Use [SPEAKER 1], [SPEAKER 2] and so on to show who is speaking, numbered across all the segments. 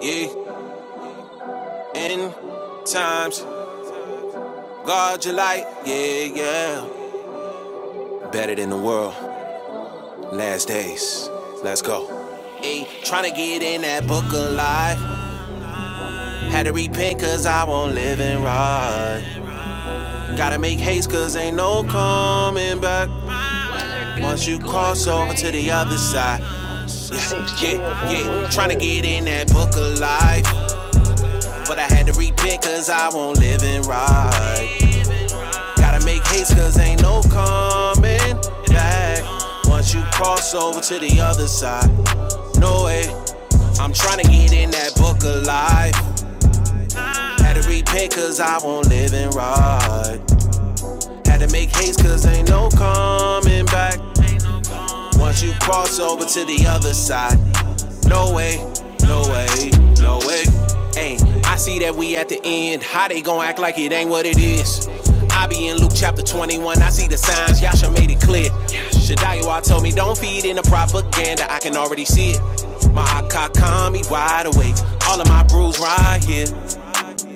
[SPEAKER 1] Yeah, in times, guard your light. Yeah, yeah. Better than the world. Last days. Let's go. Hey, tryna get in that book of life. Had to repent cause I won't live and right. Gotta make haste cause ain't no coming back. Once you cross over to the other side. Yeah, yeah, yeah. Tryna get in that book of life. But I had to repent cause I won't live and right. Gotta make haste cause ain't no coming back. Once you cross over to the other side, no way. I'm tryna get in that book of life. Had to repent cause I won't live and right. Had to make haste cause ain't no coming back. Once you cross over to the other side, no way, no way, no way. Hey, I see that we at the end. How they gon' act like it ain't what it is? I be in Luke chapter 21. I see the signs. Yasha made it clear. Shadiah told me don't feed in the propaganda. I can already see it. My Akakami wide awake. All of my brews right here.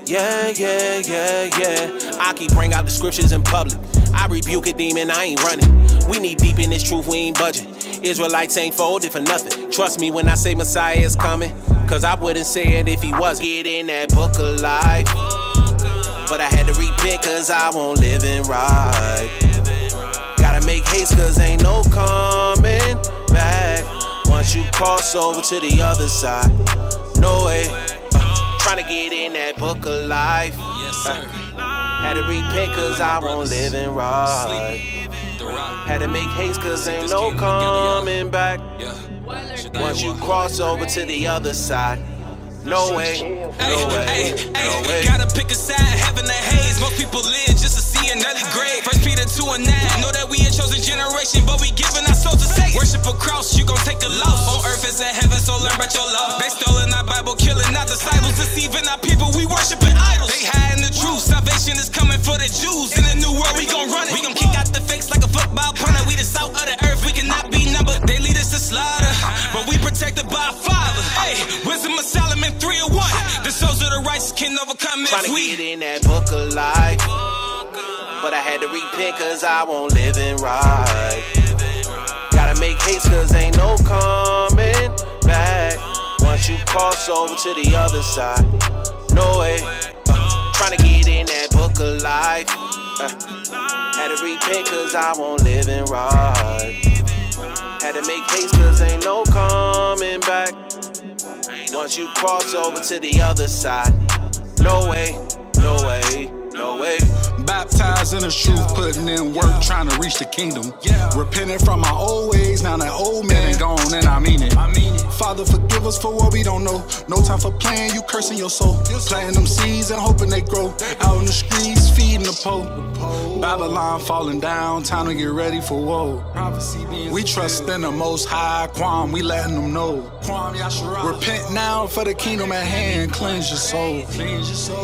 [SPEAKER 1] Yeah, yeah, yeah, yeah. I keep bring out the scriptures in public. I rebuke a demon, I ain't running. We need deep in this truth, we ain't budging. Israelites ain't folded for nothing. Trust me when I say Messiah is coming. Cause I wouldn't say it if he was. not Get in that book of life. But I had to repent cause I won't live in right. Gotta make haste cause ain't no coming back. Once you cross over to the other side, no way. Tryna get in that book of life. Yes, sir. Had to repent cause I won't live in right. Had to make haste cause ain't no coming back. Once you cross over to the other side, no way, no way, Hey, no hey, way. gotta pick a side, heaven or haze. Most people live just to see another grave. First Peter 2 and 9. Know that we a chosen generation, but we giving our souls to Satan. Worship a cross, you gon' take a loss. On earth is in heaven, so learn about your law. They stolen our Bible, killing our disciples, deceiving our people. We worship idols. They hiding the truth. Salvation is coming for the Jews. In the new world, we gon' run it. We gon' kick out the fakes like a football punter. We the salt of the earth. We cannot be numbered. They lead us to slaughter, but we protected by a Father. Hey, wisdom of Solomon 301. The souls of the righteous can overcome Trying if to we. get in that book of life, but I had to repent 'cause I won't live in right. Gotta make haste 'cause ain't no coming back. Once you cross over to the other side, no way. Tryna get in that book of life. Had to repent cause I won't live in right. Had to make haste cause ain't no coming back. Once you cross over to the other side, no way, no way, no way. Baptized in the truth, putting in work, trying to reach the kingdom. Repenting from my old ways, now that old man ain't gone, and I mean it. Father, forgive us for what we don't know. No time for playing, you cursing your soul. Planting them seeds and hoping they grow. Out in the streets, feeding the poor. Babylon falling down, time to get ready for woe. We trust in the most high, Quam, we letting them know. Repent now for the kingdom at hand, cleanse your soul.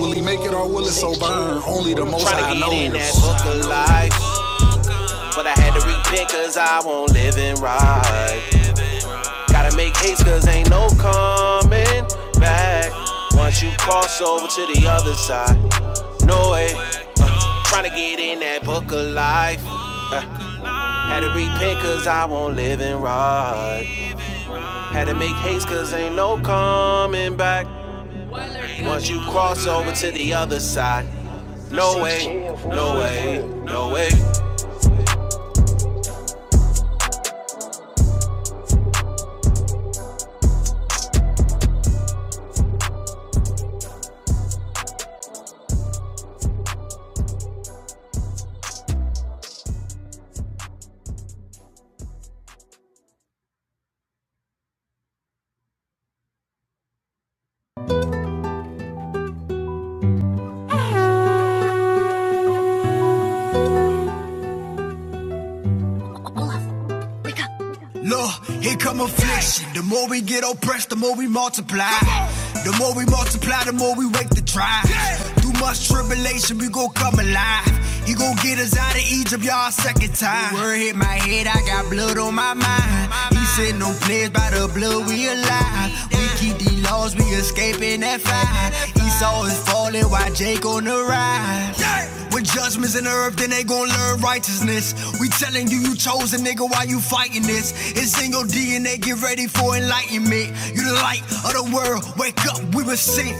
[SPEAKER 1] Will he make it or will it so burn? Only the most High knows. Trying to get in that book of life, but I had to repent cause I won't live in right. Gotta make haste cause ain't no coming back. Once you cross over to the other side, no way. Trying to get in that book of life. Had to repent cause I won't live in right. Had to make haste cause ain't no coming back. Once you cross over to the other side, no way, no way, no way. Look, here come affliction. The more we get oppressed, the more we multiply. The more we multiply, the more we wake the tribe. Through much tribulation, we gon' come alive. He gon' get us out of Egypt, y'all, second time. Word hit my head, I got blood on my mind. He said, No players by the blood, we alive. We keep these laws, we escaping that fire. Esau is falling while Jake on the on the rise. Yeah. When judgment's in the earth, then they gon' learn righteousness. We telling you you chose a nigga, why you fighting this? It's in your DNA, get ready for enlightenment. You the light of the world, wake up, we were sent.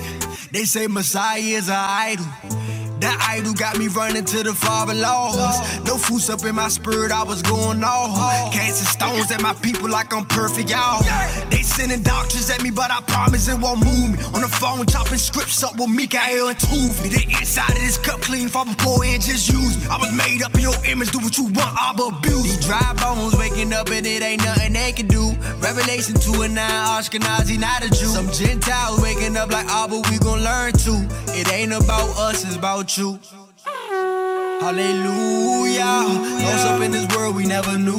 [SPEAKER 1] They say Messiah is an idol. That idol got me running to the father laws. No fools up in my spirit, I was going off. Casting stones at my people like I'm perfect, y'all. They sending doctors at me, but I promise it won't move me. On the phone, chopping scripts up with Mikael and Tuvi. The inside of this Cup clean from poor and just use me. I was made up in your image, do what you want, I'm abused. These dry bones waking up and it ain't nothing they can do. Revelation 2 and 9, Ashkenazi, not a Jew. Some Gentiles waking up like, ah, oh, but we gon' learn too. It ain't about us, it's about you. Hallelujah. Lost up in this world we never knew,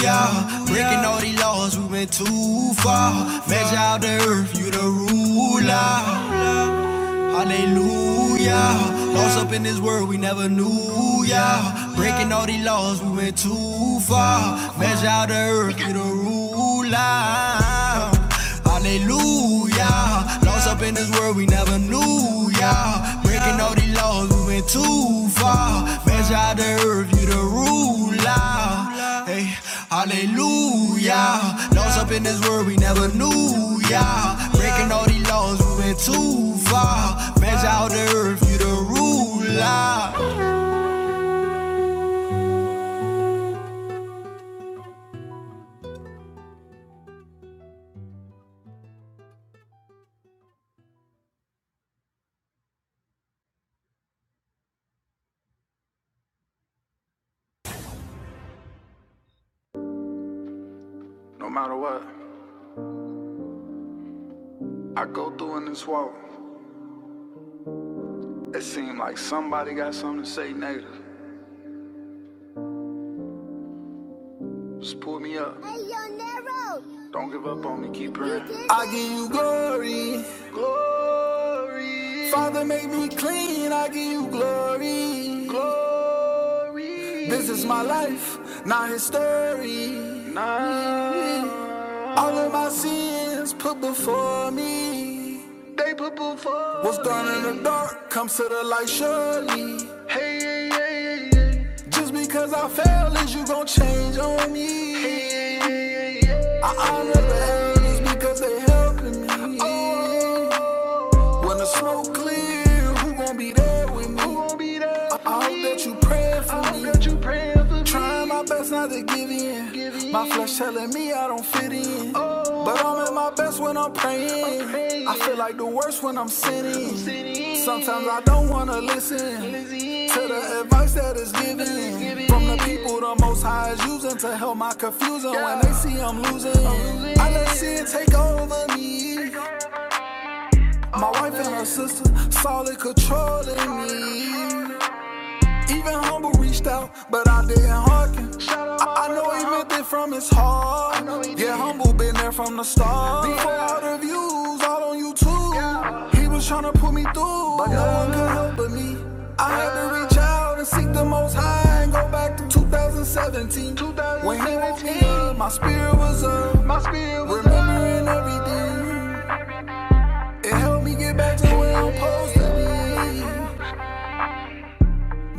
[SPEAKER 1] yeah. Breaking all these laws, we went too far. Measure out the earth, you the ruler. Hallelujah. Lost up in this world we never knew, yeah. Breaking all these laws, we went too far. Measure out the earth with a ruler. Hallelujah. Lost up in this world we never knew, yeah. Breaking all these Lord, we went too far. Man tried to earth, you the ruler. Hey, hallelujah. Lost up in this world, we never knew, yeah. Breaking all these laws, we went too far. Man tried to earth, you the ruler. No matter what, I go through in this walk. It seems like somebody got something to say negative. Just pull me up. Don't give up on me, keep praying. I give you glory. Father, make me clean, I give you glory. glory. This is my life, not his story. Nah. All of my sins put before me. They put before What's done in the dark comes to the light surely. Hey. Just because I fail is you gon' change on me. Hey. I honor the haters because they helping me. Oh. When the smoke clear, who gon' be there with me? Who gon' be there I, I hope that you pray for I me. That you pray Trying me. my best not to give in. Give in. My flesh telling me I don't fit in. Oh. But I'm at my best when I'm praying. I'm praying. I feel like the worst when I'm sinning. I'm sinning. Sometimes I don't wanna listen. Listen. To the advice that is given given. from the people the most high is using to help my confusion. Yeah. When Yeah. they see I'm losing, I'm losing. I let sin take over me. Take over my wife and her sister solid controlling me. Even humble reached out, but I didn't hearken. I, I know he meant it from his heart. Yeah, humble been there from the start. Before all the views, all on YouTube. He was trying to put me through, but no one could help but me. I had to reach out and seek the most high and go back to 2017. When he woke me my spirit was up. My spirit was up. Remembering everything. It helped me get back to where I'm supposed to be.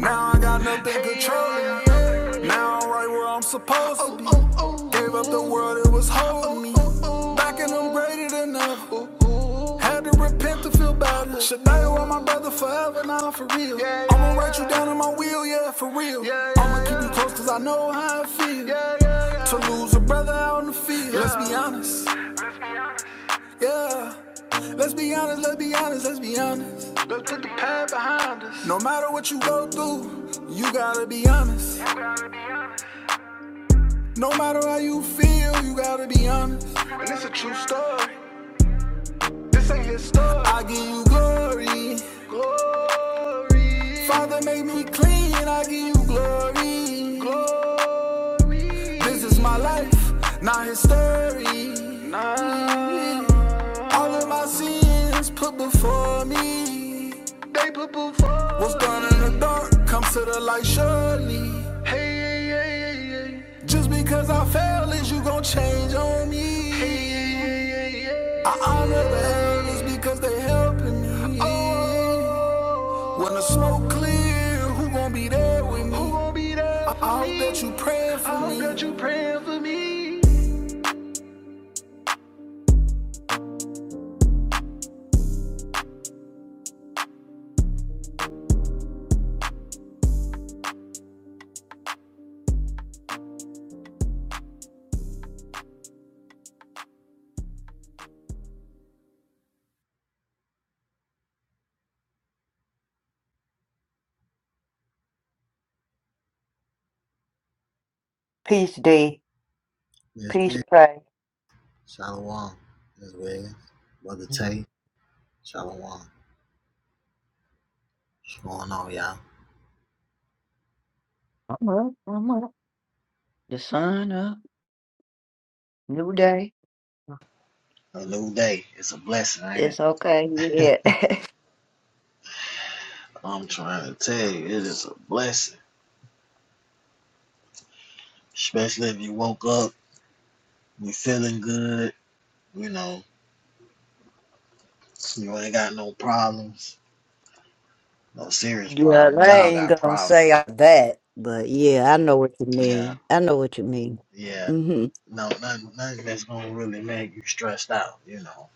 [SPEAKER 1] Now I got nothing controlling me. Now I'm right where I'm supposed to be. Gave up the world that was holding me. Back and I'm greater than ever. Had to repent to feel better. Should I want my brother forever now, for real. I'ma write you down in my wheel, yeah, for real. I'ma keep you close cause I know how it feels. To lose a brother out in the field. Let's be honest, yeah. Let's be honest, let's be honest, let's be honest. Let's put the past behind us. No matter what you go through, you gotta be honest. No matter how you feel, you gotta be honest. And it's a true story. This ain't his story. I give you glory. glory. Father made me clean, I give you glory. glory. This is my life, not his story. Nah. All of my sins put before me. They put before me. What's done in the dark comes to the light surely. Hey, hey, hey, hey, hey. Just because I fail is you gon' change on me. Hey, hey, hey, hey, hey. I honor the elders because they helping me. Oh. When the smoke clear, who gon' be there with me? Who gon' be there? I, hope that you praying for me. I hope that you praying for me.
[SPEAKER 2] Peace, D. Peace, pray. I'm up. I'm up. The sun up. New day.
[SPEAKER 3] A new day. It's a blessing, ain't it?
[SPEAKER 2] It's okay. Yeah.
[SPEAKER 3] I'm trying to tell you, it is a blessing. Especially if you woke up, you feeling good, you know, you ain't got no problems, no serious
[SPEAKER 2] Yeah,
[SPEAKER 3] problems. We
[SPEAKER 2] I
[SPEAKER 3] all
[SPEAKER 2] ain't
[SPEAKER 3] got
[SPEAKER 2] gonna
[SPEAKER 3] problems.
[SPEAKER 2] say all that, but yeah, I know what you
[SPEAKER 3] Yeah,
[SPEAKER 2] mean. I know what you mean.
[SPEAKER 3] yeah.
[SPEAKER 2] hmm
[SPEAKER 3] No, nothing, nothing that's gonna really make you stressed out, you know.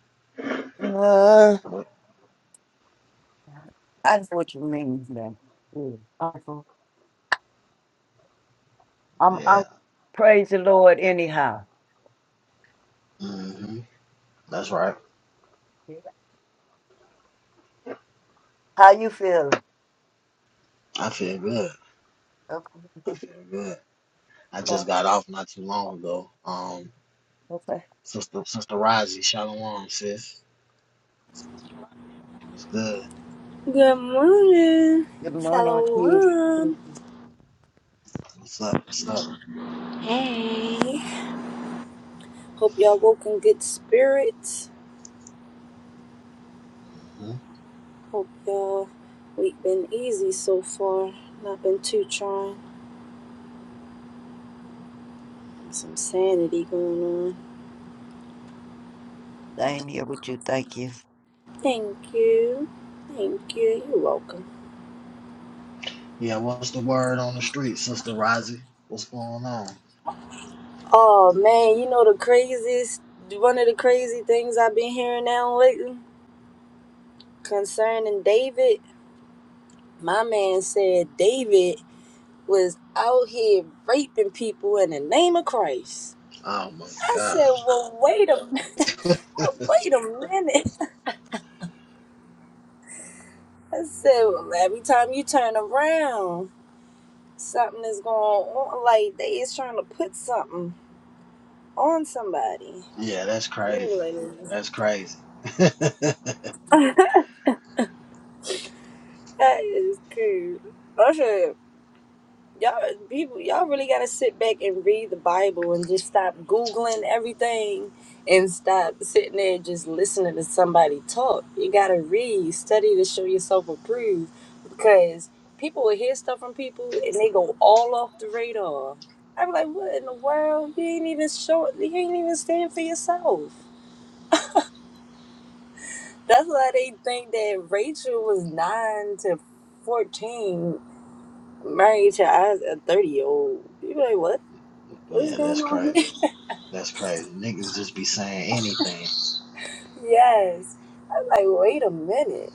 [SPEAKER 2] Uh,
[SPEAKER 3] But,
[SPEAKER 2] I know what you mean, man. Yeah. I'm, I'm, I'm-
[SPEAKER 3] yeah.
[SPEAKER 2] praise the Lord anyhow.
[SPEAKER 3] hmm That's right.
[SPEAKER 2] Yeah. How you feeling?
[SPEAKER 3] I feel good. I
[SPEAKER 2] Okay.
[SPEAKER 3] feel good. I just
[SPEAKER 2] Oh,
[SPEAKER 3] got off not too long ago. Um,
[SPEAKER 2] Okay.
[SPEAKER 3] sister, sister Razi, shalom, sis. What's good?
[SPEAKER 4] Good morning,
[SPEAKER 2] Good
[SPEAKER 4] fellow
[SPEAKER 2] morning, peace.
[SPEAKER 4] one.
[SPEAKER 2] peace.
[SPEAKER 3] What's up? What's up?
[SPEAKER 4] Hey. Hope y'all woke in good spirits.
[SPEAKER 3] Hmm?
[SPEAKER 4] Hope y'all week been easy so far. Not been too trying. Some sanity going on.
[SPEAKER 2] I'm here with you. Thank you.
[SPEAKER 4] Thank you. Thank you. You're welcome.
[SPEAKER 3] Yeah, what's the word on the street, Sister Rosie? What's going on?
[SPEAKER 4] Oh man, you know the craziest one of the crazy things I've been hearing now lately concerning David. My man said David was out here raping people in the name of Christ.
[SPEAKER 3] Oh my
[SPEAKER 4] I
[SPEAKER 3] God.
[SPEAKER 4] said, well, wait a minute. wait a minute. I said, well, every time you turn around, something is going on. Like they is trying to put something on somebody.
[SPEAKER 3] Yeah, that's
[SPEAKER 4] You know
[SPEAKER 3] crazy.
[SPEAKER 4] what
[SPEAKER 3] That's crazy.
[SPEAKER 4] I mean? that is cool. y'all people y'all really gotta sit back and read the bible and just stop googling everything and stop sitting there just listening to somebody talk you gotta read study to show yourself approved because people will hear stuff from people and they go all off the radar i'm like what in the world you ain't even show you ain't even stand for yourself that's why they think that rachel was 9 to 14 married to Isaac a 30 year old you be like what what's
[SPEAKER 3] yeah,
[SPEAKER 4] going
[SPEAKER 3] that's
[SPEAKER 4] on
[SPEAKER 3] crazy.
[SPEAKER 4] here?
[SPEAKER 3] That's crazy. Niggas just be saying anything.
[SPEAKER 4] yes. I am like, wait a minute.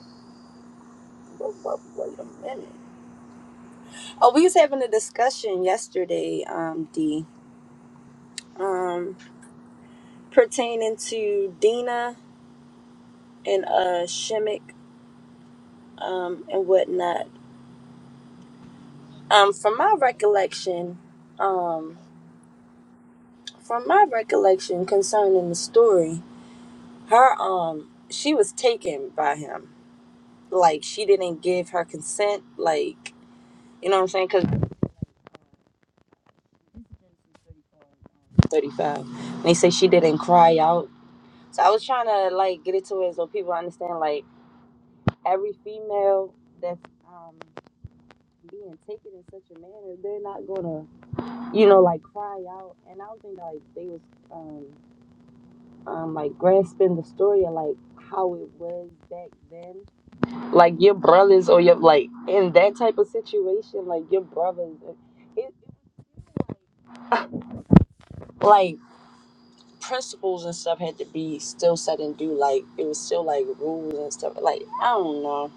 [SPEAKER 4] What, wait a minute. Oh, we was having a discussion yesterday, um, D, um, pertaining to Dina and uh Shimmick um and whatnot. Um, from my recollection, um, from my recollection concerning the story, her um she was taken by him. Like she didn't give her consent, like you know what I'm saying? 35. And they say she didn't cry out. So I was trying to like get it to it so people understand like every female that's um being taken in such a manner, they're not gonna you know like cry out. And I don't think like they was um um like grasping the story of like how it was back then. Like your brothers or your like in that type of situation, like your brothers. It, like principles and stuff had to be still set and do like it was still like rules and stuff like i don't know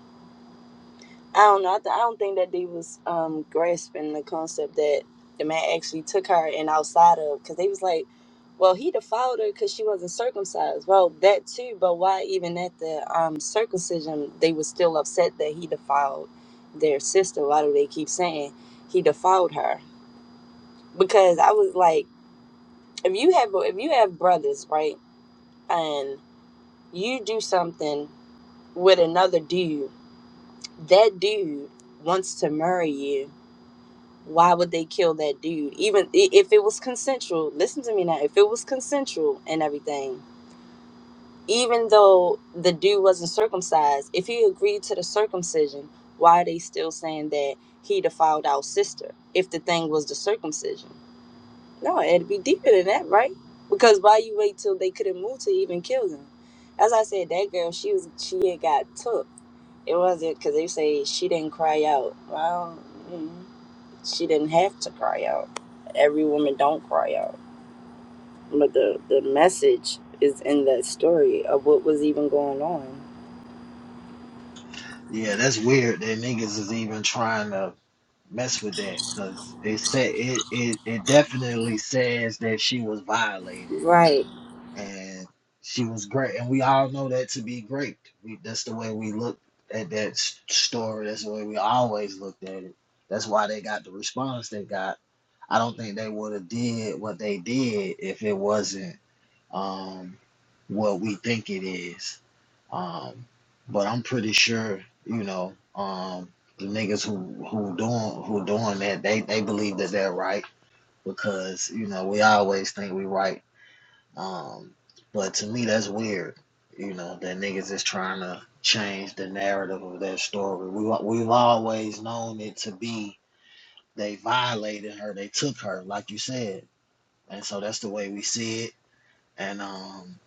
[SPEAKER 4] i don't know i, th- I don't think that they was um grasping the concept that the man actually took her and outside of because they was like well he defiled her because she wasn't circumcised well that too but why even at the um circumcision they was still upset that he defiled their sister why do they keep saying he defiled her because i was like if you have if you have brothers right and you do something with another dude, that dude wants to marry you. Why would they kill that dude? Even if it was consensual, listen to me now. If it was consensual and everything, even though the dude wasn't circumcised, if he agreed to the circumcision, why are they still saying that he defiled our sister if the thing was the circumcision? No, it had to be deeper than that, right? Because why you wait till they couldn't move to even kill them? As I said, that girl, she was she had got took. It wasn't because they say she didn't cry out. Well, mm, she didn't have to cry out. Every woman don't cry out. But the the message is in that story of what was even going on.
[SPEAKER 3] Yeah, that's weird that niggas is even trying to mess with that because it said it, it it definitely says that she was violated
[SPEAKER 4] Right,
[SPEAKER 3] and she was great. And we all know that to be great. We, that's the way we look at that story. That's the way we always looked at it. That's why they got the response they got. I don't think they would have did what they did if it wasn't um, what we think it is. Um, but I'm pretty sure, you know, um, the niggas who who doing who doing that, they they believe that they're right because you know we always think we right um, but to me, that's weird. You know that niggas is trying to change the narrative of that story. We we've always known it to be they violated her, they took her, like you said, and so that's the way we see it. And um,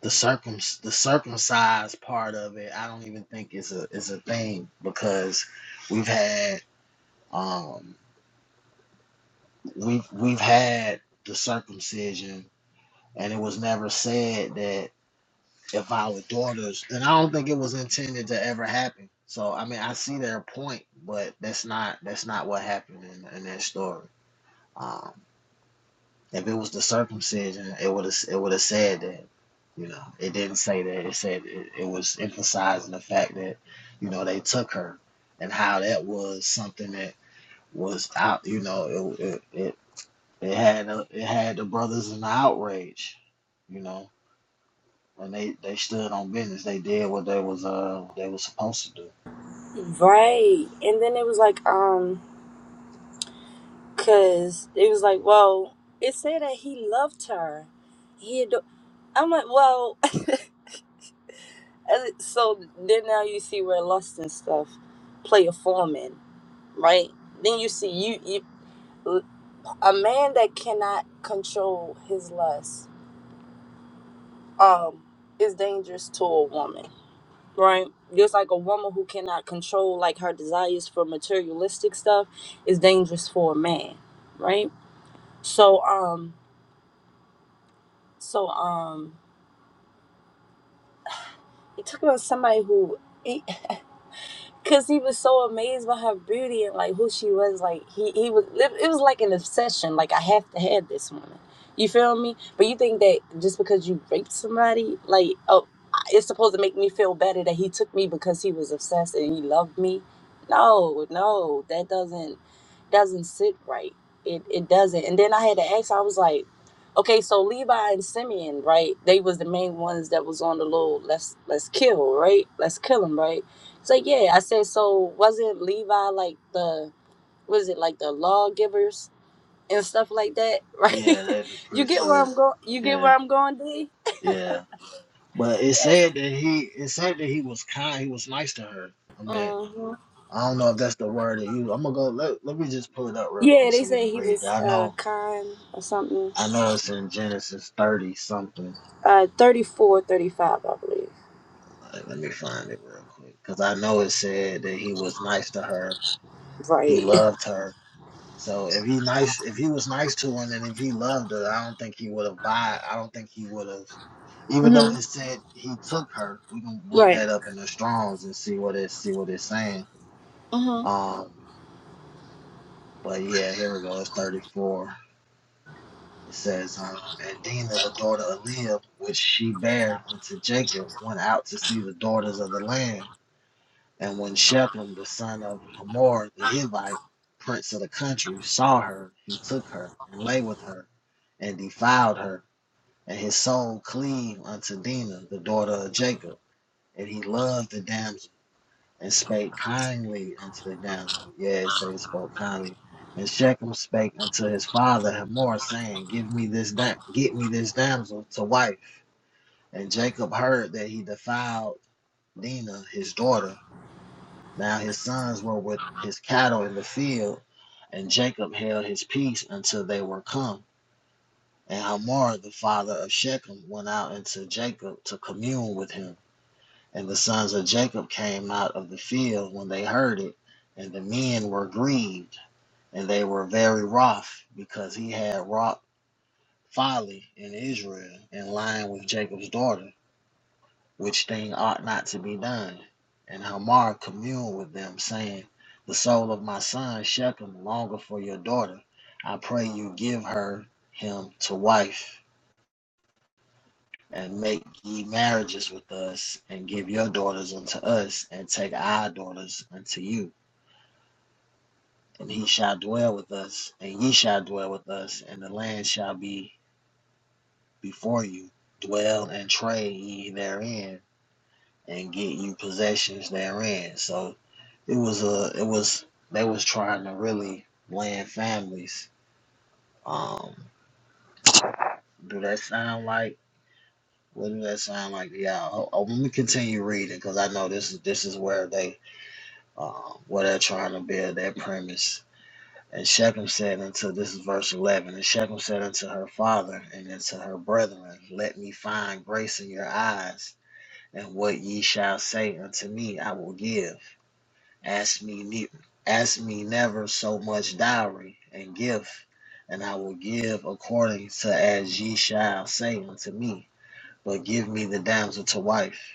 [SPEAKER 3] the circum the circumcised part of it, I don't even think is a is a thing because we've had um we've we've had the circumcision, and it was never said that if our daughters and I don't think it was intended to ever happen. So I mean I see their point, but that's not that's not what happened in, in that story. Um, if it was the circumcision, it would have it would have said that. You know, it didn't say that. It said it, it was emphasizing the fact that you know they took her and how that was something that was out. You know, it it it, it had a, it had the brothers in the outrage. You know, and they they stood on business. They did what they was uh they was supposed to do.
[SPEAKER 4] right. And then it was like, um, cause it was like, well, it said that he loved her. He had. I'm like, well, and it- so then now you see where lust and stuff play a form in, right? Then you see you, you a man that cannot control his lust um is dangerous to a woman, right? Just like a woman who cannot control like her desires for materialistic stuff is dangerous for a man, right? So um so um you talk about somebody who Cause he was so amazed by her beauty and like who she was. Like he he was it it was like an obsession. Like I have to have this woman. You feel me? But you think that just because you raped somebody, like oh, it's supposed to make me feel better that he took me because he was obsessed and he loved me? No, no, that doesn't doesn't sit right. It it doesn't. And then I had to ask. I was like, okay, so Levi and Simeon, right? They was the main ones that was on the little let's let's kill, right? Let's kill him, right? So yeah, I said so wasn't Levi like the was it like the lawgivers and stuff like that, right?
[SPEAKER 3] Yeah, they the
[SPEAKER 4] you get where
[SPEAKER 3] priesthood.
[SPEAKER 4] I'm going you get where
[SPEAKER 3] Yeah,
[SPEAKER 4] I'm going, D?
[SPEAKER 3] yeah. But it
[SPEAKER 4] Yes.
[SPEAKER 3] said that he it said that he was kind. He was nice to her. I mean,
[SPEAKER 4] hmm
[SPEAKER 3] I don't know if that's the word that you. I'm gonna go. Let let me just pull it up real
[SPEAKER 4] Yeah,
[SPEAKER 3] quick
[SPEAKER 4] they
[SPEAKER 3] so we
[SPEAKER 4] say
[SPEAKER 3] can
[SPEAKER 4] he
[SPEAKER 3] read it.
[SPEAKER 4] was
[SPEAKER 3] I
[SPEAKER 4] uh
[SPEAKER 3] know
[SPEAKER 4] kind or something.
[SPEAKER 3] I know it's in Genesis thirty something.
[SPEAKER 4] Uh 34, 35, I believe.
[SPEAKER 3] Like, let me find it real quick because I know it said that he was nice to her. He
[SPEAKER 4] Right.
[SPEAKER 3] loved her So if he nice, if he was nice to her and if he loved her, I don't think he would have lied. I don't think he would have, even though
[SPEAKER 4] hmm
[SPEAKER 3] it said he took her. We can look
[SPEAKER 4] Right.
[SPEAKER 3] that up in the Strongs and see what it see what it's saying.
[SPEAKER 4] hmm
[SPEAKER 3] Um, but yeah, here we go. It's thirty four. It says, um, and Dinah, the daughter of Leah, which she bare unto Jacob, went out to see the daughters of the land. And when Shechem, the son of Hamor the Hivite, prince of the country, saw her, he took her and lay with her and defiled her. And his soul cleaved unto Dinah, the daughter of Jacob. And he loved the damsel and spake kindly unto the damsel. Yes, so he spoke kindly. And Shechem spake unto his father Hamor, saying, Give me this da- get me this damsel to wife. And Jacob heard that he defiled Dinah, his daughter. Now his sons were with his cattle in the field, and Jacob held his peace until they were come. And Hamor, the father of Shechem, went out unto Jacob to commune with him. And the sons of Jacob came out of the field when they heard it, and the men were grieved, and they were very wroth, because he had wrought folly in Israel in lying with Jacob's daughter. which thing ought not to be done. And Hamor communed with them, saying, The soul of my son Shechem longer for your daughter. I pray you give her him to wife, and make ye marriages with us, and give your daughters unto us, and take our daughters unto you. And he shall dwell with us, and ye shall dwell with us, and the land shall be before you. Dwell and trade ye therein, and get you possessions therein. So it was a it was they was trying to really land families. Um, do that sound like what do that sound like? Yeah, oh, oh, let me continue reading because I know this is this is where they uh, where they're trying to build their premise. And Shechem said unto this is verse eleven. And Shechem said unto her father and unto her brethren, Let me find grace in your eyes, and what ye shall say unto me, I will give. Ask me, ne- ask me never so much dowry and gift, and I will give according to as ye shall say unto me. But give me the damsel to wife.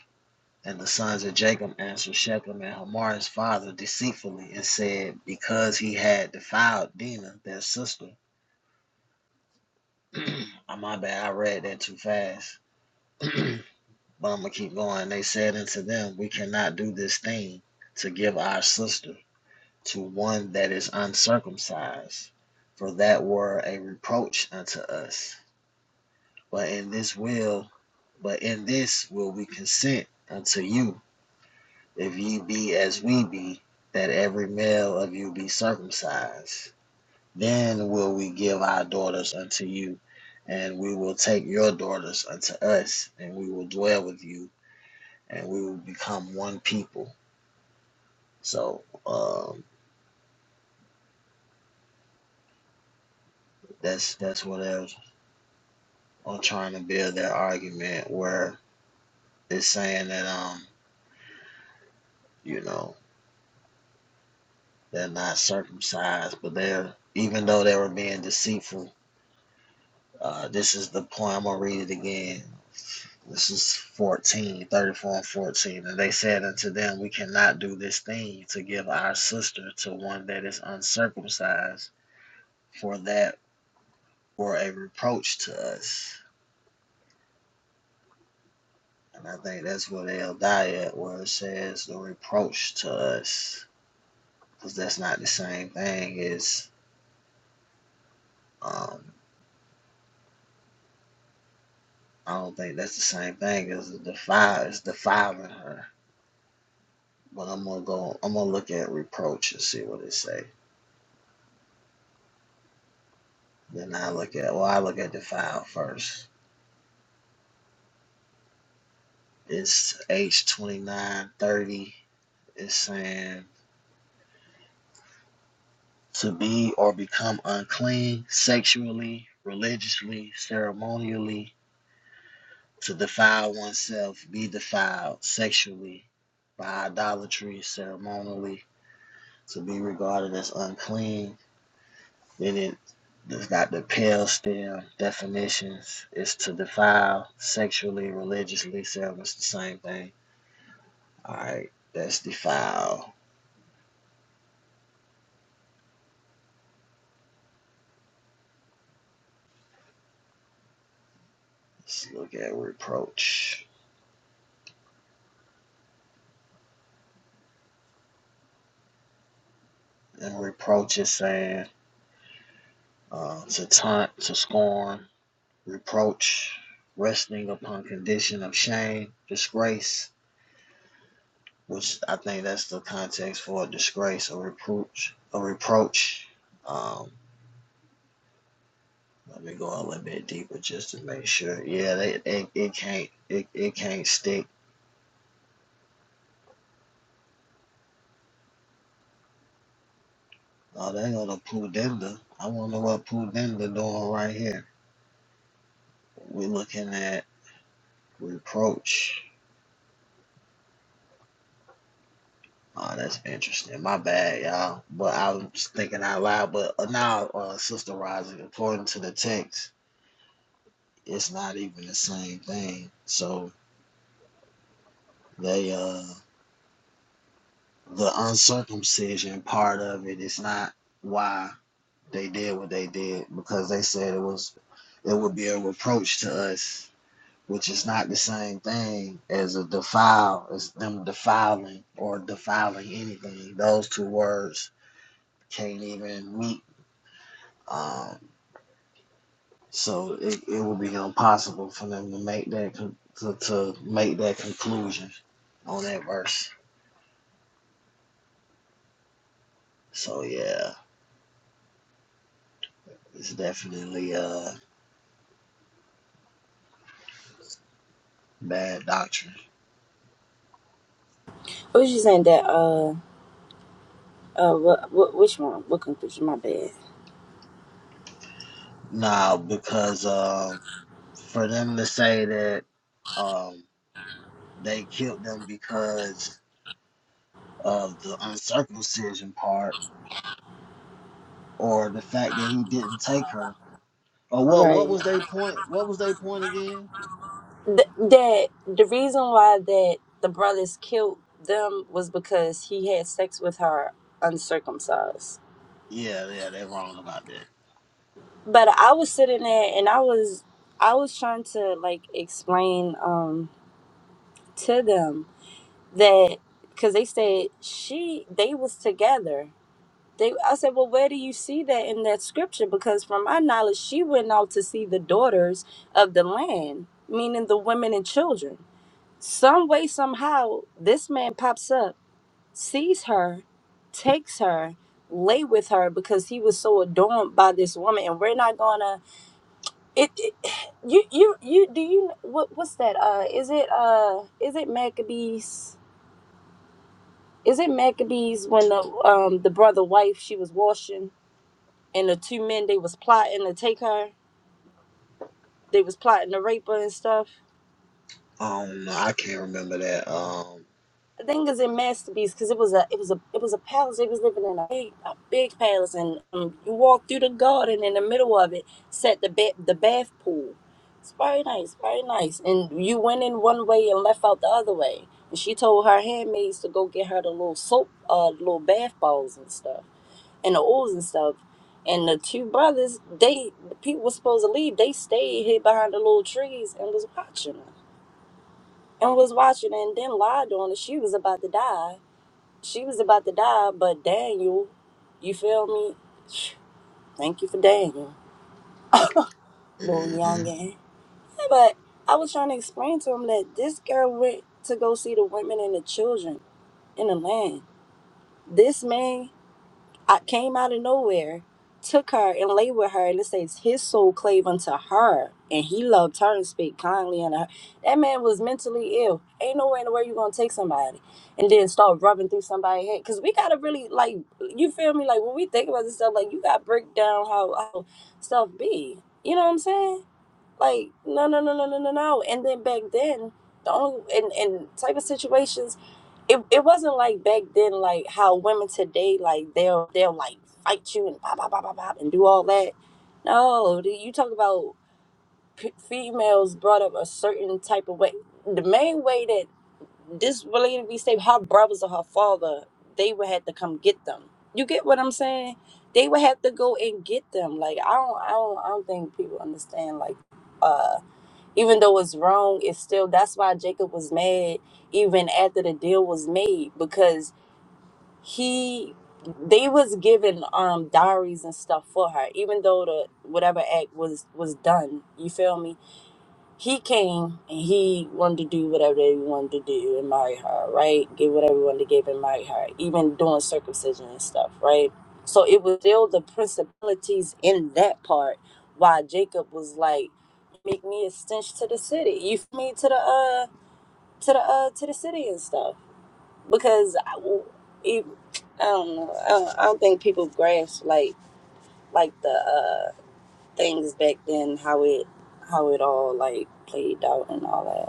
[SPEAKER 3] And the sons of Jacob answered Shechem and Hamor his father deceitfully and said, Because he had defiled Dinah, their sister. oh, my bad, I read that too fast. but I'm going to keep going. They said unto them, We cannot do this thing to give our sister. to one that is uncircumcised, for that were a reproach unto us. But in this will, but in this will we consent unto you, if ye be as we be, that every male of you be circumcised. Then will we give our daughters unto you, and we will take your daughters unto us, and we will dwell with you, and we will become one people. So um, that's that's what else. on trying to build that argument where it's saying that um you know they're not circumcised, but they're even though they were being deceitful. Uh, this is the point I'm gonna read it again. This is 14 34 and 14. And they said unto them, We cannot do this thing to give our sister to one that is uncircumcised, for that were a reproach to us. And I think that's what El Dayat, where it says the reproach to us. because that's not the same thing as um I don't think that's the same thing as defile is defiling her. But I'm gonna go I'm gonna look at reproach and see what it say. Then I look at well I look at defile first. It's H twenty nine thirty. It's saying to be or become unclean sexually, religiously, ceremonially, to defile oneself, be defiled sexually by idolatry, ceremonially, to be regarded as unclean, then it does not depel still definitions. It's to defile sexually, religiously, self. It's the same thing. All right, that's defile. Let's look at reproach. And reproach is saying uh, to taunt, to scorn, reproach, resting upon condition of shame, disgrace, which I think that's the context for a disgrace, a reproach, a reproach. Um, Let me go a little bit deeper just to make sure. Yeah, they, it, it can't it, it can't stick. Oh, they go to Pudenda. I wonder what Pudenda doing right here. We're looking at reproach. Oh, that's interesting. My bad, y'all. But I was thinking out loud. But uh, now, uh, Sister Rising, according to the text, it's not even the same thing. So they uh the uncircumcision part of it is not why. they did what they did because they said it was it would be a reproach to us, which is not the same thing as a defile, as them defiling or defiling anything. Those two words can't even meet. Um, so it, it would be impossible for them to make that con- to, to make that conclusion on that verse. So yeah, it's definitely a uh bad doctrine.
[SPEAKER 4] I was just saying that uh uh what, what which one? What conclusion? My bad.
[SPEAKER 3] Now because um for them to say that um, they killed them because of the uncircumcision part or the fact that he didn't take her. Or what? What
[SPEAKER 4] Right.
[SPEAKER 3] was they point? What was they point again?
[SPEAKER 4] th- that the reason why that the brothers killed them was because he had sex with her uncircumcised.
[SPEAKER 3] Yeah, yeah, they're wrong about that.
[SPEAKER 4] But I was sitting there and I was I was trying to like explain um to them that because they said she they was together. They I said, well, where do you see that in that scripture? Because from my knowledge, she went out to see the daughters of the land, meaning the women and children. Some way, somehow, this man pops up sees her, takes her, lay with her because he was so adorned by this woman, and we're not gonna. It, it you you you do you what what's that? Uh, is it uh is it Maccabees? Is it Maccabees when the um the brother wife she was washing and the two men they was plotting to take her, they was plotting to rape her and stuff.
[SPEAKER 3] Um, no, I can't remember that. Um,
[SPEAKER 4] The thing is in masterpiece because it was a it was a it was a palace. They was living in a big a big palace, and um, you walk through the garden in the middle of it, set the ba- the bath pool. It's very nice, very nice. And you went in one way and left out the other way. And she told her handmaids to go get her the little soap, uh, little bath balls and stuff, and the oils and stuff. And the two brothers, they the people were supposed to leave. They stayed hid behind the little trees and was watching her and was watching her, and then lied on her. She was about to die she was about to die, but Daniel, you feel me? Thank you for Daniel, little
[SPEAKER 3] mhm.
[SPEAKER 4] youngin. But I was trying to explain to him that this girl went to go see the women and the children in the land. This man I came out of nowhere, took her and lay with her, and it says his soul clave unto her, and he loved her and spake kindly unto her. That man was mentally ill. Ain't no way in the world you gonna take somebody and then start rubbing through somebody's head. Cause we gotta really like you feel me? Like when we think about this stuff, like you gotta break down how, how stuff be. You know what I'm saying? Like, no, no, no, no, no, no, no. And then back then, the only in in type of situations, it, it wasn't like back then, like how women today, like they'll they'll like fight you and pop, pop, pop, pop, pop, and do all that. No, do you talk about p- females brought up a certain type of way. The main way that this related to be safe, her brothers or her father, they would have to come get them. You get what I'm saying? They would have to go and get them. Like I don't, I don't, I don't think people understand. Like. uh, even though it's wrong, it's still that's why Jacob was mad even after the deal was made because he they was giving um diaries and stuff for her even though the whatever act was was done. You feel me? he came and he wanted to do whatever they wanted to do and marry her, right? Give whatever he wanted to give and marry her, even doing circumcision and stuff, right? So it was still the principalities in that part why Jacob was like, make me a stench to the city. You feel me to the uh to the uh to the city and stuff because I, it, I don't know. I don't, I don't think people grasp like like the uh things back then how it how it all like played out and all that.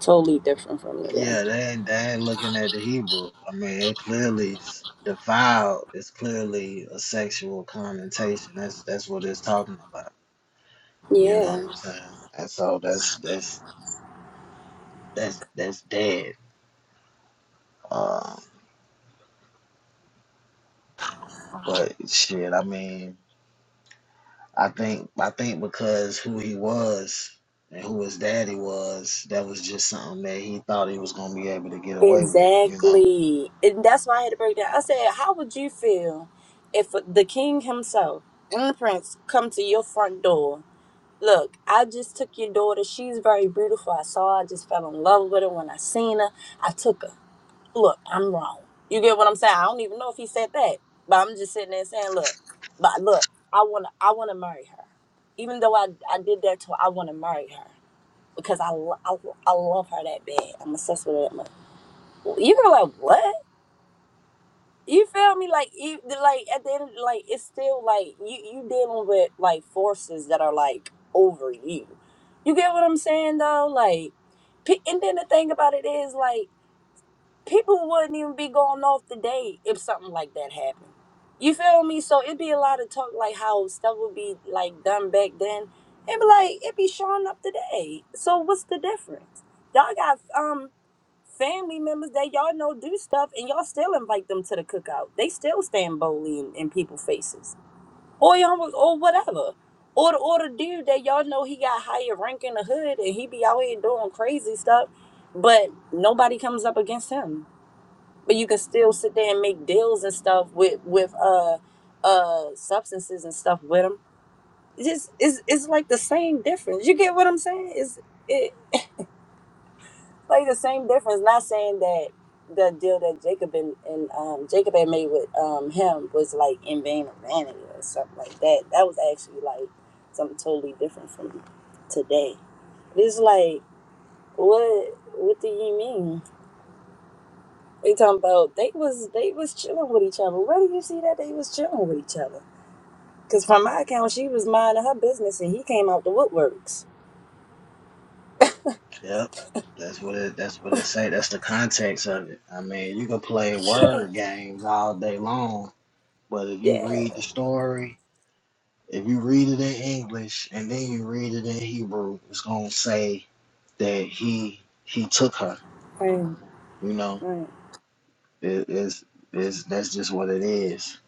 [SPEAKER 4] Totally different from today.
[SPEAKER 3] yeah, they ain't, they ain't looking at the Hebrew. I mean, it clearly s- defiled is clearly a sexual connotation. That's that's what it's talking about. You know what
[SPEAKER 4] Yeah,
[SPEAKER 3] I'm saying? And so that's that's that's that's dead. Um, but shit, I mean, I think I think because who he was and who his daddy was, that was just something that he thought he was gonna be able to get away with, you know.
[SPEAKER 4] exactly. And that's why I had to break down. I
[SPEAKER 3] Um,
[SPEAKER 4] said, How would you feel if the king himself and the prince come to your front door? Look, I just took your daughter. She's very beautiful. I saw her. I just fell in love with her when I seen her. I took her. Look, I'm wrong. You get what I'm saying? I don't even know if he said that, but I'm just sitting there saying, Look, but look, I wanna, I wanna marry her. Even though I, I did that to her, I wanna marry her because I, lo- I, I love her that bad. I'm obsessed with her that much. You can be like, what? You feel me? Like, you, like at the end, of, like it's still like you you dealing with like forces that are like over you. You get what I'm saying though? Like, pe- and then the thing about it is like people wouldn't even be going off the date if something like that happened. You feel me? So it'd be a lot of talk like how stuff would be like done back then. It'd be like it'd be showing up today. So what's the difference? Y'all got um family members that y'all know do stuff and y'all still invite them to the cookout. They still stand boldly in, in people's faces. Or y'all was- or whatever. Or the or the dude that y'all know he got higher rank in the hood and he be out here doing crazy stuff, but nobody comes up against him but you can still sit there and make deals and stuff with with uh uh substances and stuff with them. It's Just it's it's like the same difference. You get what I'm saying? It's it like the same difference. Not saying that the deal that Jacob and, and um Jacob had made with um him was like in vain or vanity or something like that. That was actually like something totally different from today. It's like what what do you mean? They talking about they was they was chilling with each other. Where do you see that they was chilling with each other? Cause from my account, she was minding her business and he came out the woodworks.
[SPEAKER 3] yep, that's what it. That's what it say. That's the context of it. I mean, you can play word games all day long, but if you
[SPEAKER 4] yeah,
[SPEAKER 3] read the story. If you read it in English and then you read it in Hebrew, it's gonna say that he he took her,
[SPEAKER 4] right,
[SPEAKER 3] you know.
[SPEAKER 4] right,
[SPEAKER 3] it's, it's that's just what it is.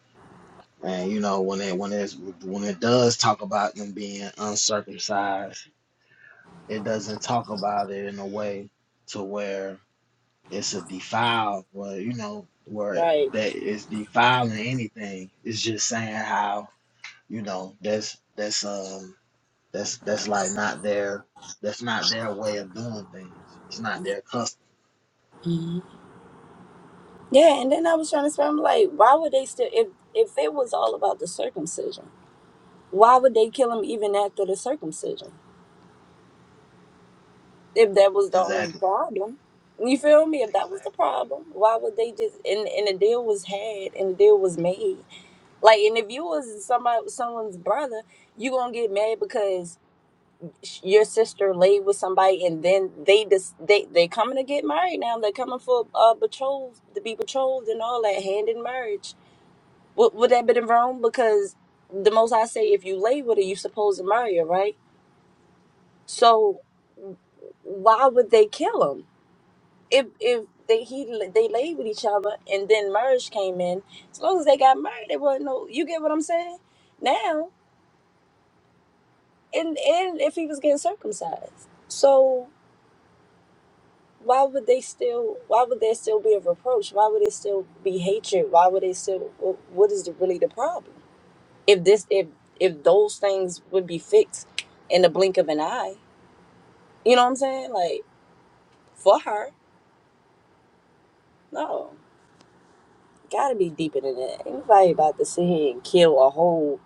[SPEAKER 3] And you know when it when it's when it does talk about them being uncircumcised, it doesn't talk about it in a way to where it's a defile, where you know where
[SPEAKER 4] right.
[SPEAKER 3] that is defiling anything. It's just saying how you know that's that's um that's that's like not their that's not their way of doing things. It's not their custom.
[SPEAKER 4] Yeah, and then I was trying to say, I'm like, why would they still? If if it was all about the circumcision, why would they kill him even after the circumcision? If that was the only
[SPEAKER 3] Exactly.
[SPEAKER 4] problem, you feel me? If that
[SPEAKER 3] Exactly.
[SPEAKER 4] was the problem, why would they just? And and the deal was had, and the deal was made. Like, and if you was somebody, someone's brother, you gonna get mad because sh- your sister laid with somebody, and then they just they they coming to get married now. They're coming for uh betrothed to be betrothed and all that hand in marriage. Would would that been wrong? Because the most I say, if you lay with her, you supposed to marry her, right? So why would they kill him if if they he they laid with each other and then marriage came in? As long as they got married, they wasn't no. You get what I'm saying? Now and and if he was getting circumcised so why would they still why would there still be a reproach why would it still be hatred why would it still wh- what is the, really the problem if this if if those things would be fixed in the blink of an eye you know what i'm saying like for her no gotta be deeper than that Ain't nobody about to sit here and kill a whole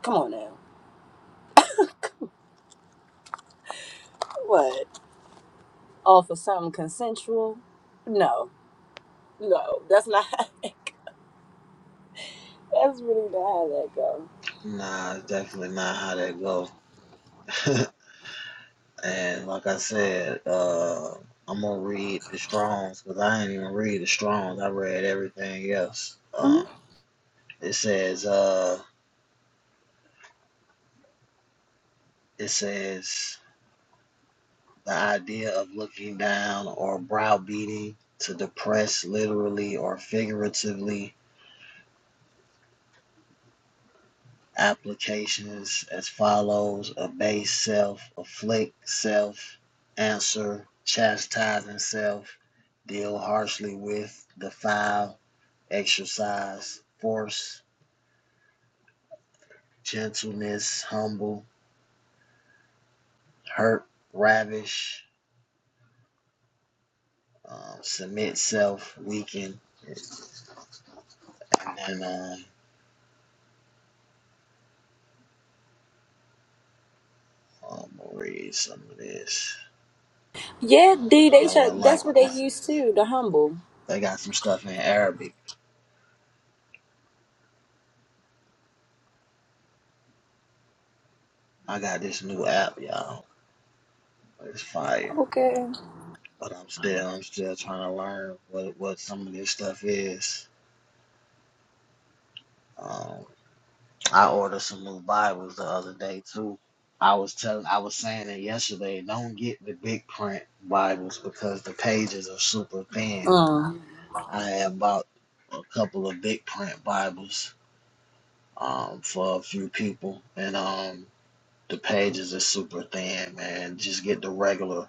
[SPEAKER 4] come on now what all for something consensual no no that's not that's really not how that
[SPEAKER 3] Nah, it's definitely not how that go. And like I said, uh, I'm gonna read the Strong's because I ain't even read the Strong's. I read everything else.
[SPEAKER 4] goes
[SPEAKER 3] Um, it says, uh, it says the idea of looking down or browbeating to depress, literally or figuratively. Applications as follows: abase self, afflict self, answer, chastising self, deal harshly with, defile, exercise, force, gentleness, humble, hurt, ravish, um, submit self, weaken. And then um, I'm gonna read some of this.
[SPEAKER 4] Yeah,
[SPEAKER 3] I don't
[SPEAKER 4] D,
[SPEAKER 3] even
[SPEAKER 4] they
[SPEAKER 3] know what
[SPEAKER 4] should, that's what
[SPEAKER 3] language
[SPEAKER 4] they
[SPEAKER 3] this is.
[SPEAKER 4] used too. the humble.
[SPEAKER 3] They got some stuff in Arabic. I got this new app, y'all. It's fire.
[SPEAKER 4] Okay.
[SPEAKER 3] But I'm still I'm still trying to learn what what some of this stuff is. Um, I ordered some new Bibles the other day too. I was telling, I was saying it yesterday. Don't get the big print Bibles because the pages are super thin.
[SPEAKER 4] Um,
[SPEAKER 3] I have bought a couple of big print Bibles um, for a few people, and um, the pages are super thin. Man, just get the regular.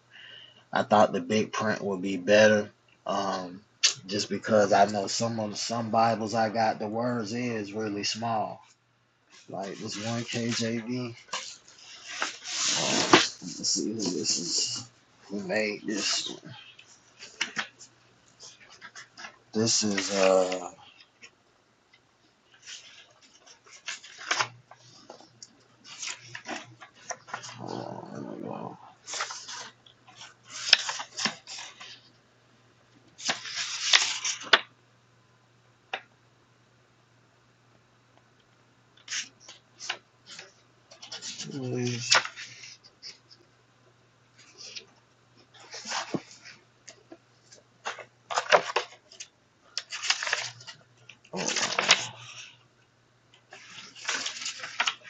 [SPEAKER 3] I thought the big print would be better, um, just because I know some of some Bibles I got the words is really small. Like this one KJV. Let's see who this is. Who made this? one. This is uh. Hold on, let me go.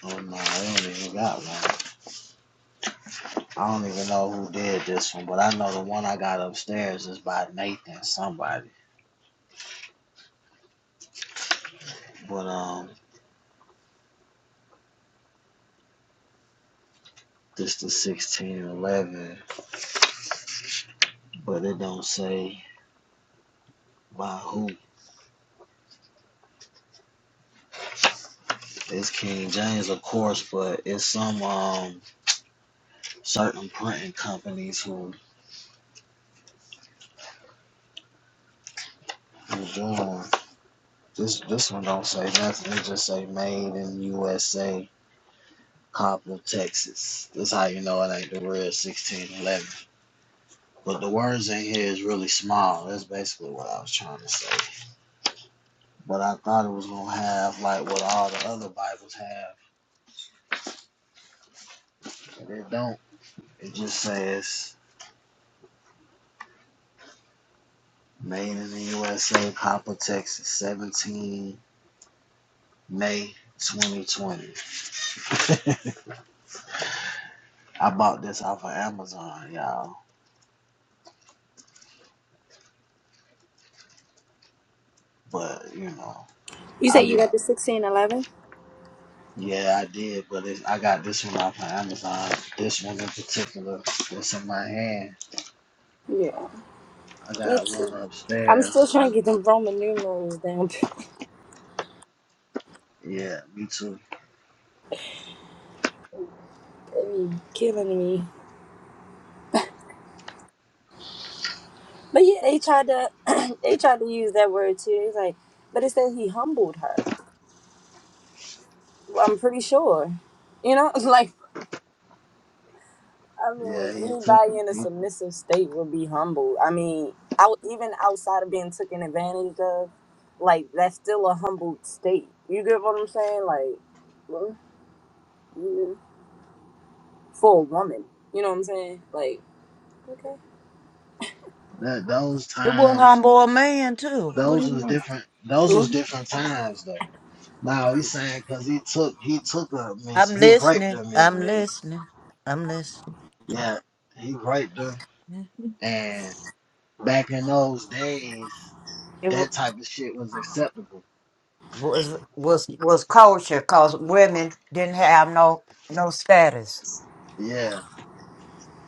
[SPEAKER 3] Oh no, I don't even got one. I don't even know who did this one, but I know the one I got upstairs is by Nathan somebody. But um, this the sixteen eleven, but it don't say by who. It's King James, of course, but it's some um certain printing companies who who do 'em. This this one don't say nothing. It just say made in USA Coppell, Texas. That's how you know it ain't the real 1611. But the words in here is really small. That's basically what I was trying to say. But I thought it was gonna have like what all the other Bibles have, but it don't. It just says made in the USA, Coppell, Texas, 17 May 2020. I bought this off of Amazon, y'all. But you know,
[SPEAKER 4] you say
[SPEAKER 3] I be
[SPEAKER 4] you got the sixteen eleven?
[SPEAKER 3] Yeah, I did, but it's, I got this one off of Amazon. This one in particular, it's in my hand.
[SPEAKER 4] Yeah,
[SPEAKER 3] I
[SPEAKER 4] me
[SPEAKER 3] got one
[SPEAKER 4] too. I'm still
[SPEAKER 3] upstairs.
[SPEAKER 4] trying
[SPEAKER 3] I,
[SPEAKER 4] to get them Roman numerals down.
[SPEAKER 3] yeah, me too.
[SPEAKER 4] they be killing me. But yeah, they tried to they tried to use that word too. It's like, but it says he humbled her. Well, I'm pretty sure. You know, like I mean,
[SPEAKER 3] Yeah, he took it.
[SPEAKER 4] anybody in a
[SPEAKER 3] He,
[SPEAKER 4] submissive state would be humble. I mean, out even outside of being taken advantage of, like that's still a humbled state. You get what I'm saying? Like, well, yeah, for a woman, you know what I'm saying? Like, okay,
[SPEAKER 3] that, those
[SPEAKER 2] It will
[SPEAKER 3] times,
[SPEAKER 2] humble a man too. What do
[SPEAKER 3] those
[SPEAKER 2] you
[SPEAKER 3] was
[SPEAKER 2] mean?
[SPEAKER 3] different. Those was
[SPEAKER 4] Mhm.
[SPEAKER 3] different times though. Now he's saying because he took he took her, Miss.
[SPEAKER 2] I'm
[SPEAKER 3] He raped
[SPEAKER 2] listening.
[SPEAKER 3] her, Miss
[SPEAKER 2] I'm
[SPEAKER 3] Williams.
[SPEAKER 2] listening. I'm listening.
[SPEAKER 3] Yeah, he raped her.
[SPEAKER 2] It
[SPEAKER 3] And back in those days,
[SPEAKER 2] wa-
[SPEAKER 3] that type of shit was acceptable.
[SPEAKER 2] was was was culture because women didn't have no no status.
[SPEAKER 3] Yeah.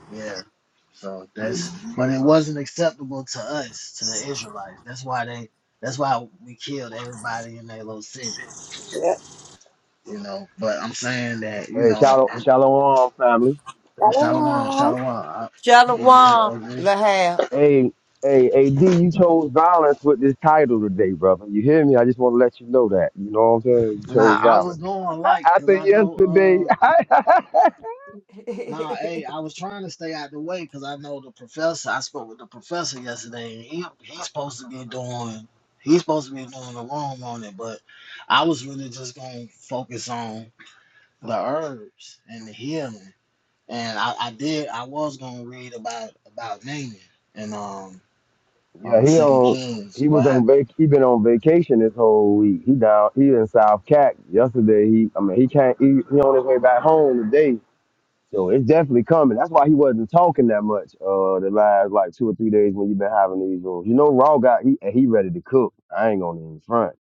[SPEAKER 3] Yeah. So that's but it wasn't acceptable to us, to the Israelites. That's why they that's why we killed everybody in their little city, you know. But I'm saying that, you
[SPEAKER 5] Hey,
[SPEAKER 3] know,
[SPEAKER 5] shallow,
[SPEAKER 3] and-
[SPEAKER 5] shallow on family.
[SPEAKER 3] and Shalom,
[SPEAKER 4] yeah.
[SPEAKER 3] Shalom. I,
[SPEAKER 2] Shalom Lahab.
[SPEAKER 5] Hey, hey, AD, you chose violence with this title today, brother. You hear me? I just want to let you know that. You know what I'm saying? You chose
[SPEAKER 3] now I was
[SPEAKER 5] violence.
[SPEAKER 3] going like, cause
[SPEAKER 5] After
[SPEAKER 3] I
[SPEAKER 5] yesterday,
[SPEAKER 3] know, uh, nah, hey, I was trying to stay out the way, cause I know the professor. I spoke with the professor yesterday. And he he's supposed to be doing, he's supposed to be doing the wrong on it, but I was really just gonna focus on the herbs and the healing. And I, I did I was gonna read about about Naaman and um
[SPEAKER 5] yeah,
[SPEAKER 3] uh
[SPEAKER 5] he
[SPEAKER 3] Second
[SPEAKER 5] on,
[SPEAKER 3] Kings.
[SPEAKER 5] he was
[SPEAKER 3] What
[SPEAKER 5] on vac, he been on vacation this whole week. He down, he in South Cac. Yesterday, he, I mean, he can't, he, he on his way back home today. So it's definitely coming. That's why he wasn't talking that much uh the last like two or three days when you've been having these rooms. You know, Raw got he and he ready to cook. I ain't gonna even front.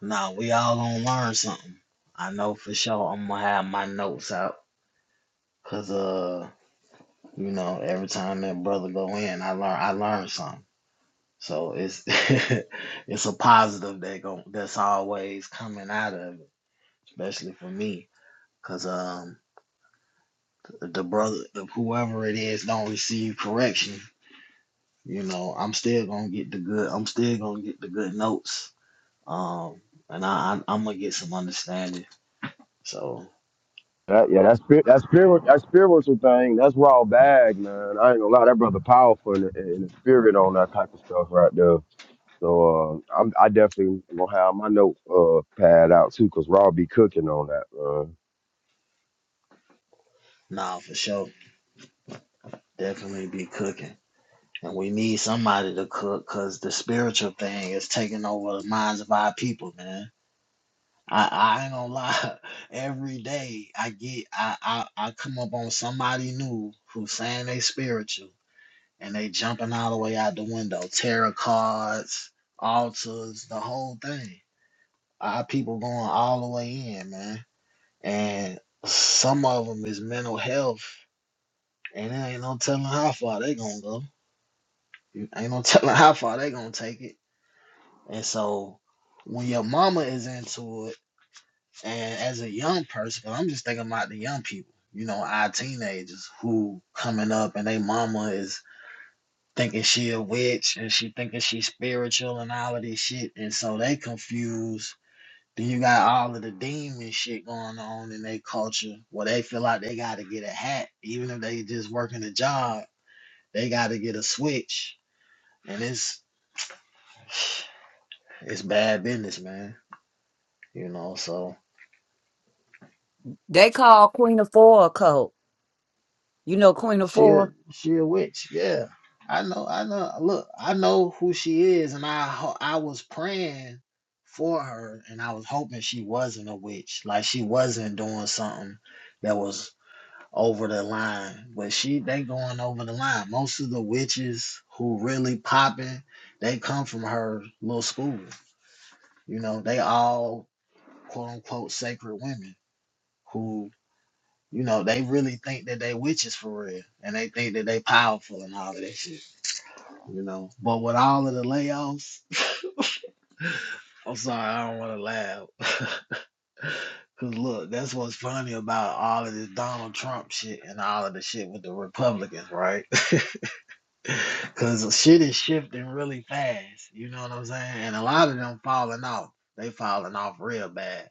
[SPEAKER 3] now we all gonna learn something. I know for sure I'm gonna have my notes out because uh you know every time that brother go in I learn I learn something. So it's it's a positive that go, that's always coming out of it, especially for me. Cause um the brother the, whoever it is don't receive correction you know, I'm still gonna get the good. I'm still gonna get the good notes. Um, and I, I I'm gonna get some understanding. So
[SPEAKER 5] That, yeah, that's spirit, that spirit, that spiritual thing. That's raw bag, man. I ain't gonna lie, that brother powerful in the, in the spirit on that type of stuff right there. So uh, I'm, I definitely gonna have my note uh, pad out too, cause raw be cooking on that. Man.
[SPEAKER 3] nah, for sure, definitely be cooking. And we need somebody to cook, cause the spiritual thing is taking over the minds of our people, man. I, I ain't gonna lie. Every day I get I, I I come up on somebody new who's saying they spiritual and they jumping all the way out the window, tarot cards, altars, the whole thing our people going all the way in, man. And some of them is mental health, and there ain't no telling how far they gonna go. You- Ain't no telling how far they gonna take it. And so, when your mama is into it, and as a young person, 'cause I'm just thinking about the young people, you know, our teenagers who coming up, and they mama is thinking she a witch, and she thinking she spiritual and all of this shit, and so they confuse Then you got all of the demon shit going on in their culture where they feel like they gotta get a hat. Even if they just working a job, they gotta get a switch. And it's it's bad business, man. You know, so
[SPEAKER 2] they called Queen of Four a cult. You know Queen of
[SPEAKER 3] she a
[SPEAKER 2] Four.
[SPEAKER 3] she a witch, yeah. I know, I know. Look, I know who she is, and I ho- I was praying for her, and I was hoping she wasn't a witch, like she wasn't doing something that was over the line. But she they going over the line. Most of the witches who really popping, they come from her little school. You know, they all quote unquote sacred women who, you know, they really think that they witches for real. And they think that they powerful and all of that shit. You know. But with all of the layoffs, I'm sorry, I don't wanna laugh. Cause look, that's what's funny about all of this Donald Trump shit and all of the shit with the Republicans, right? Cause shit is shifting really fast. You know what I'm saying? And a lot of them falling off. They falling off real bad.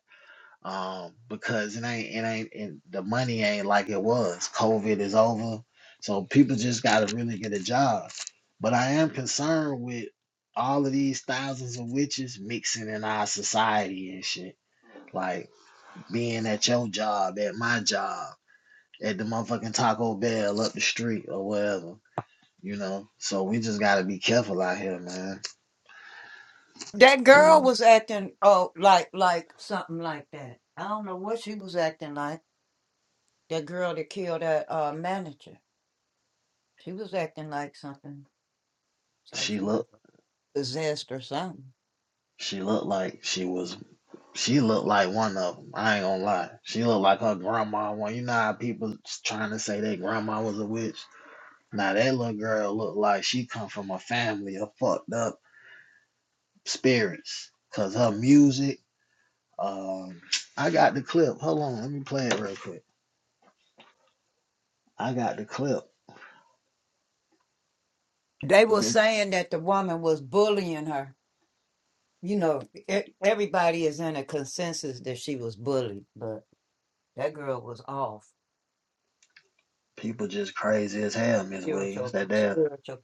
[SPEAKER 3] Um, because it ain't it ain't it, the money ain't like it was. COVID is over. So people just gotta really get a job. But I am concerned with all of these thousands of witches mixing in our society and shit. Like being at your job, at my job, at the motherfucking Taco Bell up the street or whatever you know. So we just gotta be careful out here, man.
[SPEAKER 2] That
[SPEAKER 3] You
[SPEAKER 2] girl
[SPEAKER 3] know,
[SPEAKER 2] was acting oh like like something like that. I don't know what she was acting like. That girl that killed that uh, manager. She was acting like something. It's like
[SPEAKER 3] she
[SPEAKER 2] she was
[SPEAKER 3] looked,
[SPEAKER 2] possessed or something.
[SPEAKER 3] she looked like she was, she looked like one of them. I ain't gonna lie, she looked like her grandma. One, you know how people trying to say their grandma was a witch. Now that little girl looked like she come from a family of fucked up spirits, cause her music. Um, I got the clip. Hold on, let me play it real quick. I got the clip,
[SPEAKER 2] They
[SPEAKER 3] but
[SPEAKER 2] were
[SPEAKER 3] this
[SPEAKER 2] saying that the woman was bullying her. You know, e- everybody is in a consensus that she was bullied, but that girl was off
[SPEAKER 3] people just crazy as hell, Miss Williams.
[SPEAKER 2] spiritual.
[SPEAKER 3] That damn
[SPEAKER 2] Spiritual.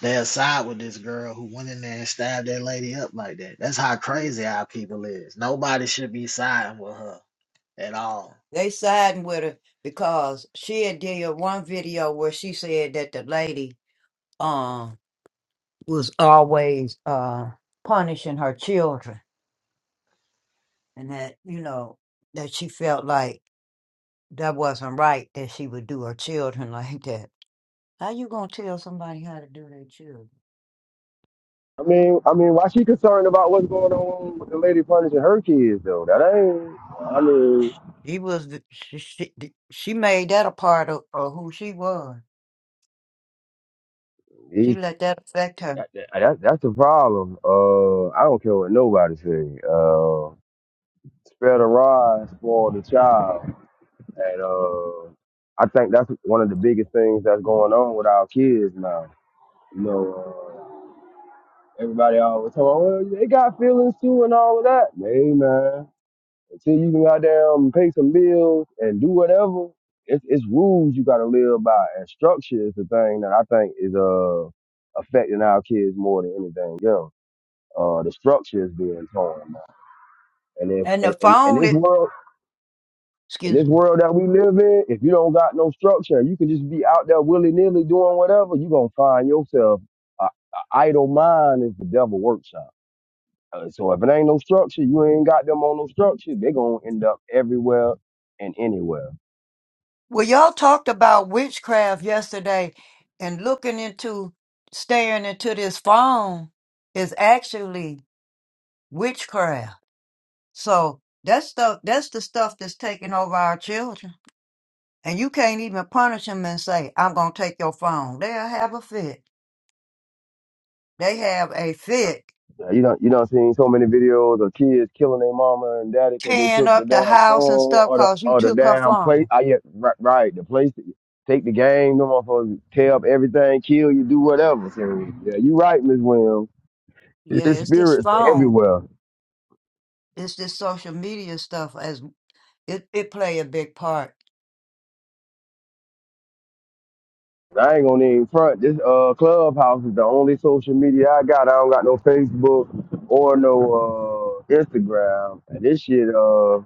[SPEAKER 3] They'll side with this girl who went in there and stabbed that lady up like that. That's how crazy our people is. Nobody should be siding with her at all.
[SPEAKER 2] They siding with her because she had did one video where she said that the lady um was always uh punishing her children, and that you know that she felt like that wasn't right that she would do her children like that How you gonna tell somebody how to do their children?
[SPEAKER 5] I mean, I mean, why she concerned about what's going on with the lady punishing her kids though? That ain't. I mean.
[SPEAKER 2] He was the, she, she the- she made that a part of, of who she was. She let that affect her.
[SPEAKER 5] That, that, that's the problem. Uh, I don't care what nobody say. Uh, spare the rod, spoil the child, and uh, I think that's one of the biggest things that's going on with our kids now. You know, uh, everybody always talk, about, well, they got feelings too and all of that. Hey man, until you can goddamn pay some bills and do whatever, it's, it's rules you gotta live by, and structure is the thing that I think is uh affecting our kids more than anything else. Uh, the structure is being torn now. And if
[SPEAKER 2] And the
[SPEAKER 5] and in, in
[SPEAKER 2] phone,
[SPEAKER 5] this
[SPEAKER 2] it,
[SPEAKER 5] world, in this
[SPEAKER 2] excuse me.
[SPEAKER 5] world that we live in, if you don't got no structure, you can just be out there willy nilly doing whatever. You gonna find yourself a, a idle mind is the devil workshop. Uh, so if it ain't no structure, you ain't got them on no structure. They gonna end up everywhere and anywhere.
[SPEAKER 2] Well, y'all talked about witchcraft yesterday, and looking into staring into this phone is actually witchcraft. So that stuff, that's the stuff that's taking over our children. And you can't even punish them and say, "I'm gonna take your phone." They'll have a fit. They have a fit
[SPEAKER 5] Uh, You don't you don't seen so many videos of kids killing their mama and daddy because they
[SPEAKER 2] tearing
[SPEAKER 5] took the
[SPEAKER 2] up the
[SPEAKER 5] damn
[SPEAKER 2] house and
[SPEAKER 5] phone
[SPEAKER 2] stuff
[SPEAKER 5] or the
[SPEAKER 2] because you
[SPEAKER 5] or the
[SPEAKER 2] took her
[SPEAKER 5] damn plate.
[SPEAKER 2] phone.
[SPEAKER 5] I yeah, right, right the place take the game, no motherfuckers tear up everything, kill you, do whatever. So yeah, you right, Miss Williams.
[SPEAKER 2] Yeah,
[SPEAKER 5] This
[SPEAKER 2] it's this
[SPEAKER 5] spirits
[SPEAKER 2] phone.
[SPEAKER 5] everywhere.
[SPEAKER 2] It's this social media stuff as it, it play a big part.
[SPEAKER 5] I ain't gonna even front. This uh clubhouse is the only social media I got. I don't got no Facebook or no uh Instagram. And this shit uh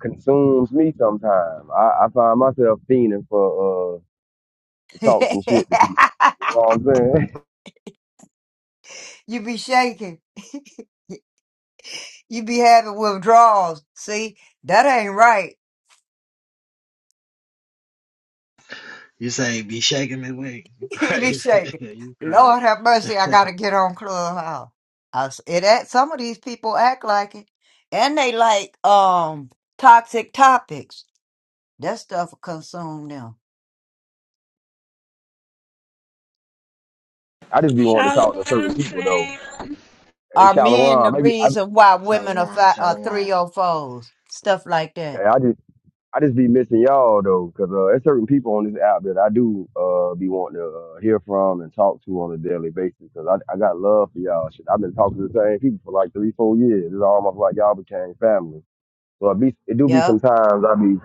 [SPEAKER 5] consumes me sometimes. I, I find myself fiending for uh, to
[SPEAKER 2] you
[SPEAKER 5] talk some shit to people. You know what I'm saying?
[SPEAKER 2] be shaking. you be having withdrawals. See, that ain't right.
[SPEAKER 3] You say be shaking me wing. You
[SPEAKER 2] you be
[SPEAKER 3] crazy.
[SPEAKER 2] shaking.
[SPEAKER 3] you crazy.
[SPEAKER 2] Lord have mercy, I gotta get on Clubhouse. I s it act, some of these people act like it. And they like um toxic topics. That stuff will consume them.
[SPEAKER 5] I just be wanting to
[SPEAKER 6] Follow
[SPEAKER 5] talk to
[SPEAKER 6] what
[SPEAKER 5] certain
[SPEAKER 6] I'm
[SPEAKER 5] people though.
[SPEAKER 6] saying.
[SPEAKER 5] Hey,
[SPEAKER 2] Are men
[SPEAKER 5] Shalom,
[SPEAKER 2] the
[SPEAKER 5] maybe I,
[SPEAKER 2] reason why women are
[SPEAKER 3] Shalom,
[SPEAKER 2] fi- are three
[SPEAKER 3] shalom.
[SPEAKER 2] or fours? Stuff like that.
[SPEAKER 5] yeah, I just I just be missing y'all though, cause uh, there's certain people on this app that I do uh be wanting to uh, hear from and talk to on a daily basis, cause I I got love for y'all. Shit, I've been talking to the same people for like three four years. It's almost like y'all became family. So it be it do be
[SPEAKER 2] Yep.
[SPEAKER 5] sometimes I be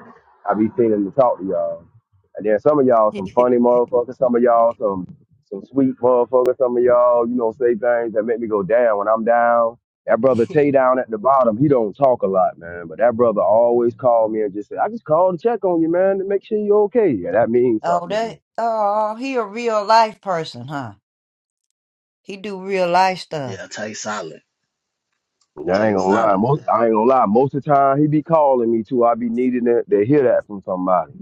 [SPEAKER 5] I be feeling to talk to y'all. And then some of y'all some funny motherfuckers, some of y'all some some sweet motherfuckers, some of y'all, you know, say things that make me go down when I'm down. That brother Tay down at the bottom, he don't talk a lot, man. But that brother always called me and just said, I just called to check on you, man, to make sure you okay. Yeah, that means
[SPEAKER 2] oh,
[SPEAKER 5] something to me.
[SPEAKER 2] that. Oh, he a real life person, huh? He do real life stuff.
[SPEAKER 3] Yeah, take solid.
[SPEAKER 5] And I ain't
[SPEAKER 3] Take
[SPEAKER 5] gonna lie.
[SPEAKER 3] solid,
[SPEAKER 5] Most
[SPEAKER 3] man.
[SPEAKER 5] I ain't gonna lie. Most of the time he be calling me too. I be needing to, to hear that from somebody.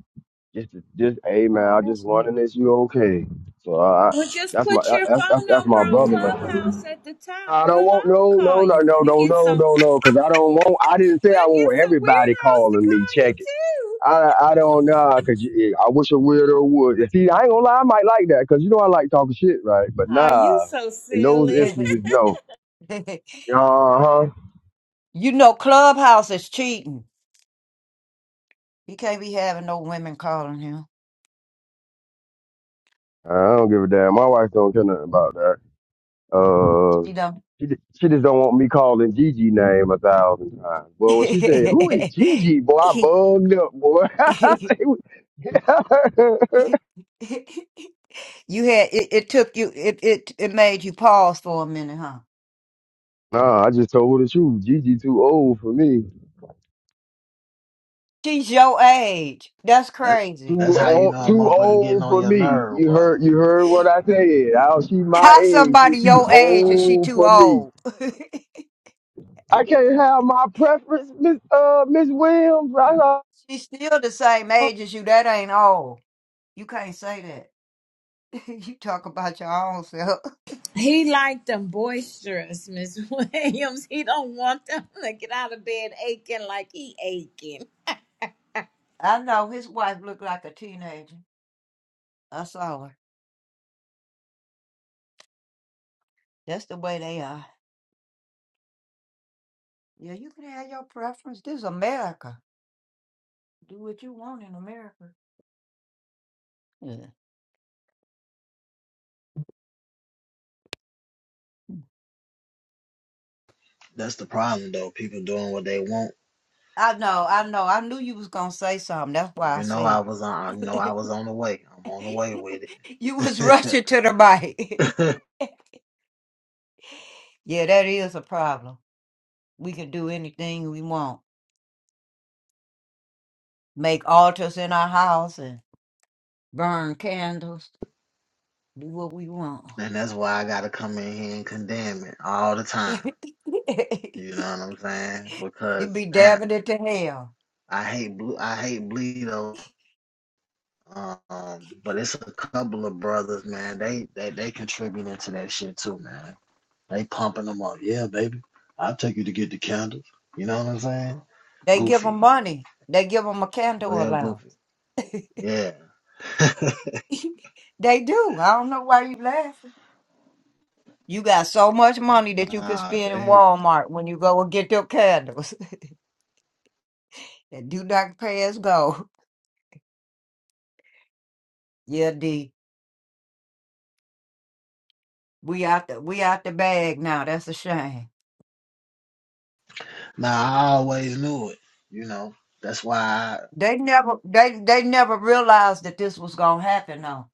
[SPEAKER 5] Just to, just hey man,
[SPEAKER 2] Oh,
[SPEAKER 5] I just
[SPEAKER 2] that's
[SPEAKER 5] wondering
[SPEAKER 2] neat.
[SPEAKER 5] if you okay. So I, I
[SPEAKER 6] Well, just
[SPEAKER 5] that's my
[SPEAKER 6] put your
[SPEAKER 5] I, I, that's
[SPEAKER 6] phone
[SPEAKER 5] that's
[SPEAKER 6] number
[SPEAKER 5] my
[SPEAKER 6] on
[SPEAKER 5] brother, man.
[SPEAKER 6] Clubhouse at the top.
[SPEAKER 5] I don't
[SPEAKER 6] We'll
[SPEAKER 5] want
[SPEAKER 6] all
[SPEAKER 5] no, no,
[SPEAKER 6] call
[SPEAKER 5] no,
[SPEAKER 6] you.
[SPEAKER 5] no,
[SPEAKER 6] We
[SPEAKER 5] no,
[SPEAKER 6] get
[SPEAKER 5] no,
[SPEAKER 6] some.
[SPEAKER 5] no, no, because I don't want. I didn't say
[SPEAKER 6] We'll
[SPEAKER 5] I
[SPEAKER 6] get
[SPEAKER 5] want
[SPEAKER 6] some
[SPEAKER 5] everybody
[SPEAKER 6] weirdos to
[SPEAKER 5] calling me.
[SPEAKER 6] call you
[SPEAKER 5] Check it.
[SPEAKER 6] too.
[SPEAKER 5] I I don't know because I wish a weirdo would. See, I ain't gonna lie, I might like that because you know I like talking shit, right? But
[SPEAKER 6] Oh, you
[SPEAKER 5] nah,
[SPEAKER 6] so
[SPEAKER 5] in those
[SPEAKER 6] silly.
[SPEAKER 5] instances, no. Uh huh.
[SPEAKER 2] you know, Clubhouse is cheating. He can't be having no women calling him.
[SPEAKER 5] I don't give a damn. My wife don't care nothing about that. Uh,
[SPEAKER 2] You know.
[SPEAKER 5] she just- she just don't want me calling Gigi name a thousand times.
[SPEAKER 2] you
[SPEAKER 5] Well, when she said, "Who is Gigi?" Boy, I bugged up, boy. I say,
[SPEAKER 2] had it, it took you it, it it made you pause for a minute, huh?
[SPEAKER 5] Nah, I just told her the truth. Gigi too old for me.
[SPEAKER 2] She's your age. That's
[SPEAKER 3] That
[SPEAKER 2] crazy.
[SPEAKER 3] that's
[SPEAKER 5] Too
[SPEAKER 3] how you
[SPEAKER 5] old,
[SPEAKER 3] know a
[SPEAKER 5] too
[SPEAKER 3] motherfucker getting
[SPEAKER 5] old
[SPEAKER 3] on
[SPEAKER 5] for
[SPEAKER 3] your
[SPEAKER 5] me.
[SPEAKER 3] nerve,
[SPEAKER 5] You
[SPEAKER 3] boy.
[SPEAKER 5] heard, you heard what I said. How she my
[SPEAKER 2] How
[SPEAKER 5] age? She
[SPEAKER 2] somebody
[SPEAKER 5] too
[SPEAKER 2] your age is she
[SPEAKER 5] old
[SPEAKER 2] too
[SPEAKER 5] for me.
[SPEAKER 2] old?
[SPEAKER 5] I can't have my preference, Miss uh Miss Williams. I know.
[SPEAKER 2] She's still the same age as you. That ain't old. You can't say that. you talk about your own self.
[SPEAKER 6] He like them boisterous, Miss Williams. He don't want them to get out of bed aching like he aching.
[SPEAKER 2] I know his wife looked like a teenager. I saw her. That's the way they are. Yeah, you can have your preference. This is America. Do what you want in America. Yeah.
[SPEAKER 3] That's the problem though. People doing what they want.
[SPEAKER 2] I know, I know. I knew you was gonna say something. That's why I
[SPEAKER 3] You know
[SPEAKER 2] said.
[SPEAKER 3] I was on you know I
[SPEAKER 2] it.
[SPEAKER 3] was on the way. I'm on the way with it.
[SPEAKER 2] You was rushing to the mic. yeah, that is a problem. We can do anything we want. Make altars in our house and burn candles. Do what we want.
[SPEAKER 3] And that's why I gotta come in here and condemn it all the
[SPEAKER 2] you
[SPEAKER 3] time. You know what I'm saying? Because
[SPEAKER 2] be
[SPEAKER 3] damn,
[SPEAKER 2] dabbing it to hell.
[SPEAKER 3] I hate blue. I hate Bleedos. Um, but it's a couple of brothers, man. They they they contributing to that shit too, man. They pumping them up. Yeah, baby. I'll take you to get the candles. You know what I'm saying?
[SPEAKER 2] They give 'em
[SPEAKER 3] Goofy,
[SPEAKER 2] money. They give 'em a candle
[SPEAKER 3] real goofy.
[SPEAKER 2] allowance.
[SPEAKER 3] Yeah.
[SPEAKER 2] they do. I don't know why you laughing. You got so much money that you can
[SPEAKER 3] Nah,
[SPEAKER 2] spend in
[SPEAKER 3] they.
[SPEAKER 2] Walmart when you go and get your candles. that do not pay as go. Yeah, D. We out the we out the bag now. That's a shame.
[SPEAKER 3] Nah, I always knew it. You know. That's why.
[SPEAKER 2] They never they they never realized that this was gonna happen though.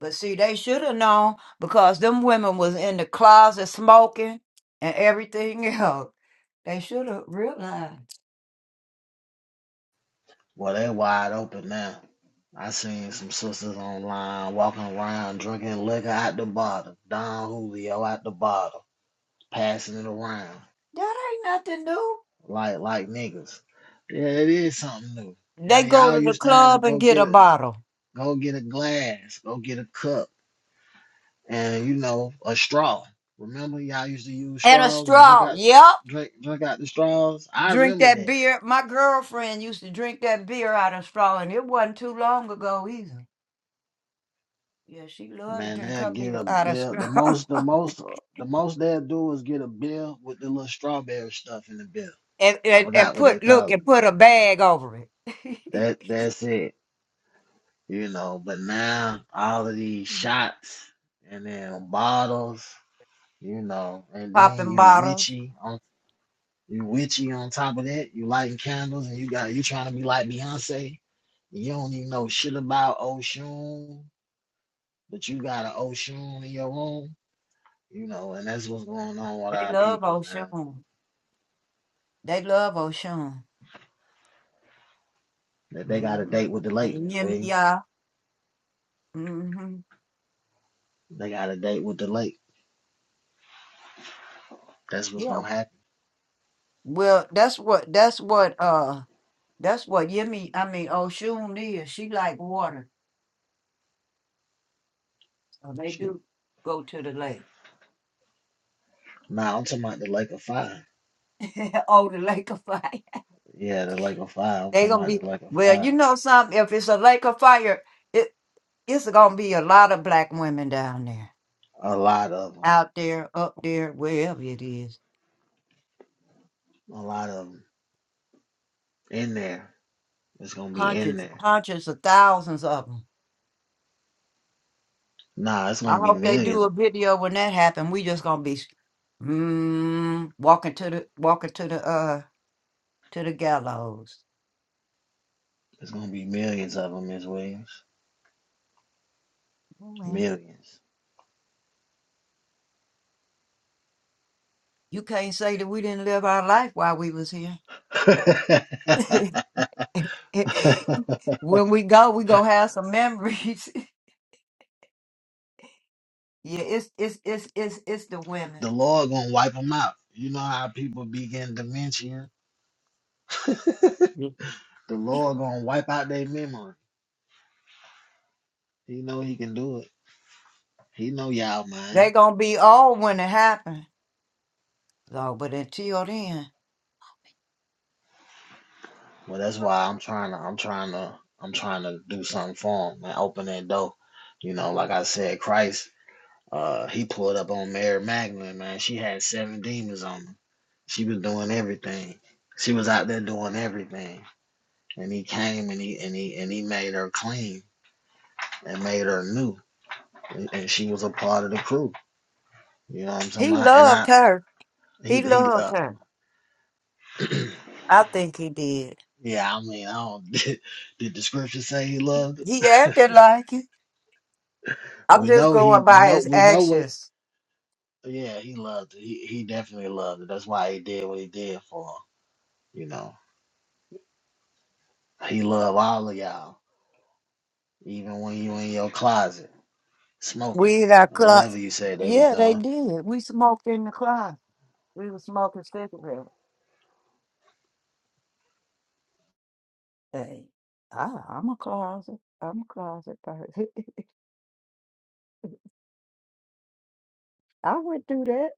[SPEAKER 2] But see, they should have known because them women was in the closet smoking and everything else. They should have realized
[SPEAKER 3] Well, they wide open now. I seen some sisters online walking around drinking liquor at the bottom. Don Julio at the bottom, passing it around
[SPEAKER 2] that ain't nothing new.
[SPEAKER 3] like like niggas. Yeah, it is something new. Yeah,
[SPEAKER 2] They go
[SPEAKER 3] y'all
[SPEAKER 2] to the
[SPEAKER 3] used to have a
[SPEAKER 2] club and
[SPEAKER 3] go
[SPEAKER 2] get
[SPEAKER 3] get
[SPEAKER 2] a
[SPEAKER 3] a
[SPEAKER 2] bottle
[SPEAKER 3] go get a glass, go get a cup, and you know a straw. Remember y'all used to use
[SPEAKER 2] and a
[SPEAKER 3] straws and drink
[SPEAKER 2] straw.
[SPEAKER 3] out
[SPEAKER 2] Yep,
[SPEAKER 3] drink drink out the straws. I
[SPEAKER 2] drink
[SPEAKER 3] remember
[SPEAKER 2] that
[SPEAKER 3] that.
[SPEAKER 2] beer. My girlfriend used to drink that beer out of straw, and it wasn't too long ago either. Yeah, she loved to
[SPEAKER 3] Man,
[SPEAKER 2] drink
[SPEAKER 3] they'll
[SPEAKER 2] her
[SPEAKER 3] get
[SPEAKER 2] beer
[SPEAKER 3] a
[SPEAKER 2] out of
[SPEAKER 3] bill. The
[SPEAKER 2] straw.
[SPEAKER 3] most, the most, the most they'll do is get a bill with the little strawberry stuff in the bill.
[SPEAKER 2] and,
[SPEAKER 3] I
[SPEAKER 2] and and
[SPEAKER 3] forgot what they
[SPEAKER 2] put look
[SPEAKER 3] call it.
[SPEAKER 2] and put a bag over it.
[SPEAKER 3] That that's it, you know. But now all of these shots and then bottles, you know, and then
[SPEAKER 2] Popping
[SPEAKER 3] you
[SPEAKER 2] bottles.
[SPEAKER 3] witchy on you witchy on top of that. You lighting candles and you got you trying to be like Beyonce. You don't even know shit about Oshun, but you got an Oshun in your room you know, and that's what's going on with
[SPEAKER 2] They
[SPEAKER 3] our
[SPEAKER 2] love
[SPEAKER 3] people, man.
[SPEAKER 2] Oshun. They love Oshun.
[SPEAKER 3] That they got a
[SPEAKER 2] Mm-hmm.
[SPEAKER 3] date with the lake,
[SPEAKER 2] And
[SPEAKER 3] Miss Williams.
[SPEAKER 2] Yemiya. Mm-hmm.
[SPEAKER 3] They got a date with the lake. That's what's
[SPEAKER 2] Yeah.
[SPEAKER 3] gonna happen.
[SPEAKER 2] Well, that's what that's what uh that's what Yemi I mean Oshun is. She like water. Oh, they
[SPEAKER 3] Shoot.
[SPEAKER 2] do go to the lake.
[SPEAKER 3] Now I'm talking about the lake of fire.
[SPEAKER 2] oh, the lake of fire.
[SPEAKER 3] Yeah, the lake of fire. I'm
[SPEAKER 2] They
[SPEAKER 3] talking
[SPEAKER 2] gonna
[SPEAKER 3] about
[SPEAKER 2] be
[SPEAKER 3] the lake of
[SPEAKER 2] well. You
[SPEAKER 3] fire.
[SPEAKER 2] know something? If it's a lake of fire, it it's gonna be a lot of black women down there,
[SPEAKER 3] A lot of them.
[SPEAKER 2] out there, up there, wherever it is.
[SPEAKER 3] A lot of them in there. It's gonna be in
[SPEAKER 2] Hundreds,
[SPEAKER 3] there.
[SPEAKER 2] hundreds of thousands of them.
[SPEAKER 3] Nah, it's
[SPEAKER 2] I
[SPEAKER 3] gonna be
[SPEAKER 2] hope they do
[SPEAKER 3] millions.
[SPEAKER 2] a video when that happens. We just gonna be mm, walking to the walking to the uh to the gallows.
[SPEAKER 3] It's gonna be millions of them, Miss Williams.
[SPEAKER 2] Oh, well.
[SPEAKER 3] Millions.
[SPEAKER 2] You can't say that we didn't live our life while we was here.
[SPEAKER 3] the
[SPEAKER 2] when we go, we gonna have some memories. yeah, it's it's it's it's it's the women.
[SPEAKER 3] Lord gonna wipe them out. You know how people begin dementia.
[SPEAKER 2] Mm.
[SPEAKER 3] The Lord gonna wipe out their memory. He know he can do it. He know y'all, man.
[SPEAKER 2] They gonna be old when it happens. So, but until then,
[SPEAKER 3] Well, that's why I'm trying to. I'm trying to. I'm trying to do something for him and open that door. You know, like I said, Christ. Uh, he pulled up on Mary Magdalene, man. She had seven demons on her. She was doing everything. She was out there doing everything. And he came and he and he and he made her clean and made her new. And, and she was a part of the crew. You know what I'm talking
[SPEAKER 2] he
[SPEAKER 3] about? And
[SPEAKER 2] loved
[SPEAKER 3] I,
[SPEAKER 2] her.
[SPEAKER 3] he,
[SPEAKER 2] He
[SPEAKER 3] he,
[SPEAKER 2] loved
[SPEAKER 3] uh,
[SPEAKER 2] her. I think he did.
[SPEAKER 3] yeah. I mean, I don't. Did the scripture say he loved
[SPEAKER 2] He acted like it. I'm
[SPEAKER 3] We
[SPEAKER 2] just
[SPEAKER 3] know
[SPEAKER 2] going
[SPEAKER 3] he
[SPEAKER 2] by
[SPEAKER 3] know
[SPEAKER 2] his
[SPEAKER 3] we know what
[SPEAKER 2] actions.
[SPEAKER 3] yeah, he loved it. He he definitely loved it. That's why he did what he did for him. You know. He loved all of y'all. Even when you in your closet smoking
[SPEAKER 2] We in our
[SPEAKER 3] or
[SPEAKER 2] club.
[SPEAKER 3] whatever you said they were
[SPEAKER 2] Yeah, they
[SPEAKER 3] doing.
[SPEAKER 2] did. We smoked in the closet. We were smoking cigarettes. Hey, I, I'm a closet. I'm a closet person. I would do that.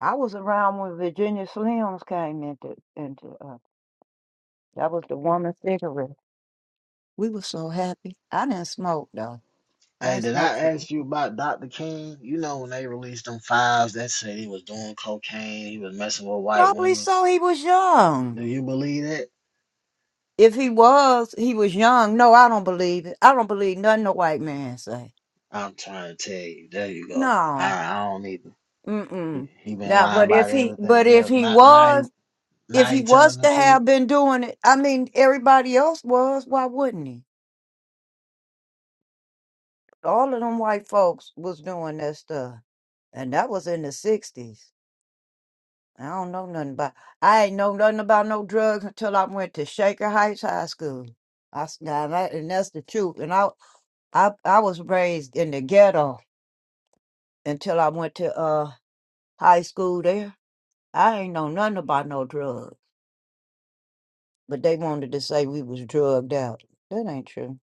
[SPEAKER 2] I was around when Virginia Slims came into into uh, that was the woman cigarette. We were so happy. I didn't smoke though. I
[SPEAKER 3] Hey,
[SPEAKER 2] ain't
[SPEAKER 3] did
[SPEAKER 2] smoked.
[SPEAKER 3] I
[SPEAKER 2] for-
[SPEAKER 3] ask you about Dr. King? You know when they released them files that said he was doing cocaine, he was messing with white
[SPEAKER 2] Probably
[SPEAKER 3] women.
[SPEAKER 2] so. He was young.
[SPEAKER 3] Do you believe that?
[SPEAKER 2] If he was, he was young. No, I don't believe it. I don't believe nothing the white man say.
[SPEAKER 3] I'm trying to tell you. There you go. I
[SPEAKER 2] No,
[SPEAKER 3] I don't need to. He,
[SPEAKER 2] mm-mm.
[SPEAKER 3] he been
[SPEAKER 2] Now,
[SPEAKER 3] lying
[SPEAKER 2] but if
[SPEAKER 3] about
[SPEAKER 2] he, but
[SPEAKER 3] everything
[SPEAKER 2] if
[SPEAKER 3] else.
[SPEAKER 2] he
[SPEAKER 3] Not now now he,
[SPEAKER 2] was, if
[SPEAKER 3] now
[SPEAKER 2] he
[SPEAKER 3] he
[SPEAKER 2] was
[SPEAKER 3] telling the
[SPEAKER 2] to
[SPEAKER 3] truth.
[SPEAKER 2] have been doing it, I mean, everybody else was. Why wouldn't he? All of them white folks was doing that stuff. And that was in the 60s. I don't know nothing about, I ain't know nothing about no drugs until I went to Shaker Heights High School. I, s- now that- and that's the truth. And I, I, I was raised in the ghetto until I went to uh high school there. I ain't know nothing about no drugs, but they wanted to say we was drugged out. That ain't true.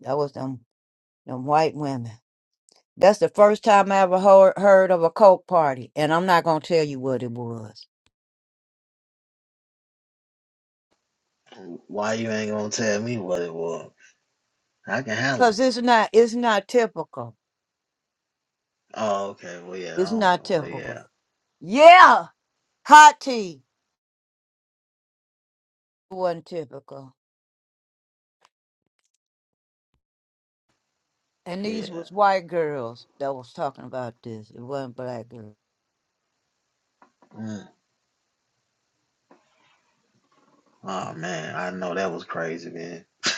[SPEAKER 2] That was them, them white women. That's the first time I ever heard, heard of a Coke party, and I'm not gonna tell you what it was,
[SPEAKER 3] Why you ain't gonna tell me what it was? I can handle
[SPEAKER 2] cause
[SPEAKER 3] it.
[SPEAKER 2] it's not it's not typical.
[SPEAKER 3] Oh, okay. Well, yeah. I
[SPEAKER 2] It's not
[SPEAKER 3] don't, well,
[SPEAKER 2] typical.
[SPEAKER 3] yeah.
[SPEAKER 2] Yeah, hot tea wasn't typical, and these
[SPEAKER 3] Yeah.
[SPEAKER 2] was white girls that was talking about this. It wasn't black girls.
[SPEAKER 3] Mm. Oh man, I know that was crazy, man.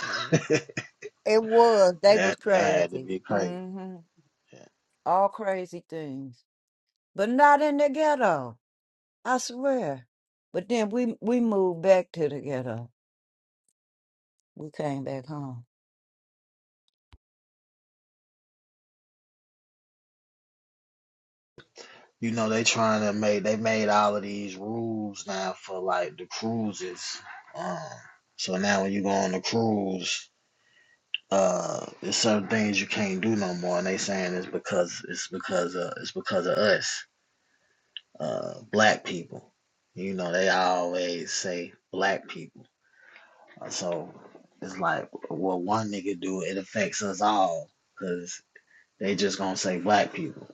[SPEAKER 3] that
[SPEAKER 2] It was they was
[SPEAKER 3] that had to
[SPEAKER 2] crazy.
[SPEAKER 3] be crazy.
[SPEAKER 2] hmm
[SPEAKER 3] Yeah.
[SPEAKER 2] All crazy things, but not in the ghetto. I swear. But then we we moved back to the ghetto. We came back home.
[SPEAKER 3] You know they trying to make they made all of these rules now for like the cruises. Um, so now when you go on the cruise, uh, there's certain things you can't do no more, and they saying it's because it's because of it's because of us. uh, black people. You know, they always say black people. So it's like what one nigga do, it affects us all because they just gonna say black people.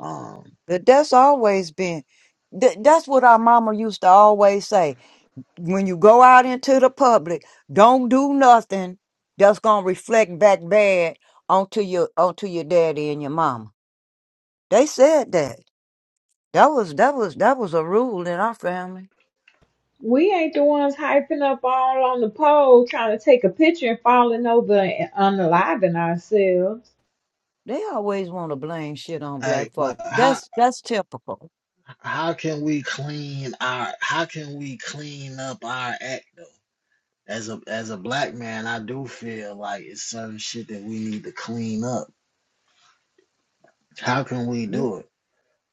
[SPEAKER 3] Um,
[SPEAKER 2] That that's always been. That, that's what our mama used to always say. When you go out into the public, don't do nothing that's gonna reflect back bad onto your onto your daddy and your mama. They said that. That was that was that was a rule in our family.
[SPEAKER 6] We ain't the ones hyping up all on the pole, trying to take a picture and falling over and unaliving ourselves.
[SPEAKER 2] They always want to blame shit on
[SPEAKER 3] hey,
[SPEAKER 2] black
[SPEAKER 3] but
[SPEAKER 2] folk.
[SPEAKER 3] how
[SPEAKER 2] That's that's typical.
[SPEAKER 3] how can we clean our how can we clean up our act though? As a as a black man, I do feel like it's certain shit that we need to clean up. How can we
[SPEAKER 2] You-
[SPEAKER 3] do it?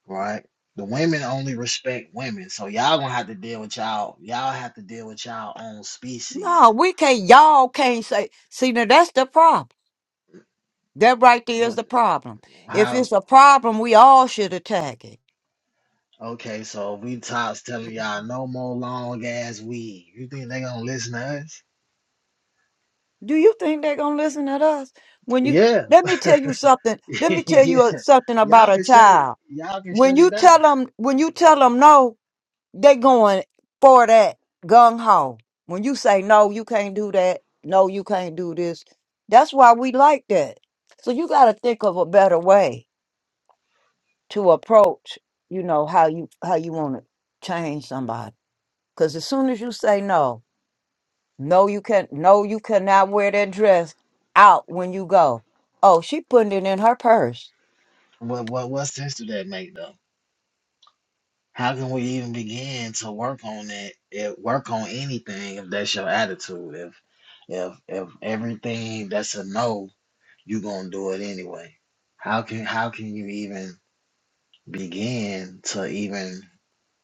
[SPEAKER 3] right? The women only respect women, so y'all gonna have to deal with y'all. Y'all have to deal with y'all own species.
[SPEAKER 2] No, we can't. Y'all can't say. See, now that's the problem. That right there is
[SPEAKER 3] What?
[SPEAKER 2] the problem. If
[SPEAKER 3] How?
[SPEAKER 2] it's a problem, we all should attack it
[SPEAKER 3] Okay, so we tops telling y'all
[SPEAKER 2] Mhm.
[SPEAKER 3] no more long ass weed. You think they gonna listen to us?
[SPEAKER 2] Do you think they're gonna listen to us? When you
[SPEAKER 3] Yeah,
[SPEAKER 2] let me tell you something. Let me tell
[SPEAKER 3] yeah.
[SPEAKER 2] you a- something about
[SPEAKER 3] Y'all
[SPEAKER 2] a
[SPEAKER 3] can shut it.
[SPEAKER 2] child.
[SPEAKER 3] Y'all can
[SPEAKER 2] When
[SPEAKER 3] shut it
[SPEAKER 2] you
[SPEAKER 3] down.
[SPEAKER 2] tell them, when you tell them no, they going for that gung ho. When you say no, you can't do that. No, you can't do this. That's why we like that. So you got to think of a better way to approach. You know how you how you want to change somebody. Because as soon as you say no, No, you can no, you cannot wear that dress out when you go. Oh, she putting it in her purse.
[SPEAKER 3] What? What? What sense do that make though? How can we even begin to work on that? If, work on anything if that's your attitude. If if if everything that's a no you gonna do it anyway. How can how can you even begin to even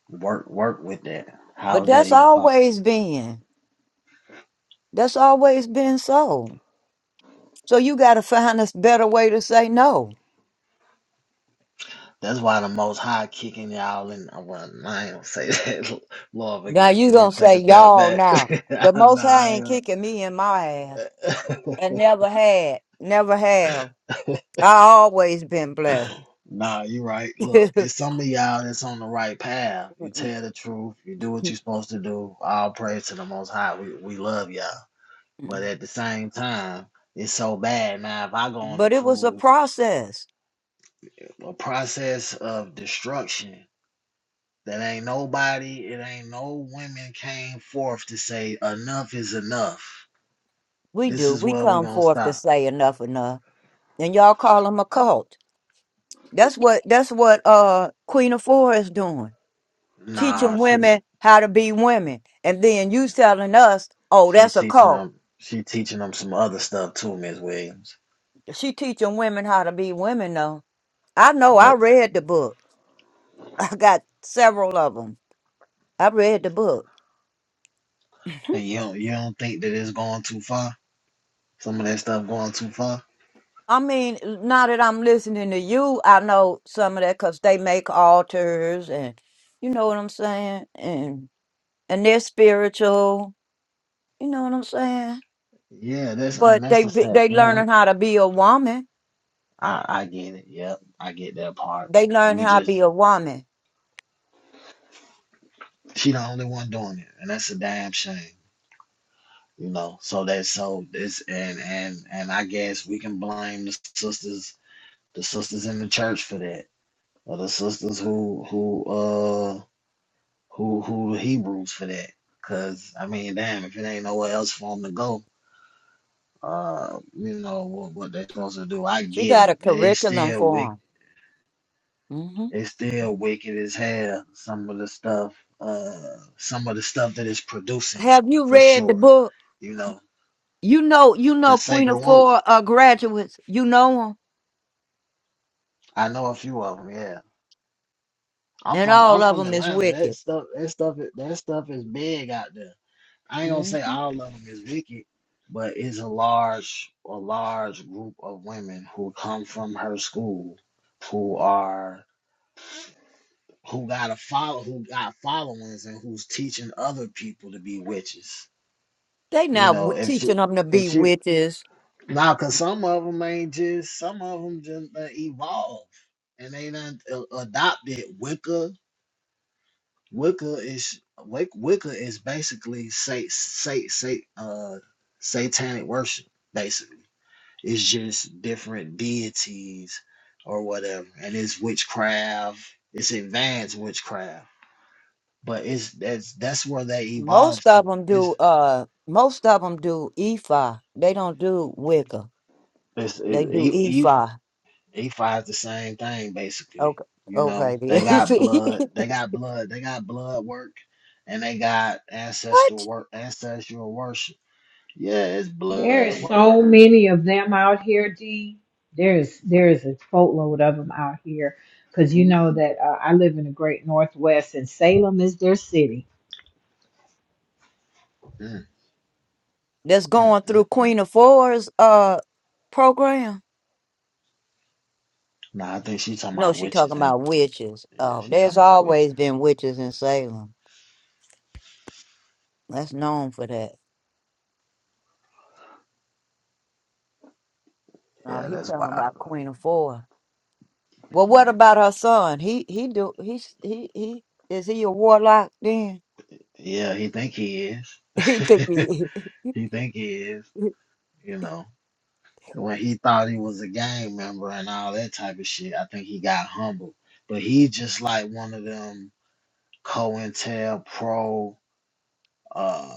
[SPEAKER 3] work work with that? How
[SPEAKER 2] But
[SPEAKER 3] is that
[SPEAKER 2] that's
[SPEAKER 3] even possible?
[SPEAKER 2] always been. That's always been so. So you gotta find a better way to say no.
[SPEAKER 3] That's why the Most High kicking y'all in. I well, I ain't gonna say that. Lord
[SPEAKER 2] Now
[SPEAKER 3] forgive me.
[SPEAKER 2] you
[SPEAKER 3] Let me
[SPEAKER 2] gonna
[SPEAKER 3] take
[SPEAKER 2] say
[SPEAKER 3] a step
[SPEAKER 2] y'all
[SPEAKER 3] back.
[SPEAKER 2] now.
[SPEAKER 3] nah,
[SPEAKER 2] The most high
[SPEAKER 3] I,
[SPEAKER 2] ain't
[SPEAKER 3] ain't
[SPEAKER 2] kicking me in my ass.
[SPEAKER 3] gonna-
[SPEAKER 2] And never had. Never have. I always been blessed.
[SPEAKER 3] nah, you are right. Look, it's some of y'all that's on the right path. You tell the truth. You do what you're supposed to do. All praise to the Most High. We we love y'all. But at the same time, it's so bad now. If I go on a
[SPEAKER 2] but it was a
[SPEAKER 3] cruise,
[SPEAKER 2] process.
[SPEAKER 3] a process of destruction that ain't nobody, it ain't no women came forth to say enough is enough.
[SPEAKER 2] We
[SPEAKER 3] This
[SPEAKER 2] do.
[SPEAKER 3] is
[SPEAKER 2] We
[SPEAKER 3] where we
[SPEAKER 2] come
[SPEAKER 3] gonna
[SPEAKER 2] forth to
[SPEAKER 3] stop.
[SPEAKER 2] say enough enough. and y'all call them a cult. That's what that's what uh Queen of Four is doing,
[SPEAKER 3] Nah,
[SPEAKER 2] teaching
[SPEAKER 3] she
[SPEAKER 2] women how to be women, and then you telling us, oh,
[SPEAKER 3] she
[SPEAKER 2] that's a
[SPEAKER 3] teaching
[SPEAKER 2] cult.
[SPEAKER 3] them she teaching them some other stuff too, Miss Williams.
[SPEAKER 2] She teaching women how to be women, though. I know. I
[SPEAKER 3] But
[SPEAKER 2] read the book. I got several of them. I read the book.
[SPEAKER 3] and you don't you don't think that it's going too far? Some of that stuff going too far?
[SPEAKER 2] I mean, now that I'm listening to you, I know some of that because they make altars, and you know what I'm saying, and and they're spiritual. You know what I'm saying?
[SPEAKER 3] Yeah, that's
[SPEAKER 2] But they be-
[SPEAKER 3] unnecessary.
[SPEAKER 2] they
[SPEAKER 3] Yeah,
[SPEAKER 2] learning how to be a woman.
[SPEAKER 3] I I get it. Yep, I get that part
[SPEAKER 2] They learn
[SPEAKER 3] we
[SPEAKER 2] how to
[SPEAKER 3] just
[SPEAKER 2] be a woman.
[SPEAKER 3] She the only one doing it, and that's a damn shame. You know, so that's so this and and and I guess we can blame the sisters, the sisters in the church for that, or the sisters who who uh who who the Hebrews for that. Cause I mean, damn, if it ain't nowhere else for them to go, uh, you know what what they supposed to do. I
[SPEAKER 2] She
[SPEAKER 3] get
[SPEAKER 2] got
[SPEAKER 3] it,
[SPEAKER 2] a
[SPEAKER 3] but it's
[SPEAKER 2] curriculum
[SPEAKER 3] still wicked.
[SPEAKER 2] for them. hmm
[SPEAKER 3] It's still wicked as hell. Some of the stuff, uh, some of the stuff that it's producing
[SPEAKER 2] Have you
[SPEAKER 3] for
[SPEAKER 2] read the
[SPEAKER 3] sure.
[SPEAKER 2] book?
[SPEAKER 3] You know,
[SPEAKER 2] You know, you
[SPEAKER 3] The
[SPEAKER 2] know, Queen
[SPEAKER 3] Sacred
[SPEAKER 2] of
[SPEAKER 3] Woman.
[SPEAKER 2] Four uh, graduates. You know them,
[SPEAKER 3] I know a few of them. Yeah, I'm
[SPEAKER 2] and
[SPEAKER 3] from I'm
[SPEAKER 2] all of
[SPEAKER 3] from
[SPEAKER 2] them is
[SPEAKER 3] Atlanta. That
[SPEAKER 2] wicked.
[SPEAKER 3] stuff that stuff that stuff is big out there. I ain't gonna
[SPEAKER 2] hmm
[SPEAKER 3] say all of them is wicked, but it's a large a large group of women who come from her school, who are who got a follow who got followings and who's teaching other people to be witches.
[SPEAKER 2] They
[SPEAKER 3] You
[SPEAKER 2] not w-
[SPEAKER 3] know, if
[SPEAKER 2] teaching
[SPEAKER 3] you
[SPEAKER 2] them to be
[SPEAKER 3] if you
[SPEAKER 2] witches.
[SPEAKER 3] now, cause some of them ain't just some of them just uh, evolve and they done uh, adopted Wicca Wicca is Wic- Wicca is basically say say say uh satanic worship. Basically, it's just different deities or whatever, and it's witchcraft. It's advanced witchcraft, but it's that's that's where they evolve
[SPEAKER 2] Most of
[SPEAKER 3] to.
[SPEAKER 2] them do.
[SPEAKER 3] It's
[SPEAKER 2] Uh, most of them do EFI. They don't do Wicca.
[SPEAKER 3] it's
[SPEAKER 2] They do
[SPEAKER 3] it, E
[SPEAKER 2] EFI.
[SPEAKER 3] E five the same thing basically.
[SPEAKER 2] Okay,
[SPEAKER 3] You
[SPEAKER 2] okay.
[SPEAKER 3] know, they
[SPEAKER 2] then.
[SPEAKER 3] got
[SPEAKER 2] See?
[SPEAKER 3] blood. They got blood. They got blood work, and they got ancestral
[SPEAKER 2] What?
[SPEAKER 3] work. Ancestral worship Yeah, it's
[SPEAKER 6] There
[SPEAKER 3] blood
[SPEAKER 6] is so
[SPEAKER 3] work.
[SPEAKER 6] many of them out here, D. There's there's a boatload of them out here because you know
[SPEAKER 2] Mhm.
[SPEAKER 6] that uh, I live in the Great Northwest and Salem is their city.
[SPEAKER 3] Mm,
[SPEAKER 2] That's
[SPEAKER 3] mm,
[SPEAKER 2] going through
[SPEAKER 3] mm, mm.
[SPEAKER 2] Queen of Fours. Uh, program.
[SPEAKER 3] Nah, I think she talking
[SPEAKER 2] No,
[SPEAKER 3] about
[SPEAKER 2] she
[SPEAKER 3] witches
[SPEAKER 2] talking
[SPEAKER 3] and
[SPEAKER 2] about witches.
[SPEAKER 3] yeah,
[SPEAKER 2] Oh,
[SPEAKER 3] she
[SPEAKER 2] there's
[SPEAKER 3] talking about
[SPEAKER 2] always
[SPEAKER 3] witches.
[SPEAKER 2] been witches in Salem. That's known for that. No,
[SPEAKER 3] Yeah,
[SPEAKER 2] he
[SPEAKER 3] that's
[SPEAKER 2] talking
[SPEAKER 3] wild
[SPEAKER 2] about
[SPEAKER 3] though.
[SPEAKER 2] Queen of Four. Well, what about her son? He he do he he he is he a warlock then?
[SPEAKER 3] Yeah, he think he is.
[SPEAKER 2] he think he
[SPEAKER 3] he think he is. You know, when he thought he was a gang member and all that type of shit, I think he got humbled. But he just like one of them COINTEL pro uh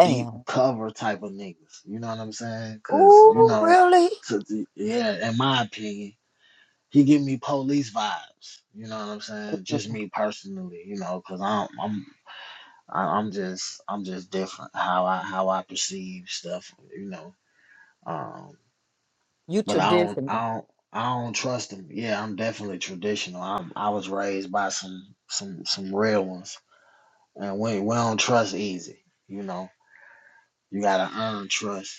[SPEAKER 3] deep cover type of niggas. You know what I'm saying? Cause you
[SPEAKER 2] Ooh,
[SPEAKER 3] know,
[SPEAKER 2] really?
[SPEAKER 3] to, yeah, in my opinion. he give me police vibes. You know what I'm saying? Just
[SPEAKER 2] Mm,
[SPEAKER 3] me personally, you know, because I'm I'm I- I'm just I'm just different how I how I perceive stuff, you know. Um,
[SPEAKER 2] You
[SPEAKER 3] but I don't
[SPEAKER 2] traditional.
[SPEAKER 3] I don't I don't trust him. Yeah, I'm definitely traditional. I'm I was raised by some some some real ones, and we we don't trust easy. You know, you gotta earn trust,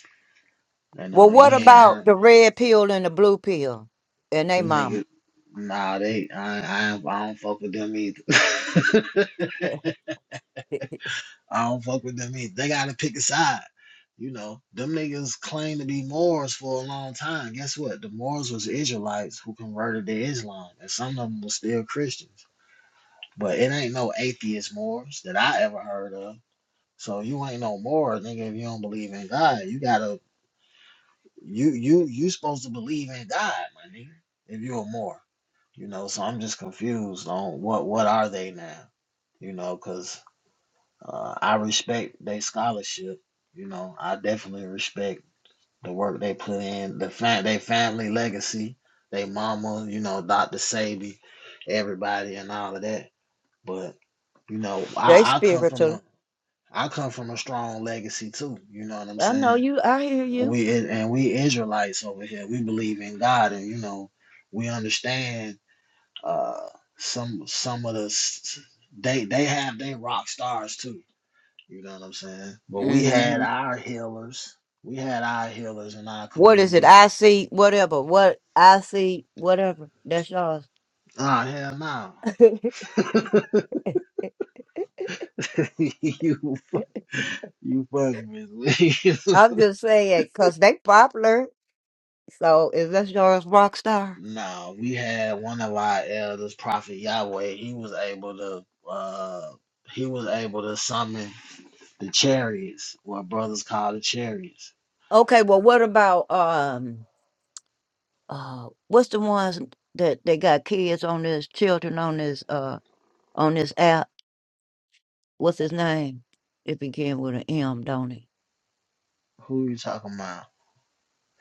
[SPEAKER 3] and
[SPEAKER 2] Well,
[SPEAKER 3] uh,
[SPEAKER 2] what
[SPEAKER 3] he ain't
[SPEAKER 2] about
[SPEAKER 3] earned
[SPEAKER 2] the red pill and the blue pill and they
[SPEAKER 3] them
[SPEAKER 2] mama?
[SPEAKER 3] niggas. Nah, they I I, I don't fuck with them either. I don't fuck with them either. They gotta pick a side. You know, them niggas claim to be Moors for a long time. Guess what? The Moors was Israelites who converted to Islam, and some of them were still Christians. But it ain't no atheist Moors that I ever heard of. So you ain't no Moor, nigga, if you don't believe in God. You gotta you you you supposed to believe in God, my nigga. If you a Moor. You know, so I'm just confused on what what are they now? You know? Cause uh, I respect their scholarship. You know, I definitely respect the work they put in, the fa- their family legacy, their mama, you know, Dr. Sabi, everybody, and all of that. But you know,
[SPEAKER 2] They
[SPEAKER 3] I, I come from
[SPEAKER 2] spiritual.
[SPEAKER 3] a I come from a strong legacy too. You know what I'm
[SPEAKER 2] I know
[SPEAKER 3] saying?
[SPEAKER 2] you. I hear you.
[SPEAKER 3] We is- and we Israelites over here. We believe in God, and you know, we understand uh some some of the s- s- they they have their rock stars too. You know what I'm saying? But we had
[SPEAKER 2] Mhm.
[SPEAKER 3] our healers. We had our healers in our
[SPEAKER 2] What is it?
[SPEAKER 3] community.
[SPEAKER 2] I see whatever. What I see whatever. That's yours.
[SPEAKER 3] Oh hell no. you fu- you fucking with me.
[SPEAKER 2] I'm just saying because they popular. So is that yours, rock star?
[SPEAKER 3] no, we had one of our elders, Prophet Yahweh, he was able to uh he was able to summon the chariots, what brothers call the chariots.
[SPEAKER 2] Okay. Well, what about um uh what's the ones that they got kids on this, children on this uh on this app? What's his name? It began with an M, don't it?
[SPEAKER 3] Who you talking about?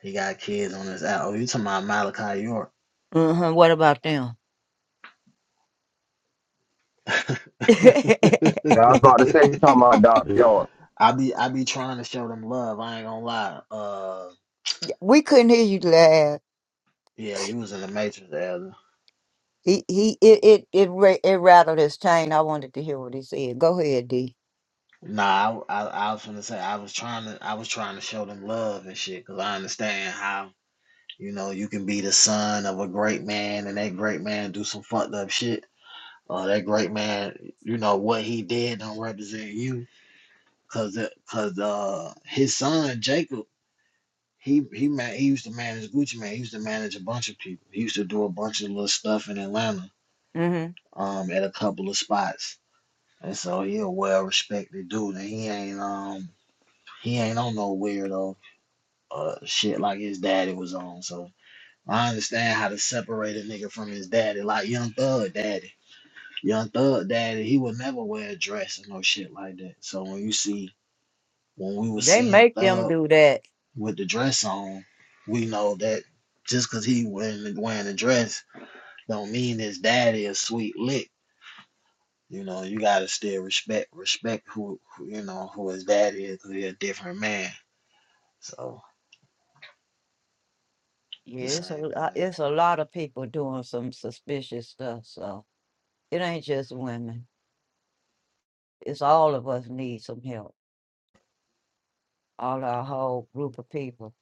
[SPEAKER 3] He got kids on his out. Oh, you talking about Malachi York.
[SPEAKER 2] Uh-huh. What about them?
[SPEAKER 5] Yeah, I was about to say something about Doctor York.
[SPEAKER 3] I be I be trying to show them love. I ain't gonna lie. Uh
[SPEAKER 2] we couldn't hear you laugh.
[SPEAKER 3] Yeah, you was in the matrix, Elder.
[SPEAKER 2] He he it it it, ra- it rattled his chain. I wanted to hear what he said. Go ahead, D.
[SPEAKER 3] Nah, I, I, I was gonna say I was trying to I was trying to show them love and shit because I understand how you know you can be the son of a great man and that great man do some fucked up shit or that great man you know what he did don't represent you because because uh his son Jacob he he man he used to manage Gucci man he used to manage a bunch of people he used to do a bunch of little stuff in Atlanta
[SPEAKER 2] Mm-hmm.
[SPEAKER 3] um at a couple of spots And so he a well respected dude and he ain't um he ain't on no weirdo uh shit like his daddy was on. So I understand how to separate a nigga from his daddy, like young thug daddy. Young thug daddy, he would never wear a dress or no shit like that. So when you see when we was
[SPEAKER 2] They
[SPEAKER 3] seeing
[SPEAKER 2] make them
[SPEAKER 3] Thug
[SPEAKER 2] do that.
[SPEAKER 3] with the dress on, we know that just cause he wearing wearing a dress don't mean his daddy a sweet lick You know, you gotta still respect respect who, who you know who his dad is. 'cause He a different man. So
[SPEAKER 2] Yeah,
[SPEAKER 3] the
[SPEAKER 2] it's a
[SPEAKER 3] same
[SPEAKER 2] lo-
[SPEAKER 3] thing.
[SPEAKER 2] it's a lot of people doing some suspicious stuff. So it ain't just women. It's all of us need some help. All our whole group of people.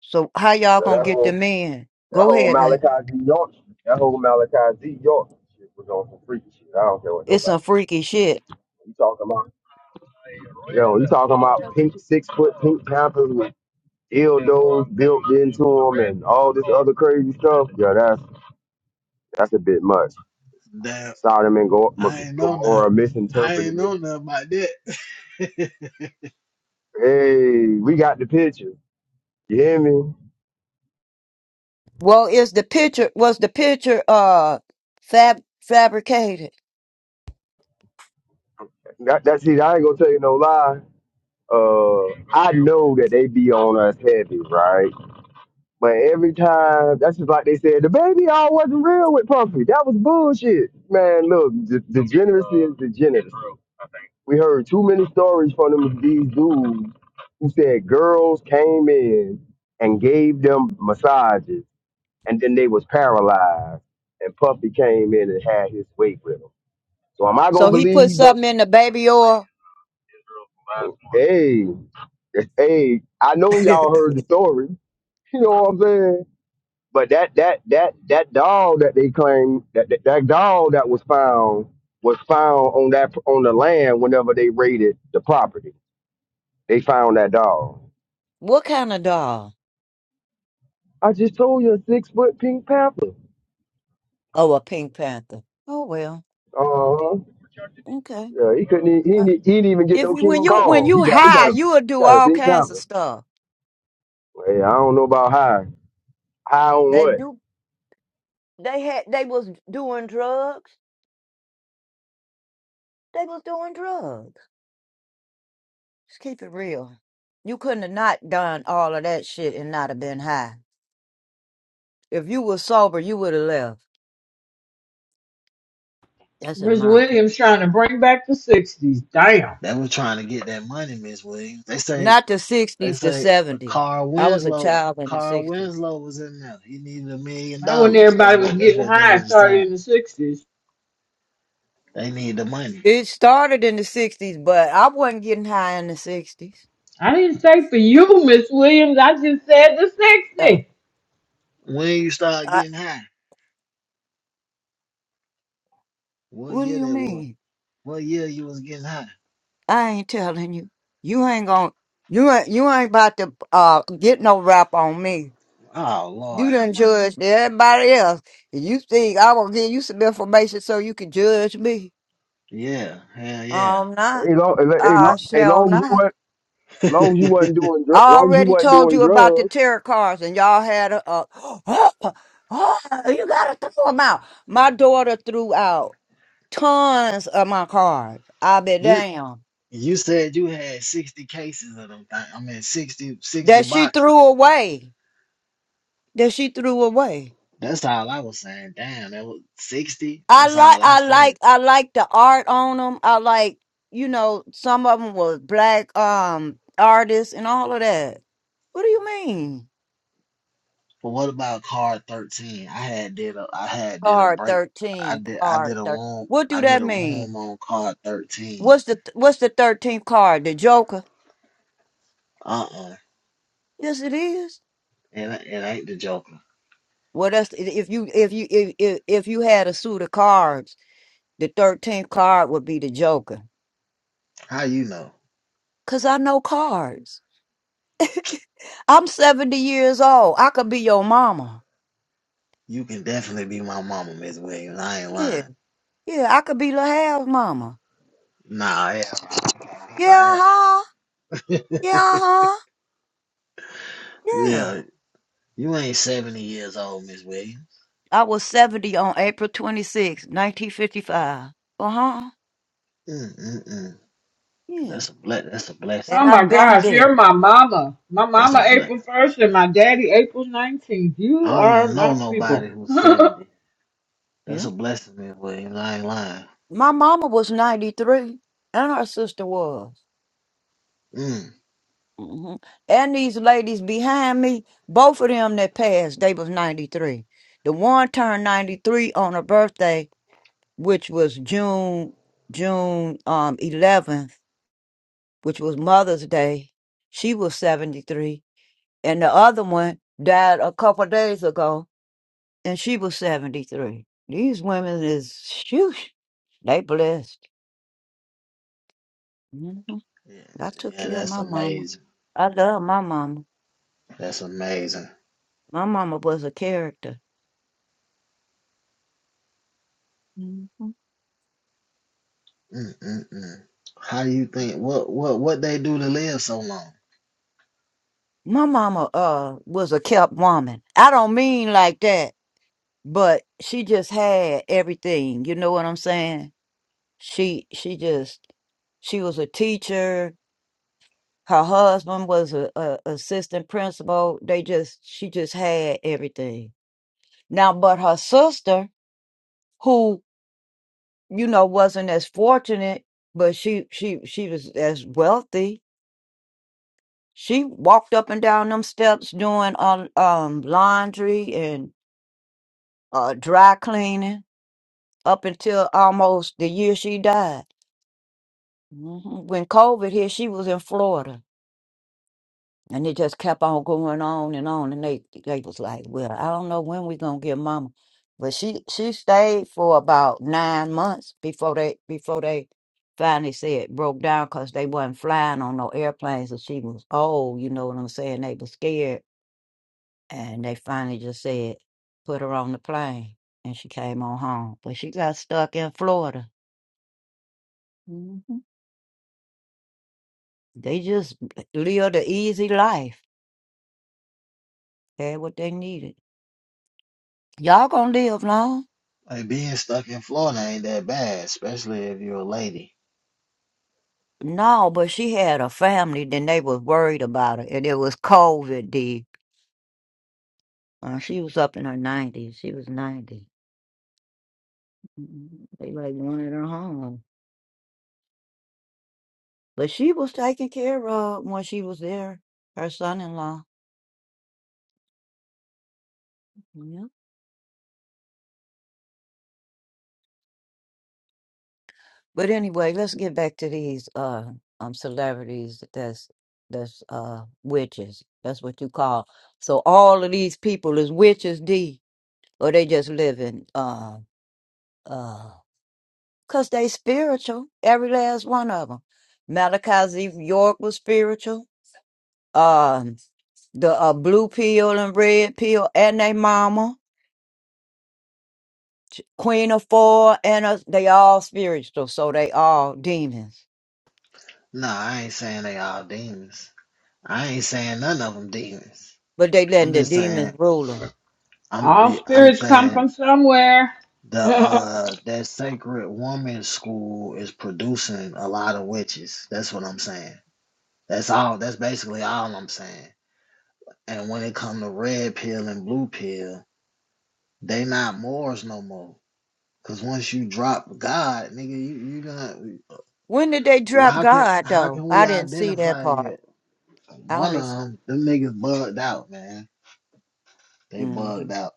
[SPEAKER 2] So how y'all
[SPEAKER 5] But
[SPEAKER 2] gonna
[SPEAKER 5] that
[SPEAKER 2] get
[SPEAKER 5] whole
[SPEAKER 2] them in?
[SPEAKER 5] that
[SPEAKER 2] Go
[SPEAKER 5] whole
[SPEAKER 2] ahead, like
[SPEAKER 5] Malachi Z York, shit, that whole Malachi Z York shit was on some freaky shit. I don't care what
[SPEAKER 2] it's some
[SPEAKER 5] nobody says.
[SPEAKER 2] freaky shit.
[SPEAKER 5] You talking about? Yo, you talking about pink six foot pink Panthers with dildos built into them and all this other crazy stuff. Yeah, that's that's a bit much.
[SPEAKER 3] Damn,
[SPEAKER 5] Sodom and Go-
[SPEAKER 3] I
[SPEAKER 5] Mo-
[SPEAKER 3] ain't know that.
[SPEAKER 5] Gomorrah
[SPEAKER 3] I
[SPEAKER 5] misinterpreted
[SPEAKER 3] ain't know
[SPEAKER 5] this.
[SPEAKER 3] nothing about that.
[SPEAKER 5] Hey, we got the picture. You hear me?
[SPEAKER 2] Well, is the picture was the picture uh fab fabricated?
[SPEAKER 5] That, that see, I ain't gonna tell you no lie. Uh, I know that they be on us heavy, right? But every time, that's just like they said, the baby all wasn't real with Puffy. That was bullshit, man. Look, de- degeneracy is degeneracy. We heard too many stories from them these dudes who said girls came in and gave them massages, and then they was paralyzed, and Puffy came in and had his way with them. So am I gonna
[SPEAKER 2] So he put
[SPEAKER 5] believe that?
[SPEAKER 2] something in the baby oil.
[SPEAKER 5] Hey, that's- hey, I know y'all heard the story. You know what I'm saying? But that that that that doll that they claim that that, that doll that was found was found on that on the land whenever they raided the property. They found that dog.
[SPEAKER 2] What kind of doll?
[SPEAKER 5] I just told you a six foot Pink Panther.
[SPEAKER 2] Oh, a Pink Panther. Oh well,
[SPEAKER 5] Uh huh.
[SPEAKER 2] okay.
[SPEAKER 5] Yeah, he couldn't. e- He,
[SPEAKER 2] Uh,
[SPEAKER 5] didn't- e-, he didn't even get
[SPEAKER 2] If
[SPEAKER 5] no
[SPEAKER 2] you when
[SPEAKER 5] King
[SPEAKER 2] you when
[SPEAKER 5] Kong. He
[SPEAKER 2] you
[SPEAKER 5] got he got
[SPEAKER 2] high,
[SPEAKER 5] a
[SPEAKER 2] you'll do
[SPEAKER 5] got a
[SPEAKER 2] all
[SPEAKER 5] Pink
[SPEAKER 2] kinds of
[SPEAKER 5] Panther.
[SPEAKER 2] stuff.
[SPEAKER 5] Hey, I don't know about high. High on
[SPEAKER 2] They
[SPEAKER 5] what?
[SPEAKER 2] do. They had. They was doing drugs. They was doing drugs. Just keep it real. You couldn't have not done all of that shit and not have been high. If you were sober, you would have left. That's in
[SPEAKER 6] Miss
[SPEAKER 2] my opinion.
[SPEAKER 6] Williams trying to bring back the '60s. Damn,
[SPEAKER 3] They was trying to get that money, Miss Williams. They say
[SPEAKER 2] Not the
[SPEAKER 3] they
[SPEAKER 2] 60s, the
[SPEAKER 3] say
[SPEAKER 2] 70s.
[SPEAKER 3] Carl
[SPEAKER 2] I was a
[SPEAKER 3] Winslow.
[SPEAKER 2] child in the
[SPEAKER 3] Carl
[SPEAKER 2] 60s.
[SPEAKER 3] Winslow was in there. He needed a million
[SPEAKER 6] that when
[SPEAKER 3] dollars. That's
[SPEAKER 6] everybody was
[SPEAKER 3] what that's
[SPEAKER 6] getting
[SPEAKER 3] what
[SPEAKER 6] high
[SPEAKER 3] niggas are
[SPEAKER 6] started
[SPEAKER 3] saying.
[SPEAKER 6] in the '60s.
[SPEAKER 3] They need the money.
[SPEAKER 2] It started in the 60s, but I wasn't getting high in the 60s.
[SPEAKER 6] I didn't say for you, Miss Williams. I just said the
[SPEAKER 2] Uh,
[SPEAKER 6] '60s.
[SPEAKER 3] When you start
[SPEAKER 2] I,
[SPEAKER 3] getting high? What
[SPEAKER 2] what do
[SPEAKER 3] year
[SPEAKER 2] you
[SPEAKER 3] that was?
[SPEAKER 2] mean?
[SPEAKER 3] What year you was getting high?
[SPEAKER 2] I ain't telling you. You ain't going to you ain't you ain't about to uh get no rap on me.
[SPEAKER 3] Oh
[SPEAKER 2] You
[SPEAKER 3] Lord, how
[SPEAKER 2] done
[SPEAKER 3] much?
[SPEAKER 2] judged everybody else. And you think I will give you some information so you can judge me?
[SPEAKER 3] Yeah, hell yeah.
[SPEAKER 2] I'm not.
[SPEAKER 5] Hey, long, hey,
[SPEAKER 3] I,
[SPEAKER 5] long,
[SPEAKER 2] I
[SPEAKER 5] hey,
[SPEAKER 2] shall
[SPEAKER 5] long as you
[SPEAKER 2] not.
[SPEAKER 5] weren't long as you wasn't doing dr-
[SPEAKER 2] I
[SPEAKER 5] long as you
[SPEAKER 2] already
[SPEAKER 5] wasn't
[SPEAKER 2] told
[SPEAKER 5] doing
[SPEAKER 2] you about the
[SPEAKER 5] drugs.
[SPEAKER 2] tarot cards, and y'all had a, a you gotta throw them out. My daughter threw out tons of my cards. I be
[SPEAKER 3] you
[SPEAKER 2] damn
[SPEAKER 3] you said you had 60 cases of them things. I mean 60 60
[SPEAKER 2] that she threw
[SPEAKER 3] boxes.
[SPEAKER 2] away. That she threw away.
[SPEAKER 3] That's all I was saying. Damn, that was 60.
[SPEAKER 2] I
[SPEAKER 3] That's
[SPEAKER 2] like,
[SPEAKER 3] all I
[SPEAKER 2] I
[SPEAKER 3] said.
[SPEAKER 2] like, I like the art on them. I like, you know, some of them was black um artists and all of that. What do you mean?
[SPEAKER 3] But what about card 13? I had did a I had did a
[SPEAKER 2] Card
[SPEAKER 3] break. I
[SPEAKER 2] thirteen,
[SPEAKER 3] did I
[SPEAKER 2] card
[SPEAKER 3] did a
[SPEAKER 2] thirteen.
[SPEAKER 3] room
[SPEAKER 2] What do
[SPEAKER 3] I
[SPEAKER 2] that
[SPEAKER 3] did a
[SPEAKER 2] mean?
[SPEAKER 3] room on card 13.
[SPEAKER 2] What's the what's the thirteenth card? The Joker.
[SPEAKER 3] Uh-uh.
[SPEAKER 2] Yes, it is.
[SPEAKER 3] And it it ain't the Joker.
[SPEAKER 2] Well, that's if you if you if if, if you had a suit of cards, the thirteenth card would be the Joker.
[SPEAKER 3] How you know?
[SPEAKER 2] Cause I know cards. I'm seventy years old. I could be your mama.
[SPEAKER 3] You can definitely be my mama, Miss Williams. I ain't
[SPEAKER 2] Yeah,
[SPEAKER 3] lying.
[SPEAKER 2] yeah. I could be La Hal's mama.
[SPEAKER 3] Nah, I am.
[SPEAKER 2] Yeah,
[SPEAKER 3] I
[SPEAKER 2] uh
[SPEAKER 3] am.
[SPEAKER 2] huh. Yeah, uh huh. Yeah.
[SPEAKER 3] Yeah. You ain't 70 years old, Miss Williams.
[SPEAKER 2] I was seventy on April 26, nineteen fifty five. Uh huh.
[SPEAKER 3] Mm-mm-mm.
[SPEAKER 2] Yeah.
[SPEAKER 3] That's a ble- That's a blessing.
[SPEAKER 2] And
[SPEAKER 6] Oh my
[SPEAKER 2] I've been
[SPEAKER 6] gosh,
[SPEAKER 2] there.
[SPEAKER 6] you're my mama. My
[SPEAKER 3] That's
[SPEAKER 6] mama
[SPEAKER 3] a
[SPEAKER 6] April
[SPEAKER 3] blessing.
[SPEAKER 6] 1st and my daddy April 19th.
[SPEAKER 3] I
[SPEAKER 6] You
[SPEAKER 3] don't
[SPEAKER 6] are
[SPEAKER 3] know
[SPEAKER 6] my
[SPEAKER 3] nobody
[SPEAKER 6] people.
[SPEAKER 3] who's seventy. That's
[SPEAKER 2] Yeah.
[SPEAKER 3] a blessing, man. But I ain't lying.
[SPEAKER 2] My mama was 93 and her sister was.
[SPEAKER 3] Mm.
[SPEAKER 2] hmm And these ladies behind me, both of them that passed, they was 93. The one turned 93 on her birthday, which was June June um 11th, which was Mother's Day. She was 73, and the other one died a couple of days ago, and she was 73. These women is, shoosh, they blessed.
[SPEAKER 3] Yeah,
[SPEAKER 2] I took
[SPEAKER 3] yeah.
[SPEAKER 2] care of
[SPEAKER 3] That's
[SPEAKER 2] my mama.
[SPEAKER 3] amazing.
[SPEAKER 2] I love my mama.
[SPEAKER 3] That's amazing.
[SPEAKER 2] My mama was a character. Mhm.
[SPEAKER 3] Mm-mm-mm. How do you think? What what what they do to live so long?
[SPEAKER 2] My mama uh was a kept woman. I don't mean like that, but she just had everything. You know what I'm saying? She she just she was a teacher. Her husband was a, a assistant principal. They just she just had everything. Now, but her sister, who you know wasn't as fortunate, but she she she was as wealthy She walked up and down them steps doing um, um laundry and uh, dry cleaning up until almost the year she died. Mhm. When COVID hit, she was in Florida, and it just kept on going on and on. And they they was like, "Well, I don't know when we gonna get Mama," but she she stayed for about nine months before they before they finally said broke down because they wasn't flying on no airplanes and she was old. You know what I'm saying? They was scared And they finally just said, put her on the plane. And she came on home. But she got stuck in Florida. hmm They just lived an easy life, had what they needed. Y'all gonna live long?
[SPEAKER 3] Like being stuck in Florida ain't that bad, especially if you're a lady.
[SPEAKER 2] No, but she had a family, then they was worried about her. And it was COVID, D. Uh, she was up in her 90s. She was 90. Mhm. They like wanted her home. But she was taken care of when she was there, her son in law. But anyway, let's get back to these uh um celebrities that's that's uh witches. That's what you call. So all of these people is witches D or they just living uh uh cuz they spiritual, every last one of them. Malachi Z. York was spiritual. Um the uh, blue pill and red pill and they mama, Queen of Four and us, they all spiritual, so they all demons.
[SPEAKER 3] Nah, I ain't saying they all demons. I ain't saying none of them demons.
[SPEAKER 2] But they letting
[SPEAKER 3] I'm
[SPEAKER 2] the
[SPEAKER 3] just
[SPEAKER 2] demons
[SPEAKER 3] saying.
[SPEAKER 2] rule 'em.
[SPEAKER 3] I'm
[SPEAKER 6] All
[SPEAKER 3] I'm
[SPEAKER 6] spirits come
[SPEAKER 3] saying
[SPEAKER 6] from somewhere.
[SPEAKER 3] The uh that sacred woman school is producing a lot of witches. That's what I'm saying. That's all that's basically all I'm saying. And when it come to red pill and blue pill, they not Moors no more. Cause once you drop God, nigga, you you gonna
[SPEAKER 2] When did they
[SPEAKER 3] well,
[SPEAKER 2] drop
[SPEAKER 3] how can
[SPEAKER 2] God
[SPEAKER 3] how
[SPEAKER 2] though?
[SPEAKER 3] can we
[SPEAKER 2] I didn't see that
[SPEAKER 3] identify
[SPEAKER 2] part.
[SPEAKER 3] you?
[SPEAKER 2] I
[SPEAKER 3] One of
[SPEAKER 2] only
[SPEAKER 3] them, them niggas bugged out, man. They
[SPEAKER 2] hmm
[SPEAKER 3] bugged out.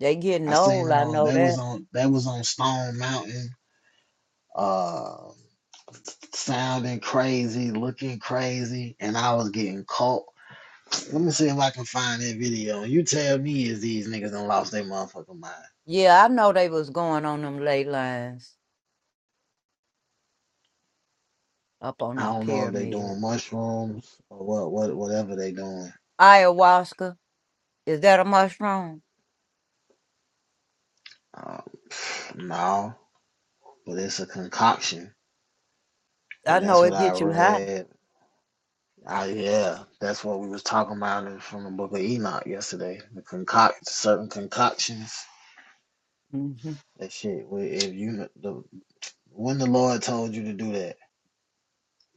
[SPEAKER 2] they getting
[SPEAKER 3] I seen
[SPEAKER 2] old.
[SPEAKER 3] them
[SPEAKER 2] I
[SPEAKER 3] on.
[SPEAKER 2] know
[SPEAKER 3] That was
[SPEAKER 2] that.
[SPEAKER 3] on. That was on Stone Mountain. Uh, sounding crazy, looking crazy, and I was getting caught. Let me see if I can find that video. You tell me is these niggas done lost their motherfucking mind.
[SPEAKER 2] Yeah, I know they was going on them ley lines up on
[SPEAKER 3] I
[SPEAKER 2] them
[SPEAKER 3] don't know if they
[SPEAKER 2] pyramids.
[SPEAKER 3] doing mushrooms or what, what whatever they doing.
[SPEAKER 2] Ayahuasca is that a mushroom?
[SPEAKER 3] Uh, no, but it's a concoction,
[SPEAKER 2] I
[SPEAKER 3] and that's
[SPEAKER 2] know
[SPEAKER 3] what
[SPEAKER 2] it
[SPEAKER 3] I
[SPEAKER 2] get you high
[SPEAKER 3] read. I, yeah, that's what we was talking about from the book of Enoch yesterday. The concoct certain concoctions.
[SPEAKER 2] hmm
[SPEAKER 3] That shit. If you the, when the Lord told you to do that,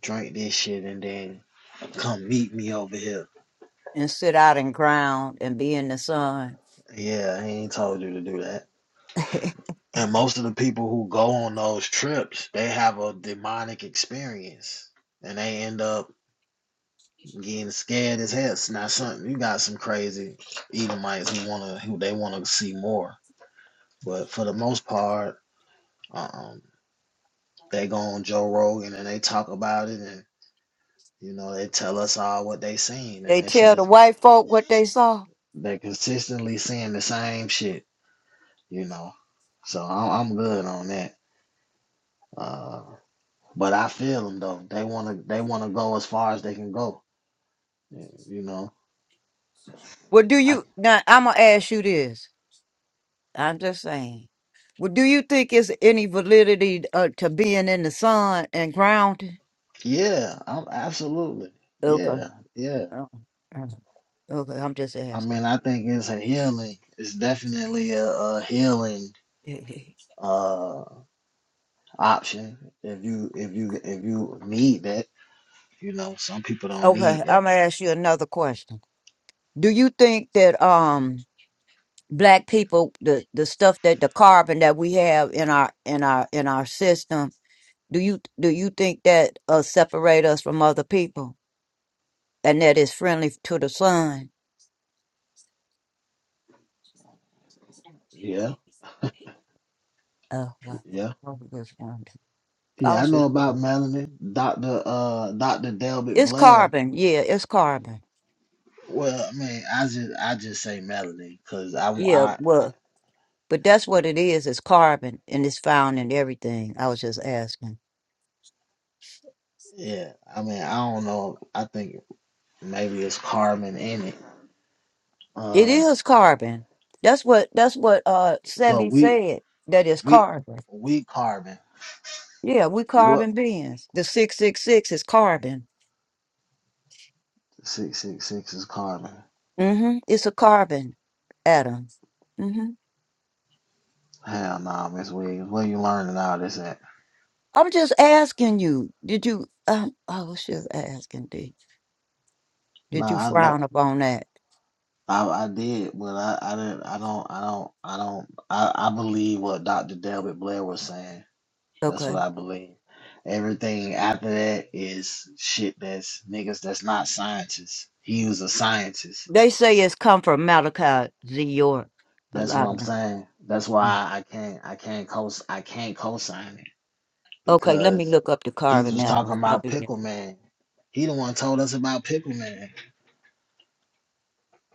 [SPEAKER 3] drink this shit and then come meet me over here.
[SPEAKER 2] and sit out in ground and be in the sun.
[SPEAKER 3] Yeah, he ain't told you to do that. And most of the people who go on those trips, they have a demonic experience. And they end up getting scared as hell. It's not something you got some crazy Edomites who wanna who they wanna see more. But for the most part, um, they go on Joe Rogan and they talk about it and you know, they tell us all what they seen and
[SPEAKER 2] they
[SPEAKER 3] they should
[SPEAKER 2] tell the
[SPEAKER 3] just
[SPEAKER 2] white folk what they saw.
[SPEAKER 3] they're consistently seeing the same shit, you know. So I- I'm good on that. Uh, but I feel them though. They wanna they wanna go as far as they can go. yeah, You know.
[SPEAKER 2] Well, do
[SPEAKER 3] I
[SPEAKER 2] you now? I'm gonna ask you this. I'm just saying. Well, do you think it's any validity uh, to being in the sun and grounded?
[SPEAKER 3] yeah. I'm absolutely
[SPEAKER 2] Okay.
[SPEAKER 3] yeah yeah.
[SPEAKER 2] Uh, uh, Okay, I'm just
[SPEAKER 3] I mean
[SPEAKER 2] asking.
[SPEAKER 3] I think it's a healing. It's definitely a, a healing uh option if you if you if you need that. You know some people don't need
[SPEAKER 2] Okay, I'm
[SPEAKER 3] that.
[SPEAKER 2] gonna ask you another question. Do you think that um black people the the stuff that the carbon that we have in our in our in our system do you do you think that uh separate us from other people and that is friendly to the sun?
[SPEAKER 3] Yeah
[SPEAKER 2] Oh, well,
[SPEAKER 3] yeah.
[SPEAKER 2] I was just wondering. I
[SPEAKER 3] Yeah, I
[SPEAKER 2] was
[SPEAKER 3] know
[SPEAKER 2] just wondering.
[SPEAKER 3] about melanin. Doctor uh Doctor Delbert
[SPEAKER 2] It's
[SPEAKER 3] Blair.
[SPEAKER 2] carbon. Yeah, it's carbon.
[SPEAKER 3] Well, I mean, I just I just say melanin because I,
[SPEAKER 2] Yeah,
[SPEAKER 3] I,
[SPEAKER 2] well, but that's what it is. It's carbon, and it's found in everything. I was just asking.
[SPEAKER 3] Yeah, I mean, I don't know. I think maybe it's carbon in it.
[SPEAKER 2] It
[SPEAKER 3] Uh,
[SPEAKER 2] is carbon. That's what that's what uh
[SPEAKER 3] so
[SPEAKER 2] Sebi
[SPEAKER 3] we
[SPEAKER 2] said. That is
[SPEAKER 3] we
[SPEAKER 2] carbon.
[SPEAKER 3] we carbon.
[SPEAKER 2] Yeah, we
[SPEAKER 3] What
[SPEAKER 2] carbon beings. The six six six is carbon.
[SPEAKER 3] six six six is carbon?
[SPEAKER 2] Mm-hmm. It's a carbon atom. Mm-hmm.
[SPEAKER 3] Hell no, Miss Williams. Where you learning all this at?
[SPEAKER 2] I'm just asking you. Did you? Um, I was just asking. Did did you
[SPEAKER 3] Nah, I know.
[SPEAKER 2] frown upon that?
[SPEAKER 3] I, I did, but I, I didn't. I don't. I don't. I don't. I, I believe what Doctor Delbert Blair was saying. That's
[SPEAKER 2] Okay.
[SPEAKER 3] what I believe. Everything after that is shit. That's niggas. That's not scientists. He was a scientist
[SPEAKER 2] They say it's come from Malachi Z. York. A
[SPEAKER 3] That's what
[SPEAKER 2] lot of
[SPEAKER 3] I'm
[SPEAKER 2] them.
[SPEAKER 3] saying. That's why
[SPEAKER 2] Mm.
[SPEAKER 3] I can't I can't co I can't co-sign it
[SPEAKER 2] Okay, let me
[SPEAKER 3] because
[SPEAKER 2] look up the
[SPEAKER 3] he
[SPEAKER 2] carbon
[SPEAKER 3] was
[SPEAKER 2] now.
[SPEAKER 3] talking
[SPEAKER 2] That's
[SPEAKER 3] about
[SPEAKER 2] probably been-
[SPEAKER 3] Pickle Man. He the one told us about Pickle Man,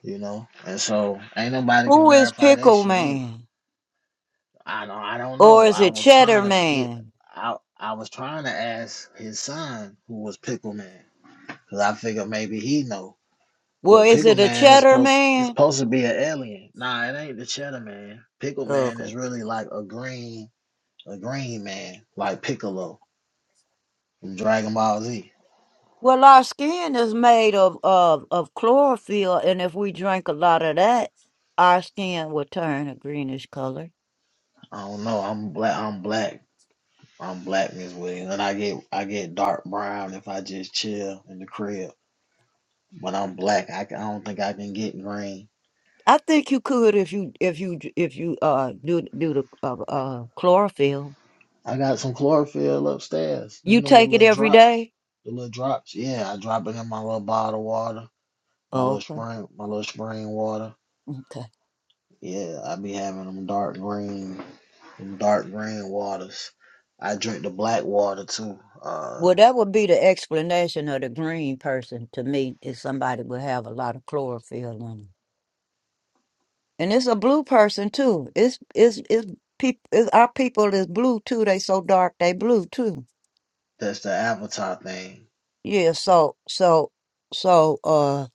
[SPEAKER 3] you know. And so ain't nobody can
[SPEAKER 2] Who is
[SPEAKER 3] verify that
[SPEAKER 2] Pickle
[SPEAKER 3] shit either.
[SPEAKER 2] Man?
[SPEAKER 3] I don't I don't
[SPEAKER 2] Or
[SPEAKER 3] know.
[SPEAKER 2] is
[SPEAKER 3] I
[SPEAKER 2] it
[SPEAKER 3] was
[SPEAKER 2] Cheddar
[SPEAKER 3] trying to get
[SPEAKER 2] Man?
[SPEAKER 3] I I was trying to ask his son who was Pickle Man because I figured maybe he know.
[SPEAKER 2] Well,
[SPEAKER 3] But
[SPEAKER 2] is
[SPEAKER 3] Pickle
[SPEAKER 2] it a
[SPEAKER 3] Man is
[SPEAKER 2] Cheddar
[SPEAKER 3] supposed it's
[SPEAKER 2] Man?
[SPEAKER 3] supposed to be an alien. Nah, it ain't the Cheddar Man. Pickle Man
[SPEAKER 2] Okay.
[SPEAKER 3] is really like a green a green man like Piccolo from Dragon Ball Z.
[SPEAKER 2] Well, our skin is made of, of, of chlorophyll, and if we drink a lot of that, our skin will turn a greenish color.
[SPEAKER 3] I don't know. I'm black. I'm black. I'm blackness Miss Williams, and I get I get dark brown if I just chill in the crib. But I'm black. I, can- I don't think I can get green.
[SPEAKER 2] I think you could if you if you if you uh do do the uh, uh chlorophyll.
[SPEAKER 3] I got some chlorophyll upstairs. You
[SPEAKER 2] You
[SPEAKER 3] know the
[SPEAKER 2] take it
[SPEAKER 3] little
[SPEAKER 2] every
[SPEAKER 3] drops,
[SPEAKER 2] day.
[SPEAKER 3] the little drops. Yeah, I drop it in my little bottle of water, my little
[SPEAKER 2] Okay.
[SPEAKER 3] spring, my little spring water. Yeah, I be having them dark green, them dark green waters. I drink the black water too. Uh.
[SPEAKER 2] Well, that would be the explanation of the green person to me is somebody would have a lot of chlorophyll in them. And it's a blue person too. It's it's it's people it's, our people is blue too. They so dark they blue too.
[SPEAKER 3] That's the Avatar thing.
[SPEAKER 2] Yeah, so so so uh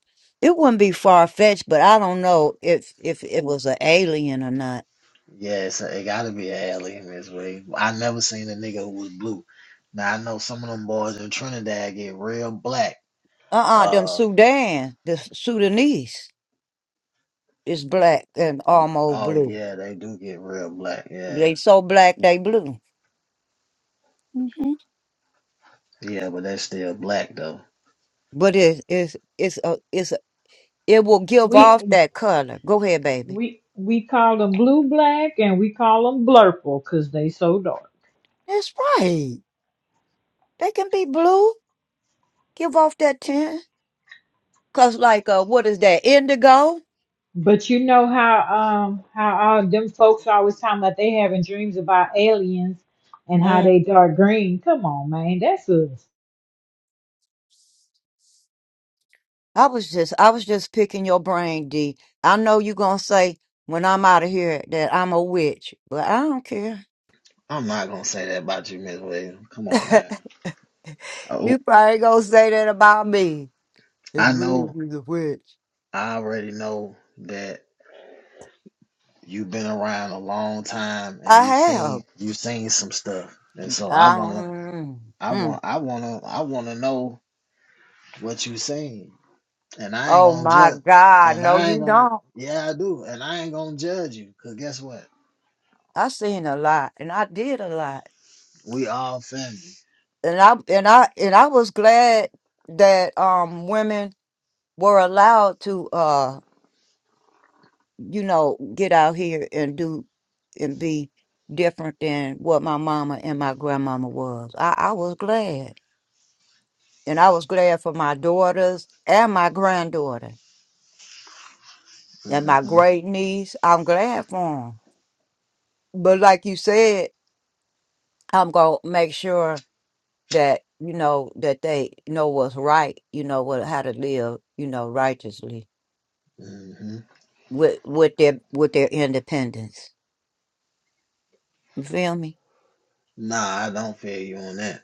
[SPEAKER 2] it wouldn't be far fetched, but I don't know if if it was an alien or not.
[SPEAKER 3] Yeah, so it gotta be an alien this way. I never seen a nigga who was blue. Now I know some of them boys in Trinidad get real black.
[SPEAKER 2] Uh uh them
[SPEAKER 3] Uh,
[SPEAKER 2] Sudan, the Sudanese is black and
[SPEAKER 3] y-
[SPEAKER 2] almost
[SPEAKER 3] oh
[SPEAKER 2] blue.
[SPEAKER 3] yeah, they do get real black. Yeah,
[SPEAKER 2] They so black they blue.
[SPEAKER 3] yeah, but they still black though.
[SPEAKER 2] But it it's it's a it's a, it will give off
[SPEAKER 6] we
[SPEAKER 2] that color. Go ahead, baby.
[SPEAKER 6] we we call them blue black and we call them blurple because they so dark.
[SPEAKER 2] That's right. They can be blue. Give off that tint. Cause like uh, what is that indigo?
[SPEAKER 6] But you know how um how all them folks always talking about they having dreams about aliens and how
[SPEAKER 2] Mm.
[SPEAKER 6] they dark green. Come on, man, that's us.
[SPEAKER 2] I was just I was just picking your brain, D. I know you gonna say when I'm out of here that I'm a witch, but I don't care.
[SPEAKER 3] I'm not gonna say that about you, Miss Williams. Come on, man.
[SPEAKER 2] you
[SPEAKER 3] Oh,
[SPEAKER 2] probably gonna say that about me. It's
[SPEAKER 3] I
[SPEAKER 2] really
[SPEAKER 3] know.
[SPEAKER 2] you's a witch.
[SPEAKER 3] I already know that you've been around a long time and
[SPEAKER 2] I
[SPEAKER 3] you
[SPEAKER 2] have.
[SPEAKER 3] seen you seen some stuff, and so I
[SPEAKER 2] I,
[SPEAKER 3] wanna,
[SPEAKER 2] mm,
[SPEAKER 3] I
[SPEAKER 2] mm.
[SPEAKER 3] want, I wanna, I wanna know. what you saying, and I ain't
[SPEAKER 2] Oh
[SPEAKER 3] gonna
[SPEAKER 2] my
[SPEAKER 3] judge,
[SPEAKER 2] God!
[SPEAKER 3] and
[SPEAKER 2] No,
[SPEAKER 3] I
[SPEAKER 2] you
[SPEAKER 3] ain't gonna,
[SPEAKER 2] don't.
[SPEAKER 3] yeah, I do, and I ain't gonna judge you, cause guess what?
[SPEAKER 2] I seen a lot and I did a lot.
[SPEAKER 3] We all family.
[SPEAKER 2] And I and I and I was glad that um women were allowed to uh you know get out here and do and be different than what my mama and my grandmama was. I, I was glad. And I was glad for my daughters and my granddaughter and
[SPEAKER 3] hmm
[SPEAKER 2] my great niece. I'm glad for them. But like you said, I'm gonna make sure that you know that they know what's right, you know what how to live, you know, righteously
[SPEAKER 3] hmm
[SPEAKER 2] with with their with their independence. You feel me?
[SPEAKER 3] Nah, I don't feel you on that.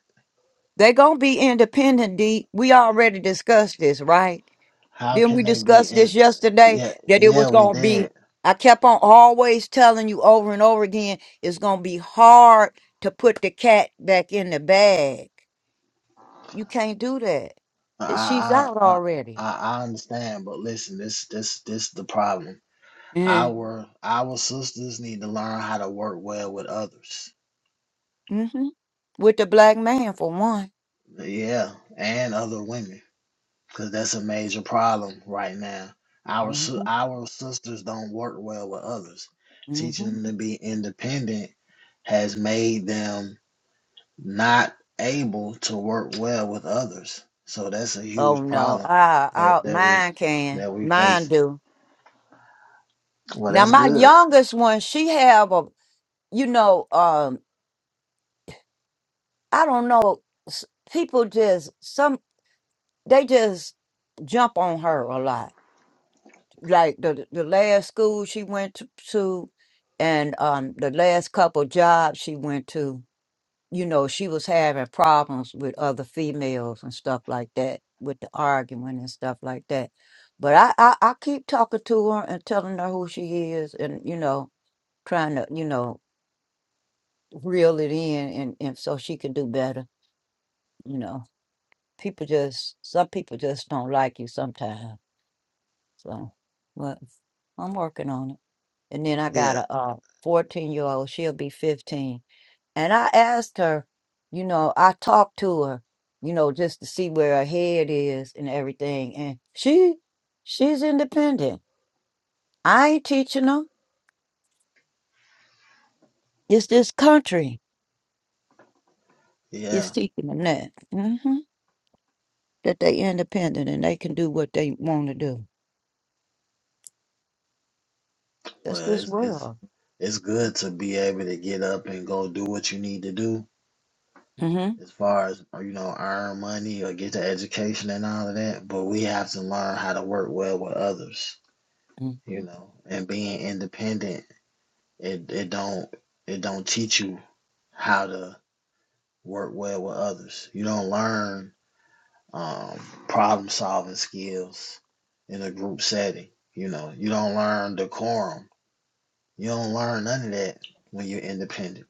[SPEAKER 2] They gonna be independent. D. We already discussed this, right?
[SPEAKER 3] How
[SPEAKER 2] Didn't
[SPEAKER 3] can
[SPEAKER 2] we
[SPEAKER 3] they be
[SPEAKER 2] discuss
[SPEAKER 3] in?
[SPEAKER 2] this yesterday
[SPEAKER 3] Yeah,
[SPEAKER 2] that it
[SPEAKER 3] yeah,
[SPEAKER 2] was
[SPEAKER 3] we
[SPEAKER 2] gonna be?
[SPEAKER 3] did.
[SPEAKER 2] I kept on always telling you over and over again, it's gonna be hard to put the cat back in the bag. You can't do that. She's
[SPEAKER 3] I,
[SPEAKER 2] out
[SPEAKER 3] I,
[SPEAKER 2] already.
[SPEAKER 3] I I understand, but listen, this, this, this, the problem.
[SPEAKER 2] Mm-hmm.
[SPEAKER 3] Our, our sisters need to learn how to work well with others.
[SPEAKER 2] hmm With the black man for one.
[SPEAKER 3] Yeah, and other women. because that's a major problem right now. Our
[SPEAKER 2] hmm
[SPEAKER 3] si- our sisters don't work well with others.
[SPEAKER 2] hmm
[SPEAKER 3] Teaching them to be independent has made them not able to work well with others. So that's a
[SPEAKER 2] Oh
[SPEAKER 3] huge
[SPEAKER 2] no,
[SPEAKER 3] problem
[SPEAKER 2] I, I,
[SPEAKER 3] that that we
[SPEAKER 2] mine can,
[SPEAKER 3] that we
[SPEAKER 2] mine
[SPEAKER 3] facing.
[SPEAKER 2] do.
[SPEAKER 3] Well,
[SPEAKER 2] Now
[SPEAKER 3] that's
[SPEAKER 2] my
[SPEAKER 3] good.
[SPEAKER 2] youngest one, she have a, you know, um, I don't know, s- people just some they just jump on her a lot. Like the the last school she went to, to and um the last couple jobs she went to. you know, she was having problems with other females and stuff like that, with the arguing and stuff like that. But I, I, I keep talking to her and telling her who she is and, you know, trying to, you know, reel it in and, and so she can do better. You know, people just, some people just don't like you sometimes. So, but I'm working on it. And then I got
[SPEAKER 3] Yeah,
[SPEAKER 2] a uh, 14 year old, she'll be 15 And I asked her, you know, I talked to her, you know, just to see where her head is and everything. And she, she's independent. I ain't teaching them. It's this country is
[SPEAKER 3] yeah.
[SPEAKER 2] teaching them that, hmm that they independent and they can do what they want to do. That's
[SPEAKER 3] Well,
[SPEAKER 2] this
[SPEAKER 3] it's it's
[SPEAKER 2] world.
[SPEAKER 3] it's good to be able to get up and go do what you need to do
[SPEAKER 2] hmm
[SPEAKER 3] as far as uh, you know earn money or get the education and all of that but we have to learn how to work well with others
[SPEAKER 2] hmm
[SPEAKER 3] you know and being independent it, it don't it don't teach you how to work well with others you don't learn um, problem solving skills in a group setting you know you don't learn decorum you don't learn none of that when you're independent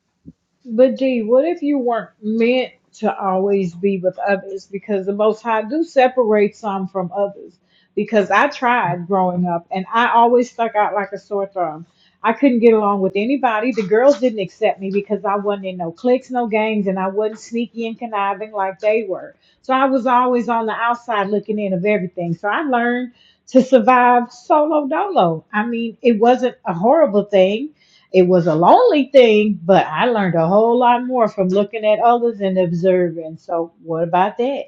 [SPEAKER 6] But G, what if you weren't meant to always be with others? Because the Most High do separate some from others. Because I tried growing up, and I always stuck out like a sore thumb. I couldn't get along with anybody. The girls didn't accept me because I wasn't in no cliques, no gangs, and I wasn't sneaky and conniving like they were. So I was always on the outside looking in of everything. So I learned to survive solo dolo. I mean, it wasn't a horrible thing it was a lonely thing, but I learned a whole lot more from looking at others and observing. So, what about that?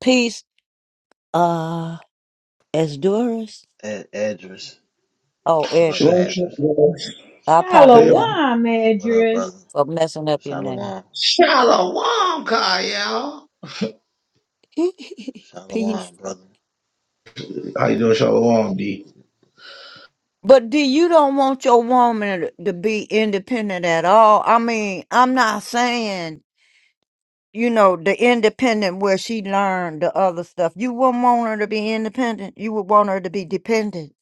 [SPEAKER 2] Peace, uh, as Doris.
[SPEAKER 3] Ed- Edris,
[SPEAKER 2] Oh,
[SPEAKER 3] brother
[SPEAKER 2] Edgar,
[SPEAKER 7] Shalom,
[SPEAKER 3] Edris,
[SPEAKER 7] shalom.
[SPEAKER 2] I
[SPEAKER 7] Hey, yo.
[SPEAKER 2] apologize
[SPEAKER 6] Shalom,
[SPEAKER 3] what up brother
[SPEAKER 6] Edris.
[SPEAKER 2] for messing up your name.
[SPEAKER 3] shalom
[SPEAKER 7] shalom, Kyle.
[SPEAKER 2] Peace.
[SPEAKER 3] Shalom, brother.
[SPEAKER 7] How you doing, shalom, D?
[SPEAKER 2] But do you don't want your woman to to be independent at all? I mean, I'm not saying, you know, the independent where she learned the other stuff. You wouldn't want her to be independent. You would want her to be dependent.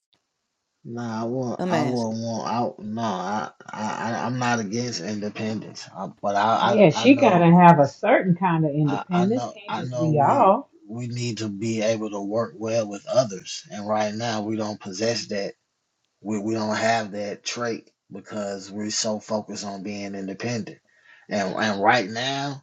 [SPEAKER 3] Nah, I will.
[SPEAKER 2] I'm
[SPEAKER 3] I
[SPEAKER 2] asking.
[SPEAKER 3] will want. I no. I. I. I- I'm not against independence, uh, but I.
[SPEAKER 6] Yeah,
[SPEAKER 3] I. I
[SPEAKER 6] she got
[SPEAKER 3] know.
[SPEAKER 6] to have a certain kind of
[SPEAKER 3] I. I
[SPEAKER 6] independence.
[SPEAKER 3] know.
[SPEAKER 6] Can't
[SPEAKER 3] I
[SPEAKER 6] just
[SPEAKER 3] know.
[SPEAKER 6] be
[SPEAKER 3] We.
[SPEAKER 6] all.
[SPEAKER 3] We need to be able to work well with others, and right now we don't possess that. We. We don't have that trait because we're so focused on being independent, and and right now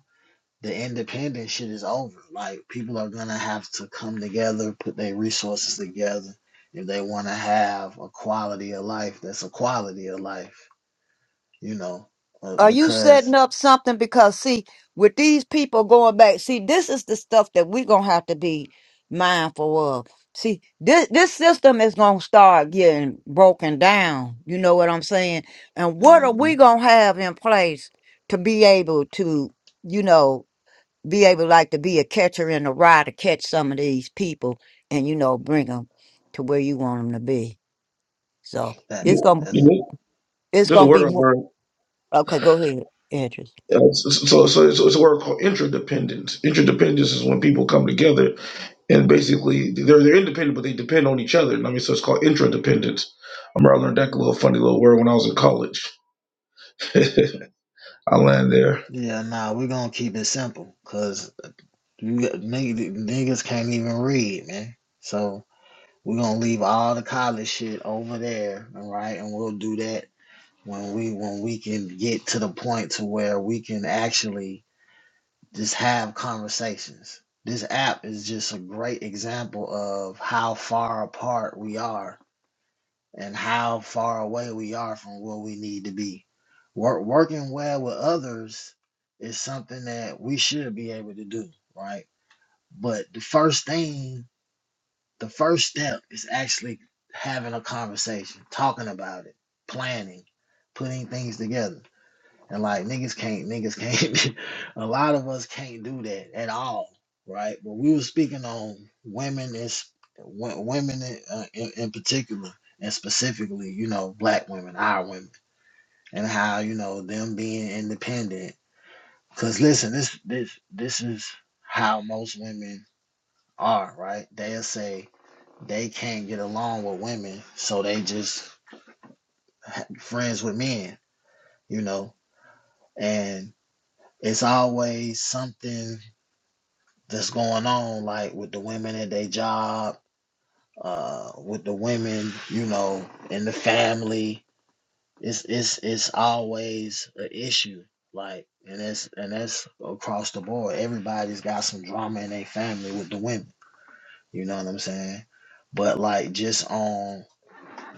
[SPEAKER 3] the independent shit is over. Like people are gonna have to come together, put their resources together if they want to have a quality of life. That's a quality of life, you know, uh,
[SPEAKER 2] Are you setting
[SPEAKER 3] because
[SPEAKER 2] up something? Because see, with these people going back, see, this is the stuff that we're gonna have to be mindful of. See, this this system is gonna start getting broken down. You know what I'm saying? And what are we
[SPEAKER 3] Mhm.
[SPEAKER 2] gonna have in place to be able to, you know, be able like to be a catcher in the rye to catch some of these people and you know bring them to where you want them to be. So
[SPEAKER 3] that
[SPEAKER 2] it's gonna
[SPEAKER 3] that's
[SPEAKER 2] it's
[SPEAKER 7] There's a
[SPEAKER 2] gonna
[SPEAKER 7] word
[SPEAKER 2] be
[SPEAKER 7] I learned.
[SPEAKER 2] okay. Go ahead, Andrew.
[SPEAKER 7] Uh, So, so, so it's a word called interdependence. Interdependence is when people come together and basically they're they're independent, but they depend on each other. And I mean, so it's called interdependence. I remember I learned that little funny little word when I was in college. I land there.
[SPEAKER 3] yeah. Nah, we're gonna keep it simple because you niggas can't even read, man. So we're gonna leave all the college shit over there, all right? And we'll do that when we when we can get to the point to where we can actually Just have conversations. This app is just a great example of how far apart we are and how far away we are from where we need to be. Work, working well with others is something that we should be able to do, right? But the first thing, the first step is actually having a conversation, talking about it, planning, putting things together and like niggas can't, niggas can't. a lot of us can't do that at all, right? But we were speaking on women is wo- women in, uh, in, in particular, and specifically, you know, black women, our women, and how you know them being independent. Cause listen, this this this is how most women are, right? They'll say they can't get along with women, so they just ha- friends with men, you know, and it's always something that's going on, like with the women at their job, uh, with the women, you know, in the family. It's it's it's always an issue. Like and that's and that's across the board. Everybody's got some drama in their family with the women. You know what I'm saying? But like just on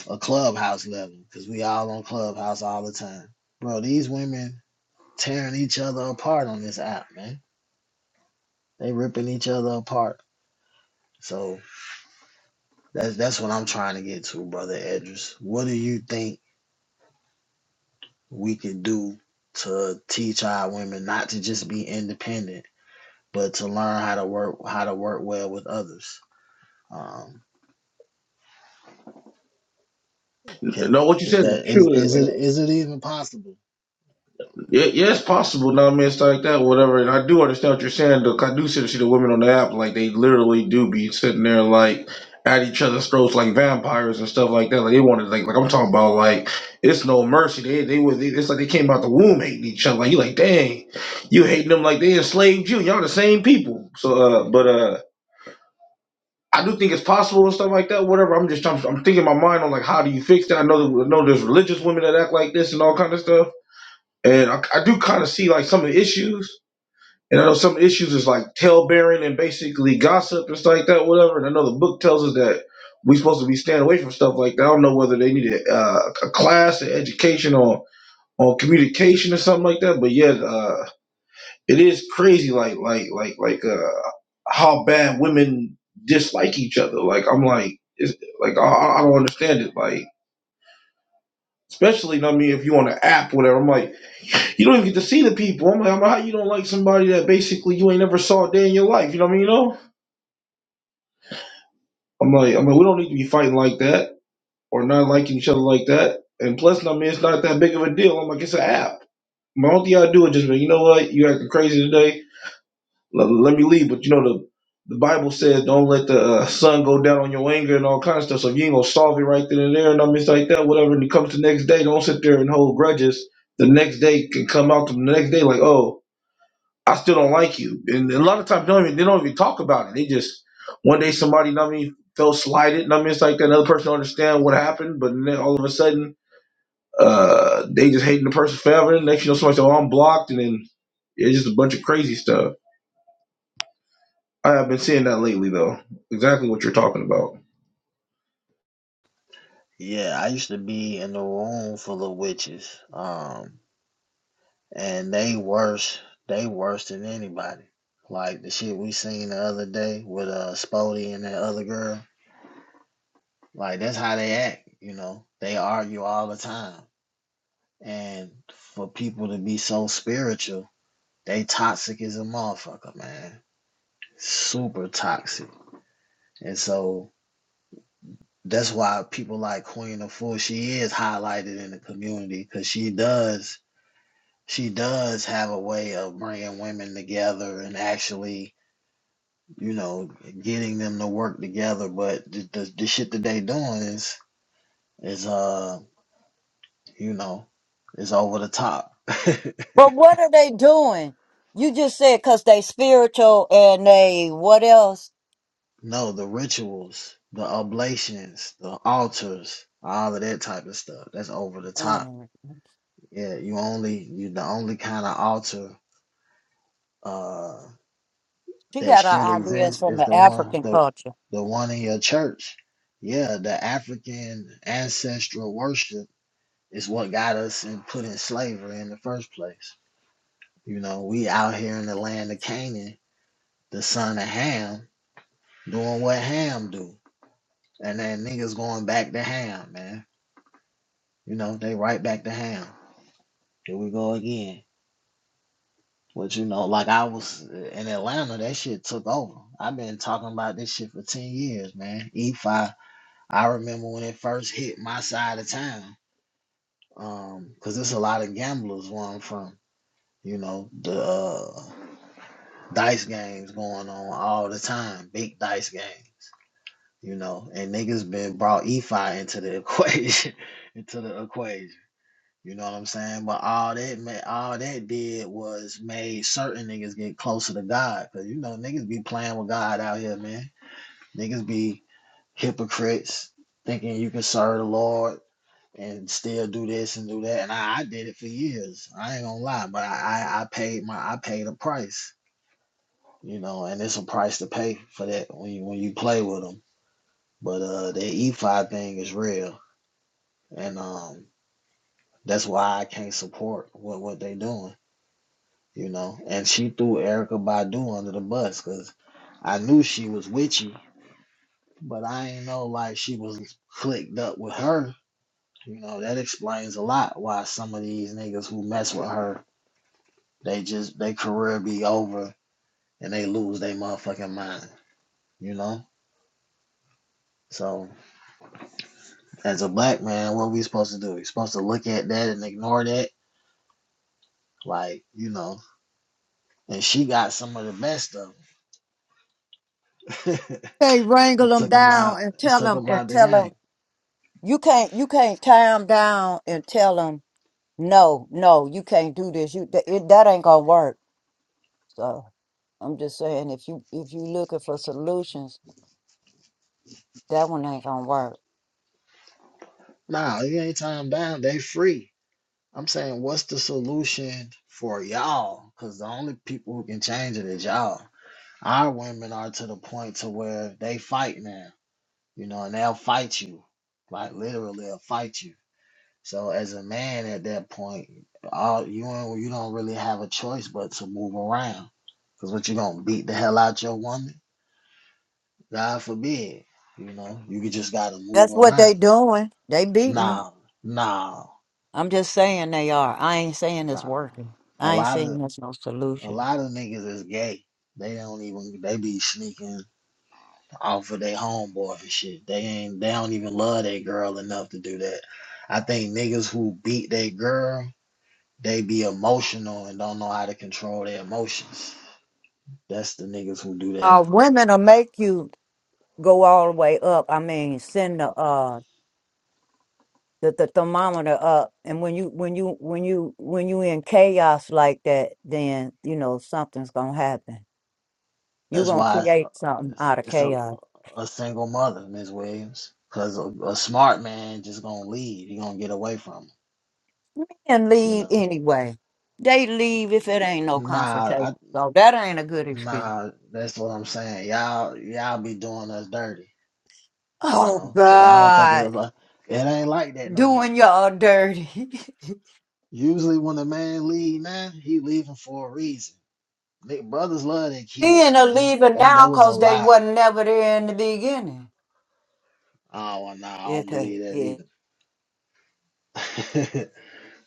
[SPEAKER 3] a clubhouse level, because we all on clubhouse all the time. Bro, these women tearing each other apart on this app, man. They ripping each other apart. So That's that's what I'm trying to get to, brother Edris. What do you think we can do to teach our women not to just be independent, but to learn how to work how to work well with others? Um, can,
[SPEAKER 7] No, what you
[SPEAKER 3] is
[SPEAKER 7] said is
[SPEAKER 3] that is
[SPEAKER 7] true.
[SPEAKER 3] is it is it even possible?
[SPEAKER 7] Yeah, yeah, it's possible. Now, I mean, it's like that, whatever. And I do understand what you're saying. Though 'cause I do see the, see the women on the app, like they literally do be sitting there like at each other's throats, like vampires and stuff like that. Like they want to, like, like I'm talking about, like it's no mercy. They they was it's like they came out the womb hating each other. Like you, like dang, you hating them like they enslaved you. Y'all the same people. So, uh, but uh. I do think it's possible and stuff like that, whatever. I'm just I'm, I'm thinking in my mind on like how do you fix that? I know that, I know there's religious women that act like this and all kind of stuff. And I, I do kind of see like some of the issues. And I know some issues is like tail bearing and basically gossip and stuff like that, whatever. And I know the book tells us that we are supposed to be staying away from stuff like that. I don't know whether they need a, uh, a class, an education on on communication or something like that. But yeah, uh, it is crazy, like like like like uh, how bad women dislike each other. Like I'm like, it's, like I, I I don't understand it. Like especially, you know what I mean, if you on an app, whatever. I'm like. You don't even get to see the people. I'm like, I'm like, how you don't like somebody that basically you ain't never saw a day in your life? You know what I mean? You know? I'm like, I'm like, we don't need to be fighting like that or not liking each other like that. And plus, I mean, it's not that big of a deal. I'm like, it's an app. My only thing I do is just, like, you know what? You acting crazy today. Let, let me leave. But you know, the the Bible says don't let the uh, sun go down on your anger and all kinds of stuff. So if you ain't gonna solve it right then and there, and I mean, it's like that. Whatever. And it comes the next day, don't sit there and hold grudges. The next day can come out to the next day like, oh. I still don't like you. And a lot of times they don't even they don't even talk about it. They just one day somebody you know what I mean felt slighted. You know what I mean it's like another person don't understand what happened, but then all of a sudden uh they just hating the person forever. Next you know somebody said, Oh, I'm blocked and then it's just a bunch of crazy stuff. I have been seeing that lately, though. Exactly what you're talking about.
[SPEAKER 3] Yeah, I used to be in the room full of witches, um, and they worse they worse than anybody. Like the shit we seen the other day with uh Spody and that other girl. Like that's how they act, you know. They argue all the time. And for people to be so spiritual, they toxic as a motherfucker, man. Super toxic. And so that's why people like Queen of Fool, she is highlighted in the community because she does she does have a way of bringing women together and actually, you know, getting them to work together. But the, the, the shit that they doing is is uh, you know, is over the top.
[SPEAKER 2] But what are they doing? You just said because they spiritual and they what else?
[SPEAKER 3] No, the rituals, the oblations, the altars, all of that type of stuff. That's over the top.
[SPEAKER 2] Um,
[SPEAKER 3] Yeah, you only you the only kind of altar uh
[SPEAKER 2] she
[SPEAKER 3] that
[SPEAKER 2] got her
[SPEAKER 3] should
[SPEAKER 2] ideas
[SPEAKER 3] exist
[SPEAKER 2] from
[SPEAKER 3] is
[SPEAKER 2] the
[SPEAKER 3] the one
[SPEAKER 2] African
[SPEAKER 3] the
[SPEAKER 2] culture.
[SPEAKER 3] the one in your church. Yeah, the African ancestral worship is what got us and put in slavery in the first place. You know, we out here in the land of Canaan, the son of Ham, doing what Ham do. And then niggas going back to Ham, man. You know, they right back to ham. Here we go again. But you know, like I was uh, in Atlanta, that shit took over. I've been talking about this shit for ten years, man. E5. I remember when it first hit my side of town, um, cause there's a lot of gamblers where I'm from. You know, the uh, dice games going on all the time, big dice games. You know, and niggas been brought E5 into the equation, into the equation. You know what I'm saying? But all that ma- all that did was made certain niggas get closer to God. Cause you know niggas be playing with God out here, man. Niggas be hypocrites, thinking you can serve the Lord and still do this and do that. And I, I did it for years. I ain't gonna lie, but I, I I paid my I paid a price, you know, and it's a price to pay for that when you when you play with them. But uh, the E5 thing is real, and um, that's why I can't support what what they doing. you know. And she threw Erica Badu under the bus because I knew she was witchy, but I ain't know like she was clicked up with her. You know that explains a lot why some of these niggas who mess with her, they just they career be over and they lose their motherfucking mind. You know. So as a black man, what we supposed to do? We supposed to look at that and ignore that, like you know. And she got some of the best of them
[SPEAKER 2] They wrangle
[SPEAKER 3] it
[SPEAKER 2] them
[SPEAKER 3] took them
[SPEAKER 2] down
[SPEAKER 3] out.
[SPEAKER 2] and
[SPEAKER 3] It
[SPEAKER 2] tell
[SPEAKER 3] took
[SPEAKER 2] them
[SPEAKER 3] them
[SPEAKER 2] and
[SPEAKER 3] out the
[SPEAKER 2] tell them
[SPEAKER 3] game.
[SPEAKER 2] you can't you can't tie them down and tell them no no you can't do this you that, it, that ain't gonna work. So I'm just saying if you if you looking for solutions that one ain't gonna work.
[SPEAKER 3] Nah, it ain't time down. They free. I'm saying, what's the solution for y'all? Because the only people who can change it is y'all. Our women are to the point to where they fight now, you know, and they'll fight you, like literally, they'll fight you. So as a man at that point, all you ain't- you don't really have a choice but to move around. Because what you gonna beat the hell out your woman? God forbid, you know, you could just gotta move
[SPEAKER 2] That's what
[SPEAKER 3] around.
[SPEAKER 2] they doing. They beating 'em.
[SPEAKER 3] Nah, nah.
[SPEAKER 2] I'm just saying they are. I ain't saying it's
[SPEAKER 3] Nah.
[SPEAKER 2] working.
[SPEAKER 3] A
[SPEAKER 2] I ain't
[SPEAKER 3] lot
[SPEAKER 2] saying
[SPEAKER 3] of
[SPEAKER 2] there's no
[SPEAKER 3] a
[SPEAKER 2] solution.
[SPEAKER 3] lot of niggas is gay. They don't even they be sneaking off of their homeboy and shit. They ain't they don't even love their girl enough to do that. I think niggas who beat their girl, they be emotional and don't know how to control their emotions. That's the niggas who do that.
[SPEAKER 2] Uh, women will make you go all the way up. I mean, send the uh the, the thermometer up, and when you when you when you when you in chaos like that, then you know something's gonna happen. you
[SPEAKER 3] That's
[SPEAKER 2] gonna
[SPEAKER 3] why it's
[SPEAKER 2] create something
[SPEAKER 3] it's,
[SPEAKER 2] out of
[SPEAKER 3] it's a,
[SPEAKER 2] chaos
[SPEAKER 3] a single mother, Miss Williams. Cause a, a smart man just gonna leave. He gonna get away from
[SPEAKER 2] and
[SPEAKER 3] her, you
[SPEAKER 2] leave
[SPEAKER 3] know.
[SPEAKER 2] anyway. They leave if it ain't no
[SPEAKER 3] Nah, I.
[SPEAKER 2] confrontation. So that ain't a good excuse.
[SPEAKER 3] Nah, that's what I'm saying. Y'all, y'all be doing us dirty, you
[SPEAKER 2] Oh
[SPEAKER 3] know, because I don't think
[SPEAKER 2] God,
[SPEAKER 3] it's like it ain't like that no more.
[SPEAKER 2] doing y'all dirty.
[SPEAKER 3] Usually, when a man leave, man, he leaving for a reason. Nick, brothers love their
[SPEAKER 2] Being
[SPEAKER 3] kids,
[SPEAKER 2] a
[SPEAKER 3] man.
[SPEAKER 2] leader
[SPEAKER 3] That
[SPEAKER 2] now
[SPEAKER 3] that was a
[SPEAKER 2] because they
[SPEAKER 3] lie.
[SPEAKER 2] wasn't never there in the beginning.
[SPEAKER 3] Oh, well, nah, I don't
[SPEAKER 2] It ain't.
[SPEAKER 3] believe that
[SPEAKER 2] It
[SPEAKER 3] either.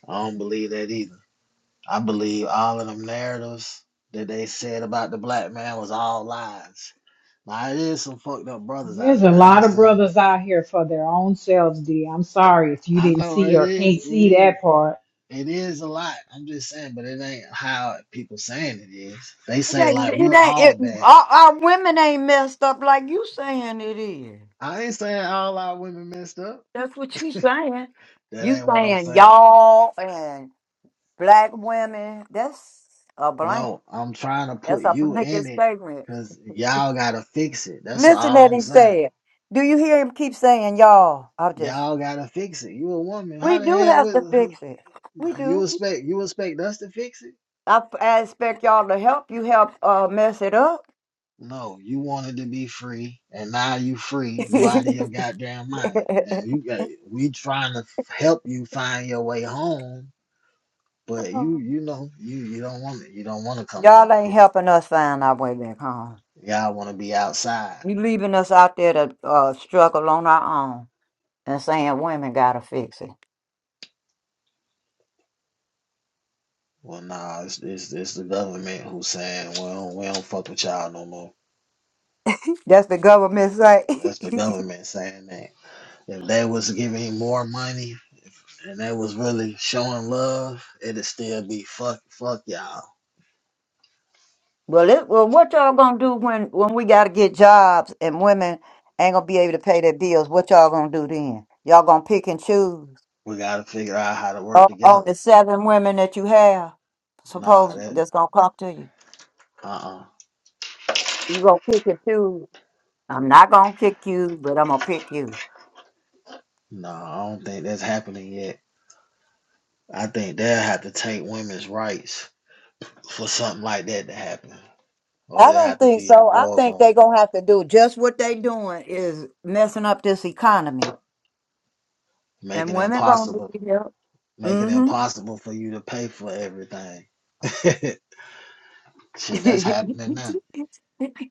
[SPEAKER 3] I don't believe that either. I believe all of them narratives that they said about the black man was all lies. Now, it is some fucked up brothers out
[SPEAKER 6] There's a
[SPEAKER 3] there. I
[SPEAKER 6] lot
[SPEAKER 3] ain't
[SPEAKER 6] of
[SPEAKER 3] saying.
[SPEAKER 6] brothers out here for their own selves, D. I'm sorry if you
[SPEAKER 3] I
[SPEAKER 6] didn't
[SPEAKER 3] know
[SPEAKER 6] see
[SPEAKER 3] it
[SPEAKER 6] or
[SPEAKER 3] is.
[SPEAKER 6] can't
[SPEAKER 3] It
[SPEAKER 6] see
[SPEAKER 3] is.
[SPEAKER 6] that part.
[SPEAKER 3] It is a lot. I'm just saying, but it ain't how people saying it is. They
[SPEAKER 2] it
[SPEAKER 3] say
[SPEAKER 2] ain't.
[SPEAKER 3] like
[SPEAKER 2] It
[SPEAKER 3] we're
[SPEAKER 2] ain't
[SPEAKER 3] all
[SPEAKER 2] it,
[SPEAKER 3] bad.
[SPEAKER 2] our, our women ain't messed up like you saying it is.
[SPEAKER 3] I ain't saying all our women messed up.
[SPEAKER 2] That's what you saying.
[SPEAKER 3] That
[SPEAKER 2] You
[SPEAKER 3] ain't what I'm
[SPEAKER 2] saying
[SPEAKER 3] saying.
[SPEAKER 2] y'all and black women. That's a blank.
[SPEAKER 3] No, I'm trying to
[SPEAKER 2] That's
[SPEAKER 3] put
[SPEAKER 2] a
[SPEAKER 3] you
[SPEAKER 2] blanket
[SPEAKER 3] in it
[SPEAKER 2] statement.
[SPEAKER 3] because y'all gotta fix it. That's
[SPEAKER 2] Listen
[SPEAKER 3] all
[SPEAKER 2] that
[SPEAKER 3] I'm
[SPEAKER 2] he
[SPEAKER 3] saying.
[SPEAKER 2] said. Do you hear him keep saying y'all? I just.
[SPEAKER 3] Y'all gotta fix it. You a woman.
[SPEAKER 2] We
[SPEAKER 3] How the
[SPEAKER 2] do
[SPEAKER 3] hell
[SPEAKER 2] have to
[SPEAKER 3] would
[SPEAKER 2] fix it. We
[SPEAKER 3] you
[SPEAKER 2] do.
[SPEAKER 3] expect you expect us to fix it?
[SPEAKER 2] I, I expect y'all to help you help uh, mess it up.
[SPEAKER 3] No, you wanted to be free, and now you free. You out of your goddamn mind, and you got we trying to help you find your way home. But you, you know, you you don't want it. You don't want to come home.
[SPEAKER 2] Y'all ain't
[SPEAKER 3] You,
[SPEAKER 2] helping us find our way back home.
[SPEAKER 3] y'all want to be outside.
[SPEAKER 2] You leaving us out there to uh, struggle on our own and saying women gotta fix it.
[SPEAKER 3] Well, nah, it's, it's it's the government who's saying, well, we don't fuck with y'all no more.
[SPEAKER 2] That's the government say.
[SPEAKER 3] That's the government saying that. If they was giving more money and they was really showing love, it'd still be fuck fuck y'all.
[SPEAKER 2] well, it, well, what y'all gonna do when when we gotta get jobs and women ain't gonna be able to pay their bills? What y'all gonna do then? Y'all gonna pick and choose
[SPEAKER 3] We gotta figure out how to work
[SPEAKER 2] on on
[SPEAKER 3] together.
[SPEAKER 2] the seven women that you have?
[SPEAKER 3] Nah,
[SPEAKER 2] Suppose
[SPEAKER 3] that
[SPEAKER 2] that's gonna come to you.
[SPEAKER 3] uh-uh.
[SPEAKER 2] You gonna pick and choose. I'm not gonna pick you, but I'm gonna pick you.
[SPEAKER 3] Nah, I don't think that's happening yet. I think they'll have to take women's rights for something like that to happen. Or
[SPEAKER 2] I
[SPEAKER 3] there
[SPEAKER 2] don't
[SPEAKER 3] have to
[SPEAKER 2] think
[SPEAKER 3] be a
[SPEAKER 2] so. I
[SPEAKER 3] war
[SPEAKER 2] think they're
[SPEAKER 3] going
[SPEAKER 2] gonna
[SPEAKER 3] on.
[SPEAKER 2] have to do just what they doing is messing up this economy, and
[SPEAKER 3] making it
[SPEAKER 2] women gonna
[SPEAKER 3] impossible.
[SPEAKER 2] be help.
[SPEAKER 3] making it
[SPEAKER 2] Mm-hmm.
[SPEAKER 3] impossible for you to pay for everything. Shit, that's happening now.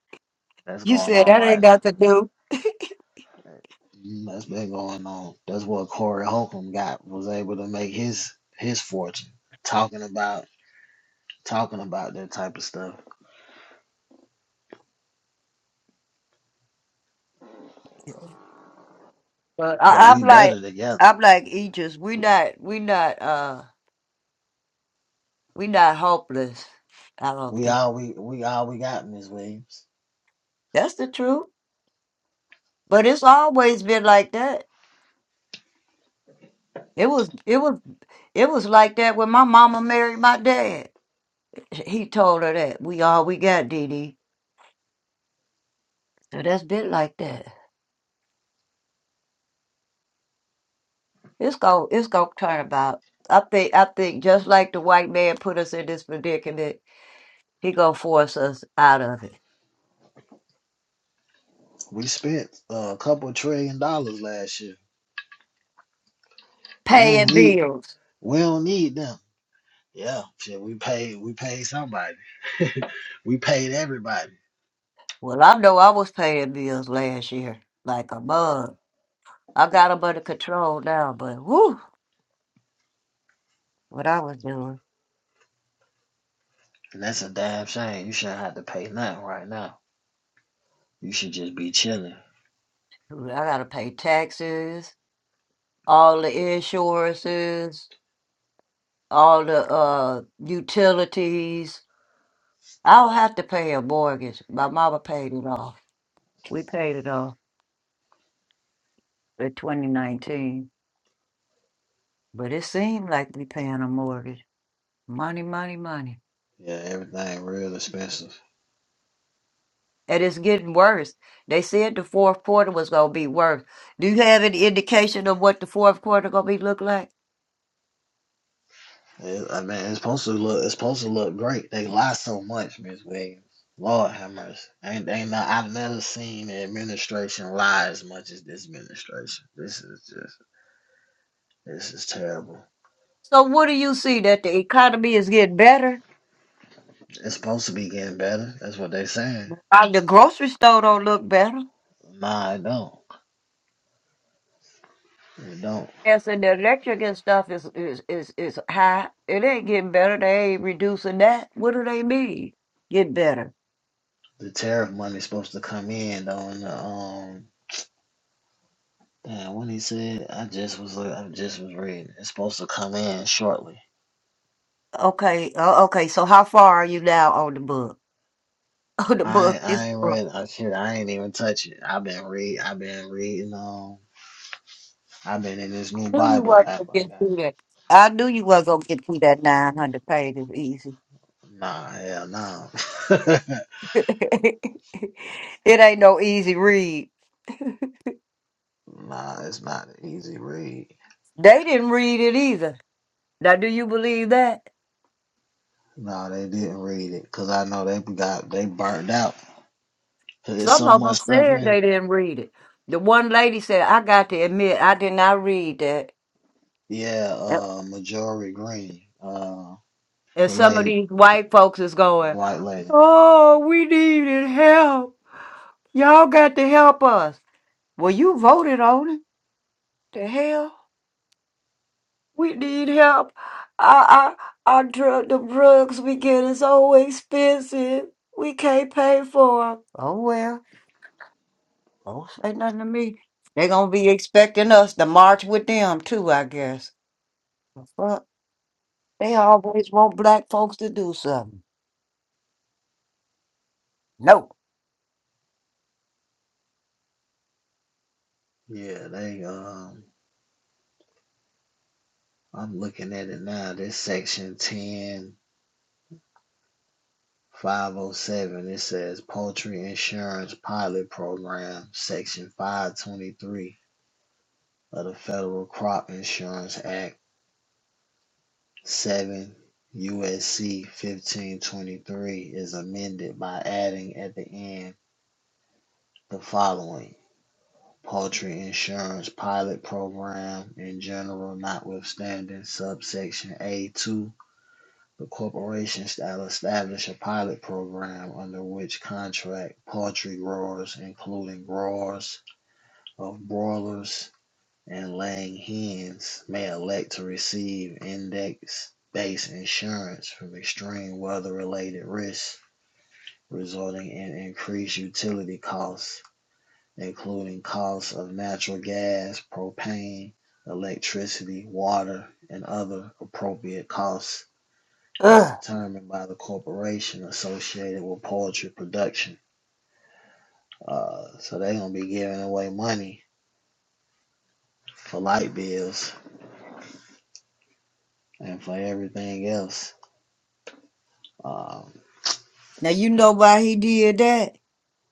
[SPEAKER 3] That's
[SPEAKER 2] you
[SPEAKER 3] going
[SPEAKER 2] said
[SPEAKER 3] on
[SPEAKER 2] that ain't
[SPEAKER 3] right now.
[SPEAKER 2] got to do.
[SPEAKER 3] Mm, That's been going on. That's what Corey Holcomb got was able to make his his fortune talking about talking about that type of stuff.
[SPEAKER 2] Yeah, But
[SPEAKER 3] But
[SPEAKER 2] I, I'm
[SPEAKER 3] we
[SPEAKER 2] like,
[SPEAKER 3] better together.
[SPEAKER 2] I'm like Aegis. We not, we not, uh, we not hopeless. I don't
[SPEAKER 3] We
[SPEAKER 2] think
[SPEAKER 3] all we we all we got, Miss Williams.
[SPEAKER 2] that's the truth. But it's always been like that. It was it was it was like that when my mama married my dad. He told her that we all we got, Dee Dee. So that's been like that. It's going it's gonna turn about. I think I think just like the white man put us in this predicament, he gonna force us out of it.
[SPEAKER 3] We spent uh, a couple of trillion dollars last year. We
[SPEAKER 2] Paying
[SPEAKER 3] don't need
[SPEAKER 2] bills.
[SPEAKER 3] we don't need them. Yeah, shit. We paid we paid somebody. we paid everybody,
[SPEAKER 2] Well, I know I was paying bills last year like a bug. I got them under control now, but whoo, what I was doing.
[SPEAKER 3] and that's a damn shame. You shouldn't have to pay nothing right now. You should just be chilling.
[SPEAKER 2] I gotta pay taxes, all the insurances. all the uh utilities. I'll have to pay a mortgage. My mama paid it off. We paid it off in 2019, but it seemed like we paying a mortgage. Money, money, money.
[SPEAKER 3] Yeah, everything real expensive.
[SPEAKER 2] And it's getting worse. They said the fourth quarter was gonna be worse. Do you have any indication of what the fourth quarter gonna be look like?
[SPEAKER 3] It, I mean, it's supposed to look. It's supposed to look great. They lie so much, Miss Williams. Lord have mercy. Ain't, ain't not, I've never seen the administration lie as much as this administration. This is just. This is terrible.
[SPEAKER 2] So what do you see that the economy is getting better?
[SPEAKER 3] It's supposed to be getting better. That's what they are saying.
[SPEAKER 2] Uh, The grocery store don't look better.
[SPEAKER 3] Nah, it don't. It don't.
[SPEAKER 2] gas and so the electric and stuff is is is is high. It ain't getting better. They ain't reducing that. What do they mean? Get better.
[SPEAKER 3] The tariff money's supposed to come in though. In the um, damn, when he said, I just was. I just was reading. It's supposed to come in shortly.
[SPEAKER 2] Okay. Uh, okay. So how far are you now on the book? On the book
[SPEAKER 3] I
[SPEAKER 2] is.
[SPEAKER 3] I ain't read
[SPEAKER 2] I
[SPEAKER 3] I shit, I ain't even touch it. I've been read I've been reading um I've been in this new
[SPEAKER 2] knew you
[SPEAKER 3] Bible
[SPEAKER 2] weren't
[SPEAKER 3] app
[SPEAKER 2] gonna
[SPEAKER 3] I
[SPEAKER 2] get
[SPEAKER 3] got.
[SPEAKER 2] through that. I knew you weren't gonna get through that nine hundred pages easy.
[SPEAKER 3] Nah, hell no.
[SPEAKER 2] it ain't no easy read.
[SPEAKER 3] nah, it's not an easy read.
[SPEAKER 2] They didn't read it either. Now, do you believe that?
[SPEAKER 3] Nah, they didn't read it because I know they got they burned out. 'Cause There's
[SPEAKER 2] Some
[SPEAKER 3] so
[SPEAKER 2] of
[SPEAKER 3] much
[SPEAKER 2] them
[SPEAKER 3] stuff
[SPEAKER 2] said they
[SPEAKER 3] in.
[SPEAKER 2] didn't read it. The one lady said, "I got to admit, I did not read that."
[SPEAKER 3] Yeah,
[SPEAKER 2] Yep.
[SPEAKER 3] uh Majority Green. Uh
[SPEAKER 2] And
[SPEAKER 3] the
[SPEAKER 2] some of
[SPEAKER 3] lady
[SPEAKER 2] these white folks is
[SPEAKER 3] the
[SPEAKER 2] going,
[SPEAKER 3] white lady.
[SPEAKER 2] oh, we needed help. Y'all got to help us. Well, you voted on it. The hell? We need help. Our, our, our drug, the drugs we get is so expensive. We can't pay for 'em. Oh, well, don't say nothing to me. they are going to be expecting us to march with them, too, I guess. The Fuck. They always want black folks to do something. No.
[SPEAKER 3] Yeah, they um I'm looking at it now. This section ten 507, it says Poultry Insurance Pilot Program, Section 523 of the Federal Crop Insurance Act, 7 USC 1523 is amended by adding at the end the following Poultry Insurance Pilot Program in general, notwithstanding subsection A2 The corporation shall establish a pilot program under which contract poultry growers, including growers of broilers and laying hens, may elect to receive index-based insurance from extreme weather-related risks, resulting in increased utility costs, including costs of natural gas, propane, electricity, water, and other appropriate costs as determined by the corporation associated with poetry production. Uh, so they're gonna be giving away money for light bills and for everything else. Um,
[SPEAKER 2] Now you know why he did that?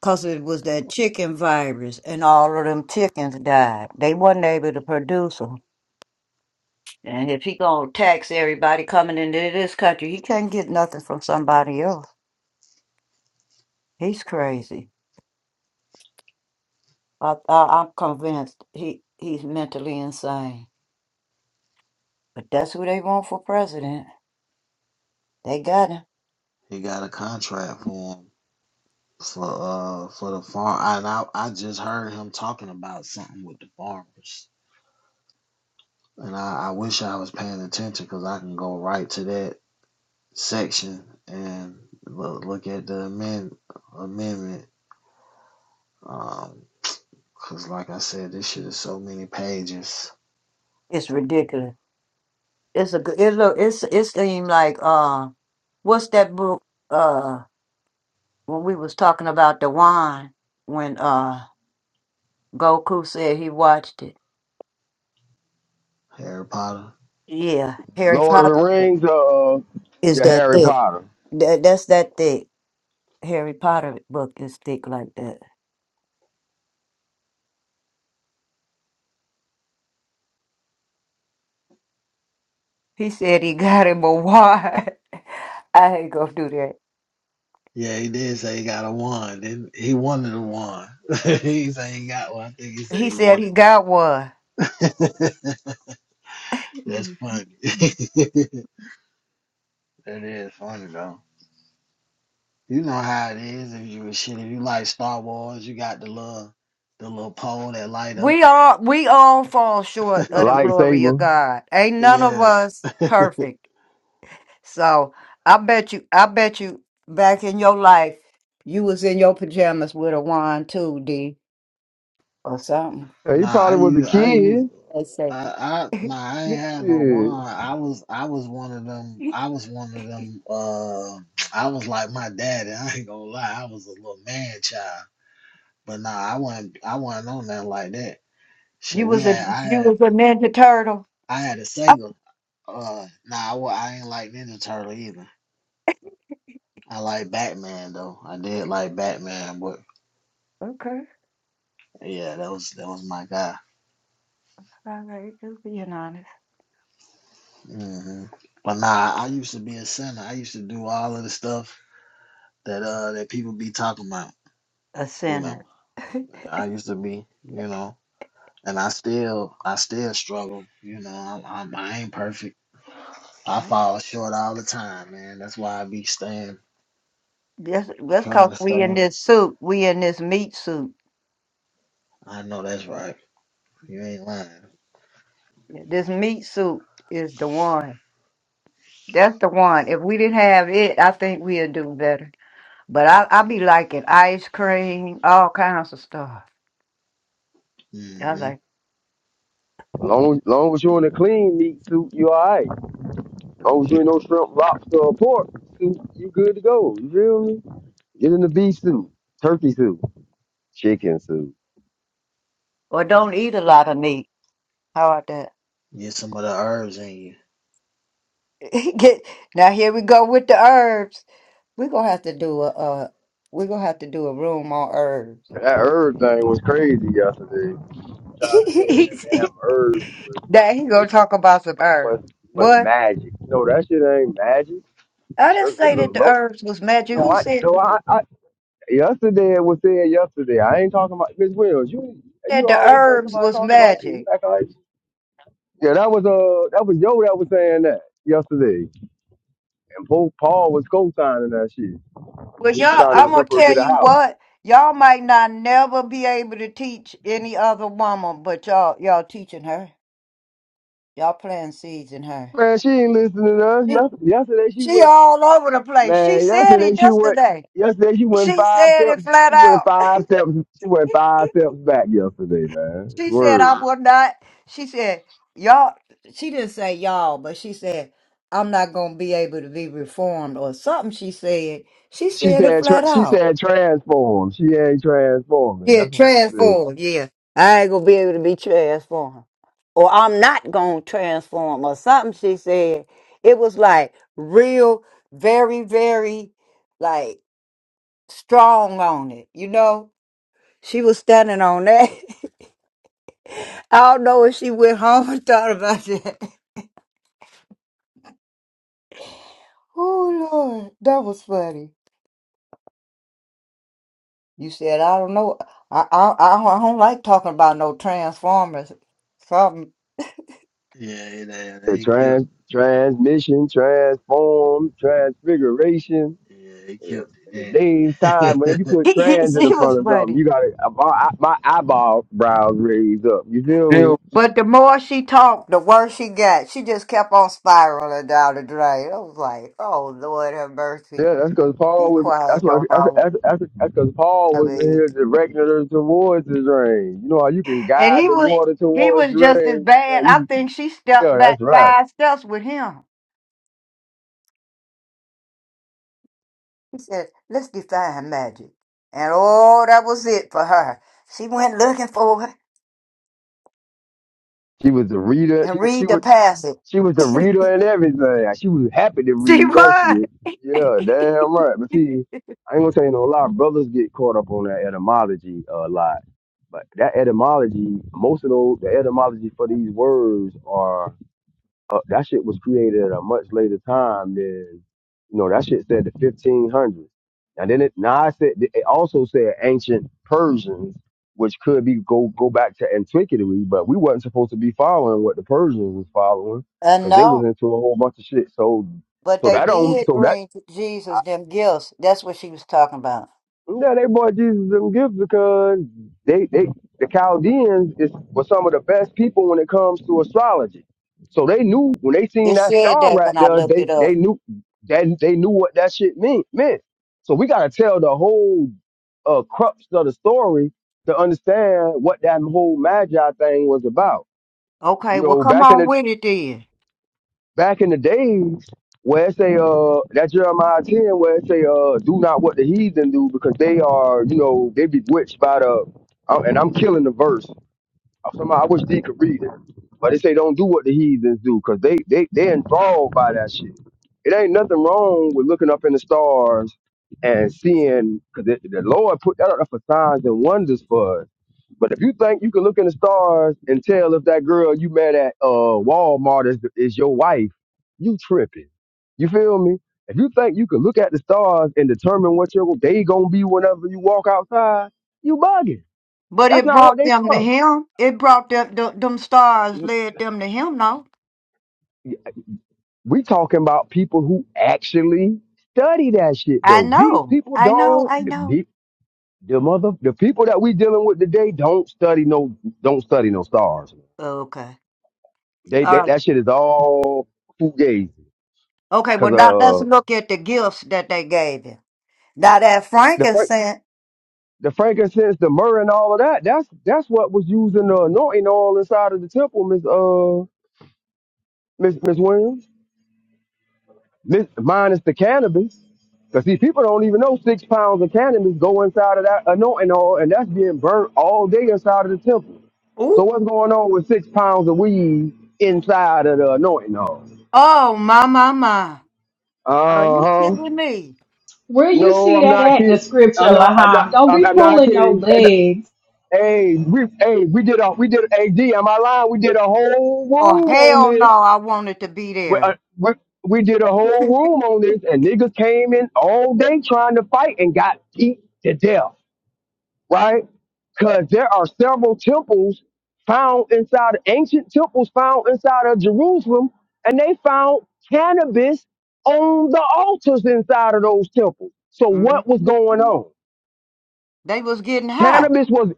[SPEAKER 2] Cause it was that chicken virus, and all of them chickens died. They wasn't able to produce them. And if he gonna tax everybody coming into this country, he can't get nothing from somebody else. He's crazy. I, I, I'm convinced he he's mentally insane. But that's who they want for president. They got him.
[SPEAKER 3] he got a contract for him for uh for the farm, and I I just heard him talking about something with the farmers, and I, I wish I was paying attention because I can go right to that section and look, look at the amend, amendment. Um, Cause like I said, this shit is so many pages.
[SPEAKER 2] It's ridiculous. It's a good. It look. It's it seems like uh, what's that book? uh. when we was talking about the wine when uh Goku said he watched it.
[SPEAKER 3] Harry Potter.
[SPEAKER 2] Yeah, Harry
[SPEAKER 5] Lord of the
[SPEAKER 2] Potter
[SPEAKER 5] Rings, uh,
[SPEAKER 2] is
[SPEAKER 5] your
[SPEAKER 2] that
[SPEAKER 5] Harry
[SPEAKER 2] thick.
[SPEAKER 5] Potter,
[SPEAKER 2] That, that's that thick. Harry Potter book is thick like that. He said he got him a wine. I ain't gonna do that.
[SPEAKER 3] Yeah, he did say he got a wand. did he wanted a wand. he said he got one. I think he said
[SPEAKER 2] He
[SPEAKER 3] he
[SPEAKER 2] said
[SPEAKER 3] wanted
[SPEAKER 2] he got
[SPEAKER 3] one.
[SPEAKER 2] one.
[SPEAKER 3] That's funny. that is funny though. You know how it is if you shit. If you like Star Wars, you got the little the little pole that light
[SPEAKER 2] We
[SPEAKER 3] up.
[SPEAKER 2] all we all fall short
[SPEAKER 5] the
[SPEAKER 2] of the glory of
[SPEAKER 5] lightsaber.
[SPEAKER 2] God. Ain't none of
[SPEAKER 3] Yeah.
[SPEAKER 2] us perfect. So I bet you, I bet you, back in your life, you was in your pajamas with a wand too, D, or something.
[SPEAKER 5] Hey, he
[SPEAKER 3] Nah, I
[SPEAKER 5] probably was a
[SPEAKER 3] use I use
[SPEAKER 5] kid.
[SPEAKER 2] They say
[SPEAKER 3] I, I nah, I ain't had no
[SPEAKER 5] Shit.
[SPEAKER 3] wine. I was I was one of them.
[SPEAKER 2] you
[SPEAKER 3] I was one of them. Uh, I was like my daddy. I ain't gonna lie. I was a little man child. But nah, I wasn't. I wasn't on that like that. Shit, we
[SPEAKER 2] was a
[SPEAKER 3] had. I
[SPEAKER 2] you
[SPEAKER 3] had.
[SPEAKER 2] was a Ninja Turtle.
[SPEAKER 3] I had a
[SPEAKER 2] Oh,
[SPEAKER 3] Sega. Uh, nah, I, wa- I ain't like Ninja Turtle either. I like Batman though. I did like Batman, but
[SPEAKER 2] okay,
[SPEAKER 3] yeah, that was that was my guy.
[SPEAKER 2] all right, just being honest,
[SPEAKER 3] hmm But nah, I used to be a center. I used to do all of the stuff that uh that people be talking about.
[SPEAKER 2] a
[SPEAKER 3] you
[SPEAKER 2] sinner.
[SPEAKER 3] know i used to be you know and i still i still struggle you know i'm, i i ain't perfect i
[SPEAKER 2] Right?
[SPEAKER 3] fall short all the time man that's why i be staying
[SPEAKER 2] That's that's
[SPEAKER 3] trying
[SPEAKER 2] cause
[SPEAKER 3] to
[SPEAKER 2] we
[SPEAKER 3] stay
[SPEAKER 2] in this suit. We in this meat suit.
[SPEAKER 3] i know that's right you ain't lying
[SPEAKER 2] This meat suit is the one. That's the one. If we didn't have it, I think we'd do better. But I I be liking ice cream, all kinds of stuff. I
[SPEAKER 3] hmm
[SPEAKER 2] like,
[SPEAKER 5] Long long as you in a clean meat suit, you all right. Long as you ain't no shrimp, lobster, or pork, you you good to go. You feel me? Get in the beef soup, turkey soup, chicken soup.
[SPEAKER 2] or
[SPEAKER 3] hmm
[SPEAKER 2] don't eat a lot of meat. How about that?
[SPEAKER 3] get some of the herbs in you
[SPEAKER 2] Get now. Here we go with the herbs. We're gonna have to do a. Uh, we're gonna have to do a room on herbs.
[SPEAKER 5] That herb thing was crazy yesterday. I'm Trying to say that damn
[SPEAKER 2] that
[SPEAKER 5] herbs was
[SPEAKER 2] he gonna
[SPEAKER 5] they
[SPEAKER 2] talk about some herbs.
[SPEAKER 5] was was
[SPEAKER 2] What?
[SPEAKER 5] magic. No, that shit ain't magic.
[SPEAKER 2] I didn't
[SPEAKER 5] Herbs a
[SPEAKER 2] say
[SPEAKER 5] little
[SPEAKER 2] that the
[SPEAKER 5] low.
[SPEAKER 2] herbs was magic.
[SPEAKER 5] No,
[SPEAKER 2] Who
[SPEAKER 5] I
[SPEAKER 2] said
[SPEAKER 5] no I, I yesterday it was said yesterday. I ain't talking about Miss Wills. You
[SPEAKER 2] that
[SPEAKER 5] you
[SPEAKER 2] the
[SPEAKER 5] always think
[SPEAKER 2] herbs
[SPEAKER 5] somebody
[SPEAKER 2] was
[SPEAKER 5] talking about you. You
[SPEAKER 2] magic?
[SPEAKER 5] act like yeah, that was uh that was yo that was saying that yesterday. Paul Paul was co-signing that shit.
[SPEAKER 2] Well,
[SPEAKER 5] He was
[SPEAKER 2] y'all,
[SPEAKER 5] trying to
[SPEAKER 2] I'm gonna
[SPEAKER 5] help her
[SPEAKER 2] tell
[SPEAKER 5] get a
[SPEAKER 2] you
[SPEAKER 5] house.
[SPEAKER 2] what. Y'all might not never be able to teach any other woman, but y'all, y'all teaching her. Y'all planting seeds in her.
[SPEAKER 5] Man, she ain't listening to us. Yes- Yesterday she
[SPEAKER 2] She
[SPEAKER 5] went.
[SPEAKER 2] all over the place. She
[SPEAKER 5] Man,
[SPEAKER 2] said
[SPEAKER 5] yesterday
[SPEAKER 2] it
[SPEAKER 5] she went.
[SPEAKER 2] yesterday.
[SPEAKER 5] Yesterday she went
[SPEAKER 2] She
[SPEAKER 5] five
[SPEAKER 2] said
[SPEAKER 5] steps.
[SPEAKER 2] it flat
[SPEAKER 5] She went
[SPEAKER 2] out.
[SPEAKER 5] five steps. She went five steps back yesterday, man.
[SPEAKER 2] She said I
[SPEAKER 5] Word.
[SPEAKER 2] will not. She said y'all. She didn't say y'all, but she said I'm not gonna be able to be reformed or something. She said she
[SPEAKER 5] She
[SPEAKER 2] said it
[SPEAKER 5] said.
[SPEAKER 2] flat
[SPEAKER 5] Tra- she
[SPEAKER 2] out.
[SPEAKER 5] said transform. She ain't transforming.
[SPEAKER 2] Yeah,
[SPEAKER 5] That's what she said.
[SPEAKER 2] transformed. Yeah, I ain't gonna be able to be transformed, or I'm not gonna transform or something. She said it was like real, very, very like strong on it. You know She was standing on that. I don't know if she went home and thought about that. Oh Lord, that was funny. You said I don't know. I I I don't, I don't like talking about no transformers. Something.
[SPEAKER 3] yeah it, uh,
[SPEAKER 5] Said
[SPEAKER 3] they killed
[SPEAKER 5] Trans transmission, transform, transfiguration.
[SPEAKER 3] yeah they
[SPEAKER 5] Yes.
[SPEAKER 3] killed
[SPEAKER 5] In the
[SPEAKER 3] it
[SPEAKER 5] day's
[SPEAKER 3] Damn.
[SPEAKER 5] time, whenever you put
[SPEAKER 2] she
[SPEAKER 5] trans in the
[SPEAKER 2] was
[SPEAKER 5] front of something,
[SPEAKER 2] funny.
[SPEAKER 5] you got to my, my eyeball brows raised up. You feel me?
[SPEAKER 2] Bill, But the more she talked, the worse she got. She just kept on spiraling down the drain. I was like, "Oh Lord, have mercy!
[SPEAKER 5] Yeah, that's because Paul
[SPEAKER 2] Be
[SPEAKER 5] was. That's
[SPEAKER 2] quiet,
[SPEAKER 5] my.
[SPEAKER 2] your
[SPEAKER 5] That's
[SPEAKER 2] mama."
[SPEAKER 5] that's that's because Paul
[SPEAKER 2] I
[SPEAKER 5] was in
[SPEAKER 2] mean,
[SPEAKER 5] here directing her towards the rain. You know how you can
[SPEAKER 2] and
[SPEAKER 5] guide
[SPEAKER 2] he
[SPEAKER 5] the
[SPEAKER 2] was
[SPEAKER 5] water
[SPEAKER 2] he
[SPEAKER 5] towards
[SPEAKER 2] was
[SPEAKER 5] the
[SPEAKER 2] just as
[SPEAKER 5] rain. Yeah,
[SPEAKER 2] bad. I
[SPEAKER 5] you.
[SPEAKER 2] think she stepped
[SPEAKER 5] Yeah, that's
[SPEAKER 2] back
[SPEAKER 5] right.
[SPEAKER 2] five steps with him. He said, let's define magic. And oh, that was it for her. She went looking for it
[SPEAKER 5] She was a reader.
[SPEAKER 2] and
[SPEAKER 5] She she
[SPEAKER 2] read the
[SPEAKER 5] was
[SPEAKER 2] passage.
[SPEAKER 5] she was a reader and everything. She was happy to
[SPEAKER 2] She
[SPEAKER 5] read that
[SPEAKER 2] was.
[SPEAKER 5] shit. Yeah, damn right. But see, I ain't gonna tell you no lie. Brothers get caught up on that etymology a lot. But that etymology, most of those, the etymology for these words are uh, that shit was created at a much later time than you know that shit said the 1500s and then it now I said it also said ancient Persians which could be go go back to antiquity but we wasn't supposed to be following what the Persians was following
[SPEAKER 2] And
[SPEAKER 5] because they was
[SPEAKER 2] no,
[SPEAKER 5] into a whole bunch of shit so
[SPEAKER 2] but
[SPEAKER 5] so
[SPEAKER 2] they
[SPEAKER 5] that don't
[SPEAKER 2] did
[SPEAKER 5] so that
[SPEAKER 2] bring to Jesus them gifts. That's what she was talking about.
[SPEAKER 5] yeah, they brought Jesus them gifts because they they the Chaldeans is were some of the best people when it comes to astrology. So they knew when they seen
[SPEAKER 2] It
[SPEAKER 5] that
[SPEAKER 2] said
[SPEAKER 5] star
[SPEAKER 2] that
[SPEAKER 5] right
[SPEAKER 2] when I
[SPEAKER 5] there,
[SPEAKER 2] looked
[SPEAKER 5] they
[SPEAKER 2] it
[SPEAKER 5] they
[SPEAKER 2] up.
[SPEAKER 5] knew that they knew what that shit mean meant. So we gotta tell the whole uh crux of the story to understand what that whole magi thing was about. You
[SPEAKER 2] Okay, well,
[SPEAKER 5] know,
[SPEAKER 2] come
[SPEAKER 5] back in
[SPEAKER 2] on
[SPEAKER 5] the
[SPEAKER 2] with it then.
[SPEAKER 5] back in the days where it say uh that Jeremiah ten where it say uh do not what the heathen do because they are you know they bewitched by the uh, and I'm killing the verse I'm talking I wish they could read it, but they say don't do what the heathens do, 'cause because they they they involved by that shit. It ain't nothing wrong with looking up in the stars and seeing because the the Lord put that up for signs and wonders for us. But if you think you can look in the stars and tell if that girl you met at uh Walmart is is your wife, you tripping. You feel me? If you think you can look at the stars and determine what your day gonna be whenever you walk outside, you bugging.
[SPEAKER 2] But
[SPEAKER 5] That's
[SPEAKER 2] it
[SPEAKER 5] not
[SPEAKER 2] brought
[SPEAKER 5] what they
[SPEAKER 2] them to
[SPEAKER 5] for
[SPEAKER 2] him. It brought them, them, them stars led them to him, no?
[SPEAKER 5] We talking about people who actually study that shit
[SPEAKER 2] I
[SPEAKER 5] though. These
[SPEAKER 2] know.
[SPEAKER 5] people
[SPEAKER 2] I know.
[SPEAKER 5] don't
[SPEAKER 2] I
[SPEAKER 5] the,
[SPEAKER 2] know.
[SPEAKER 5] the, the mother the people that we dealing with today don't study no don't study no stars.
[SPEAKER 2] Okay.
[SPEAKER 5] They,
[SPEAKER 2] All
[SPEAKER 5] they
[SPEAKER 2] right.
[SPEAKER 5] that shit is all fugazi.
[SPEAKER 2] Okay,
[SPEAKER 5] Cause
[SPEAKER 2] well, now let's
[SPEAKER 5] uh
[SPEAKER 2] look at the gifts that they gave him. Now that
[SPEAKER 5] the fir-
[SPEAKER 2] frankincense,
[SPEAKER 5] the frankincense, the myrrh, and all of that. That's that's what was used in the anointing oil inside of the temple, Miss uh Miss Miss Williams. Miss, minus the cannabis. But see, people don't even know six pounds of cannabis go inside of that anointing oil, and that's being burnt all day inside of the temple.
[SPEAKER 2] ooh,
[SPEAKER 5] So what's going on with six pounds of weed inside of the anointing oil?
[SPEAKER 2] oh my my my! Are you
[SPEAKER 5] Uh huh.
[SPEAKER 2] kidding me?
[SPEAKER 6] Where you
[SPEAKER 5] No,
[SPEAKER 6] see
[SPEAKER 5] I'm
[SPEAKER 6] that
[SPEAKER 5] not
[SPEAKER 6] at in the
[SPEAKER 5] kidding.
[SPEAKER 6] scripture,
[SPEAKER 5] I'm not. I'm not.
[SPEAKER 6] Laham? Don't
[SPEAKER 5] I'm,
[SPEAKER 6] be
[SPEAKER 5] I'm not
[SPEAKER 6] pulling no
[SPEAKER 5] kidding. And
[SPEAKER 6] legs.
[SPEAKER 5] hey, we hey we did a we did a D. Am I lying? We did a whole
[SPEAKER 2] Oh
[SPEAKER 5] room on
[SPEAKER 2] hell no!
[SPEAKER 5] this.
[SPEAKER 2] I wanted to be
[SPEAKER 5] We, uh,
[SPEAKER 2] there.
[SPEAKER 5] we, we did a whole room on this, and niggas came in all day trying to fight and got beat to death. right? Because there are several temples found inside, ancient temples found inside of Jerusalem, and they found cannabis on the altars inside of those temples. So
[SPEAKER 2] Mhm.
[SPEAKER 5] what was going on?
[SPEAKER 2] They was getting high.
[SPEAKER 5] Cannabis was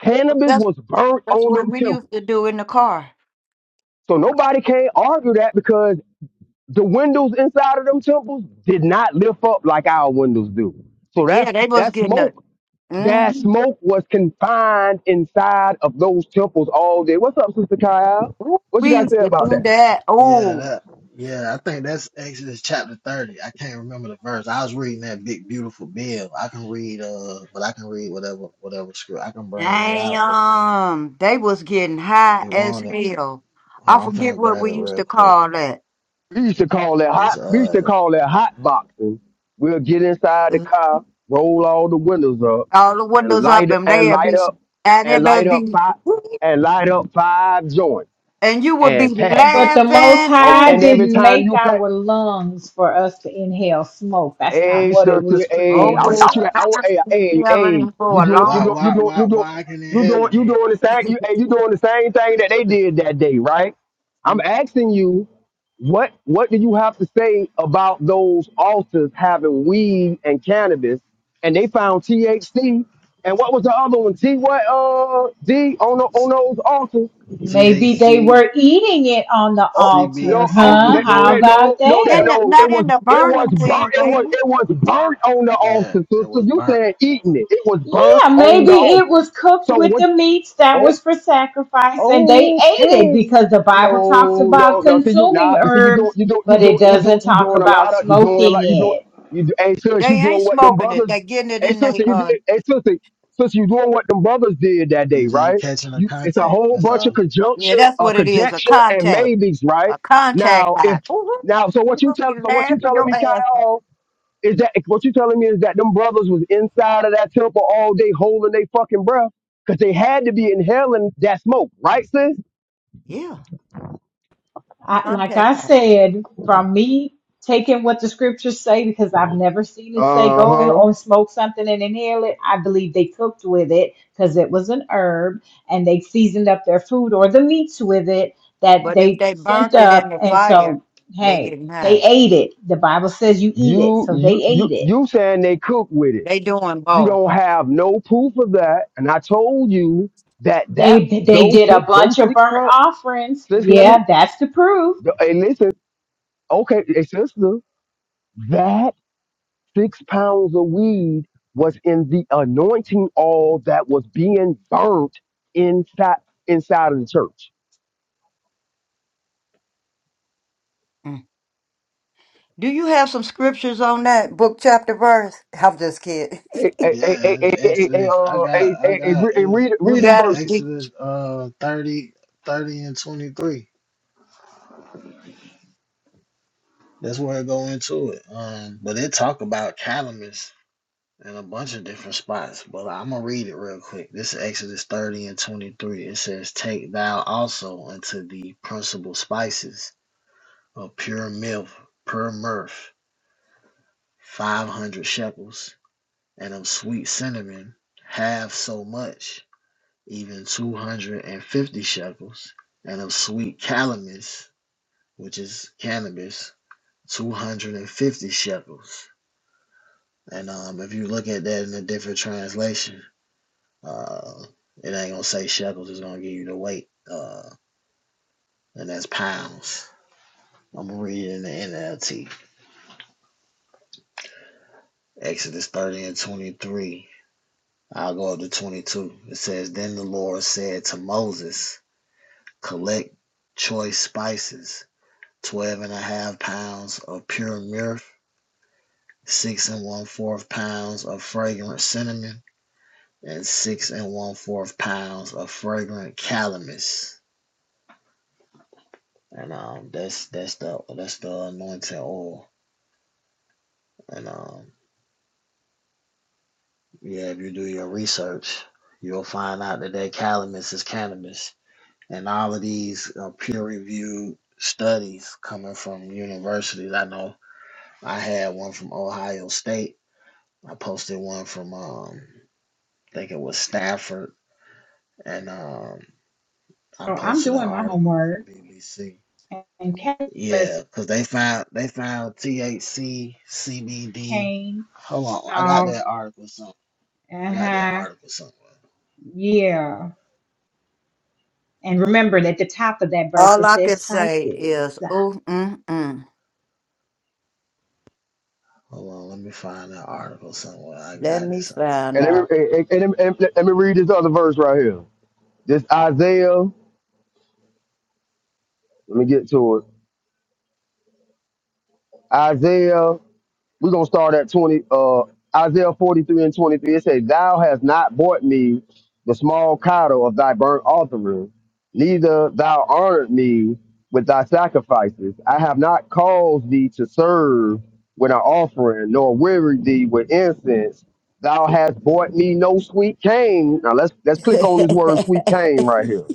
[SPEAKER 5] cannabis
[SPEAKER 2] That's
[SPEAKER 5] was burnt
[SPEAKER 2] that's
[SPEAKER 5] on
[SPEAKER 2] what
[SPEAKER 5] them
[SPEAKER 2] we
[SPEAKER 5] temples.
[SPEAKER 2] used to do in the car.
[SPEAKER 5] So nobody can't argue that because the windows inside of them temples did not lift up like our windows do. So that
[SPEAKER 2] Yeah, they was
[SPEAKER 5] that
[SPEAKER 2] getting a.
[SPEAKER 5] smoke That
[SPEAKER 2] Mhm.
[SPEAKER 5] smoke was confined inside of those temples all day. What's up, Sister Kyle?
[SPEAKER 2] Ooh,
[SPEAKER 5] What you
[SPEAKER 2] We
[SPEAKER 5] got to
[SPEAKER 2] used
[SPEAKER 5] say
[SPEAKER 2] to
[SPEAKER 5] about
[SPEAKER 2] do
[SPEAKER 5] that?
[SPEAKER 2] that.
[SPEAKER 3] Yeah,
[SPEAKER 2] Oh
[SPEAKER 3] that yeah, I think that's Exodus chapter 30. I can't remember the verse. I was reading that big beautiful bill. I can read uh but I can read whatever whatever script. I can bring that out if you
[SPEAKER 2] damn! They was getting
[SPEAKER 3] if
[SPEAKER 2] high
[SPEAKER 3] you
[SPEAKER 2] as
[SPEAKER 3] want it.
[SPEAKER 2] hell.
[SPEAKER 3] Oh,
[SPEAKER 2] I
[SPEAKER 3] I'm
[SPEAKER 2] forget
[SPEAKER 3] gonna
[SPEAKER 2] what
[SPEAKER 3] grab it
[SPEAKER 2] we used
[SPEAKER 3] real
[SPEAKER 2] to
[SPEAKER 3] quick.
[SPEAKER 2] call that.
[SPEAKER 5] We used to call that
[SPEAKER 3] It's
[SPEAKER 5] hot. We used to
[SPEAKER 3] uh
[SPEAKER 5] call that hot boxing. We'll get inside the
[SPEAKER 2] Uh,
[SPEAKER 5] car, roll all the windows up,
[SPEAKER 2] All the
[SPEAKER 5] and
[SPEAKER 2] windows up,
[SPEAKER 5] light
[SPEAKER 2] and
[SPEAKER 5] and
[SPEAKER 2] they'd
[SPEAKER 5] light
[SPEAKER 2] be s-
[SPEAKER 5] up
[SPEAKER 2] and
[SPEAKER 5] and
[SPEAKER 2] it
[SPEAKER 5] light
[SPEAKER 2] would
[SPEAKER 5] up five
[SPEAKER 2] be.
[SPEAKER 5] and light up five joints
[SPEAKER 2] and you would be
[SPEAKER 5] and pass it.
[SPEAKER 6] But the Most
[SPEAKER 2] laughing.
[SPEAKER 5] And
[SPEAKER 6] High
[SPEAKER 5] and
[SPEAKER 2] Oh,
[SPEAKER 5] every
[SPEAKER 6] didn't
[SPEAKER 5] time
[SPEAKER 6] make
[SPEAKER 5] you pass.
[SPEAKER 6] our lungs for us to inhale smoke. That's not
[SPEAKER 5] Hey,
[SPEAKER 6] what it
[SPEAKER 5] sister.
[SPEAKER 6] was
[SPEAKER 5] Hey, I
[SPEAKER 2] oh,
[SPEAKER 6] created
[SPEAKER 5] want you
[SPEAKER 6] for.
[SPEAKER 5] to. I want. Hey, hey, hey.
[SPEAKER 2] having
[SPEAKER 5] You
[SPEAKER 2] for a
[SPEAKER 5] doing? You
[SPEAKER 3] why
[SPEAKER 2] long
[SPEAKER 5] doing? You
[SPEAKER 3] why
[SPEAKER 5] doing?
[SPEAKER 2] time.
[SPEAKER 3] why
[SPEAKER 5] You doing?
[SPEAKER 3] why I can
[SPEAKER 5] You
[SPEAKER 3] inhale
[SPEAKER 5] doing?
[SPEAKER 3] it
[SPEAKER 5] You
[SPEAKER 3] then?
[SPEAKER 5] doing the same? You, hey, you doing the same thing that they did that day, right? I'm
[SPEAKER 2] Mhm.
[SPEAKER 5] asking you, what what do you have to say about those altars having weed and cannabis, and they found THC, and what was the other one? T what? Uh, D on the, on
[SPEAKER 3] It's
[SPEAKER 5] those altars.
[SPEAKER 6] Maybe they
[SPEAKER 3] THC,
[SPEAKER 6] were eating it on the
[SPEAKER 5] Oh
[SPEAKER 6] altar,
[SPEAKER 5] no! Oh
[SPEAKER 6] huh?
[SPEAKER 5] that, no!
[SPEAKER 6] How
[SPEAKER 5] That no!
[SPEAKER 6] about
[SPEAKER 5] No! That
[SPEAKER 2] In
[SPEAKER 6] that?
[SPEAKER 2] the,
[SPEAKER 5] no! It
[SPEAKER 2] not
[SPEAKER 5] was
[SPEAKER 2] in the
[SPEAKER 5] it was
[SPEAKER 2] burning
[SPEAKER 5] burnt.
[SPEAKER 2] thing,
[SPEAKER 5] It was
[SPEAKER 2] baby.
[SPEAKER 5] it was burnt on the
[SPEAKER 3] Yeah,
[SPEAKER 5] altar. So,
[SPEAKER 3] it
[SPEAKER 5] so
[SPEAKER 3] was
[SPEAKER 5] you
[SPEAKER 3] burnt.
[SPEAKER 5] saying eating it? It was burnt
[SPEAKER 6] Yeah,
[SPEAKER 5] on the
[SPEAKER 6] maybe it
[SPEAKER 5] altar.
[SPEAKER 6] was cooked
[SPEAKER 5] So
[SPEAKER 6] with
[SPEAKER 5] what?
[SPEAKER 6] the meats that
[SPEAKER 5] oh,
[SPEAKER 6] was for sacrifice and they ate it
[SPEAKER 5] Okay.
[SPEAKER 6] because the Bible talks
[SPEAKER 5] No, no,
[SPEAKER 6] about
[SPEAKER 5] no. See you now.
[SPEAKER 6] consuming
[SPEAKER 5] you see you doing
[SPEAKER 6] herbs,
[SPEAKER 5] you do you
[SPEAKER 6] but
[SPEAKER 5] do
[SPEAKER 6] it
[SPEAKER 5] you do
[SPEAKER 6] doesn't
[SPEAKER 5] you
[SPEAKER 6] talk
[SPEAKER 5] doing a lot
[SPEAKER 6] about
[SPEAKER 5] of you doing a
[SPEAKER 6] smoking
[SPEAKER 5] lot you do
[SPEAKER 6] it.
[SPEAKER 5] you do, hey sis you
[SPEAKER 2] They ain't
[SPEAKER 5] doing what them
[SPEAKER 2] smoking it.
[SPEAKER 5] brothers
[SPEAKER 2] They getting it
[SPEAKER 5] hey
[SPEAKER 2] in they
[SPEAKER 5] sister you did
[SPEAKER 2] uh.
[SPEAKER 5] hey sister sister you doing what them brothers did that day
[SPEAKER 3] It's just
[SPEAKER 5] right
[SPEAKER 3] catching a
[SPEAKER 5] you it's a
[SPEAKER 3] contact.
[SPEAKER 5] whole
[SPEAKER 3] That's
[SPEAKER 5] bunch
[SPEAKER 3] all.
[SPEAKER 5] of
[SPEAKER 2] Yeah,
[SPEAKER 5] conjunction
[SPEAKER 2] that's
[SPEAKER 5] uh,
[SPEAKER 2] what it is. A
[SPEAKER 5] conjecture and
[SPEAKER 2] contact,
[SPEAKER 5] maybes right
[SPEAKER 2] a contact
[SPEAKER 5] now if
[SPEAKER 2] high. Ooh,
[SPEAKER 5] now so what you
[SPEAKER 2] you'll
[SPEAKER 5] tell
[SPEAKER 2] be
[SPEAKER 5] so what you
[SPEAKER 2] laughing
[SPEAKER 5] telling
[SPEAKER 2] your
[SPEAKER 5] me
[SPEAKER 2] ass off.
[SPEAKER 5] Kyle is that what you telling me? Is that them brothers was inside of that temple all day holding their fucking breath because they had to be inhaling that smoke, right, sis?
[SPEAKER 2] Yeah,
[SPEAKER 6] I, like
[SPEAKER 2] contact
[SPEAKER 6] I
[SPEAKER 2] high.
[SPEAKER 6] said, from me taking what the scriptures say, because I've never seen it say
[SPEAKER 5] Uh
[SPEAKER 6] go and
[SPEAKER 5] huh.
[SPEAKER 6] or smoke something and inhale it. I believe they cooked with it because it was an herb, and they seasoned up their food or the meats with it that
[SPEAKER 2] But if
[SPEAKER 6] they
[SPEAKER 2] they
[SPEAKER 6] sent
[SPEAKER 2] burnt it in
[SPEAKER 6] up.
[SPEAKER 2] the
[SPEAKER 6] And
[SPEAKER 2] fire,
[SPEAKER 6] so,
[SPEAKER 2] they
[SPEAKER 6] hey,
[SPEAKER 2] getting
[SPEAKER 6] they
[SPEAKER 2] high.
[SPEAKER 6] ate it. The Bible says you eat it,
[SPEAKER 5] You
[SPEAKER 6] so
[SPEAKER 5] you
[SPEAKER 6] they
[SPEAKER 5] you
[SPEAKER 6] ate it.
[SPEAKER 5] you saying they cook with it?
[SPEAKER 2] They doing
[SPEAKER 5] You
[SPEAKER 2] both.
[SPEAKER 5] don't have no proof of that, and I told you that that
[SPEAKER 6] They they
[SPEAKER 5] those
[SPEAKER 6] did a
[SPEAKER 5] six
[SPEAKER 6] bunch
[SPEAKER 5] those
[SPEAKER 6] of
[SPEAKER 5] six
[SPEAKER 6] burnt
[SPEAKER 5] pounds.
[SPEAKER 6] offerings.
[SPEAKER 5] Sis, let me.
[SPEAKER 6] Yeah, that's the proof.
[SPEAKER 5] Hey, listen. Okay, hey, sister. That Six pounds of weed was in the anointing oil that was being burnt inside inside of the church.
[SPEAKER 2] Mm. Do you have some scriptures on that book, chapter, verse? I'm just kidding.
[SPEAKER 5] Hey, hey, hey, hey,
[SPEAKER 3] Yeah, it's
[SPEAKER 5] hey, hey, hey, hey,
[SPEAKER 3] Exodus. I
[SPEAKER 5] uh,
[SPEAKER 3] got
[SPEAKER 5] hey,
[SPEAKER 3] I
[SPEAKER 5] hey, hey,
[SPEAKER 3] got
[SPEAKER 5] re- hey,
[SPEAKER 3] it's
[SPEAKER 5] read,
[SPEAKER 2] You
[SPEAKER 5] read
[SPEAKER 3] E-
[SPEAKER 5] them
[SPEAKER 2] got it.
[SPEAKER 5] verses.
[SPEAKER 2] Dee.
[SPEAKER 3] Exodus uh 30, 30 and 23. That's where I go into it. Um but it talk about calamus in a bunch of different spots. But I'm gonna read it real quick. This is Exodus 30 and 23. It says, Take thou also unto thee principal spices of pure milk, pure mirth, five hundred shekels, and of sweet cinnamon, half so much even two hundred and fifty shekels, and of sweet calamus, which is cannabis, two hundred and fifty shekels. And um, if you look at that in a different translation, uh, it ain't gonna say shekels; it's gonna give you the weight, uh, and that's pounds. I'm gonna read it in the NLT, Exodus thirty and twenty three. I'll go up to 22. It says, Then the Lord said to Moses, Collect choice spices twelve and a half pounds of pure myrrh, six and one fourth pounds of fragrant cinnamon, and six and one fourth pounds of fragrant calamus. And um, that's that's the that's the anointing oil. And um, yeah, if you do your research, you'll find out that that calamus is cannabis. And all of these are peer-reviewed studies coming from universities. I know I had one from Ohio State. I posted one from um, I think it was Stafford, and um, I
[SPEAKER 6] So I'm
[SPEAKER 3] posted an
[SPEAKER 6] doing my
[SPEAKER 3] article from
[SPEAKER 6] homework.
[SPEAKER 3] BBC.
[SPEAKER 6] And Camus
[SPEAKER 3] Yeah, cause they found they found THC, CBD.
[SPEAKER 6] came,
[SPEAKER 3] Hold on, I got
[SPEAKER 6] saw.
[SPEAKER 3] that article somewhere. I got that
[SPEAKER 6] Uh-huh.
[SPEAKER 3] article somewhere.
[SPEAKER 6] Yeah. And remember that at the top of that verse it
[SPEAKER 2] All I
[SPEAKER 6] says
[SPEAKER 2] can say
[SPEAKER 6] spices.
[SPEAKER 2] is, ooh, mm, mm.
[SPEAKER 3] Hold on, let me find that article somewhere. I
[SPEAKER 2] Let
[SPEAKER 3] got it
[SPEAKER 2] me
[SPEAKER 3] somewhere.
[SPEAKER 2] find
[SPEAKER 5] And let me,
[SPEAKER 2] out.
[SPEAKER 5] hey, hey, and, let me- let let me read this other verse right here. This Isaiah, let me get to it. Isaiah We're gonna start at twenty uh Isaiah forty three and twenty three. It says, Thou hast not bought me the small cattle of thy burnt offering, neither thou honored me with thy sacrifices. I have not caused thee to serve with an offering, nor wearied thee with incense. Thou hast bought me no sweet cane. Now let's let's click on this word sweet cane right here.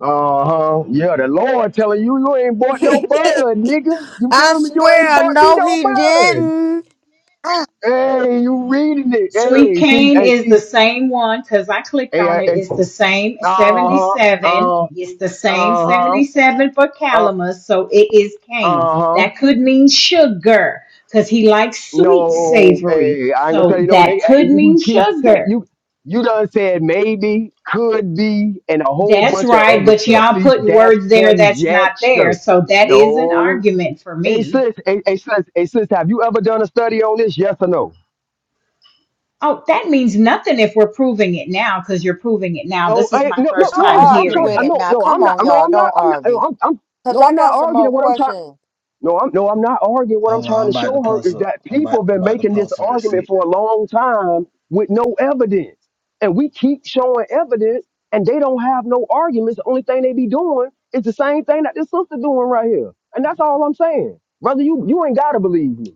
[SPEAKER 5] Uh huh. Yeah, the Lord telling you you ain't bought no bud, nigga. You
[SPEAKER 2] I
[SPEAKER 5] feel me? You ain't
[SPEAKER 2] swear,
[SPEAKER 5] bought me
[SPEAKER 2] no,
[SPEAKER 5] no
[SPEAKER 2] he
[SPEAKER 5] bud.
[SPEAKER 2] didn't. Ah,
[SPEAKER 5] Hey, you reading it?
[SPEAKER 6] Sweet
[SPEAKER 5] Hey, see,
[SPEAKER 6] cane
[SPEAKER 5] hey,
[SPEAKER 6] is the
[SPEAKER 5] see,
[SPEAKER 6] same one because I clicked
[SPEAKER 5] hey,
[SPEAKER 6] on it.
[SPEAKER 5] uh
[SPEAKER 6] It's the same
[SPEAKER 5] huh,
[SPEAKER 6] 77.
[SPEAKER 5] uh, uh
[SPEAKER 6] It's the same
[SPEAKER 5] huh,
[SPEAKER 6] 77 for
[SPEAKER 5] uh,
[SPEAKER 6] calamus. So it is cane.
[SPEAKER 5] uh huh.
[SPEAKER 6] That could mean sugar because he likes sweet
[SPEAKER 5] No,
[SPEAKER 6] savory.
[SPEAKER 5] hey, I ain't gonna
[SPEAKER 6] So
[SPEAKER 5] tell you no.
[SPEAKER 6] that
[SPEAKER 5] They, eh,
[SPEAKER 6] could
[SPEAKER 5] you
[SPEAKER 6] mean
[SPEAKER 5] keep saying
[SPEAKER 6] sugar.
[SPEAKER 5] you, you done said maybe, could be, and a whole
[SPEAKER 6] That's
[SPEAKER 5] bunch of
[SPEAKER 6] right.
[SPEAKER 5] other
[SPEAKER 6] But
[SPEAKER 5] stuff.
[SPEAKER 6] y'all
[SPEAKER 5] See,
[SPEAKER 6] putting
[SPEAKER 5] that's
[SPEAKER 6] words there that's not there.
[SPEAKER 5] conjecture.
[SPEAKER 6] So that is an
[SPEAKER 5] No,
[SPEAKER 6] argument for
[SPEAKER 5] hey
[SPEAKER 6] me.
[SPEAKER 5] sis, hey, hey sis, hey sis, have you ever done a study on this? Yes or no?
[SPEAKER 6] Oh, that means nothing if we're proving it now because you're proving it now.
[SPEAKER 5] No,
[SPEAKER 6] This is
[SPEAKER 5] hey,
[SPEAKER 6] my
[SPEAKER 5] no, no,
[SPEAKER 6] first
[SPEAKER 2] Don't
[SPEAKER 6] time
[SPEAKER 5] no. I'm
[SPEAKER 2] argue
[SPEAKER 5] trying.
[SPEAKER 6] hearing
[SPEAKER 2] with
[SPEAKER 5] I
[SPEAKER 2] him
[SPEAKER 6] it.
[SPEAKER 5] no,
[SPEAKER 2] now.
[SPEAKER 5] no. I'm
[SPEAKER 2] Come
[SPEAKER 5] not.
[SPEAKER 2] on,
[SPEAKER 5] No,
[SPEAKER 2] y'all.
[SPEAKER 5] I'm not.
[SPEAKER 2] Don't
[SPEAKER 5] I'm not. no,
[SPEAKER 2] argue.
[SPEAKER 5] I'm. I'm
[SPEAKER 2] Because
[SPEAKER 5] no,
[SPEAKER 2] I
[SPEAKER 5] I'm
[SPEAKER 2] got
[SPEAKER 5] not
[SPEAKER 2] some
[SPEAKER 5] arguing
[SPEAKER 2] more
[SPEAKER 5] what I'm trying.
[SPEAKER 2] questions.
[SPEAKER 5] No, I'm no, I'm not arguing. What I'm
[SPEAKER 3] Hold on,
[SPEAKER 5] trying
[SPEAKER 3] I'm
[SPEAKER 5] to
[SPEAKER 3] about to
[SPEAKER 5] show her
[SPEAKER 3] post
[SPEAKER 5] is
[SPEAKER 3] a.
[SPEAKER 5] that
[SPEAKER 3] I'm
[SPEAKER 5] people
[SPEAKER 3] about
[SPEAKER 5] have
[SPEAKER 3] I'm
[SPEAKER 5] been
[SPEAKER 3] about to
[SPEAKER 5] making this
[SPEAKER 3] post a
[SPEAKER 5] argument
[SPEAKER 3] receipt.
[SPEAKER 5] for a long time with no evidence, and we keep showing evidence, and they don't have no arguments. The only thing they be doing is the same thing that this sister doing right here, and that's all I'm saying, brother. You you ain't gotta believe me,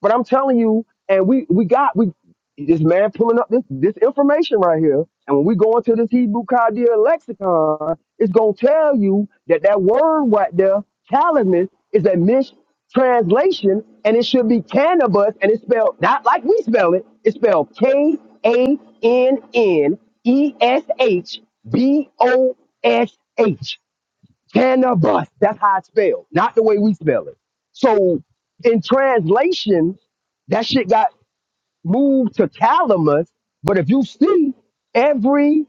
[SPEAKER 5] but I'm telling you, and we we got we this man pulling up this this information right here, and when we go into this Hebrew Chaldean lexicon, it's going to tell you that that word right there, calamus, is a mistranslation and it should be cannabis and it's spelled not like we spell it. It's spelled K A N N E S H B O S H. Cannabis. That's how it's spelled, not the way we spell it. So in translation, that shit got moved to calamus. But if you see, every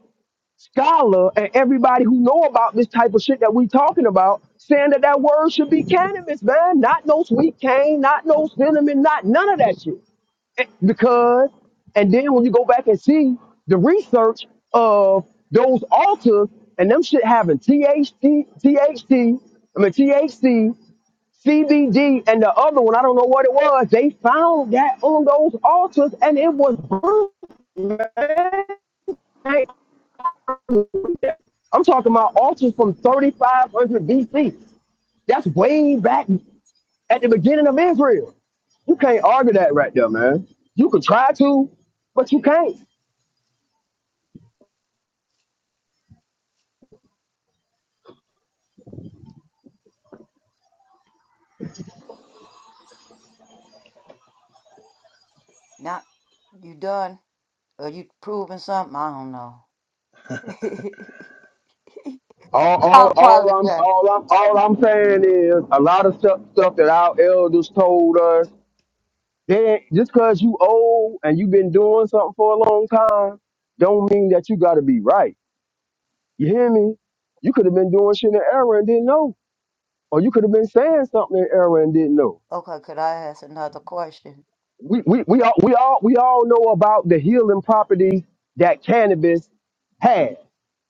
[SPEAKER 5] scholar and everybody who know about this type of shit that we talking about saying that that word should be cannabis, man. Not no sweet cane, not no cinnamon, not none of that shit. And- Because, and then when you go back and see the research of those altars and them shit having THC, THC, I mean THC, CBD, and the other one, I don't know what it was. They found that on those altars, and it was proof, man. I'm talking about altars from 3500 BC. That's way back at the beginning of Israel. You can't argue that right there, man. You could try to, but you can't.
[SPEAKER 2] Now, you done? Are you proving something? I don't know.
[SPEAKER 5] All,
[SPEAKER 2] I
[SPEAKER 5] all, all I'm,
[SPEAKER 2] apologize.
[SPEAKER 5] all I'm, all I'm saying is a lot of stuff, stuff that our elders told us. They ain't, just cause you old and you've been doing something for a long time, don't mean that you got to be right. You hear me? You could have been doing shit in error and didn't know, or you could have been saying something in error and didn't know.
[SPEAKER 2] Okay, could I ask another question?
[SPEAKER 5] we, we, we all we all we all know about the healing properties that cannabis has.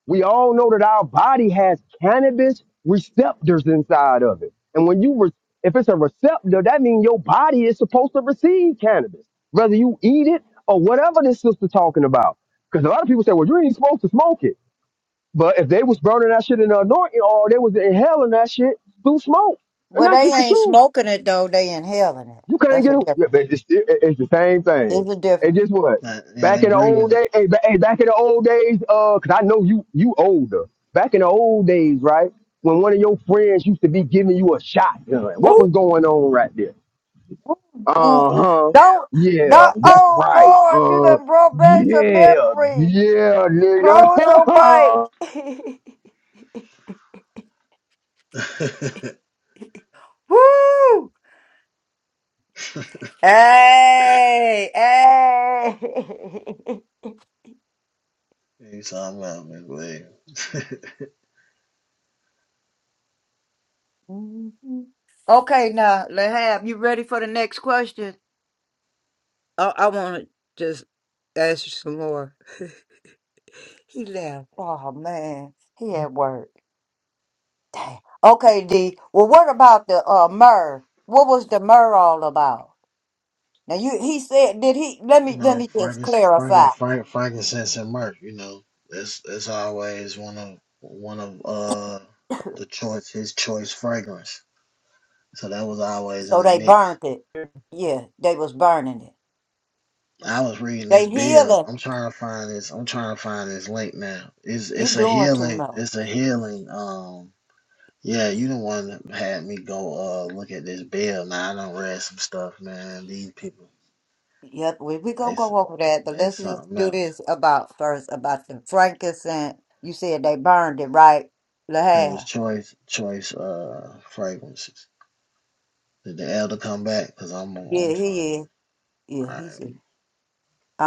[SPEAKER 5] We all know that our body has cannabis receptors inside of it. And when you re- if it's a receptor, that means your body is supposed to receive cannabis, whether you eat it or whatever this sister talking about. Because a lot of people say, well, you ain't supposed to smoke it. But if they was burning that shit in the anointing or they was inhaling that shit through smoke, and
[SPEAKER 2] Well,
[SPEAKER 5] that's
[SPEAKER 2] they
[SPEAKER 5] just the
[SPEAKER 2] ain't
[SPEAKER 5] truth.
[SPEAKER 2] smoking it, though. They inhaling it.
[SPEAKER 5] You can not
[SPEAKER 2] That's a
[SPEAKER 5] get it. yeah,
[SPEAKER 2] difference.
[SPEAKER 5] but It's, it- it's the same thing.
[SPEAKER 2] There's a
[SPEAKER 5] And
[SPEAKER 2] difference.
[SPEAKER 5] guess what?
[SPEAKER 3] yeah,
[SPEAKER 5] Back
[SPEAKER 3] they
[SPEAKER 5] in the
[SPEAKER 3] breathing
[SPEAKER 5] old
[SPEAKER 3] it.
[SPEAKER 5] days, hey, ba- hey, back in the old days, uh, 'cause I know you you older. Back in the old days, right? When one of your friends used to be giving you a shotgun, what
[SPEAKER 2] Ooh,
[SPEAKER 5] was going on right there?
[SPEAKER 2] mm.
[SPEAKER 5] Uh huh.
[SPEAKER 2] don't,
[SPEAKER 5] Yeah,
[SPEAKER 2] don't,
[SPEAKER 5] that's
[SPEAKER 2] oh
[SPEAKER 5] right.
[SPEAKER 2] Lord, you
[SPEAKER 5] Uh,
[SPEAKER 2] done brought back some
[SPEAKER 5] yeah,
[SPEAKER 2] memories.
[SPEAKER 5] yeah,
[SPEAKER 2] Close your
[SPEAKER 5] nigga.
[SPEAKER 2] mic. Woo! Hey, hey.
[SPEAKER 3] you talking about me,
[SPEAKER 2] okay, now, Lahab, you ready for the next question? I, I want to just ask you some more. he left. Oh, man. He at work. Dang. Okay, D. Well, what about the uh, myrrh? What was the myrrh all about? Now you he said did he let
[SPEAKER 3] You
[SPEAKER 2] me let
[SPEAKER 3] know,
[SPEAKER 2] me just
[SPEAKER 3] Frankenstein, Franken,
[SPEAKER 2] clarify.
[SPEAKER 3] Frank, frankincense and myrrh. You know, it's it's always one of one of uh the choice his choice fragrance. So that was always in
[SPEAKER 2] So
[SPEAKER 3] the
[SPEAKER 2] they
[SPEAKER 3] mix.
[SPEAKER 2] burnt it. Yeah, they was burning it.
[SPEAKER 3] I was reading this
[SPEAKER 2] They
[SPEAKER 3] bill.
[SPEAKER 2] healing.
[SPEAKER 3] I'm trying to find this. I'm trying to find this link now. It's
[SPEAKER 2] You
[SPEAKER 3] it's a
[SPEAKER 2] doing too
[SPEAKER 3] healing.
[SPEAKER 2] much.
[SPEAKER 3] It's a healing. Um, yeah, you the one that had me go uh look at this bill. Now I don't read some stuff, man. These people,
[SPEAKER 2] Yep, we we
[SPEAKER 3] they
[SPEAKER 2] gonna go
[SPEAKER 3] some-
[SPEAKER 2] over that, but
[SPEAKER 3] they
[SPEAKER 2] let's just
[SPEAKER 3] something
[SPEAKER 2] do
[SPEAKER 3] else.
[SPEAKER 2] this about first about the frankincense. You said they burned it, right?
[SPEAKER 3] There was
[SPEAKER 2] Lahab.
[SPEAKER 3] choice choice uh fragrances. Did the elder come back? Cause I'm
[SPEAKER 2] Yeah,
[SPEAKER 3] I'm trying
[SPEAKER 2] he
[SPEAKER 3] to.
[SPEAKER 2] is. Yeah,
[SPEAKER 3] All
[SPEAKER 2] he's.
[SPEAKER 3] right,
[SPEAKER 2] I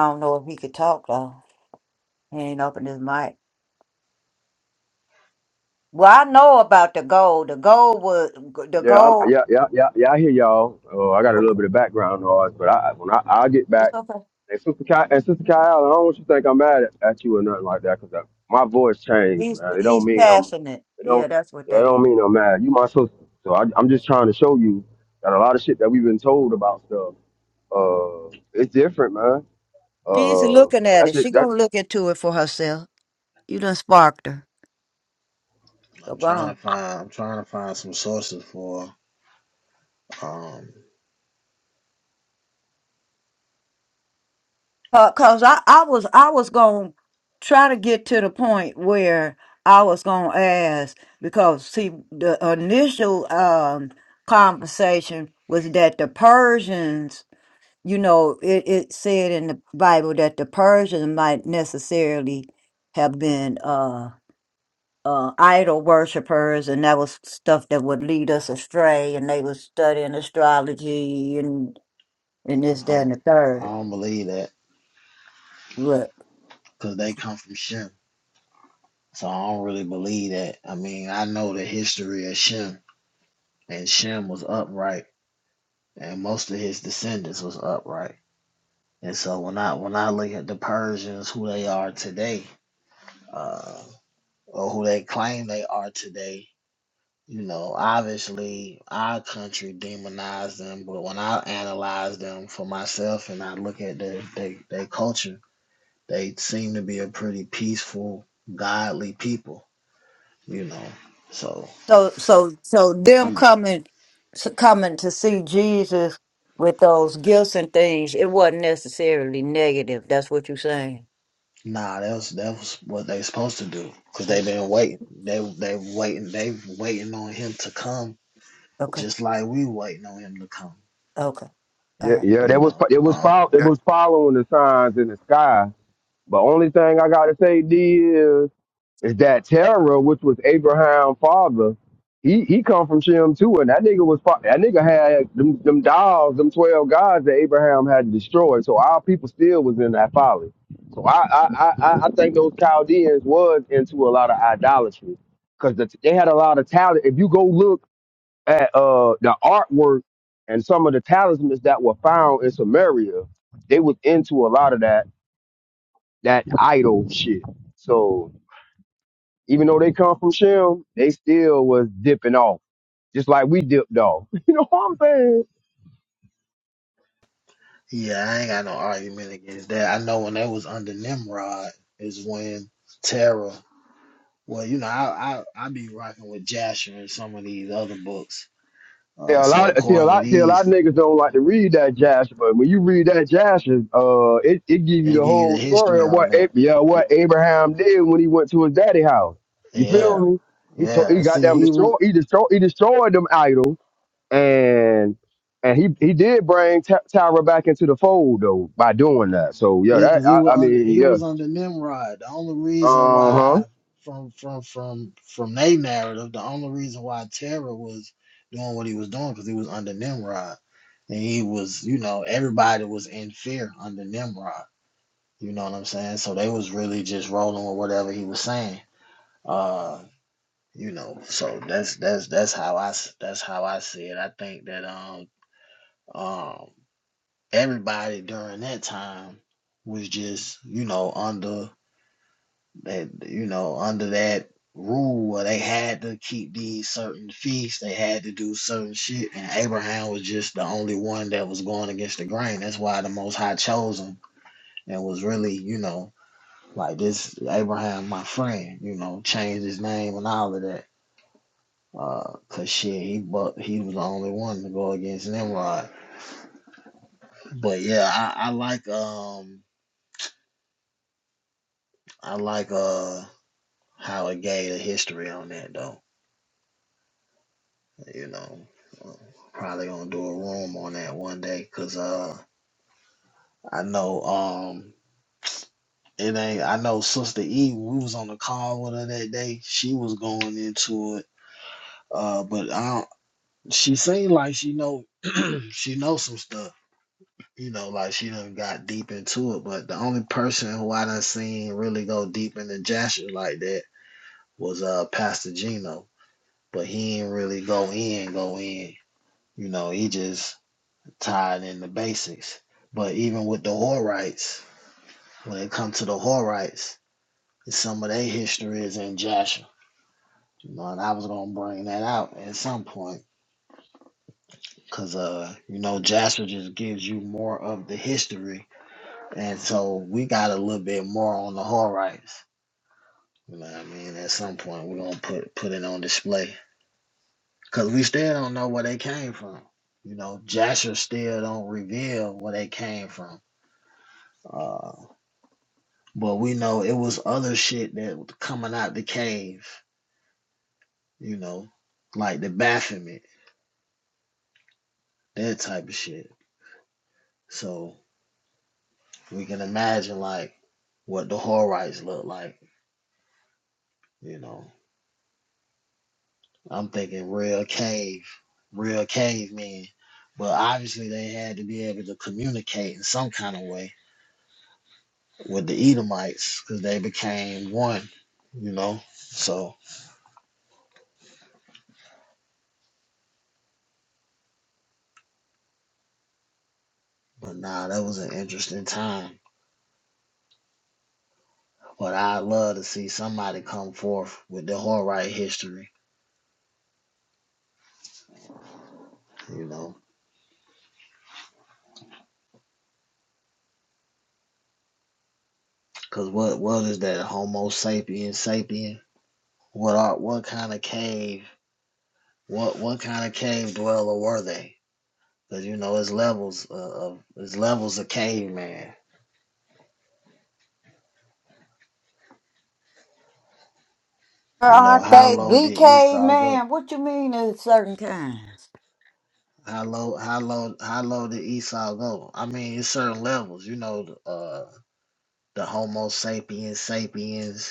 [SPEAKER 2] don't know if he could talk though. He ain't opened his mic. Well, I know about the gold. The gold was the
[SPEAKER 5] Yeah, I'm,
[SPEAKER 2] gold.
[SPEAKER 5] yeah, yeah, yeah, yeah. I hear y'all. Uh, I got a little
[SPEAKER 2] Okay,
[SPEAKER 5] bit of background noise, but I when I I'll get back.
[SPEAKER 2] it's okay.
[SPEAKER 5] And sister Kyle, and sister Kyle, I don't want you to think I'm mad at, at you or nothing like that. because my voice changed,
[SPEAKER 2] He's
[SPEAKER 5] man. It don't
[SPEAKER 2] he's
[SPEAKER 5] mean I'm,
[SPEAKER 2] passionate.
[SPEAKER 5] it
[SPEAKER 2] Yeah,
[SPEAKER 5] don't,
[SPEAKER 2] that's what
[SPEAKER 5] it
[SPEAKER 2] that
[SPEAKER 5] don't
[SPEAKER 2] is.
[SPEAKER 5] mean I'm mad. You my sister, so I, I'm just trying to show you that a lot of shit that we've been told about stuff, uh, it's different, man.
[SPEAKER 2] She's
[SPEAKER 5] Uh,
[SPEAKER 2] looking at
[SPEAKER 5] that
[SPEAKER 2] it. She
[SPEAKER 5] shit, that
[SPEAKER 2] gonna look into it for herself. You done sparked her. So
[SPEAKER 3] I'm
[SPEAKER 2] go
[SPEAKER 3] trying to
[SPEAKER 2] on.
[SPEAKER 3] find I'm trying to find some sources for. Um,
[SPEAKER 2] Uh, Cause I, I was I was gonna try to get to the point where I was gonna ask because see the initial um conversation was that the Persians, you know, it, it said in the Bible that the Persians might necessarily have been uh, uh, idol worshippers, and that was stuff that would lead us astray. And they was studying astrology and and this,
[SPEAKER 3] I
[SPEAKER 2] that,
[SPEAKER 3] don't,
[SPEAKER 2] and the
[SPEAKER 3] I
[SPEAKER 2] third.
[SPEAKER 3] don't believe that
[SPEAKER 2] Look,
[SPEAKER 3] because they come from Shem, so I don't really believe that. I mean, I know the history of Shem, and Shem was upright, and most of his descendants was upright. And so when I when I look at the Persians, who they are today, uh, or who they claim they are today, You know, obviously our country demonized them, but when I analyze them for myself and I look at their they, their culture, they seem to be a pretty peaceful, godly people. You know, so
[SPEAKER 2] so so so them
[SPEAKER 3] I'm
[SPEAKER 2] coming to, coming to see Jesus with those gifts and things, it wasn't necessarily negative. That's what you're saying.
[SPEAKER 3] nah. That was that was what they supposed to do because
[SPEAKER 2] O-
[SPEAKER 3] they've been waiting. They they waiting. They waiting on him to come,
[SPEAKER 2] Okay,
[SPEAKER 3] just like we waiting on him to come.
[SPEAKER 2] okay, all
[SPEAKER 5] yeah,
[SPEAKER 2] right.
[SPEAKER 5] yeah, that
[SPEAKER 3] You
[SPEAKER 5] was
[SPEAKER 3] know,
[SPEAKER 5] it was
[SPEAKER 3] um,
[SPEAKER 5] follow, it was following the signs in the sky. But only thing I gotta say, D is. is that Terah, which was Abraham's father, he he come from Shem too, and that nigga was fa- that nigga had them them dolls, them twelve gods that Abraham had destroyed. So our people still was in that folly. So I I I, I I think those Chaldeans was into a lot of idolatry because the, they had a lot of talent. If you go look at uh the artwork and some of the talismans that were found in Samaria, they was into a lot of that that idol shit. So even though they come from Shem, they still was dipping off, just like we dipped off. You know what I'm saying?
[SPEAKER 3] Yeah, I ain't got no argument against that. I know when they was under Nimrod is when Terra. Well, you know, I I I be rocking with Jasher and some of these other books. Uh,
[SPEAKER 5] Yeah, a
[SPEAKER 3] so
[SPEAKER 5] lot. See, a
[SPEAKER 3] according to
[SPEAKER 5] lot. See, a lot
[SPEAKER 3] these,
[SPEAKER 5] of niggas don't like to read that Jasher, but when you read that Jasher, uh, it it give you
[SPEAKER 3] they
[SPEAKER 5] the
[SPEAKER 3] give you the
[SPEAKER 5] whole story
[SPEAKER 3] history
[SPEAKER 5] of
[SPEAKER 3] on
[SPEAKER 5] what Ab-
[SPEAKER 3] that.
[SPEAKER 5] yeah,
[SPEAKER 3] Y-
[SPEAKER 5] what Abraham did when he went to his daddy house. You feel
[SPEAKER 3] Yeah,
[SPEAKER 5] me? He told
[SPEAKER 3] yeah.
[SPEAKER 5] he
[SPEAKER 3] And
[SPEAKER 5] got
[SPEAKER 3] See,
[SPEAKER 5] them
[SPEAKER 3] he was.
[SPEAKER 5] destroyed. He destroyed he destroyed them idols, and and he he did bring Ty- Tyra back into the fold though by doing that. So yeah,
[SPEAKER 3] Yeah, because
[SPEAKER 5] that
[SPEAKER 3] he
[SPEAKER 5] I,
[SPEAKER 3] was
[SPEAKER 5] I
[SPEAKER 3] under
[SPEAKER 5] mean
[SPEAKER 3] he
[SPEAKER 5] yeah,
[SPEAKER 3] was under Nimrod. The only reason
[SPEAKER 5] uh huh.
[SPEAKER 3] why from from from from their narrative, the only reason why Terra was doing what he was doing because he was under Nimrod. And he was, you know, everybody was in fear under Nimrod. You know what I'm saying? So they was really just rolling with whatever he was saying. Uh, you know, so that's that's that's how I s- that's how I see it. I think that um um everybody during that time was just, you know, under that you know under that rule where they had to keep these certain feasts they had to do certain shit and abraham was just the only one that was going against the grain that's why the most high chose him and was really you know like this abraham my friend you know changed his name and all of that uh, cause shit, he but he was the only one to go against Nimrod. But yeah, I, I like um, I like uh how it gave the history on that though. You know, uh, probably gonna do a room on that one day, cause uh, I know um, it ain't. I know Sister E. We was on the call with her that day. She was going into it. Uh, but I don't. She seemed like she know. she know some stuff. You know, like she done got deep into it. But the only person who I done seen really go deep into Jasher like that was uh Pastor Gino. But he ain't really go in, go in. You know, he just tied in the basics. But even with the Horites, when it comes to the Horites, some of their history is in Jasher. You know, and I was gonna bring that out at some point because uh, you know, Jasher just gives you more of the history, and so we got a little bit more on the Horites. You know what I mean? At some point, we're gonna put put it on display because we still don't know where they came from. You know, Jasher still don't reveal where they came from. Uh. But we know it was other shit that was coming out the cave, you know, like the Baphomet, that type of shit. So we can imagine like what the Horites look like, you know. I'm thinking real cave, real cavemen. But obviously they had to be able to communicate in some kind of way with the Edomites because they became one, you know. So, but nah, that was an interesting time. But I'd love to see somebody come forth with the whole right history, you know. Cause what what is that Homo sapiens sapien? What are what kind of cave? What what kind of cave dweller were they? Cause you know it's levels of, it's levels of caveman.
[SPEAKER 2] Girl,
[SPEAKER 3] You know
[SPEAKER 2] Aren't
[SPEAKER 3] how
[SPEAKER 2] they
[SPEAKER 3] low did
[SPEAKER 2] BK
[SPEAKER 3] Esau go?
[SPEAKER 2] man? What you mean in certain kinds?
[SPEAKER 3] How low how low how low did Esau go? I mean it's certain levels. You know uh the Homo sapiens sapiens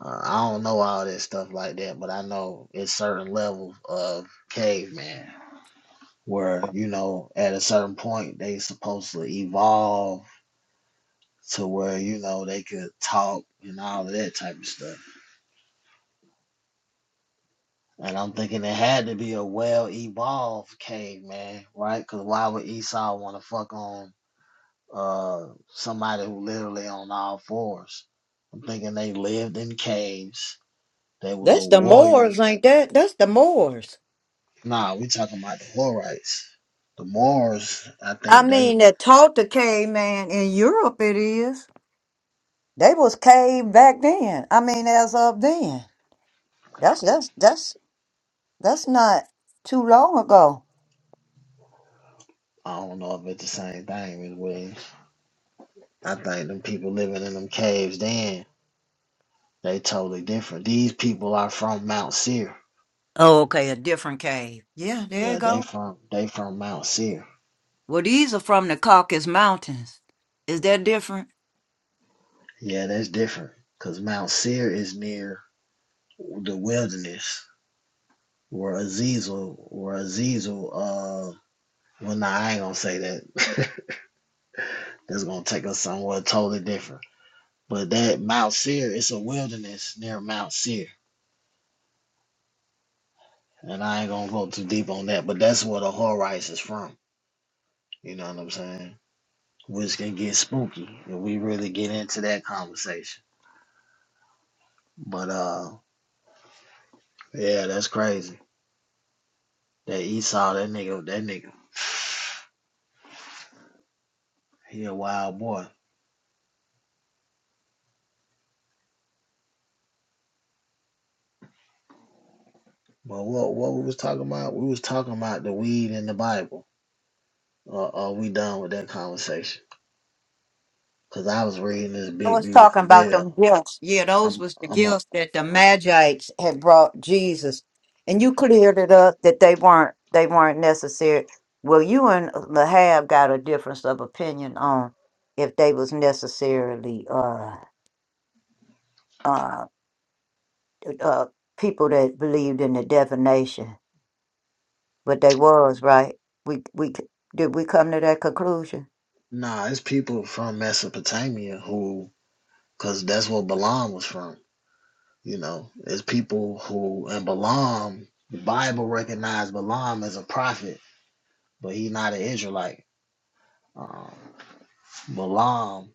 [SPEAKER 3] Uh, I don't know all this stuff like that, but I know it's certain level of caveman where you know at a certain point they supposed to evolve to where you know they could talk and all of that type of stuff. And I'm thinking it had to be a well evolved caveman, right? Because why would Esau want to fuck on uh somebody who literally on all fours? I'm thinking they lived in caves. They was a
[SPEAKER 2] That's the
[SPEAKER 3] warrior
[SPEAKER 2] Moors, ain't that? That's the Moors.
[SPEAKER 3] Nah, we talking about the Florites. The Mars. I
[SPEAKER 2] I
[SPEAKER 3] think they
[SPEAKER 2] mean, that taught the caveman in Europe. It is they was cave back then. I mean, as of then, that's that's that's that's not too long ago.
[SPEAKER 3] I don't know if it's the same thing as we I think them people living in them caves then, they totally different. These people are from Mount Seir.
[SPEAKER 2] Oh, okay, a different cave. Yeah, there you
[SPEAKER 3] Yeah, they
[SPEAKER 2] go.
[SPEAKER 3] from they from Mount Seir.
[SPEAKER 2] Well, these are from the Caucasus Mountains. Is that different?
[SPEAKER 3] Yeah, that's different. Cause Mount Seir is near the wilderness where Azazel where Azazel uh well nah I ain't gonna say that. that's gonna take us somewhere totally different. But that Mount Seir, it's a wilderness near Mount Seir. And I ain't gonna go too deep on that, but that's where the Horites is from. You know what I'm saying? Which can get spooky if we really get into that conversation. But uh yeah, that's crazy. That Esau, that nigga, that nigga, he a wild boy. But what what we was talking about? We was talking about the weed in the Bible. Uh, are we done with that conversation? Cause I was reading this
[SPEAKER 2] I
[SPEAKER 3] big
[SPEAKER 2] was
[SPEAKER 3] beautiful
[SPEAKER 2] talking about them
[SPEAKER 3] bill.
[SPEAKER 2] gifts. Yeah, those
[SPEAKER 3] I'm
[SPEAKER 2] was the
[SPEAKER 3] I'm a,
[SPEAKER 2] gifts that the
[SPEAKER 3] I'm
[SPEAKER 2] Magites had brought Jesus, and you cleared it up that they weren't they weren't necessary. Well, you and Lahab got a difference of opinion on if they was necessarily uh uh uh people that believed in the divination, but they was right. We we c- did we come to that conclusion?
[SPEAKER 3] Nah, it's people from Mesopotamia who, because that's where Balaam was from. You know, it's people who, and Balaam, the Bible recognized Balaam as a prophet, but he's not an Israelite. Um, Balaam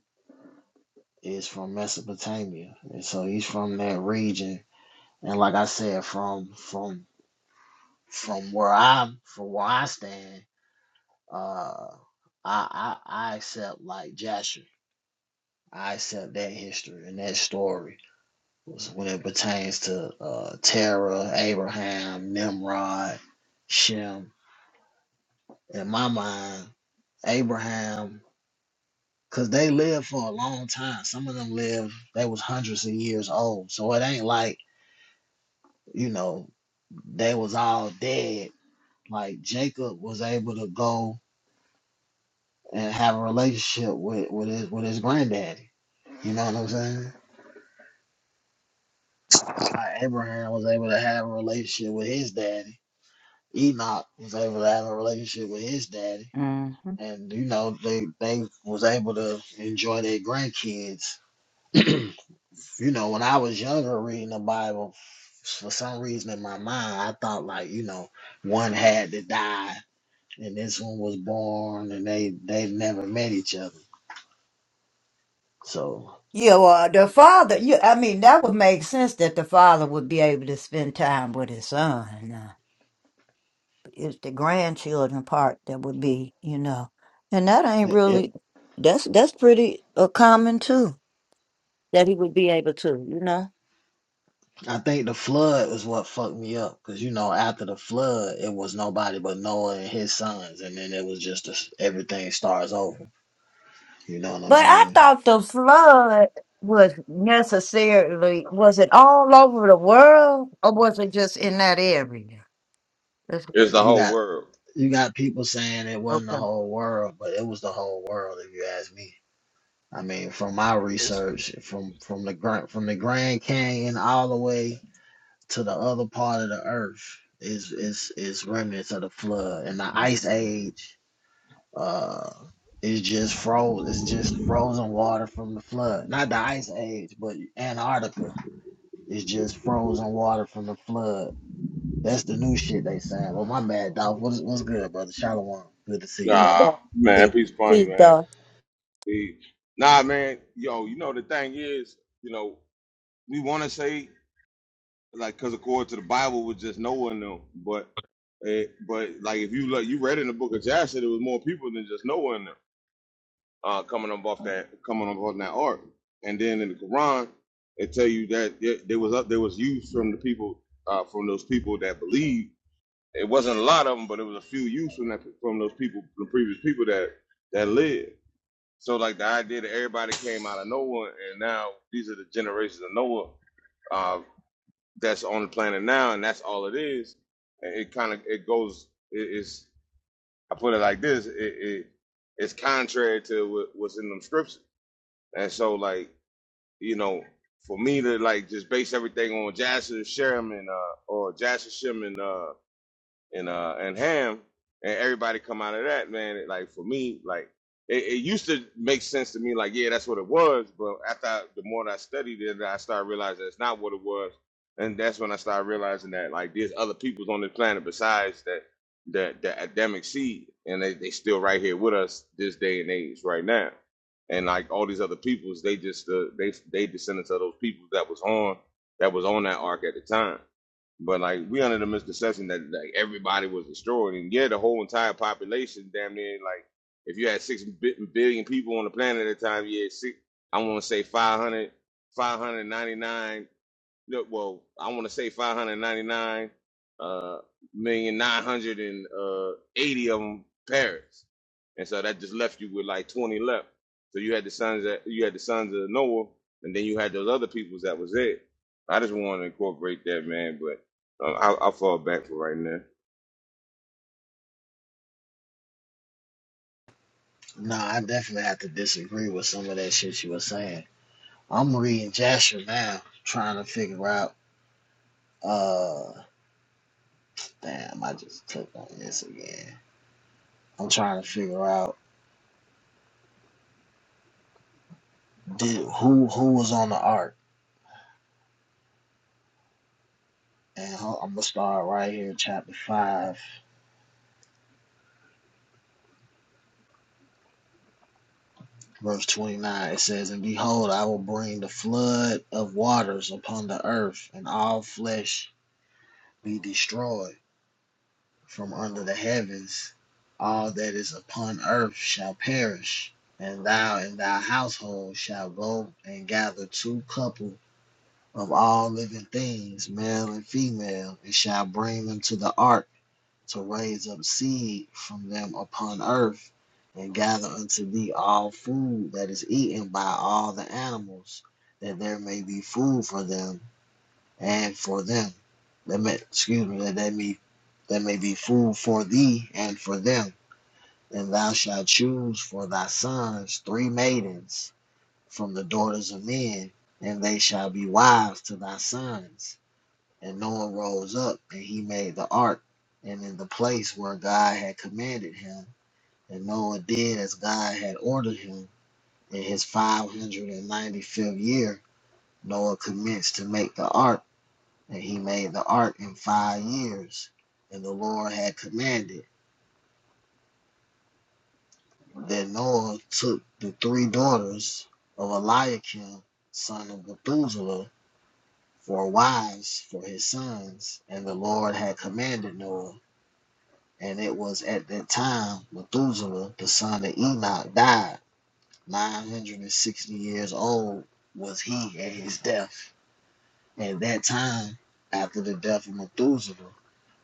[SPEAKER 3] is from Mesopotamia, and so he's from that region. And like I said, from from from where I'm, from where I stand, uh, I I, I accept like Jasher. I accept that history and that story was when it pertains to uh, Terah, Abraham, Nimrod, Shem. In my mind, Abraham, because they lived for a long time. Some of them lived, they was hundreds of years old. So it ain't like, you know, they was all dead. Like Jacob was able to go and have a relationship with, with his with his granddaddy. You know what I'm saying? Like Abraham was able to have a relationship with his daddy. Enoch was able to have a relationship with his daddy and you know they they was able to enjoy their grandkids. you know, when I was younger reading the Bible, for some reason in my mind, I thought like you know one had to die and this one was born and they they never met each other. So
[SPEAKER 2] Yeah, well, the father, you, I mean, that would make sense that the father would be able to spend time with his son. Uh, It's the grandchildren part that would be, you know, and that ain't
[SPEAKER 3] it, it
[SPEAKER 2] really, that's, that's pretty uh, common too, that he would be able to, you know.
[SPEAKER 3] I think the flood was what fucked me up because you know after the flood it was nobody but Noah and his sons and then it was just a, everything starts over. You know what I'm
[SPEAKER 2] But I
[SPEAKER 3] saying?
[SPEAKER 2] thought the flood was necessarily, was it all over the world or was it just in that area? That's-
[SPEAKER 8] It's the
[SPEAKER 3] You
[SPEAKER 8] whole
[SPEAKER 3] got
[SPEAKER 8] world.
[SPEAKER 3] you got people saying it wasn't the
[SPEAKER 2] Okay.
[SPEAKER 3] whole world, but it was the whole world if you ask me. I mean, from my
[SPEAKER 8] It's
[SPEAKER 3] research, from from the grand from the Grand Canyon all the way to the other part of the earth is is is remnants of the flood and the ice age uh is just froze it's just frozen water from the flood. Not the ice age, but Antarctica is just frozen water from the flood. That's the new shit they saying. Well my bad, Dolph. What's what's good, brother? Shalom. Good to see you,
[SPEAKER 2] He's
[SPEAKER 3] bro.
[SPEAKER 8] Nah,
[SPEAKER 2] done.
[SPEAKER 8] man,
[SPEAKER 2] He's,
[SPEAKER 8] peace upon
[SPEAKER 2] he's
[SPEAKER 8] you, man.
[SPEAKER 2] done.
[SPEAKER 8] Peace. Nah, man, yo, you know the thing is, you know, we want to say like, cause according to the Bible, was just Noah and them, but, it, but like if you look, you read in the Book of Jasher, there was more people than just Noah and them uh, coming up off that coming up off that ark, and then in the Quran, it tell you that there there was up there was youth from the people uh, from those people that believe It wasn't a lot of them, but it was a few youths from that from those people, the previous people that that lived. So like the idea that everybody came out of Noah, and now these are the generations of Noah uh, that's on the planet now, and that's all it is. And it kind of it goes. It, it's I put it like this: it, it it's contrary to what, what's in them scriptures. And so like you know, for me to like just base everything on Jasher Sherman uh, or Jasher Sherman. uh, and uh and Ham and everybody come out of that man. It, like for me, like it, it used to make sense to me. Like yeah, that's what it was. But after I, the more that I studied it, I started realizing it's not what it was, and that's when I started realizing that like there's other peoples on this planet besides that that the Adamic seed, and they they still right here with us this day and age right now. And like all these other peoples, they just uh, they they descendants of those peoples that was on that was on that ark at the time but like we under the misconception that like everybody was destroyed, and yeah, the whole entire population, damn near like if you had six bi- billion people on the planet at the time, you had six. I want to say 500, 599 no, well, I want to say 599 uh, million, nine hundred and uh, eighty of them parents, and so that just left you with like 20 left. So you had the sons that you had the sons of Noah, and then you had those other peoples that was it. I just want to incorporate that man, but um, i I'll fall back for right now.
[SPEAKER 3] No, I definitely have to disagree with some of that shit you were saying. I'm reading Jasher now, trying to figure out. Uh, damn, I just clicked on this again. I'm trying to figure out did who who was on the ark. And ho- I'm gonna start right here, chapter five, verse twenty-nine. It says, "And behold, I will bring the flood of waters upon the earth, and all flesh be destroyed." from under the heavens. All that is upon earth shall perish, and thou and thy household shall go and gather two couple of all living things, male and female, and shall bring them to the ark to raise up seed from them upon earth, and gather unto thee all food that is eaten by all the animals, that there may be food for them and for them. That may, excuse me, that they may, that may be food for thee and for them. And thou shalt choose for thy sons three maidens from the daughters of men, and they shall be wives to thy sons. And Noah rose up, and he made the ark, and in the place where God had commanded him. And Noah did as God had ordered him. In his 595th year, Noah commenced to make the ark and he made the ark in five years. And the Lord had commanded that Noah took the three daughters of Eliakim, son of Methuselah, for wives for his sons. And the Lord had commanded Noah. And it was at that time Methuselah, the son of Enoch, died. 960 years old was he at his death. At that time, after the death of Methuselah,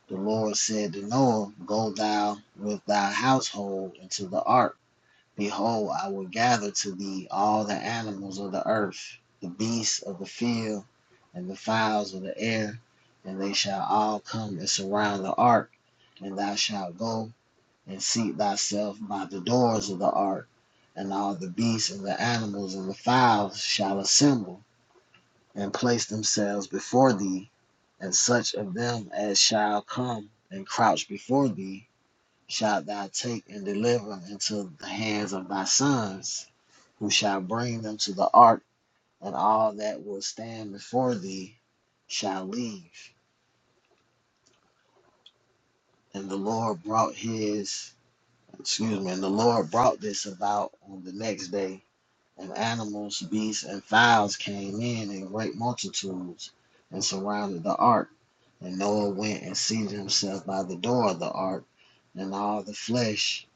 [SPEAKER 3] The Lord said to Noah, Go thou with thy household into the ark. Behold, I will gather to thee all the animals of the earth, the beasts of the field, and the fowls of the air, and they shall all come and surround the ark. And thou shalt go and seat thyself by the doors of the ark, and all the beasts and the animals and the fowls shall assemble and place themselves before thee, and such of them as shall come and crouch before thee shalt thou take and deliver into the hands of thy sons, who shall bring them to the ark, and all that will stand before thee shall leave. And the Lord brought his excuse me, and the Lord brought this about on the next day And animals, beasts, and fowls came in in great multitudes and surrounded the ark. And Noah went and seated himself by the door of the ark, and all the flesh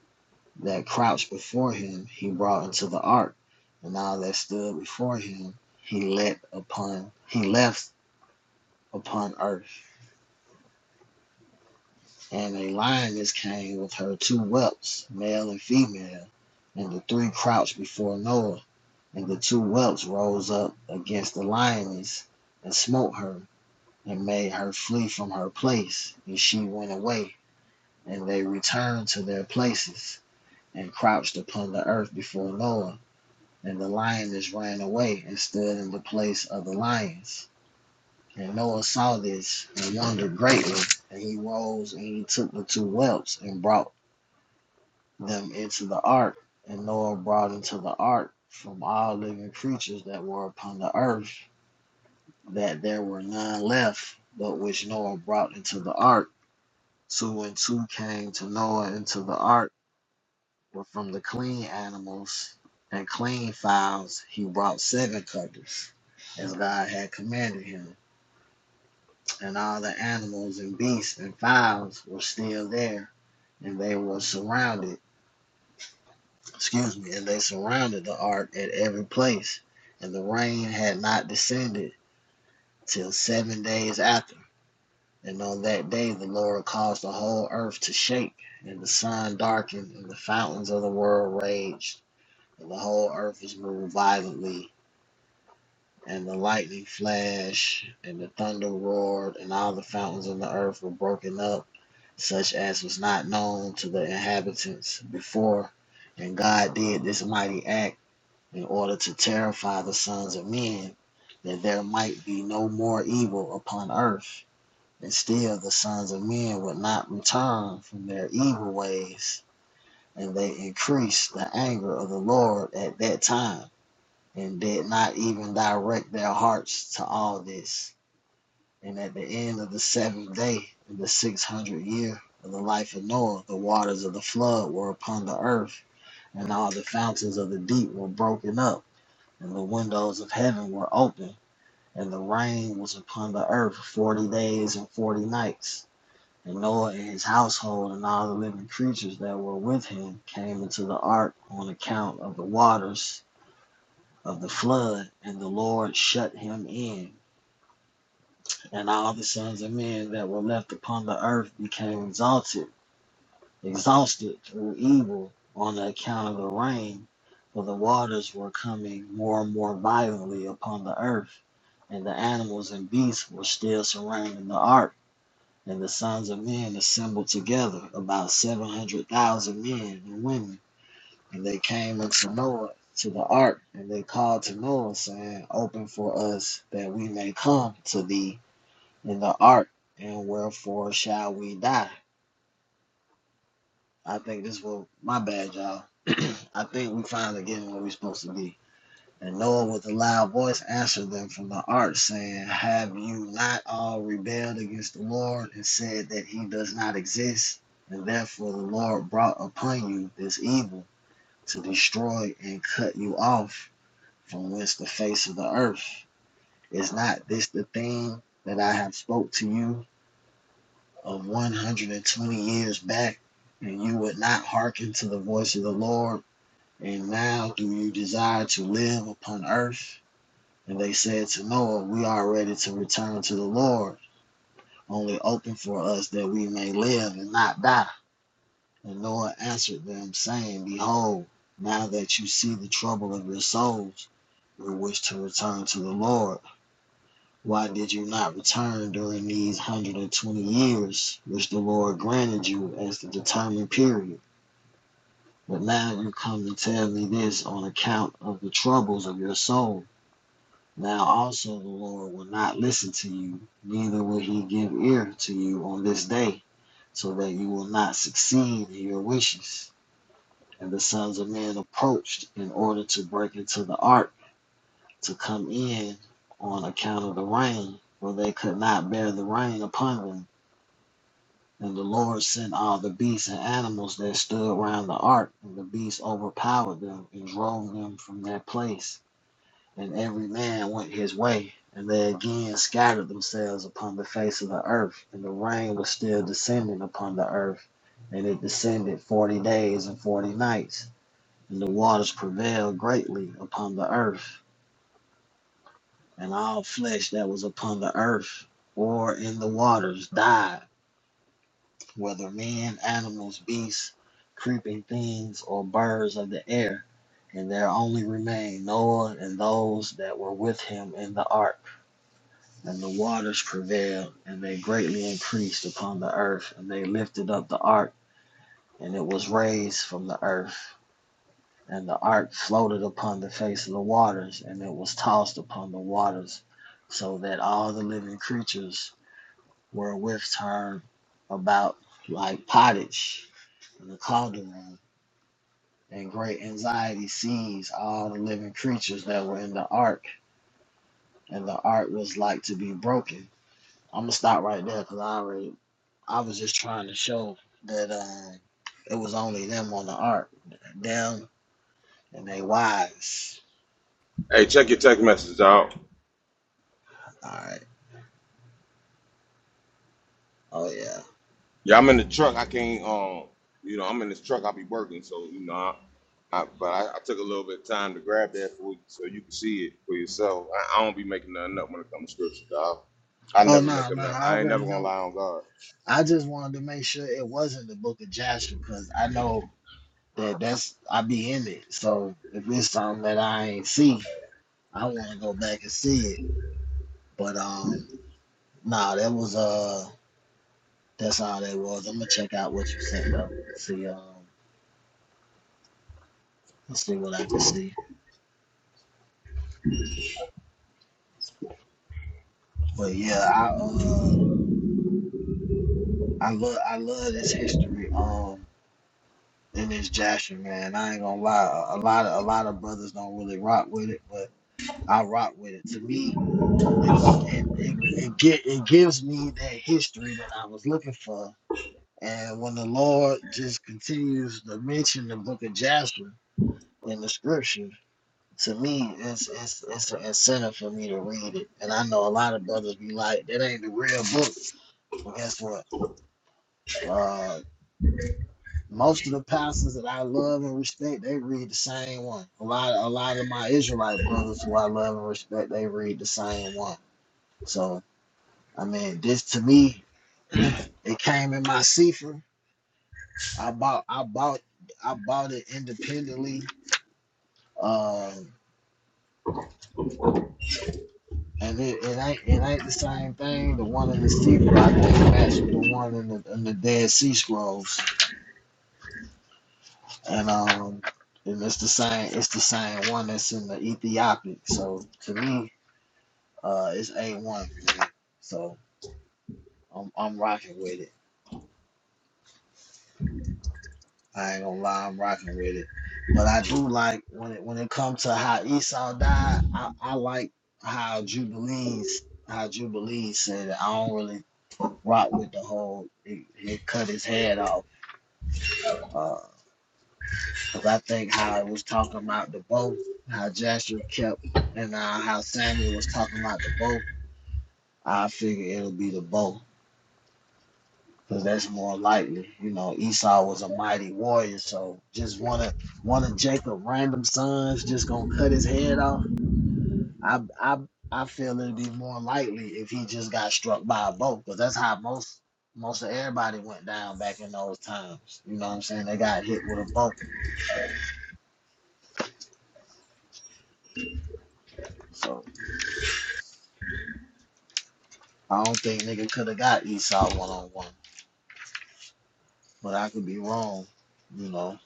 [SPEAKER 3] that crouched before him he brought into the ark, and all that stood before him he let upon he left upon earth. And a lioness came with her two whelps, male and female, and the three crouched before Noah. And the two whelps rose up against the lioness and smote her, and made her flee from her place. And she went away, and they returned to their places, and crouched upon the earth before Noah. And the lioness ran away and stood in the place of the lions. And Noah saw this and wondered greatly. And he rose and he took the two whelps and brought them into the ark. And Noah brought into the ark from all living creatures that were upon the earth that there were none left, but which Noah brought into the ark. Two and two came to Noah into the ark, but from the clean animals and clean fowls he brought seven couples, as God had commanded him. And all the animals and beasts and fowls were still there, and they were surrounded, excuse me, and they surrounded the ark at every place. And the rain had not descended till seven days after. And on that day the Lord caused the whole earth to shake, and the sun darkened, and the fountains of the world raged, and the whole earth was moved violently, and the lightning flashed, and the thunder roared, and all the fountains of the earth were broken up, such as was not known to the inhabitants before. And God did this mighty act in order to terrify the sons of men, that there might be no more evil upon earth and still the sons of men would not return from their evil ways, and they increased the anger of the Lord at that time, and did not even direct their hearts to all this. And at the end of the seventh day, in the six hundredth year of the life of Noah, the waters of the flood were upon the earth, and all the fountains of the deep were broken up, and the windows of heaven were open, and the rain was upon the earth forty days and forty nights. And Noah and his household and all the living creatures that were with him came into the ark on account of the waters of the flood, and the Lord shut him in. And all the sons of men that were left upon the earth became exalted, exhausted through evil on the account of the rain, for the waters were coming more and more violently upon the earth, and the animals and beasts were still surrounding the ark. And the sons of men assembled together about seven hundred thousand men and women. And they came unto Noah to the ark, and they called to Noah, saying, Open for us that we may come to thee in the ark, and wherefore shall we die? I think this will my bad, y'all. I think we finally getting where we supposed to be. And Noah with a loud voice answered them from the ark, saying, Have you not all rebelled against the Lord and said that he does not exist? And therefore the Lord brought upon you this evil to destroy and cut you off from whence the face of the earth. Is not this the thing that I have spoke to you of 120 years back? And you would not hearken to the voice of the Lord. And now do you desire to live upon earth? And they said to Noah, We are ready to return to the Lord. Only open for us that we may live and not die. And Noah answered them, saying, Behold, now that you see the trouble of your souls, we wish to return to the Lord. Why did you not return during these 120 years, which the Lord granted you as the determined period? But now you come to tell me this on account of the troubles of your souls. Now also the Lord will not listen to you, neither will he give ear to you on this day, so that you will not succeed in your wishes. And the sons of men approached in order to break into the ark to come in on account of the rain, for they could not bear the rain upon them. And the Lord sent all the beasts and animals that stood round the ark, and the beasts overpowered them and drove them from that place. and every man went his way, and they again scattered themselves upon the face of the earth, and the rain was still descending upon the earth, and it descended forty days and forty nights, and the waters prevailed greatly upon the earth, and all flesh that was upon the earth or in the waters died, whether men, animals, beasts, creeping things, or birds of the air, and there only remained Noah and those that were with him in the ark And the waters prevailed, and they greatly increased upon the earth. And they lifted up the ark, and it was raised from the earth. And the ark floated upon the face of the waters, and it was tossed upon the waters, so that all the living creatures were with turned about like pottage in the cauldron. And great anxiety seized all the living creatures that were in the ark, and the ark was like to be broken. I'm gonna stop right there because I already I was just trying to show that um, it was only them on the ark, them and they wives.
[SPEAKER 8] Hey, check your text message out.
[SPEAKER 3] All right. Oh yeah.
[SPEAKER 8] Yeah, I'm in the truck. I can't. Um, you know, I'm in this truck. I'll be working, so you know. I, I, but I, I took a little bit of time to grab that for you, so you can see it for yourself. I, I don't be making nothing up when it comes to scripture, dog. I
[SPEAKER 3] Oh
[SPEAKER 8] never make
[SPEAKER 3] no,
[SPEAKER 8] up
[SPEAKER 3] no.
[SPEAKER 8] nothing.
[SPEAKER 3] I
[SPEAKER 8] I ain't
[SPEAKER 3] already
[SPEAKER 8] never gonna
[SPEAKER 3] know.
[SPEAKER 8] lie on God.
[SPEAKER 3] I just wanted to make sure it wasn't the Book of Jasher because I know that that's I be in it. So if it's something that I ain't see, I want to go back and see it. But um, nah, that was uh, that's all that was. I'm gonna check out what you sent though. See um, see what I can see. But yeah, I uh. I love I love this history um in this Jasher man. I ain't gonna lie, a a lot of a lot of brothers don't really rock with it, but I rock with it. To me, it go it it it, get, it gives me that history that I was looking for. And when the Lord just continues to mention the book of Jasher in the scripture, to me it's it's it's an incentive for me to read it. And I know a lot of brothers be like, that ain't the real book. Well, guess what? Uh, Most of the pastors that I love and respect, they read the same one. A lot, a lot of my Israelite brothers who I love and respect, they read the same one. So, I mean, this to me, it came in my sefer. I bought, I bought, I bought it independently. Um, and it, it ain't, it ain't the same thing. The one in the sefer I think, matched with the one in the in the Dead Sea Scrolls, and um, and it's the same, it's the same one that's in the Ethiopic. So to me. Uh, it's A one for me, so I'm I'm rocking with it. I ain't gonna lie, I'm rocking with it. But I do like when it when it comes to how Esau died. I, I like how Jubilees how Jubilees said it. I don't really rock with the whole it, it cut his head off. Uh, cause I think how it was talking about the bow, how Jasher kept, and uh, how Samuel was talking about the bow. I figure it'll be the bow because that's more likely. You know, Esau was a mighty warrior, so just one of one of Jacob' random sons just gonna cut his head off. I I I feel it'd be more likely if he just got struck by a boat, because that's how most most of everybody went down back in those times. You know what I'm saying? They got hit with a boat, so I don't think nigga could have got Esau one on one, but I could be wrong. You know,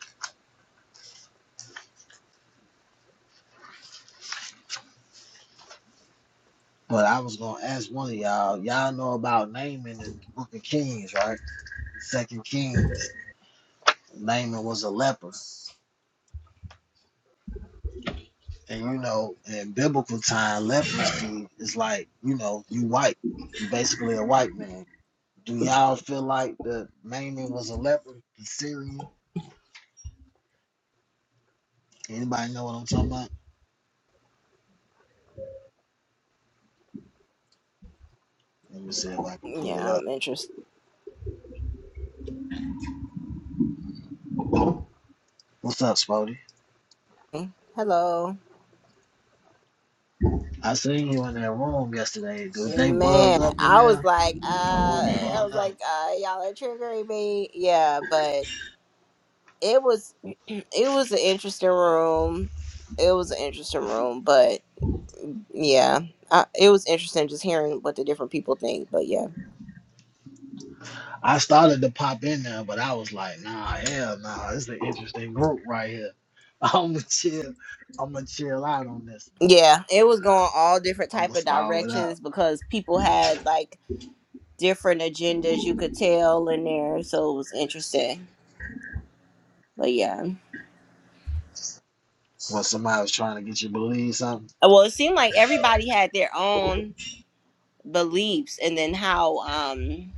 [SPEAKER 3] but I was gonna ask one of y'all. Y'all know about naming in the Book of Kings, right? Second Kings, Naaman was a leper. And you know, in biblical time, leprosy is like, you know, you white. You basically a white man. Do y'all feel like the Naaman was a leper, the Syrian? Anybody know what I'm talking about? Let me see if I can pull it
[SPEAKER 9] Yeah,
[SPEAKER 3] up.
[SPEAKER 9] I'm interested.
[SPEAKER 3] What's up, Spody?
[SPEAKER 9] Hello.
[SPEAKER 3] I seen you in that room yesterday. Did they bug
[SPEAKER 9] Man,
[SPEAKER 3] up in
[SPEAKER 9] I was
[SPEAKER 3] there?
[SPEAKER 9] like, uh
[SPEAKER 3] Or what was going
[SPEAKER 9] I was
[SPEAKER 3] on?
[SPEAKER 9] like, uh, y'all are triggering me. Yeah, but it was it was an interesting room. It was an interesting room, but yeah. I, it was interesting just hearing what the different people think, but yeah.
[SPEAKER 3] I started to pop in there, but I was like, nah, hell nah, this is an interesting group right here. I'ma chill. I'ma chill out on this.
[SPEAKER 9] Yeah, it was going all different
[SPEAKER 3] I'ma
[SPEAKER 9] type of
[SPEAKER 3] stall it
[SPEAKER 9] directions
[SPEAKER 3] out.
[SPEAKER 9] because people had like different agendas you could tell in there, so it was interesting. But yeah.
[SPEAKER 3] When somebody was trying to get you to believe something.
[SPEAKER 9] Well, it seemed like everybody had their own. beliefs and then how um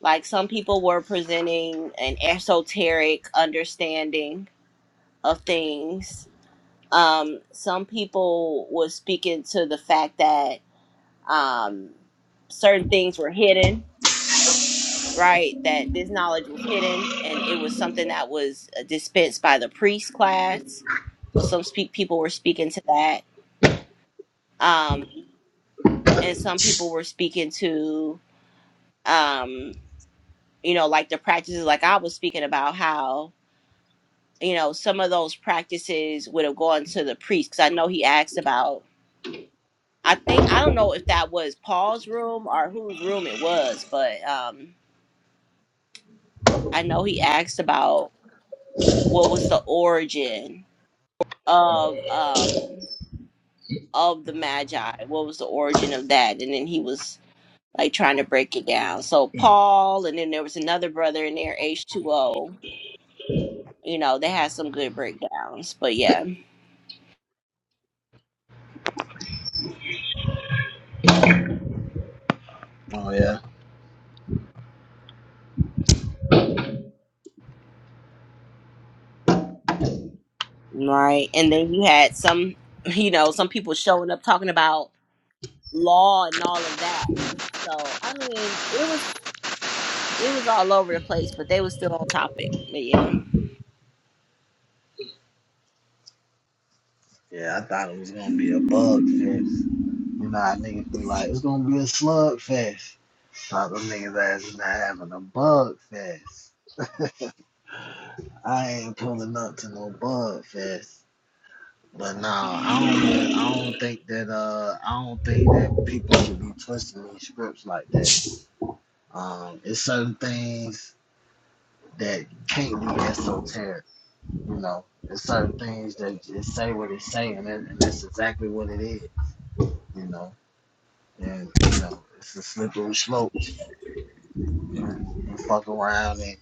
[SPEAKER 9] like some people were presenting an esoteric understanding of things um some people was speaking to the fact that um certain things were hidden right that this knowledge was hidden and it was something that was uh, dispensed by the priest class so some speak people were speaking to that um and some people were speaking to um you know, like the practices, like I was speaking about how, you know, some of those practices would have gone to the priest. Cause I know he asked about, I think, I don't know if that was Paul's room or whose room it was, but um, I know he asked about what was the origin of, um, of the Magi. What was the origin of that? And then he was like trying to break it down. So Paul, and then there was another brother in there, H2O. You know, they had some good breakdowns, but yeah.
[SPEAKER 3] Oh yeah.
[SPEAKER 9] Right. And then you had some, you know, some people showing up talking about law and all of that. So, I mean, it was it was all over the place, but they were still on topic. But yeah.
[SPEAKER 3] Yeah, I thought it was gonna be a bug fest. You know how niggas be like, it's gonna be a slug fest. Thought them niggas ass is not having a bug fest. I ain't pulling up to no bug fest. But nah, I don't really, I don't think that uh I don't think that people should be twisting these scripts like that. Um, it's certain things that can't be esoteric, you know. It's certain things that just say what it's saying, and, that- and that's exactly what it is, you know. And you know, it's a slippery slope. You, you fuck around and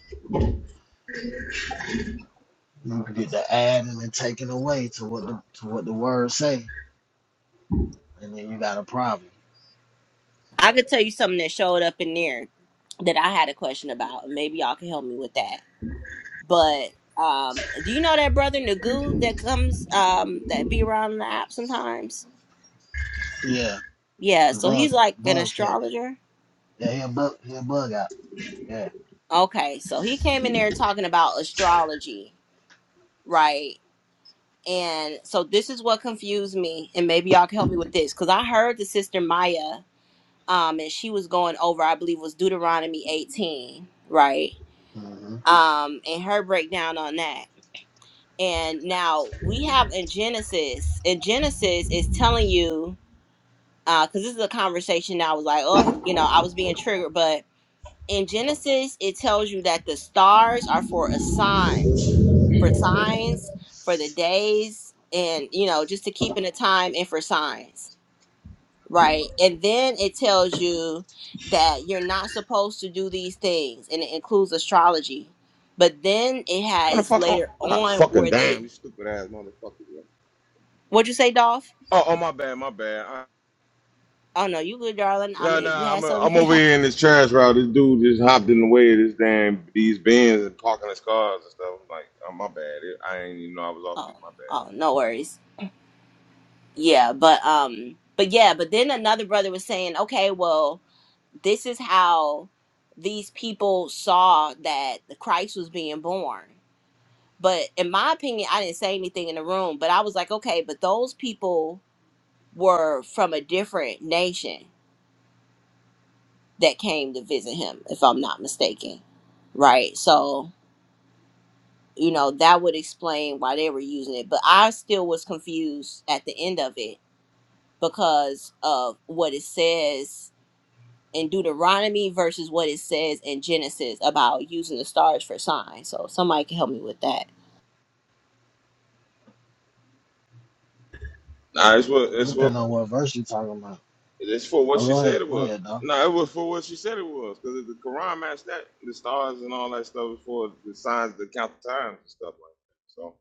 [SPEAKER 3] you can get the add and then taken away to what the to what the words say, and then you got a problem.
[SPEAKER 9] I could tell you something that showed up in there that I had a question about, and maybe y'all can help me with that. But um do you know that brother Nagu that comes um that be around in the app sometimes?
[SPEAKER 3] Yeah,
[SPEAKER 9] Yeah,
[SPEAKER 3] the
[SPEAKER 9] so
[SPEAKER 3] bug
[SPEAKER 9] he's like an
[SPEAKER 3] bug catch.
[SPEAKER 9] astrologer.
[SPEAKER 3] Yeah, he a bug he a bug out. Yeah.
[SPEAKER 9] Okay, so he came in there talking about astrology, right? And so this is what confused me, and maybe y'all can help me with this, because I heard the sister Maya, um, and she was going over, I believe, was Deuteronomy 18, right?
[SPEAKER 3] hmm
[SPEAKER 9] Um, and her breakdown on that. And now we have in Genesis, in Genesis is telling you, because this is a conversation that I was like, oh, you know, I was being triggered, but in Genesis, it tells you that the stars are for a sign for signs for the days and you know just to keep in the time and for signs right and then it tells you that you're not supposed to do these things and it includes astrology but then it
[SPEAKER 8] Kind of
[SPEAKER 9] has
[SPEAKER 8] fuck on.
[SPEAKER 9] later
[SPEAKER 8] God,
[SPEAKER 9] on
[SPEAKER 8] fucking
[SPEAKER 9] where they
[SPEAKER 8] damn, you stupid ass motherfucker. Bro.
[SPEAKER 9] what'd you say dolph
[SPEAKER 8] Oh, oh, my bad, my bad. I,
[SPEAKER 9] oh no you good darling i
[SPEAKER 8] nah,
[SPEAKER 9] mean if you
[SPEAKER 8] nah,
[SPEAKER 9] had
[SPEAKER 8] I'm, I'm
[SPEAKER 9] something
[SPEAKER 8] over here in this trash route. This dude just hopped in the way of this damn these bins and parking his cars and stuff. I'm like, oh my bad. I ain't even know I was off
[SPEAKER 9] oh,
[SPEAKER 8] mute. My bad.
[SPEAKER 9] oh no worries yeah but um but yeah but then another brother was saying okay well this is how these people saw that the Christ was being born. But in my opinion, I didn't say anything in the room, but I was like, okay, but those people were from a different nation that came to visit him, if I'm not mistaken. Right. So, you know, that would explain why they were using it. But I still was confused at the end of it because of what it says in Deuteronomy versus what it says in Genesis about using the stars for signs. So somebody can help me with that.
[SPEAKER 8] Nah, it's what
[SPEAKER 3] It
[SPEAKER 8] it's what
[SPEAKER 3] depends on what verse you're talking about.
[SPEAKER 8] It's for what
[SPEAKER 3] Oh,
[SPEAKER 8] she
[SPEAKER 3] go
[SPEAKER 8] said
[SPEAKER 3] ahead.
[SPEAKER 8] it
[SPEAKER 3] Go
[SPEAKER 8] was.
[SPEAKER 3] ahead, though.
[SPEAKER 8] No, it was for what she said it was. Because the Quran matched that, the stars and all that stuff was for the signs that count the times and stuff like that. So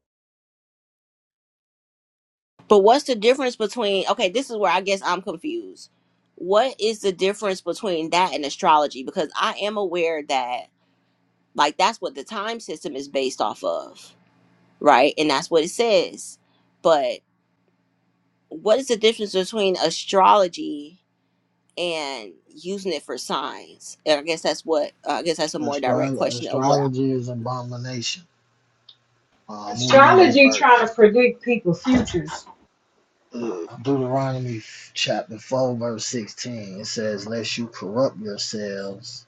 [SPEAKER 9] But what's the difference between okay, this is where I guess I'm confused. What is the difference between that and astrology? Because I am aware that like that's what the time system is based off of, right? And that's what it says. But what is the difference between astrology and using it for signs? And I guess that's what I guess that's a more direct
[SPEAKER 3] Astro-
[SPEAKER 9] question of what
[SPEAKER 3] astrology is abomination. Uh, I'm going to read this
[SPEAKER 6] Astrology trying to
[SPEAKER 3] verse.
[SPEAKER 6] predict people's futures.
[SPEAKER 3] Uh, Deuteronomy chapter 4, verse 16. It says, Lest you corrupt yourselves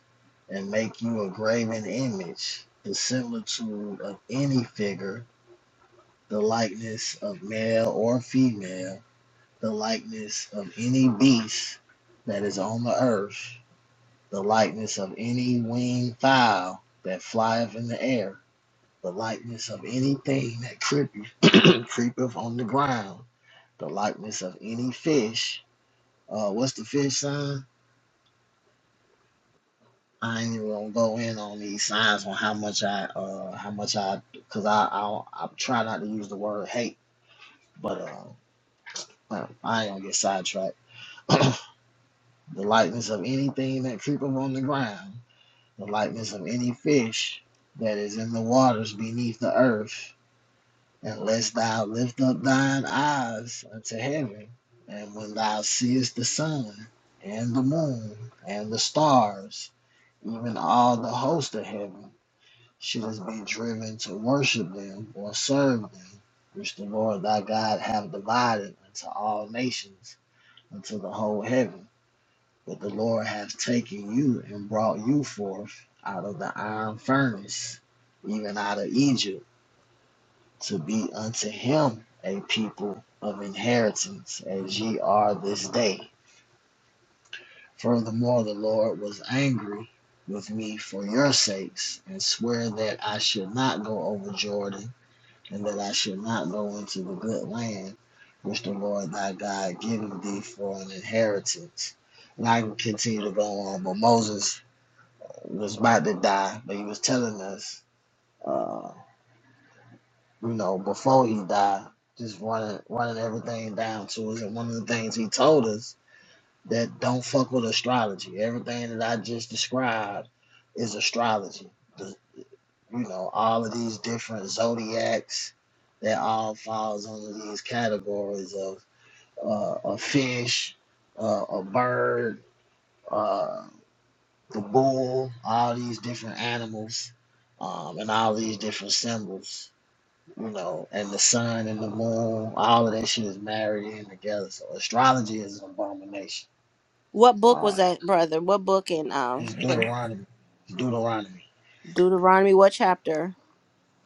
[SPEAKER 3] and make you a graven image, the similitude of any figure, the likeness of male or female, the likeness of any beast that is on the earth the likeness of any winged fowl that flieth in the air, the likeness of anything that creepeth, creepeth on the ground, the likeness of any fish. Uh, what's the fish sign? I ain't even gonna go in on these signs on how much I, uh, how much I, cause I, I, I try not to use the word hate, but uh, I I ain't gonna get sidetracked. the likeness of anything that creepeth on the ground, the likeness of any fish that is in the waters beneath the earth, unless thou lift up thine eyes unto heaven, and when thou seest the sun and the moon and the stars, even all the host of heaven, shouldest be driven to worship them or serve them, which the Lord thy God hath divided unto all nations, unto the whole heaven. But the Lord hath taken you and brought you forth out of the iron furnace, even out of Egypt, to be unto him a people of inheritance, as ye are this day. Furthermore, the Lord was angry with me for your sakes, and sware that I should not go over Jordan, and that I should not go into the good land which the Lord thy God giveth thee for an inheritance. And I can continue to go on, but Moses was about to die, but he was telling us, uh, you know, before he died, just running running everything down to us. And one of the things he told us that don't fuck with astrology. Everything that I just described is astrology. The, you know, all of these different zodiacs that all falls under these categories of uh, a fish, uh, a bird. uh, the bull, all these different animals, um, and all these different symbols, you know, and the sun and the moon, all of that shit is married in together. So astrology is an abomination.
[SPEAKER 9] What book
[SPEAKER 3] Uh,
[SPEAKER 9] was that, brother? What book in um
[SPEAKER 3] it's Deuteronomy. It's Deuteronomy
[SPEAKER 9] Deuteronomy? What chapter?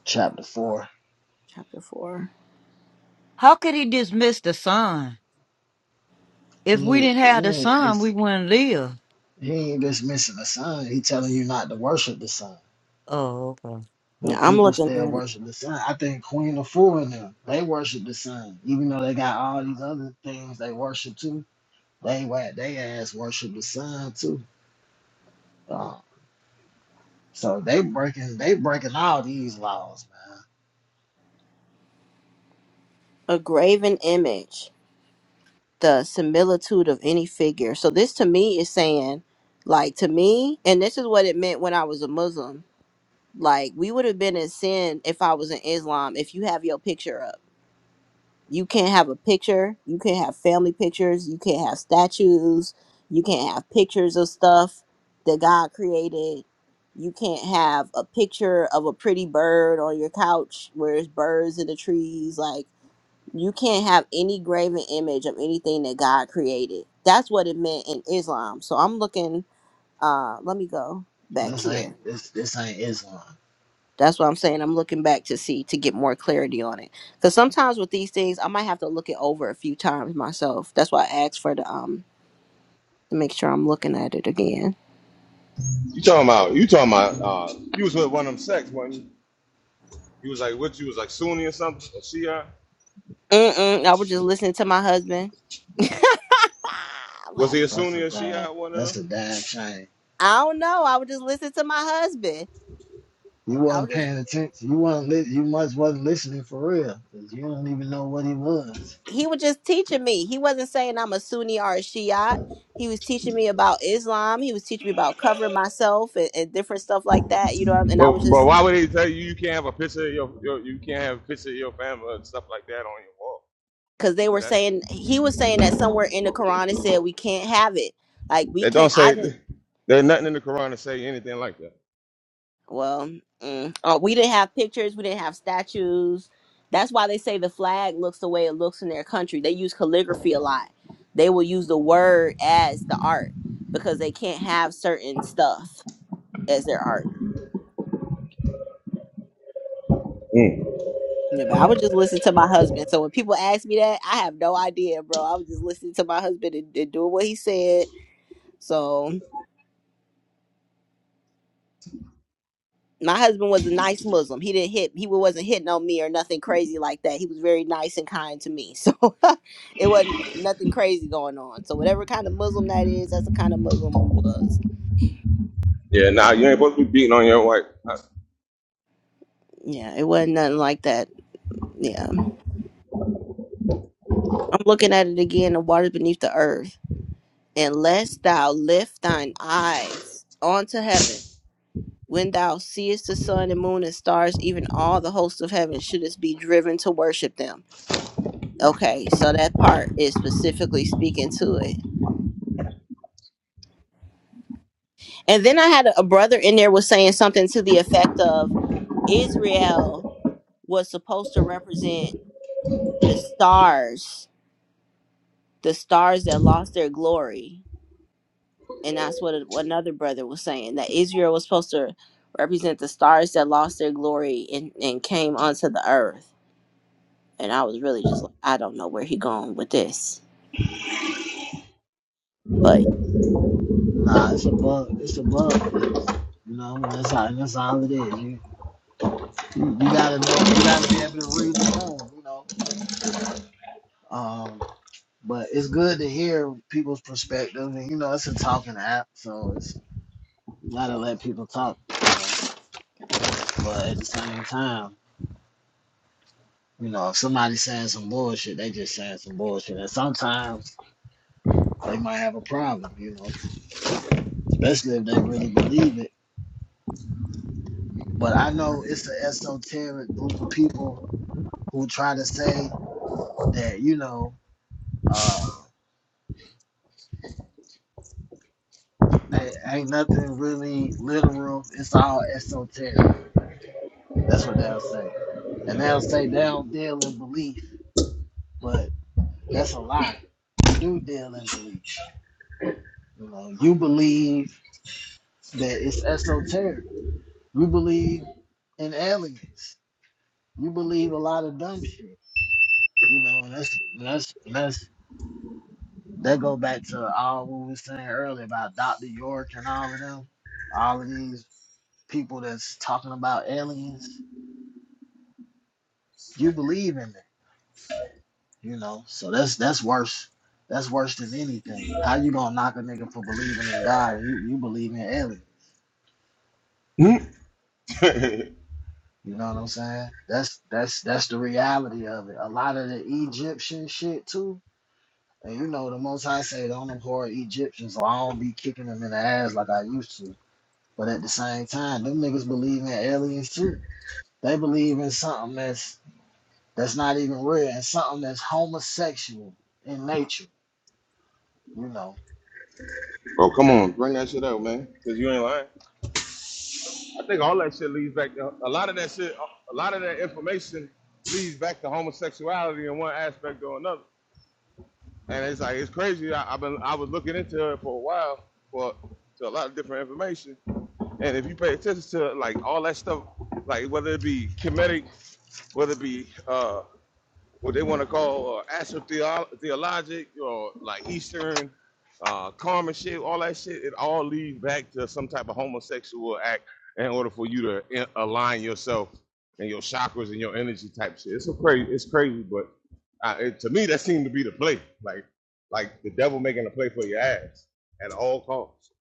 [SPEAKER 3] chapter four.
[SPEAKER 9] Chapter four.
[SPEAKER 2] How could he dismiss the son? If
[SPEAKER 3] He
[SPEAKER 2] we
[SPEAKER 3] ain't,
[SPEAKER 2] didn't have
[SPEAKER 3] he
[SPEAKER 2] the
[SPEAKER 3] ain't
[SPEAKER 2] son,
[SPEAKER 3] this.
[SPEAKER 2] we wouldn't live.
[SPEAKER 3] He ain't dismissing the sun. He telling you not to worship the sun.
[SPEAKER 2] Oh, okay.
[SPEAKER 9] Yeah,
[SPEAKER 3] But
[SPEAKER 9] I'm
[SPEAKER 3] people
[SPEAKER 9] looking
[SPEAKER 3] still
[SPEAKER 9] at it.
[SPEAKER 3] worship the sun. I think Queen of Four and them, they worship the sun. Even though they got all these other things they worship too They wa- they ass worship the sun too. Uh, so they breaking they breaking all these laws, man.
[SPEAKER 9] A graven image, the similitude of any figure. So this to me is saying, like to me, and this is what it meant when I was a Muslim. Like we would have been in sin if I was in Islam. If you have your picture up. you can't have a picture you can't have family pictures you can't have statues you can't have pictures of stuff that god created you can't have a picture of a pretty bird on your couch where it's birds in the trees like you can't have any graven image of anything that god created that's what it meant in islam so i'm looking uh let me go back
[SPEAKER 3] This
[SPEAKER 9] here
[SPEAKER 3] ain't this this ain't Islam.
[SPEAKER 9] that's what I'm saying. I'm looking back to see to get more clarity on it. Because sometimes with these things, I might have to look it over a few times myself. That's why I asked for the um to make sure I'm looking at it again.
[SPEAKER 8] you talking about you talking about uh you was with one of them sects, wasn't you? You was like what you was like Sunni or something or Shia?
[SPEAKER 9] Mm-mm, I was just listening to my husband.
[SPEAKER 8] Was he a
[SPEAKER 9] Laugher.
[SPEAKER 3] That's
[SPEAKER 8] Sunni
[SPEAKER 3] a
[SPEAKER 8] or
[SPEAKER 3] damn
[SPEAKER 8] Shia one of them?
[SPEAKER 3] that's a damn shame.
[SPEAKER 9] I don't know. I would just listen to my husband.
[SPEAKER 3] You
[SPEAKER 9] I was
[SPEAKER 3] wasn't
[SPEAKER 9] just
[SPEAKER 3] paying attention. You wasn't li- you much wasn't listening for real. 'cause you don't even know what he was.
[SPEAKER 9] he was just teaching me. He wasn't saying I'm a Sunni or a Shiite. He was teaching me about Islam. He was teaching me about covering myself and, and different stuff like that. You know, what I mean? and I
[SPEAKER 8] But
[SPEAKER 9] was
[SPEAKER 8] but
[SPEAKER 9] just
[SPEAKER 8] why would they tell you you can't have a picture of your, your you can't have a picture of your family and stuff like that on your wall?
[SPEAKER 9] because they
[SPEAKER 8] Because
[SPEAKER 9] were
[SPEAKER 8] That
[SPEAKER 9] saying he was saying that somewhere in the Quran it said we can't have it. Like we
[SPEAKER 8] They don't
[SPEAKER 9] can't. I
[SPEAKER 8] say
[SPEAKER 9] didn't.
[SPEAKER 8] there's nothing in the Quran to say anything like that.
[SPEAKER 9] Well, mm, uh, we didn't have pictures. We didn't have statues. That's why they say the flag looks the way it looks in their country. They use calligraphy a lot. They will use the word as the art because they can't have certain stuff as their art.
[SPEAKER 8] Mm.
[SPEAKER 9] Yeah, but I would just listen to my husband. So when people ask me that, I have no idea, bro. I was just listening to my husband and, and doing what he said. So. my husband was a nice Muslim. He didn't hit. He wasn't hitting on me or nothing crazy like that. He was very nice and kind to me. So it wasn't nothing crazy going on. So whatever kind of Muslim that is, that's the kind of Muslim we was.
[SPEAKER 8] Yeah, nah, you ain't supposed to be beating on your wife.
[SPEAKER 9] Yeah, it wasn't nothing like that. Yeah, I'm looking at it again. The waters beneath the earth, unless thou lift thine eyes onto heaven. When thou seest the sun and moon and stars, even all the hosts of heaven, shouldst be driven to worship them. Okay, so that part is specifically speaking to it And then I had a a brother in there was saying something to the effect of Israel was supposed to represent the stars, the stars that lost their glory. And that's what a- what another brother was saying that Israel was supposed to represent the stars that lost their glory and, and came onto the earth. And I was really just like, I don't know where he going with this. But
[SPEAKER 3] Nah, it's a bug it's a bug fix. You know that's all that's all it is. You you, you gotta know you gotta be able to read the room. You know. um. But it's good to hear people's perspective. And, you know, it's a talking app, so it's you gotta let people talk, you know. But at the same time, you know, if somebody's saying some bullshit, they just saying some bullshit. And sometimes they might have a problem, you know, especially if they really believe it. But I know it's an esoteric group of people who try to say that, you know, uh, ain't, ain't nothing really literal. It's all esoteric. That's what they'll say. And they'll say they don't deal in belief but that's a lie. You do deal in belief. You know, you believe that it's esoteric. You believe in aliens. You believe a lot of dumb shit. You know, and that's and that's and that's that go back to all what we was saying earlier about Dr. York and all of them, all of these people that's talking about aliens. You believe in it, you know. So that's that's worse. That's worse than anything. How you gonna knock a nigga for believing in God? and You you believe in aliens?
[SPEAKER 8] Hmm? oh,
[SPEAKER 3] You know what I'm saying? That's that's that's the reality of it. A lot of the Egyptian shit too. And you know the most I say don't abhor Egyptians, so I don't be kicking them in the ass like I used to. But at the same time, them niggas believe in aliens too. They believe in something that's that's not even real and something that's homosexual in nature. You know.
[SPEAKER 8] come on, bring that shit out, man. Cause you ain't lying. I think all that shit leads back to a lot of that shit. A lot of that information leads back to homosexuality in one aspect or another. And it's like it's crazy. I, I've been I was looking into it for a while for to a lot of different information. And if you pay attention to like all that stuff, like whether it be comedic, whether it be uh what they want to call uh, astrotheologic or like Eastern uh, karma shit, all that shit, it all leads back to some type of homosexual act in order for you to in- align yourself and your chakras and your energy type shit. It's a crazy, it's crazy, but uh, it, to me that seemed to be the play, like like the devil making a play for your ass at all costs.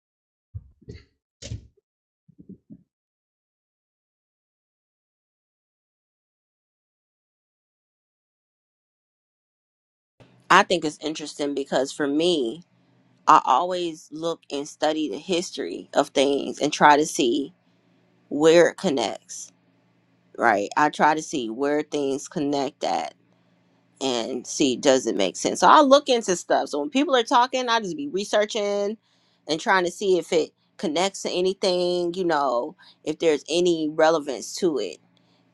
[SPEAKER 9] I think it's interesting because for me, I always look and study the history of things and try to see where it connects, right? I try to see where things connect at and see does it make sense. So I look into stuff. So when people are talking, I just be researching and trying to see if it connects to anything, you know, if there's any relevance to it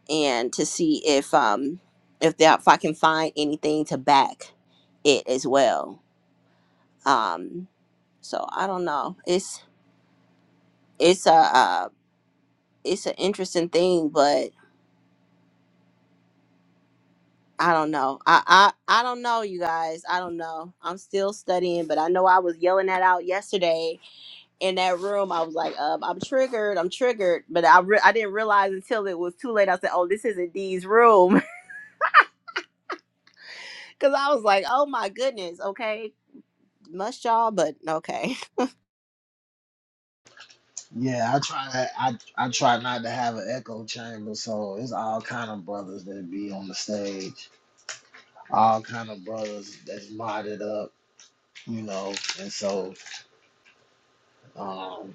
[SPEAKER 9] and to see if um if that if I can find anything to back it as well. Um so I don't know. It's it's a uh it's an interesting thing, but. I don't know. I, I I don't know, you guys. I don't know. I'm still studying, but I know I was yelling that out yesterday in that room. I was like, um, I'm triggered. I'm triggered, but I re- I didn't realize until it was too late. I said, oh, this isn't Dee's room, because I was like, oh my goodness. Okay, must y'all, but okay.
[SPEAKER 3] Yeah, I try to I I try not to have an echo chamber, so it's all kind of brothers that be on the stage. All kind of brothers that's modded up you know. And so, um,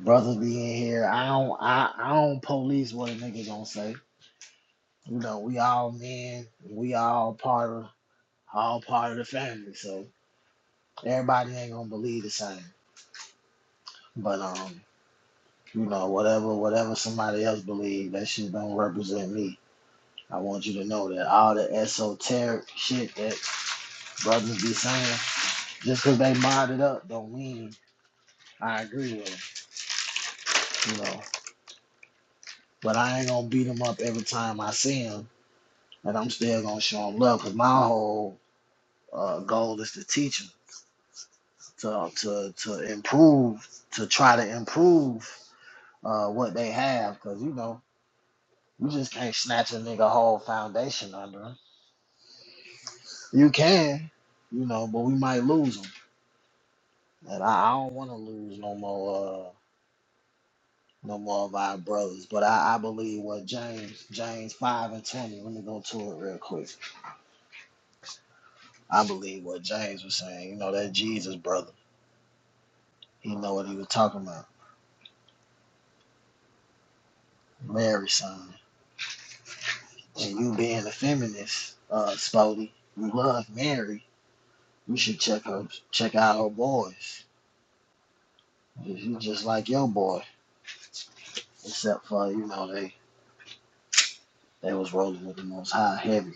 [SPEAKER 3] brothers be in here. I don't, I, I don't police what a nigga gonna say. You know, we all men. We all part of, all part of the family. So everybody ain't gonna believe the same. But um, you know, whatever, whatever somebody else believe, that shit don't represent me. I want you to know that all the esoteric shit that brothers be saying, just 'cause they modded up, don't mean I agree with them. You know, but I ain't gonna beat them up every time I see them. and I'm still gonna show them love because my whole uh, goal is to teach them to to to improve, to try to improve uh, what they have because you know you just can't snatch a nigga whole foundation under 'em. You can, you know, but we might lose them, and I, I don't want to lose no more. Uh, no more of our brothers, but I, I believe what James, James 5 and 20, let me go to it real quick. I believe what James was saying, you know, that Jesus brother, he know what he was talking about Mary son. And you being a feminist, uh, Spody, you love Mary. You should check her, check out her boys. You just like your boy, except for you know they they was rolling with the Most High heavy.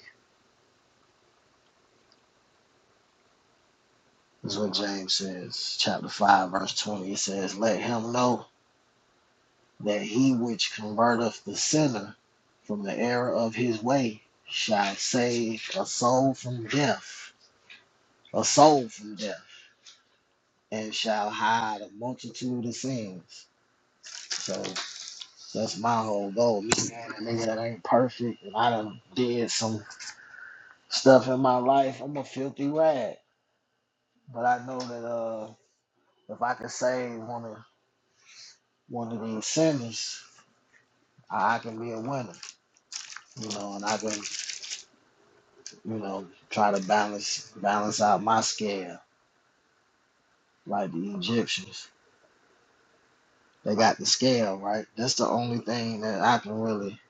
[SPEAKER 3] That's what James says, chapter five, verse twenty. It says, "Let him know that he which converteth the sinner from the error of his way shall save a soul from death, a soul from death, and shall hide a multitude of sins." So that's my whole goal. Me being a nigga that ain't perfect, and I done did some stuff in my life. I'm a filthy rag, but I know that uh, if I can save one of one of these sinners, I, I can be a winner. You know, and I can you know try to balance balance out my scale like the Egyptians. They got the scale right. That's the only thing that I can really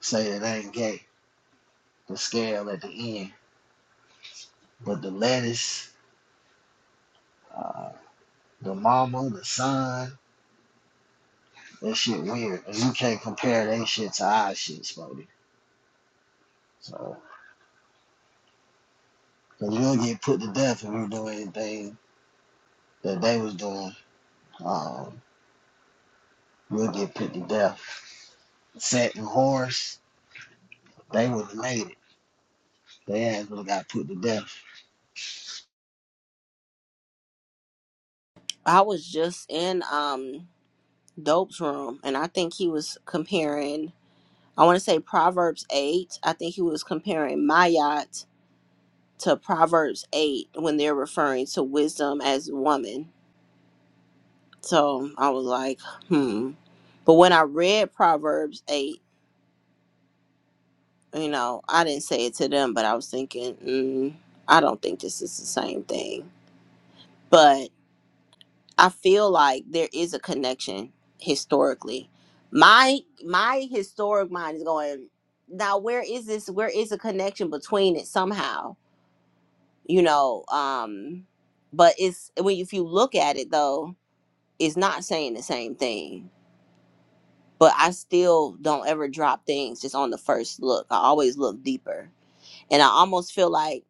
[SPEAKER 3] say that ain't gay. The scale at the end, but the lettuce. uh, The mama, the son, that shit weird. And you can't compare that shit to our shit, Spody. So, cause you'll get put to death if we do anything that they was doing. Um, you'll get put to death. Set and horse, they would have made it. They ass would have got put to death.
[SPEAKER 9] I was just in um Dope's room, and I think he was comparing. I want to say Proverbs eight. I think he was comparing Mayat to Proverbs 8 when they're referring to wisdom as woman. So I was like, hmm. But when I read Proverbs 8, you know, I didn't say it to them, but I was thinking, mm, I don't think this is the same thing. But I feel like there is a connection historically. My my historic mind is going, now where is this where is a connection between it somehow? You know, um but it's when if you look at it though, is not saying the same thing, but I still don't ever drop things just on the first look. I always look deeper. And I almost feel like,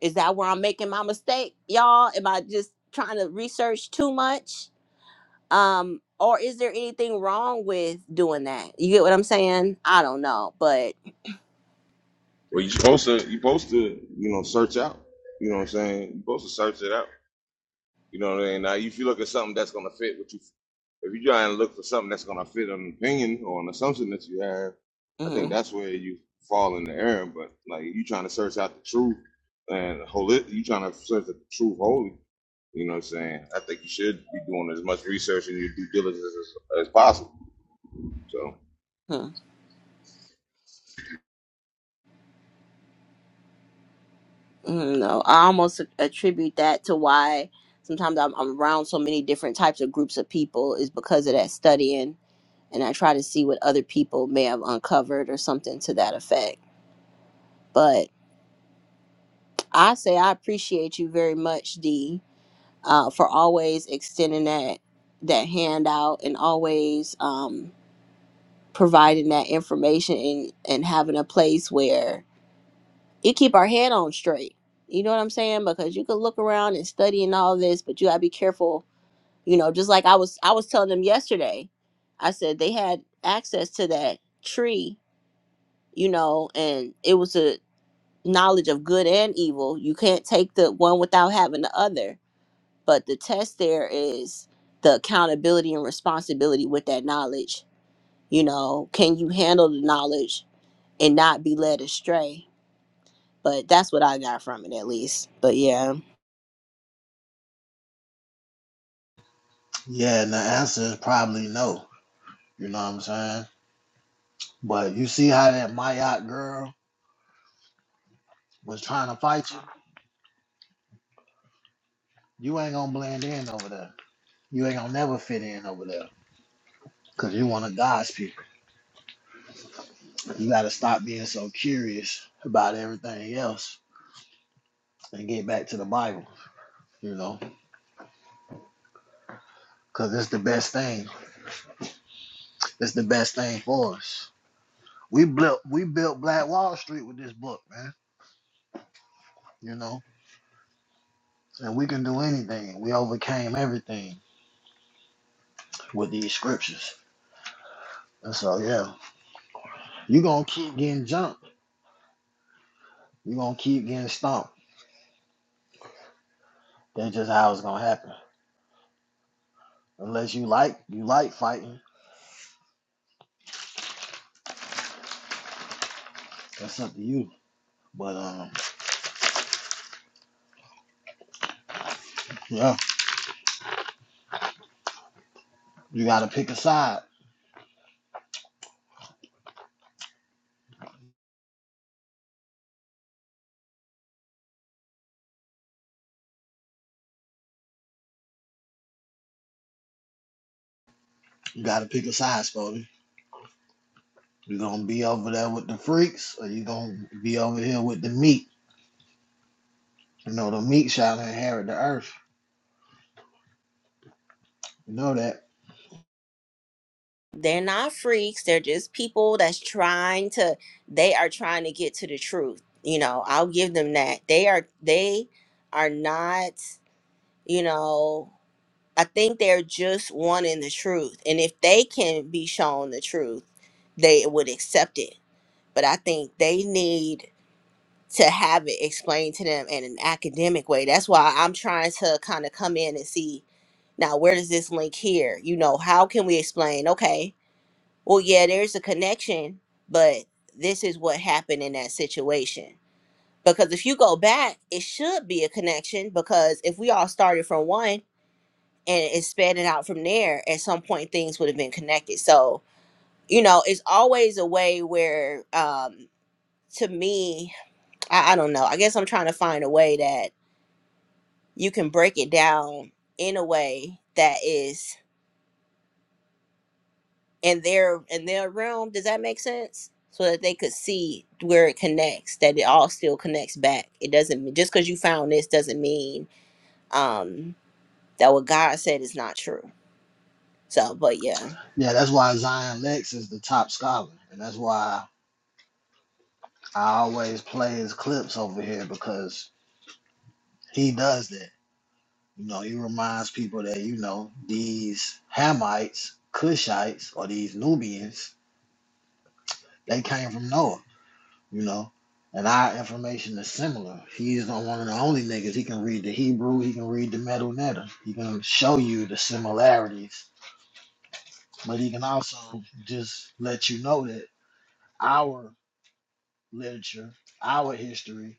[SPEAKER 9] is that where I'm making my mistake, y'all? Am I just trying to research too much? Um, or is there anything wrong with doing that? You get what I'm saying? I don't know, but
[SPEAKER 8] Well, you supposed to you supposed to you know search out. You know what I'm saying? You supposed to search it out. You know what I mean? Now, if you look at something that's gonna fit what you, if you try and look for something that's gonna fit an opinion or an assumption that you have, I think
[SPEAKER 9] mhm,
[SPEAKER 8] that's where you fall in the error. But like you trying to search out the truth and hold it, you trying to search the truth wholly. You know what I'm saying? I think you should be doing as much research and your due diligence as, as possible. So
[SPEAKER 9] mhm, mhm, no, I almost attribute that to why sometimes I'm, I'm around so many different types of groups of people is because of that studying and I try to see what other people may have uncovered or something to that effect. But I say I appreciate you very much, Dee, uh, for always extending that that hand out and always um, providing that information and, and having a place where you keep our head on straight. You know what I'm saying? Because you could look around and study and all this, but you gotta be careful. You know, just like I was I was telling them yesterday, I said they had access to that tree you know, and it was a knowledge of good and evil. You can't take the one without having the other. But the test there is the accountability and responsibility with that knowledge. You know, can you handle the knowledge and not be led astray? But that's what I got from it, at least. But yeah.
[SPEAKER 3] Yeah, and the answer is probably no. You know what I'm saying? But you see how that Mayotte girl was trying to fight you? You ain't gonna blend in over there. You ain't gonna never fit in over there. Cause you want a God's people. You got to stop being so curious about everything else and get back to the Bible, you know, because it's the best thing. It's the best thing for us. We built we built Black Wall Street with this book, man. You know, and we can do anything. We overcame everything with these scriptures. And so, yeah, you're gonna keep getting jumped. You're gonna keep getting stomped. That's just how it's gonna happen. Unless you like you like fighting, that's up to you. But um, yeah, you gotta pick a side. You gotta pick a side, Spody. You gonna be over there with the freaks, or you gonna be over here with the meat? You know, the meat shall inherit the earth. You know that.
[SPEAKER 9] They're not freaks. They're just people that's trying to, they are trying to get to the truth. You know, I'll give them that. They are, they are not, you know, I think they're just wanting the truth. And if they can be shown the truth, they would accept it. But I think they need to have it explained to them in an academic way. That's why I'm trying to kind of come in and see now where does this link here? You know, how can we explain? Okay, well, yeah, there's a connection, but this is what happened in that situation. Because if you go back, it should be a connection because if we all started from one, and expanding out from there at some point things would have been connected so you know it's always a way where um to me I, I don't know i guess i'm trying to find a way that you can break it down in a way that is in their in their realm does that make sense so that they could see where it connects that it all still connects back it doesn't just because you found this doesn't mean um that what god said is not true so but yeah
[SPEAKER 3] Yeah, that's why Zion Lex is the top scholar, and that's why I always play his clips over here because he does that. You know, he reminds people that you know these Hamites, Cushites, or these Nubians, they came from Noah. you know. And our information is similar. He's one of the only niggas. He can read the Hebrew. He can read the metal letter. He can show you the similarities, but he can also just let you know that our literature, our history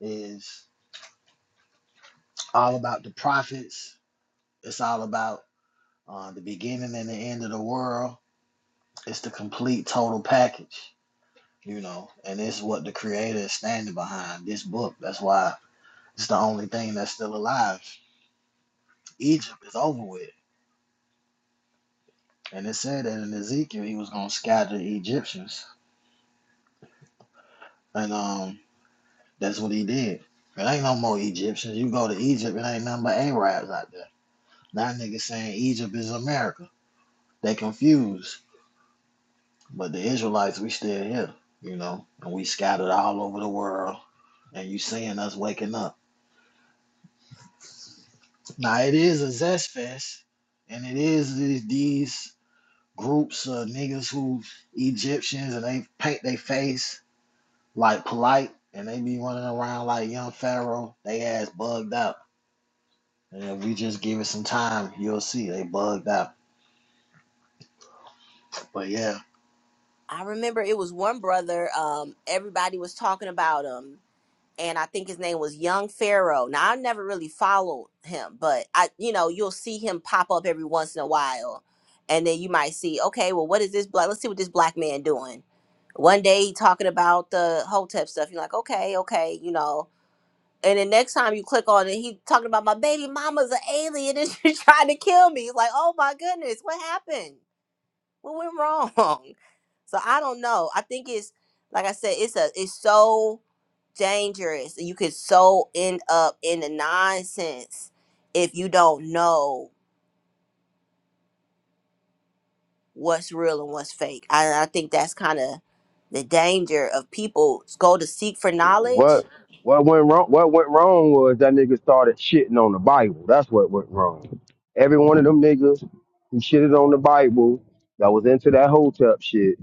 [SPEAKER 3] is all about the prophets. It's all about uh, the beginning and the end of the world. It's the complete total package, you know. And it's what the creator is standing behind. This book. That's why it's the only thing that's still alive. Egypt is over with. And it said that in Ezekiel he was gonna scatter the Egyptians. And um that's what he did. It ain't no more Egyptians. You go to Egypt, it ain't nothing but Arabs out there. Now niggas saying Egypt is America. They confused. But the Israelites, we still here, you know, and we scattered all over the world. And you seeing us waking up. Now it is a zest fest, and it is these, these groups of niggas who Egyptians and they paint their face like polite and they be running around like young Pharaoh, they ass bugged out. And if we just give it some time, you'll see they bugged out. But yeah,
[SPEAKER 9] I remember it was one brother. Um, everybody was talking about him, and I think his name was Young Pharaoh. Now I never really followed him, but I, you know, you'll see him pop up every once in a while, and then you might see, okay, well, what is this black? Let's see what this black man doing. One day he talking about the Hotep stuff. You're like, okay, okay, you know. And the next time you click on it, he talking about my baby mama's an alien and she's trying to kill me. It's like, oh my goodness, what happened? what went wrong? So I don't know. I think it's like I said, it's a it's so dangerous and you could so end up in the nonsense if you don't know what's real and what's fake. I, I think that's kind of the danger of people go to seek for knowledge.
[SPEAKER 5] What what went wrong? What went wrong was that nigga started shitting on the Bible. That's what went wrong. Every one of them niggas who shitted on the Bible that was into that hotep shit,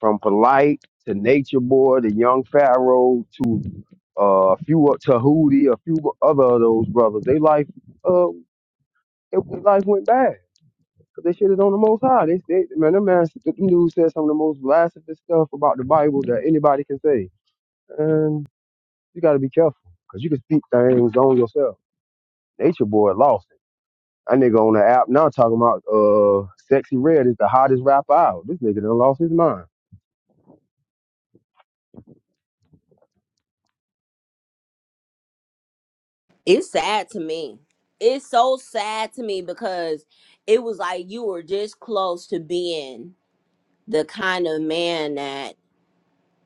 [SPEAKER 5] from polite to Nature Boy to Young Pharaoh to uh, a few of Tahuti, a few other of those brothers, they life uh it, life went bad because they shitted on the most high. They, they man, that man, them dudes said some of the most blasphemous stuff about the Bible that anybody can say. You got to be careful because you can speak things on yourself. Nature Boy lost it. That nigga on the app now talking about uh, Sexy Red is the hottest rapper out. This nigga done lost his mind.
[SPEAKER 9] It's sad to me. It's so sad to me because it was like you were just close to being the kind of man that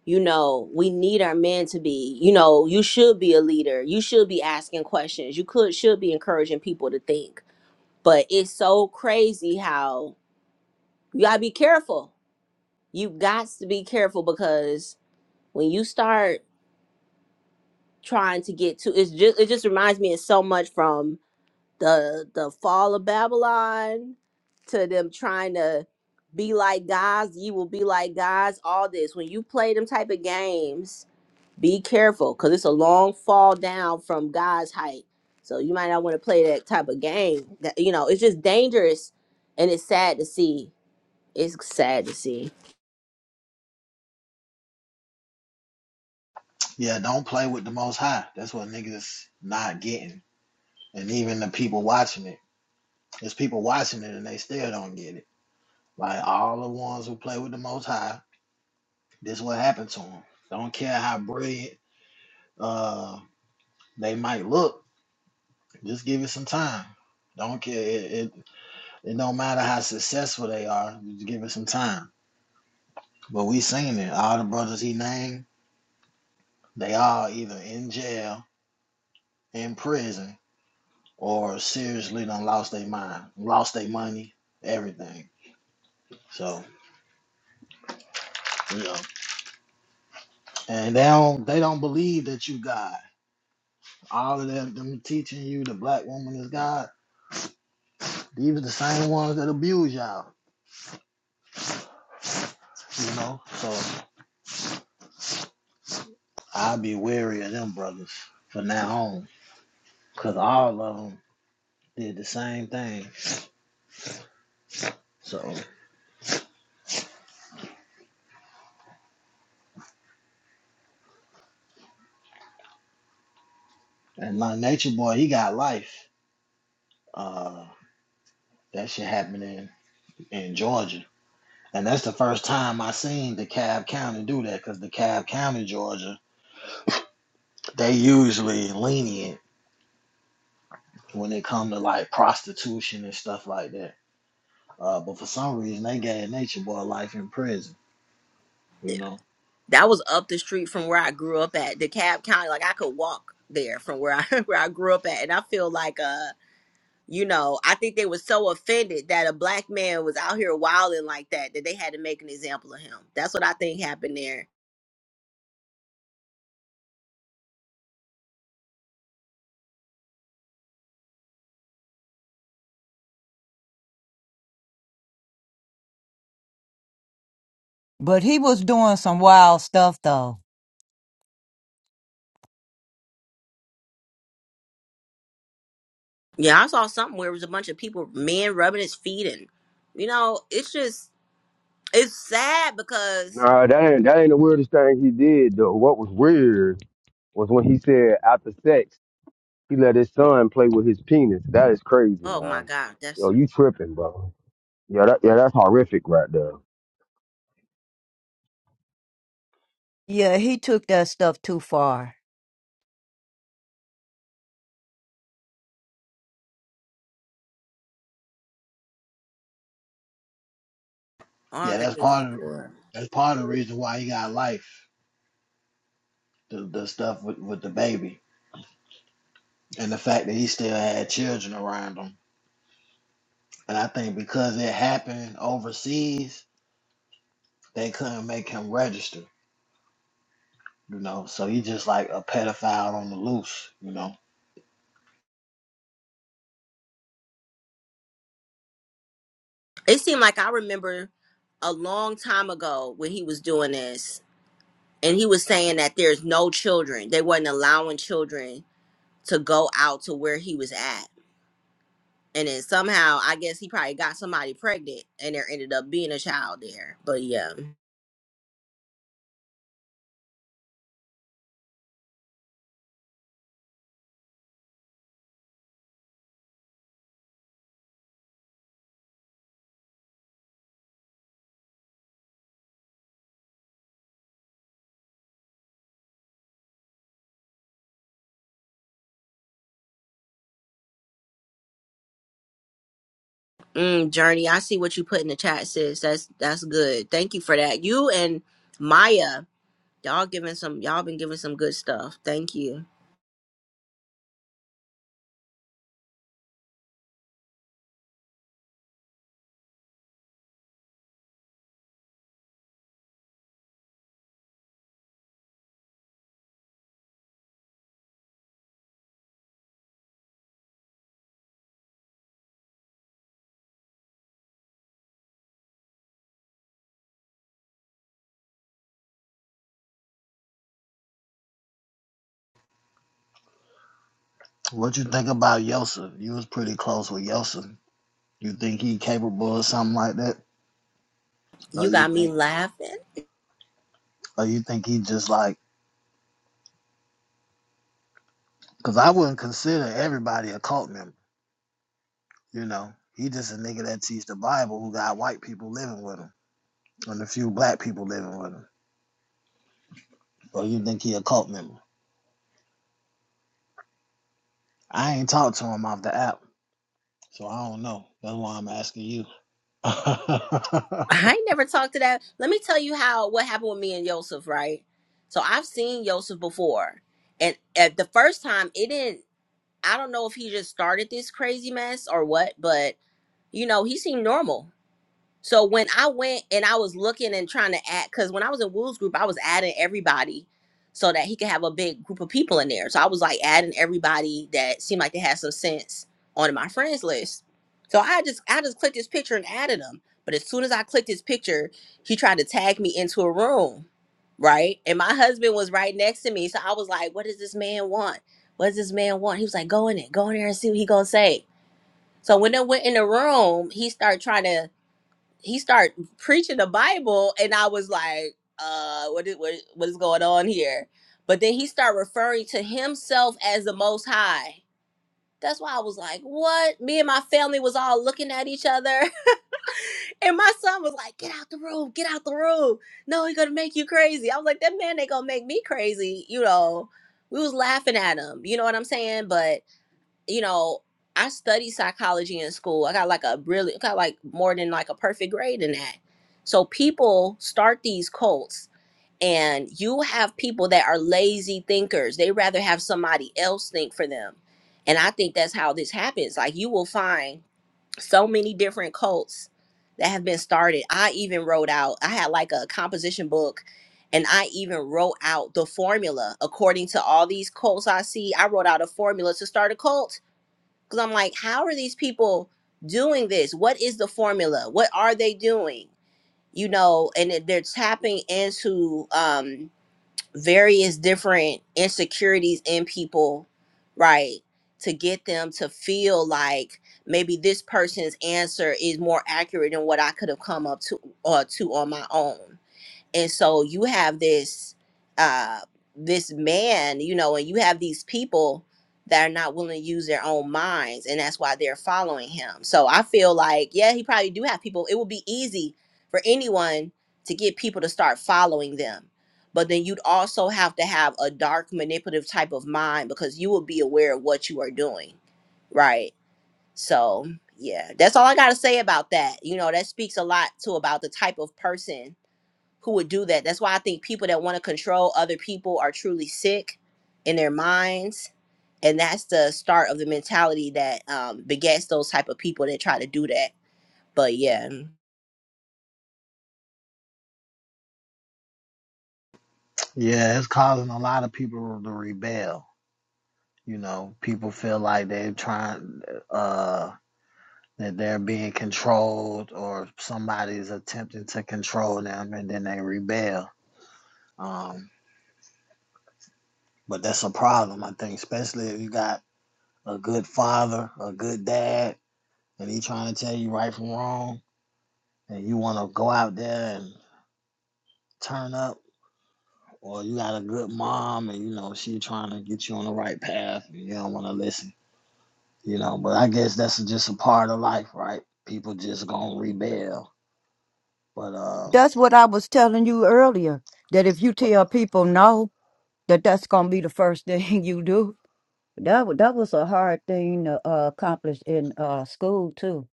[SPEAKER 9] you know we need our men to be you know you should be a leader you should be asking questions you could should be encouraging people to think but it's so crazy how you gotta be careful you got to be careful because when you start trying to get to it's just it just reminds me of so much from the the fall of babylon to them trying to be like gods. you will be like gods. all this when you play them type of games Be careful because it's a long fall down from God's height. So you might not want to play that type of game. That you know, it's just dangerous and it's sad to see. It's sad to see.
[SPEAKER 3] yeah, don't play with the most high. That's what niggas not getting. And even the people watching it. There's people watching it and they still don't get it. Like all the ones who play with the most high, this is what happened to them. Don't care how brilliant uh they might look, just give it some time. Don't care it, it, it don't matter how successful they are, just give it some time But we seen it. All the brothers he named, they all either in jail, in prison, or seriously done lost their mind, lost their money, everything. So, you know. And they don't they don't believe that you God. All of them, them teaching you the black woman is God, these are the same ones that abuse y'all. You know? So i be wary of them brothers from now on. Cause all of them did the same thing. So and my nature boy, he got life. Uh. That shit happened in, in Georgia. And that's the first time I seen the DeKalb County do that because DeKalb County, Georgia, they usually lenient when it come to like prostitution and stuff like that. Uh, but for some reason, they gave Nature Boy life in prison. You know,
[SPEAKER 9] That was up the street from where I grew up at, DeKalb County. Like I could walk there from where I where I grew up at. And I feel like uh you know, I think they were so offended that a black man was out here wilding like that that they had to make an example of him. That's what I think happened there
[SPEAKER 2] But he was doing some wild stuff though.
[SPEAKER 9] Yeah, I saw something where it was a bunch of people, men rubbing his feet, and you know, it's just it's sad because
[SPEAKER 5] Nah, that ain't that ain't the weirdest thing he did though. What was weird was when he said after sex he let his son play with his penis. That is crazy,
[SPEAKER 9] oh my
[SPEAKER 5] man.
[SPEAKER 9] god, that's
[SPEAKER 5] Yo, you tripping, bro? Yeah, that, yeah, that's horrific right there.
[SPEAKER 2] Yeah, he took that stuff too far.
[SPEAKER 9] all I
[SPEAKER 3] yeah,
[SPEAKER 9] could
[SPEAKER 3] that's
[SPEAKER 9] think of.
[SPEAKER 3] part of
[SPEAKER 9] for.
[SPEAKER 3] that's part of the reason why he got life. The the stuff with, with the baby and the fact that he still had children around him. And I think because it happened overseas, they couldn't make him register. You know, so he just like a pedophile on the loose. You know,
[SPEAKER 9] It seemed like I remember a long time ago when he was doing this, and he was saying that there's no children; they wasn't allowing children to go out to where he was at. And then somehow, I guess he probably got somebody pregnant, and there ended up being a child there. But yeah. Mm, Journey, I see what you put in the chat, sis. That's that's good. Thank you for that. You and Maya, y'all giving some y'all been giving some good stuff. Thank you.
[SPEAKER 3] what you think about Yosef? You was pretty close with Yosef. You think he capable of something like that, or
[SPEAKER 9] You
[SPEAKER 3] you
[SPEAKER 9] got me
[SPEAKER 3] think,
[SPEAKER 9] laughing.
[SPEAKER 3] or you think he just like? Because I wouldn't consider everybody a cult member. You know, he just a nigga that teach the Bible who got white people living with him and a few black people living with him. Or you think he a cult member? I ain't talked to him off the app, so I don't know. That's why I'm asking you.
[SPEAKER 9] I ain't never talked to that. Let me tell you how what happened with me and Yosef, right? So I've seen Yosef before. And at the first time it didn't I don't know if he just started this crazy mess or what, but you know, he seemed normal. So when I went and I was looking and trying to add, because when I was in Wool's group, I was adding everybody so that he could have a big group of people in there. So I was like adding everybody that seemed like they had some sense onto my friends list. So I just I just clicked his picture and added him. But as soon as I clicked his picture, he tried to tag me into a room, right? And my husband was right next to me, so I was like, "What does this man want? What does this man want?" He was like, "Go in it, go in there and see what he gonna say." So when I went in the room, he started trying to he started preaching the Bible, and I was like, uh, what is what, what is going on here? But then he started referring to himself as the Most High. That's why I was like, what? Me and my family was all looking at each other, and my son was like, get out the room, get out the room. No, he's gonna make you crazy. I was like, that man ain't gonna make me crazy. You know, we was laughing at him. You know what I'm saying? But you know, I studied psychology in school. I got like a really got like more than like a perfect grade in that. So people start these cults and you have people that are lazy thinkers. They rather have somebody else think for them. And I think that's how this happens. Like you will find so many different cults that have been started. I even wrote out I had like a composition book and I even wrote out the formula according to all these cults I see. I wrote out a formula to start a cult because I'm like, how are these people doing this? What is the formula? What are they doing? You know, and it- they're tapping into um, various different insecurities in people, right? To get them to feel like maybe this person's answer is more accurate than what I could have come up to uh, to on my own and so you have this uh this man you know and you have these people that are not willing to use their own minds and that's why they're following him so i feel like yeah he probably do have people it would be easy for anyone to get people to start following them but then you'd also have to have a dark manipulative type of mind because you will be aware of what you are doing right so yeah that's all i got to say about that you know that speaks a lot to about the type of person who would do that. That's why I think people that want to control other people are truly sick in their minds, and that's the start of the mentality that um, begets those type of people that try to do that. But yeah,
[SPEAKER 3] yeah, it's causing a lot of people to rebel You know, people feel like they're trying uh that they're being controlled or somebody's attempting to control them and then they rebel. Um, but that's a problem, I think, especially if you got a good father, a good dad, and he trying to tell you right from wrong and you wanna go out there and turn up or you got a good mom and you know she trying to get you on the right path and you don't wanna listen. you know. But I guess that's just a part of life, right? People just gonna rebel. But uh,
[SPEAKER 2] That's what I was telling you earlier. That if you tell people no, that that's gonna be the first thing you do. That wa- that was a hard thing to uh, accomplish in uh, school too.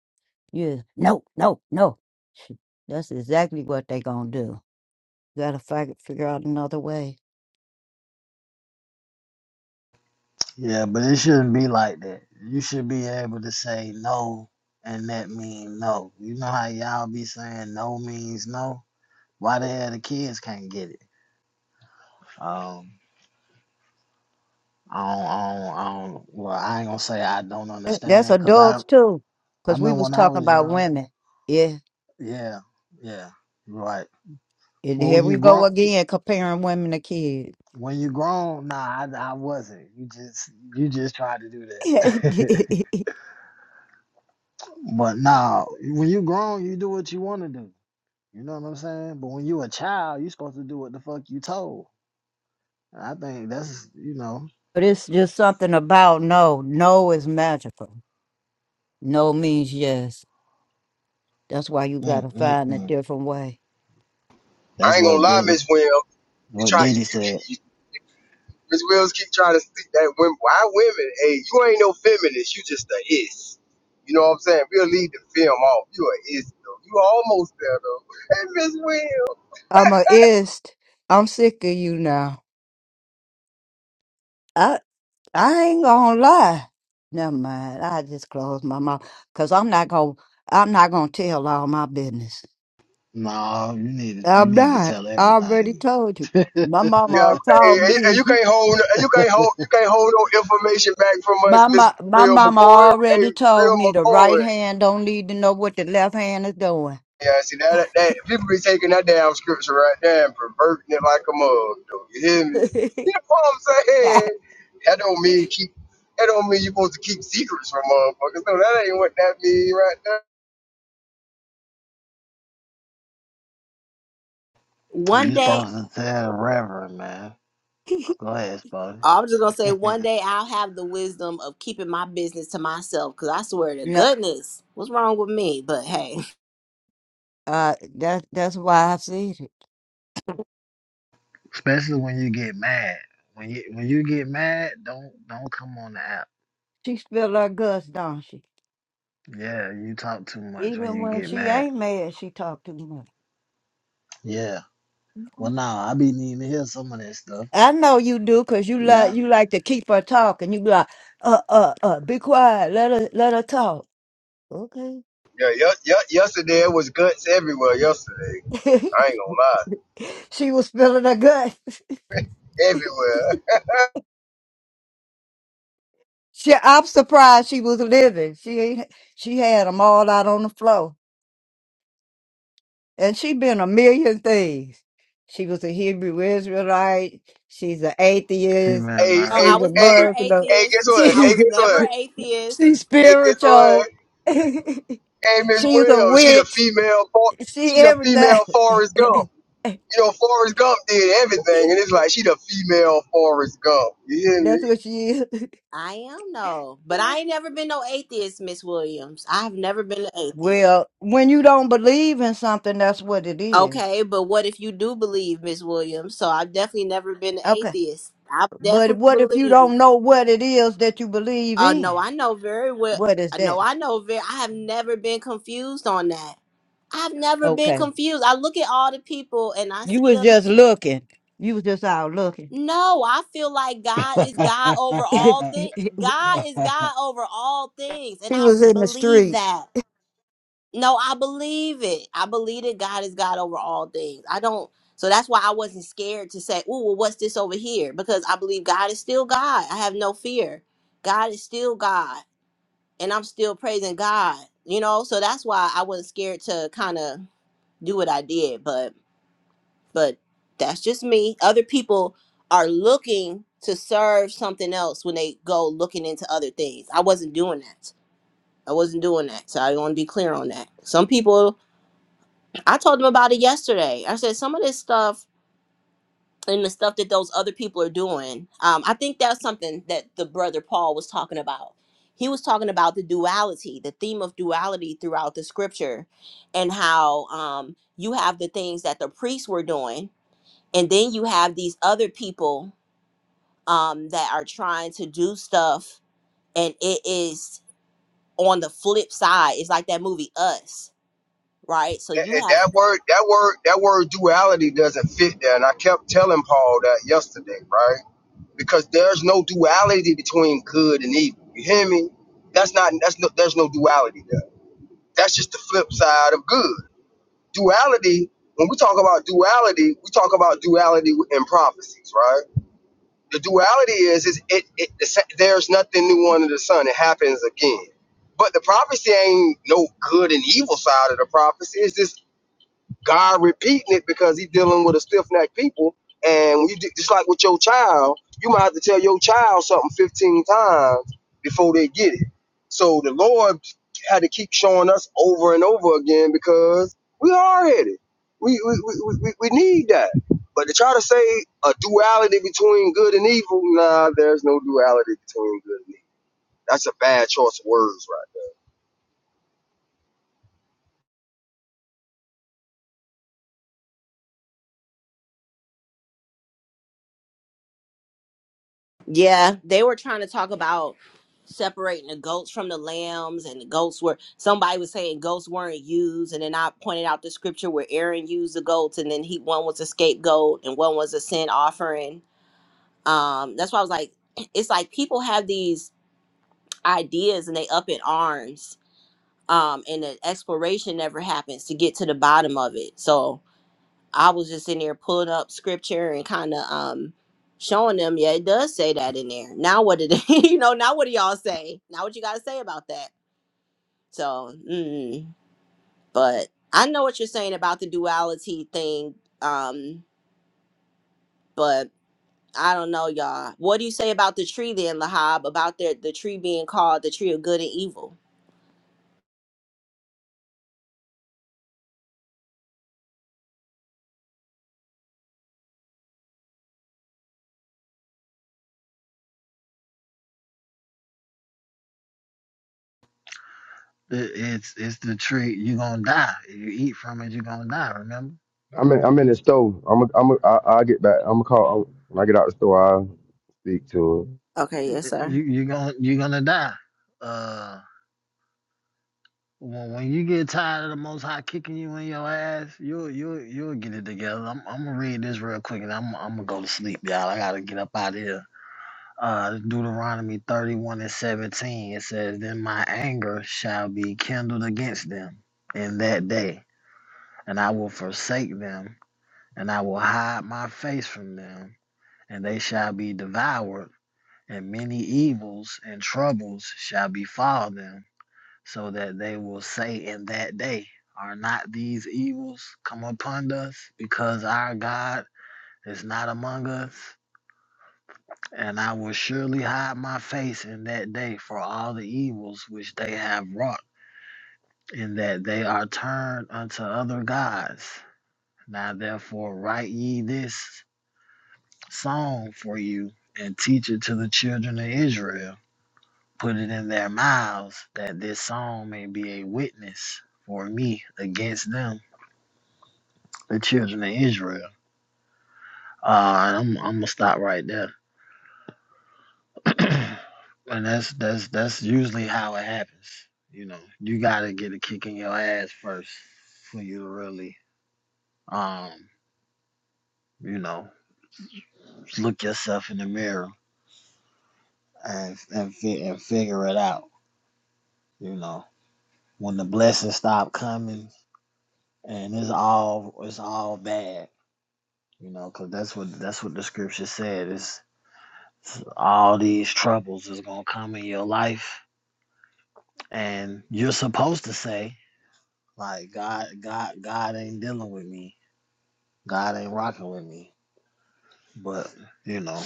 [SPEAKER 2] Yeah, no, no, no. That's exactly what they gonna do. Gotta fi- figure out another way.
[SPEAKER 3] yeah, but it shouldn't be like that. You should be able to say no, and that mean no. You know how y'all be saying no means no. Why the hell the kids can't get it? Um, I don't, I don't, I don't. Well, I ain't gonna say I don't
[SPEAKER 2] That's
[SPEAKER 3] understand, cause I,
[SPEAKER 2] adults too,
[SPEAKER 3] I
[SPEAKER 2] because we
[SPEAKER 3] remember
[SPEAKER 2] was
[SPEAKER 3] when I
[SPEAKER 2] talking
[SPEAKER 3] was
[SPEAKER 2] about
[SPEAKER 3] young.
[SPEAKER 2] women. Yeah,
[SPEAKER 3] Yeah, yeah, right.
[SPEAKER 2] and
[SPEAKER 3] Well,
[SPEAKER 2] here
[SPEAKER 3] when
[SPEAKER 2] we
[SPEAKER 3] you
[SPEAKER 2] go
[SPEAKER 3] grow
[SPEAKER 2] again comparing women to kids.
[SPEAKER 3] When you grown, nah, I, I wasn't. You just you just tried to do
[SPEAKER 2] but
[SPEAKER 3] that. but nah, when you grown, you do what you want to do. You know what I'm saying? But when you a child, you supposed to do what the fuck you told. And I think that's you know,
[SPEAKER 2] it's just something about no. No is magical. No means yes. That's why you
[SPEAKER 3] mm,
[SPEAKER 2] gotta
[SPEAKER 3] mm,
[SPEAKER 2] find a
[SPEAKER 3] mm.
[SPEAKER 2] different way.
[SPEAKER 5] I
[SPEAKER 3] that's
[SPEAKER 5] ain't gonna
[SPEAKER 3] what
[SPEAKER 5] lie,
[SPEAKER 3] Diddy
[SPEAKER 5] Miss Wim. You
[SPEAKER 3] what
[SPEAKER 5] try
[SPEAKER 3] Diddy said.
[SPEAKER 5] you, Miss Wills keep trying to stick that women. Why women? Hey, you ain't no feminist. You just a is. You know what I'm saying? We'll leave the film off. You a is though. You almost there though. Hey, Miss Wills.
[SPEAKER 2] I'm a ist. I'm sick of you now. I I ain't gonna lie. Never mind. I just close my mouth because I'm not gonna I'm not gonna tell all my business.
[SPEAKER 3] No, you need to you
[SPEAKER 2] I'm
[SPEAKER 3] need to
[SPEAKER 2] not.
[SPEAKER 3] tell
[SPEAKER 2] I already
[SPEAKER 3] everything.
[SPEAKER 2] told you. My
[SPEAKER 5] Yeah.
[SPEAKER 2] mama
[SPEAKER 5] Hey,
[SPEAKER 2] told
[SPEAKER 5] and you, and
[SPEAKER 2] me.
[SPEAKER 5] you can't hold. and You can't hold. You can't hold no information back from us,
[SPEAKER 2] My,
[SPEAKER 5] Miss
[SPEAKER 2] ma- my
[SPEAKER 5] Real
[SPEAKER 2] mama
[SPEAKER 5] McCoy. Hey,
[SPEAKER 2] already told
[SPEAKER 5] Real
[SPEAKER 2] me the right
[SPEAKER 5] McCoy.
[SPEAKER 2] hand don't need to know what the left hand is doing.
[SPEAKER 5] Yeah, see that that people be taking that damn scripture right there and perverting it like a mug. Though you hear me? You know what I'm saying? That don't mean keep. That don't mean you're supposed to keep secrets from motherfuckers. No, that ain't what that mean right there.
[SPEAKER 3] You
[SPEAKER 9] one day
[SPEAKER 3] supposed to tell Reverend man. Go ahead, Spotty.
[SPEAKER 9] I'm just gonna say one day I'll have the wisdom of keeping my business to myself because I swear to
[SPEAKER 2] no,
[SPEAKER 9] goodness, what's wrong with me? But hey,
[SPEAKER 2] uh, that, that's why I said it.
[SPEAKER 3] Especially when you get mad. When you when you get mad, don't don't come on the app.
[SPEAKER 2] She spill her guts, don't she?
[SPEAKER 3] Yeah, you talk too much when
[SPEAKER 2] Even
[SPEAKER 3] you
[SPEAKER 2] when
[SPEAKER 3] get
[SPEAKER 2] she
[SPEAKER 3] mad.
[SPEAKER 2] ain't mad, she talk too much.
[SPEAKER 3] Yeah. Well, now I be needing to hear some of that stuff.
[SPEAKER 2] I know you do, cause you like
[SPEAKER 3] Yeah.
[SPEAKER 2] you like to keep her talking. You be like, uh, uh, uh, be quiet. Let her let her talk. Okay.
[SPEAKER 5] Yeah, y- y- yesterday it was guts everywhere. Yesterday, I ain't gonna lie,
[SPEAKER 2] she was spilling her guts.
[SPEAKER 5] everywhere.
[SPEAKER 2] She, I'm surprised she was living. She she had them all out on the floor, and she been a million things. She was a Hebrew Israelite. She's an
[SPEAKER 3] See,
[SPEAKER 2] atheist.
[SPEAKER 3] man,
[SPEAKER 5] Hey,
[SPEAKER 9] no,
[SPEAKER 3] uh,
[SPEAKER 9] I
[SPEAKER 2] She's
[SPEAKER 5] hey,
[SPEAKER 2] a
[SPEAKER 9] was
[SPEAKER 5] hey,
[SPEAKER 9] never
[SPEAKER 2] Muslim.
[SPEAKER 5] hey,
[SPEAKER 9] atheist.
[SPEAKER 5] guess what?
[SPEAKER 9] I
[SPEAKER 5] Hey,
[SPEAKER 2] She's
[SPEAKER 9] was
[SPEAKER 5] guess
[SPEAKER 9] never
[SPEAKER 5] what?
[SPEAKER 9] atheist.
[SPEAKER 2] she's
[SPEAKER 5] Hey, guess
[SPEAKER 2] spiritual.
[SPEAKER 5] what? Hey, Miss
[SPEAKER 2] she's a
[SPEAKER 5] Williams, she the
[SPEAKER 2] witch.
[SPEAKER 5] female, for-
[SPEAKER 2] She
[SPEAKER 5] she the
[SPEAKER 2] everything.
[SPEAKER 5] female Forrest Gump. You know, Forrest Gump did everything, and it's like she the female Forrest Gump. You hear
[SPEAKER 2] that's
[SPEAKER 5] me?
[SPEAKER 2] what she is.
[SPEAKER 9] I am no, but I ain't never been no atheist, Miss Williams. I've never been an atheist.
[SPEAKER 2] Well, when you don't believe in something, that's what it is.
[SPEAKER 9] Okay, but what if you do believe, Miss Williams? So I've definitely never been an
[SPEAKER 2] Okay.
[SPEAKER 9] atheist. I've
[SPEAKER 2] But
[SPEAKER 9] definitely
[SPEAKER 2] what if you
[SPEAKER 9] believed.
[SPEAKER 2] don't know what it is that you believe
[SPEAKER 9] Oh
[SPEAKER 2] in?
[SPEAKER 9] no, I know very well.
[SPEAKER 2] What is
[SPEAKER 9] I know
[SPEAKER 2] that?
[SPEAKER 9] I know very. I have never been confused on that. I've never been
[SPEAKER 2] Okay.
[SPEAKER 9] confused. I look at all the people and I
[SPEAKER 2] You
[SPEAKER 9] see
[SPEAKER 2] was
[SPEAKER 9] them.
[SPEAKER 2] just looking. You was just out looking.
[SPEAKER 9] No, I feel like God is
[SPEAKER 3] it,
[SPEAKER 9] God over
[SPEAKER 2] she
[SPEAKER 9] all things. God is God over all things, and I
[SPEAKER 2] was in the
[SPEAKER 9] believe
[SPEAKER 2] streets.
[SPEAKER 9] that. No, I believe it. I believe that God is God over all things. I don't. So that's why I wasn't scared to say, "Oh, well, what's this over here?" Because I believe God is still God. I have no fear. God is still God, and I'm still praising God. You know, so that's why I wasn't scared to kind of do what I did. But, but that's just me. Other people are looking to serve something else when they go looking into other things. I wasn't doing that. I wasn't doing that. So I want to be clear on that. Some people I told him about it yesterday. I said some of this stuff and the stuff that those other people are doing. Um, I think that's something that the brother Paul was talking about. He was talking about the duality, the theme of duality throughout the scripture, and how um, you have the things that the priests were doing, and then you have these other people um, that are trying to do stuff, and it is on the flip side. It's like that movie Us, right? So
[SPEAKER 5] that,
[SPEAKER 9] you
[SPEAKER 5] that
[SPEAKER 9] have
[SPEAKER 5] word that word that word duality doesn't fit there and i kept telling paul that yesterday right because there's no duality between good and evil you hear me that's not that's no there's no duality there that's just the flip side of good duality when we talk about duality we talk about duality in prophecies right the duality is is it, it the, sa- there's nothing new under the sun it happens again but the prophecy ain't no good and evil side of the prophecy. It's this. God repeating it because he's dealing with a stiff necked people. And when you do, just like with your child, you might have to tell your child something 15 times before they get it. So the Lord had to keep showing us over and over again because we are headed. We, we, we, we, we need that. But to try to say a duality between good and evil, nah, there's no duality between good and evil. That's a bad choice of words, right?
[SPEAKER 9] Yeah, they were trying to talk about separating the goats from the lambs, and the goats were somebody was saying goats weren't used, and then I pointed out the scripture where Aaron used the goats, and then he one was a scapegoat and one was a sin offering. Um, that's why I was like, it's like people have these ideas and they up in arms, um, and the exploration never happens to get to the bottom of it. So I was just in there pulling up scripture and kind of um showing them, yeah, it does say that in there. Now what did you know? Now what do y'all say? Now what you got to say about that? So, mm, but I know what you're saying about the duality thing. Um, but I don't know, y'all. What do you say about the tree then, Lahab? About the the tree being called the tree of good and evil?
[SPEAKER 3] it's it's the tree. you gonna die. If you eat from it, you gonna die. Remember,
[SPEAKER 5] I'm in, I'm in the store. I'm a, I'm a, I, I'll get back. I'm gonna call when I get out the store. I'll speak to her.
[SPEAKER 9] Okay, yes,
[SPEAKER 3] you
[SPEAKER 9] sir.
[SPEAKER 3] you gonna you gonna die. Uh, when, when you get tired of the Most High kicking you in your ass, you'll you'll you'll get it together. I'm I'm gonna read this real quick and I'm I'm gonna go to sleep, y'all. I gotta get up out of here. uh, Deuteronomy 31 and 17, it says, Then my anger shall be kindled against them in that day, and I will forsake them, and I will hide my face from them, and they shall be devoured, and many evils and troubles shall befall them, so that they will say in that day, Are not these evils come upon us, because our God is not among us? And I will surely hide my face in that day for all the evils which they have wrought, in that they are turned unto other gods. Now therefore write ye this song for you, and teach it to the children of Israel. Put it in their mouths, that this song may be a witness for me against them, the children of Israel. Uh, and I'm, I'm gonna stop right there. and that's that's that's usually how it happens. You know, you gotta get a kick in your ass first for you to really, um, you know, look yourself in the mirror and and, fi- and figure it out. You know, when the blessings stop coming and it's all it's all bad. You know, 'cause that's what that's what the scripture said. It's, it's all these troubles is gonna come in your life, and you're supposed to say Like God, God, God ain't dealing with me. God ain't rocking with me. But you know,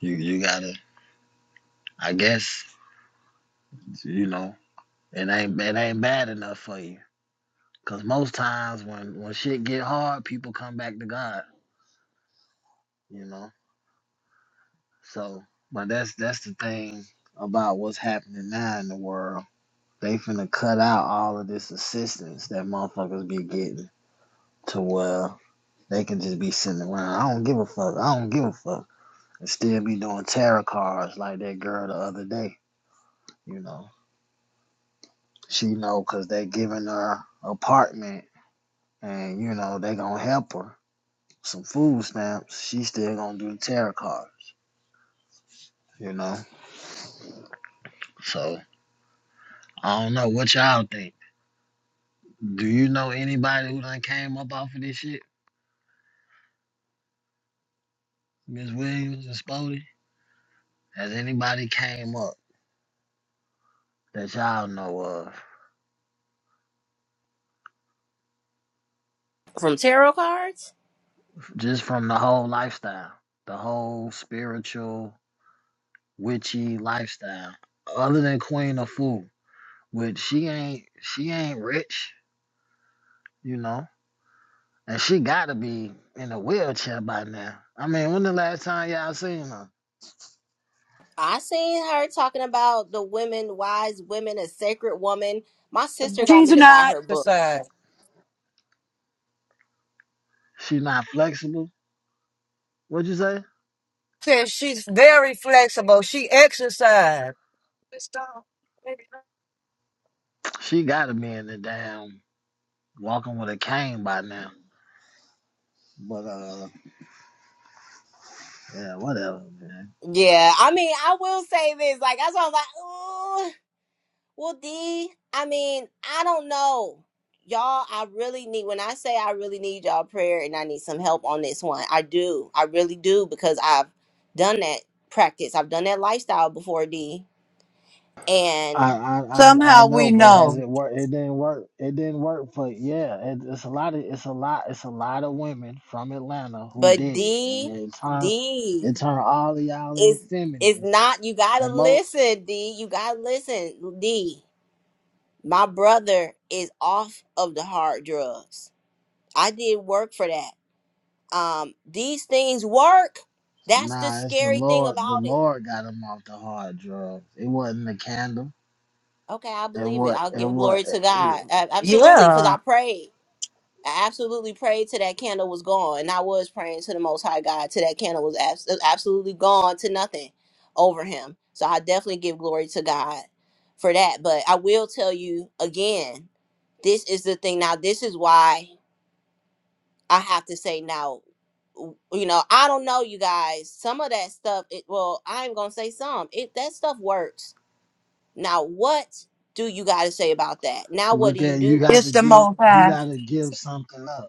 [SPEAKER 3] you you gotta. I guess you know it ain't it ain't bad enough for you. Cause most times when when shit get hard, people come back to God. You know. So, but that's that's the thing about what's happening now in the world. They finna cut out all of this assistance that motherfuckers be getting to where they can just be sitting around. I don't give a fuck. I don't give a fuck. and still be doing tarot cards like that girl the other day. You know, she know 'cause they giving her apartment, and you know they gonna help her some food stamps. She still gonna do the tarot cards. You know, so I don't know what y'all think. Do you know anybody who done came up off of this shit, Miss Williams and Spody? Has anybody came up that y'all know of
[SPEAKER 9] From tarot cards.
[SPEAKER 3] just from the whole lifestyle, the whole spiritual? witchy lifestyle. Other than Queen of Fool, which she ain't she ain't rich, you know. And she gotta be in a wheelchair by now. I mean, when the last time y'all seen her?
[SPEAKER 9] I seen her talking about the women, wise women, a sacred woman. My sister got
[SPEAKER 2] She's
[SPEAKER 9] me to buy
[SPEAKER 2] not
[SPEAKER 9] her book.
[SPEAKER 2] exercise.
[SPEAKER 3] She not flexible. What'd you say?
[SPEAKER 2] Says she's very flexible. She exercise.
[SPEAKER 3] She gotta be in the damn walking with a cane by now. But uh yeah, whatever, man.
[SPEAKER 9] Yeah, I mean, I will say this. Like, that's why I was like, ooh, well, D, I mean, I don't know. Y'all, I really need, when I say I really need y'all prayer and I need some help on this one, I do. I really do because I've done that practice. I've done that lifestyle before, D.
[SPEAKER 3] I,
[SPEAKER 9] And,
[SPEAKER 3] I I I
[SPEAKER 2] Somehow we
[SPEAKER 3] know, but has
[SPEAKER 2] know.
[SPEAKER 3] it worked? It didn't work. It didn't work for yeah. It, it's a lot of it's a lot it's a lot of women from Atlanta who
[SPEAKER 9] but
[SPEAKER 3] did it, and
[SPEAKER 9] D,
[SPEAKER 3] it turned
[SPEAKER 9] D.
[SPEAKER 3] it turned all of y'all into
[SPEAKER 9] It's it's
[SPEAKER 3] feminists.
[SPEAKER 9] not you gotta
[SPEAKER 3] And mo
[SPEAKER 9] listen, D. You gotta listen. D, my brother is off of the hard drugs. I did work for that. Um, these things work. That's the
[SPEAKER 3] nah, it's the
[SPEAKER 9] scary thing
[SPEAKER 3] Lord. The
[SPEAKER 9] about it.
[SPEAKER 3] Lord got them off the hard drugs. It wasn't the candle.
[SPEAKER 9] Okay, I
[SPEAKER 3] And
[SPEAKER 9] believe it.
[SPEAKER 3] what
[SPEAKER 9] I'll give
[SPEAKER 3] and what?
[SPEAKER 9] glory to God. A- Absolutely, because
[SPEAKER 2] Yeah,
[SPEAKER 9] I prayed. I absolutely prayed till that candle was gone, and I was praying to the Most High God till that candle was abs- uh, absolutely gone to nothing over him. So I definitely give glory to God for that. But I will tell you again, this is the thing. Now, this is why I have to say now. w- You know, I don't know, you guys. Some of that stuff. It well, I'm gonna say some. It that stuff works. Now, what do you guys say about that? Now, what do
[SPEAKER 3] Look
[SPEAKER 9] you
[SPEAKER 3] at you.
[SPEAKER 9] do?
[SPEAKER 3] Got
[SPEAKER 2] it's
[SPEAKER 3] to
[SPEAKER 2] the
[SPEAKER 3] give
[SPEAKER 2] most
[SPEAKER 3] you
[SPEAKER 2] high.
[SPEAKER 3] got to give something up.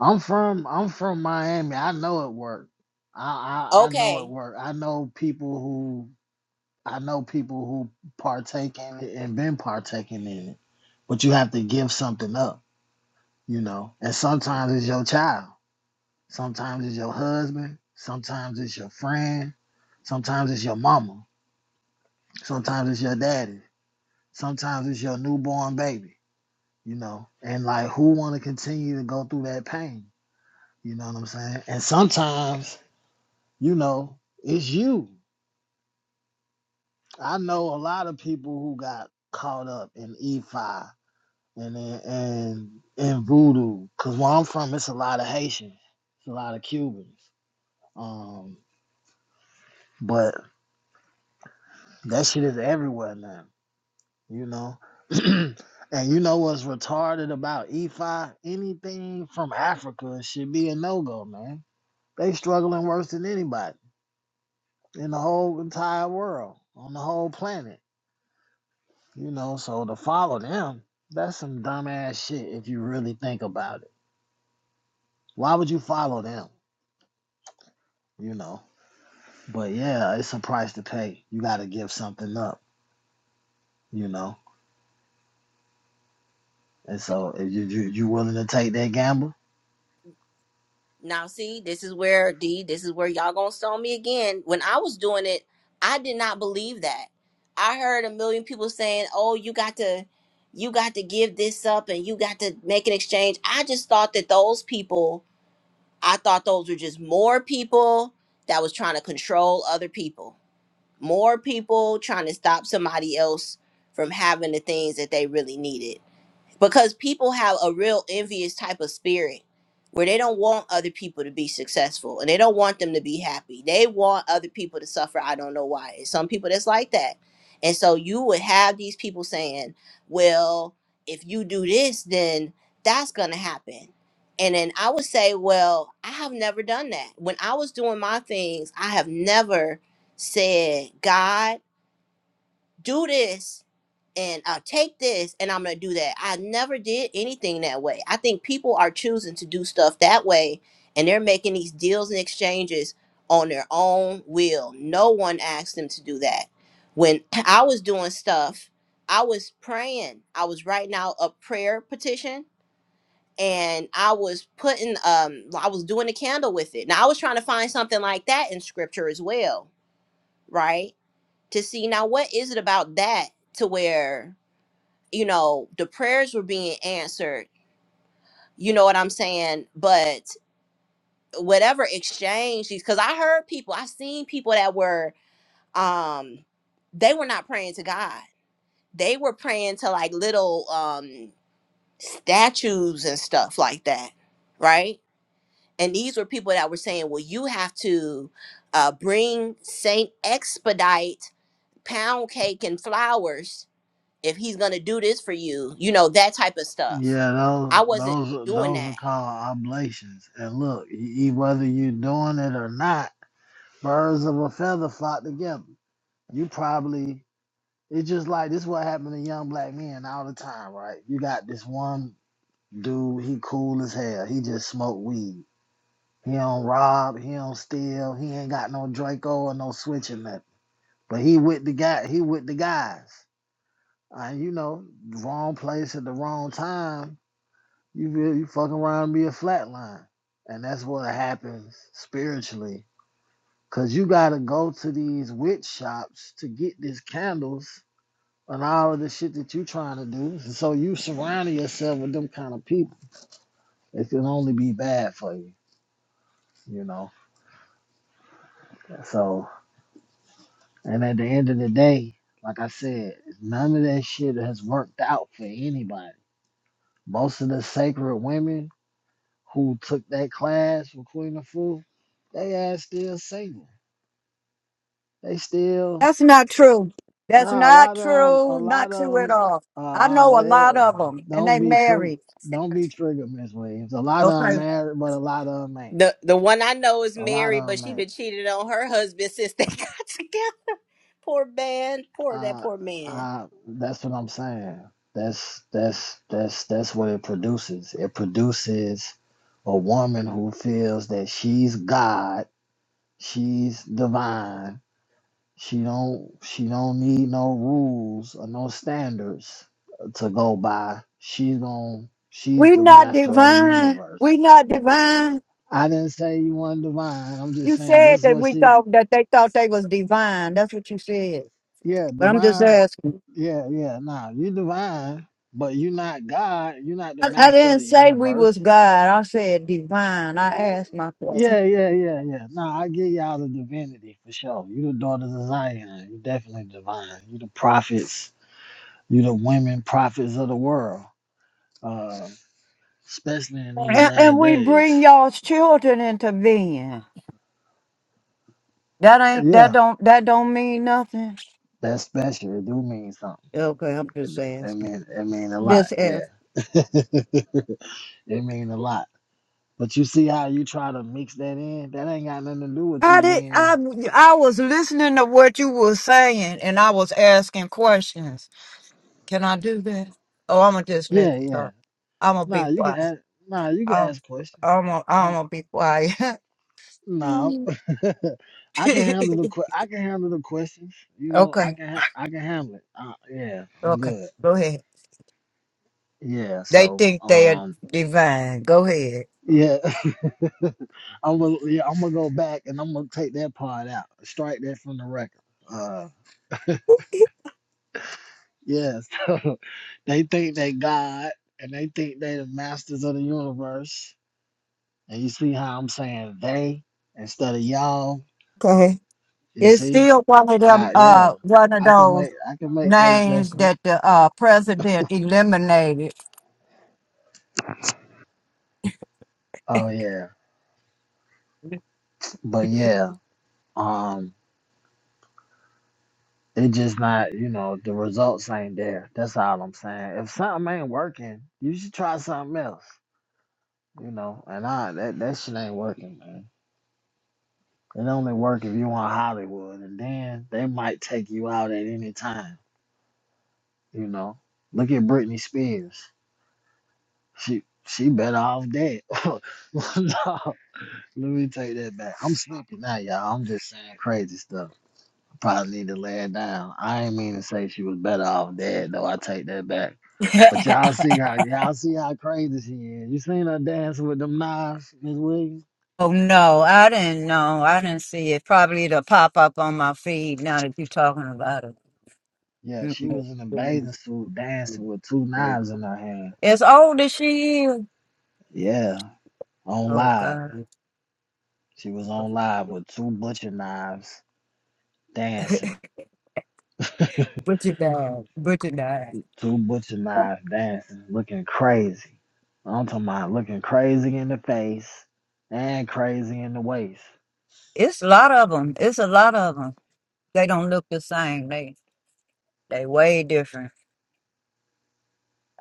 [SPEAKER 3] I'm from I'm from Miami. I know it worked. I, I I know
[SPEAKER 9] Okay,
[SPEAKER 3] it worked. I know people who I know people who partake in it and been partaking in it. But you have to give something up, you know. And sometimes it's your child. Sometimes it's your husband. Sometimes it's your friend. Sometimes it's your mama. Sometimes it's your daddy. Sometimes it's your newborn baby, you know. And like who wanna continue to go through that pain? You know what I'm saying? And sometimes you know, it's you. I know a lot of people who got caught up in EFI and in- and and voodoo. Cause where I'm from, it's a lot of Haitians, it's a lot of Cubans. Um, but that shit is everywhere now, you know. and you know what's retarded about EFI? Anything from Africa should be a no go, man. They struggling worse than anybody in the whole entire world, on the whole planet You know, so to follow them, that's some dumbass shit if you really think about it. Why would you follow them? You know. But yeah, it's a price to pay. You gotta give something up, you know. And so if you you, you willing to take that gamble,
[SPEAKER 9] Now, see, this is where D, this is where y'all gonna stone me again. When I was doing it, I did not believe that. I heard a million people saying, "Oh, you got to, you got to give this up, and you got to make an exchange." I just thought that those people, I thought those were just more people that was trying to control other people, more people trying to stop somebody else from having the things that they really needed because people have a real envious type of spirit where they don't want other people to be successful and they don't want them to be happy. They want other people to suffer. I don't know why. And some people that's like that. And so you would have these people saying, well, if you do this, then that's going to happen. And then I would say, well, I have never done that. When I was doing my things, I have never said, God, do this and I'll take this and I'm going to do that. I never did anything that way. I think people are choosing to do stuff that way and they're making these deals and exchanges on their own will. No one asked them to do that. When I was doing stuff, I was praying. I was writing out a prayer petition and I was putting um I was doing a candle with it. Now I was trying to find something like that in scripture as well, right? To see now what is it about that to where you know, the prayers were being answered. You know what I'm saying? But whatever exchange cuz I heard people, I seen people that were um they were not praying to God. They were praying to like little um statues and stuff like that, right? And these were people that were saying, "Well, you have to uh bring Saint Expedite pound cake and flowers if he's gonna do this for you, you know, that type of stuff.
[SPEAKER 3] yeah, those
[SPEAKER 9] I wasn't
[SPEAKER 3] those
[SPEAKER 9] doing
[SPEAKER 3] those are
[SPEAKER 9] that.
[SPEAKER 3] called oblations. And look, e- e- whether you're doing it or not, birds of a feather flock together. You probably it's just like this is what happened to young black men all the time, right? You got this one Dude, he cool as hell. He just smoke weed. He don't rob. He don't steal. He ain't got no Draco or no switch or nothing. But he with the guy. He with the guys. And you know, wrong place at the wrong time. You feel- you fucking around and be a flatline, and that's what happens spiritually. Cause you gotta go to these witch shops to get these candles and all of the shit that you trying to do. So you surrounding yourself with them kind of people. It can only be bad for you you know. So, and at the end of the day, like I said, none of that shit has worked out for anybody. Most of the sacred women who took that class with Queen of Fu, they ass still single. They still
[SPEAKER 2] That's not true. That's
[SPEAKER 3] nah. A
[SPEAKER 2] not
[SPEAKER 3] lot of 'em- a
[SPEAKER 2] true. Not
[SPEAKER 3] lot of
[SPEAKER 2] true at
[SPEAKER 3] them.
[SPEAKER 2] all.
[SPEAKER 3] Uh,
[SPEAKER 2] I
[SPEAKER 3] I-
[SPEAKER 2] know a lot of
[SPEAKER 3] well,
[SPEAKER 2] them, and
[SPEAKER 3] don't
[SPEAKER 2] they
[SPEAKER 3] be trigger.
[SPEAKER 2] married.
[SPEAKER 3] Don't be triggered, Miss Williams. A lot of them
[SPEAKER 2] Okay.
[SPEAKER 3] married, but a lot of them ain't.
[SPEAKER 9] The the one I know is
[SPEAKER 3] A lot
[SPEAKER 9] married,
[SPEAKER 3] of
[SPEAKER 9] but
[SPEAKER 3] them
[SPEAKER 9] she
[SPEAKER 3] ain't.
[SPEAKER 9] been cheated on her husband since they got together. Poor man, poor that
[SPEAKER 3] I,
[SPEAKER 9] poor man.
[SPEAKER 3] I, that's what I'm saying. That's that's that's that's what it produces. It produces a woman who feels that she's God, she's divine. She don't she don't need no rules or no standards to go by. She's gon' she's
[SPEAKER 2] We're
[SPEAKER 3] the
[SPEAKER 2] not
[SPEAKER 3] master of the
[SPEAKER 2] divine.
[SPEAKER 3] universe.
[SPEAKER 2] We're not divine.
[SPEAKER 3] I didn't say you weren't divine. I'm just
[SPEAKER 2] You
[SPEAKER 3] saying
[SPEAKER 2] said
[SPEAKER 3] this is
[SPEAKER 2] that
[SPEAKER 3] what
[SPEAKER 2] we
[SPEAKER 3] she
[SPEAKER 2] thought that they thought they was divine. That's what you said.
[SPEAKER 3] yeah
[SPEAKER 2] But I'm just
[SPEAKER 3] divine
[SPEAKER 2] asking.
[SPEAKER 3] Yeah, yeah, nah. You divine, but you're not God. You're not the
[SPEAKER 2] I, I
[SPEAKER 3] master of
[SPEAKER 2] didn't
[SPEAKER 3] the
[SPEAKER 2] say we was
[SPEAKER 3] universe.
[SPEAKER 2] God. I said divine. I asked my question.
[SPEAKER 3] Yeah, yeah, yeah, yeah. Nah, I give y'all the divinity for sure. You the daughters of Zion. You definitely divine. You the prophets. You the women prophets of the world. Uh, especially in these
[SPEAKER 2] And, and
[SPEAKER 3] last
[SPEAKER 2] we bring
[SPEAKER 3] days.
[SPEAKER 2] y'all's children into being. That ain't that
[SPEAKER 3] Yeah,
[SPEAKER 2] don't that don't mean nothing.
[SPEAKER 3] that's special. It do mean something.
[SPEAKER 2] Okay, I'm
[SPEAKER 3] It,
[SPEAKER 2] just
[SPEAKER 3] it
[SPEAKER 2] asking.
[SPEAKER 3] mean it mean a lot.
[SPEAKER 2] Just asking.
[SPEAKER 3] Yeah, it mean a lot. But you see how you try to mix that in? That ain't got nothing to do with you
[SPEAKER 2] I did.
[SPEAKER 3] being
[SPEAKER 2] I I was listening to what you were saying, and I was asking questions. Can I do that? Oh, I'm gonna just let
[SPEAKER 3] Yeah,
[SPEAKER 2] you
[SPEAKER 3] yeah.
[SPEAKER 2] talk. I'm gonna
[SPEAKER 3] Nah,
[SPEAKER 2] be
[SPEAKER 3] you can
[SPEAKER 2] quiet.
[SPEAKER 3] ask. Nah, you can
[SPEAKER 2] I'm
[SPEAKER 3] ask questions.
[SPEAKER 2] I'm gonna, I'm
[SPEAKER 3] I'm,
[SPEAKER 2] gonna be quiet.
[SPEAKER 3] nah,
[SPEAKER 2] Mm.
[SPEAKER 3] I'm- I can handle the. que- I can handle the questions. You know,
[SPEAKER 2] okay,
[SPEAKER 3] I can. Ha- I can handle it. Uh, yeah, I'm
[SPEAKER 2] okay.
[SPEAKER 3] good.
[SPEAKER 2] Go ahead.
[SPEAKER 3] Yeah.
[SPEAKER 2] They
[SPEAKER 3] So,
[SPEAKER 2] think they are
[SPEAKER 3] um,
[SPEAKER 2] divine. Go ahead.
[SPEAKER 3] yeah, I'm gonna. Yeah, I'm gonna go back and I'm gonna take that part out. Strike that from the record. Uh, yeah. So they think they God and they think they the masters of the universe. And you see how I'm saying they instead of y'all
[SPEAKER 2] Okay.
[SPEAKER 3] You
[SPEAKER 2] It's
[SPEAKER 3] see?
[SPEAKER 2] still one of them.
[SPEAKER 3] I
[SPEAKER 2] Uh,
[SPEAKER 3] yeah.
[SPEAKER 2] one of
[SPEAKER 3] I can
[SPEAKER 2] those
[SPEAKER 3] make I can make the
[SPEAKER 2] names
[SPEAKER 3] adjustment.
[SPEAKER 2] that the uh president eliminated.
[SPEAKER 3] Oh yeah. But yeah. Um it just not, you know, the results ain't there. That's all I'm saying. If something ain't working, you should try something else. You know, and I that, that shit ain't working, man. It only work if you on Hollywood and then they might take you out at any time, you know. Look at Britney Spears. She she better off dead. no, Let me take that back. I'm sleepy now, y'all. I'm just saying crazy stuff. I probably need to lay it down. I ain't mean to say she was better off dead, though. I take that back. But y'all see how y'all see how crazy she is. You seen her dancing with them knives, Miss Williams?
[SPEAKER 2] Oh no, I didn't know. I didn't see it. Probably it'll pop up on my feed now that you're talking about it.
[SPEAKER 3] Yeah, she was in a bathing
[SPEAKER 2] Mm-mm.
[SPEAKER 3] suit dancing with two knives in her hand.
[SPEAKER 2] As old as she is.
[SPEAKER 3] Yeah, on
[SPEAKER 2] Oh
[SPEAKER 3] live.
[SPEAKER 2] God.
[SPEAKER 3] She was on live with two butcher knives dancing.
[SPEAKER 2] Bridget died. Bridget died.
[SPEAKER 3] Two butcher knives dancing, looking crazy. I'm talking about looking crazy in the face and crazy in the waist.
[SPEAKER 2] It's a lot of them. It's a lot of them. They don't look the same. They they way different.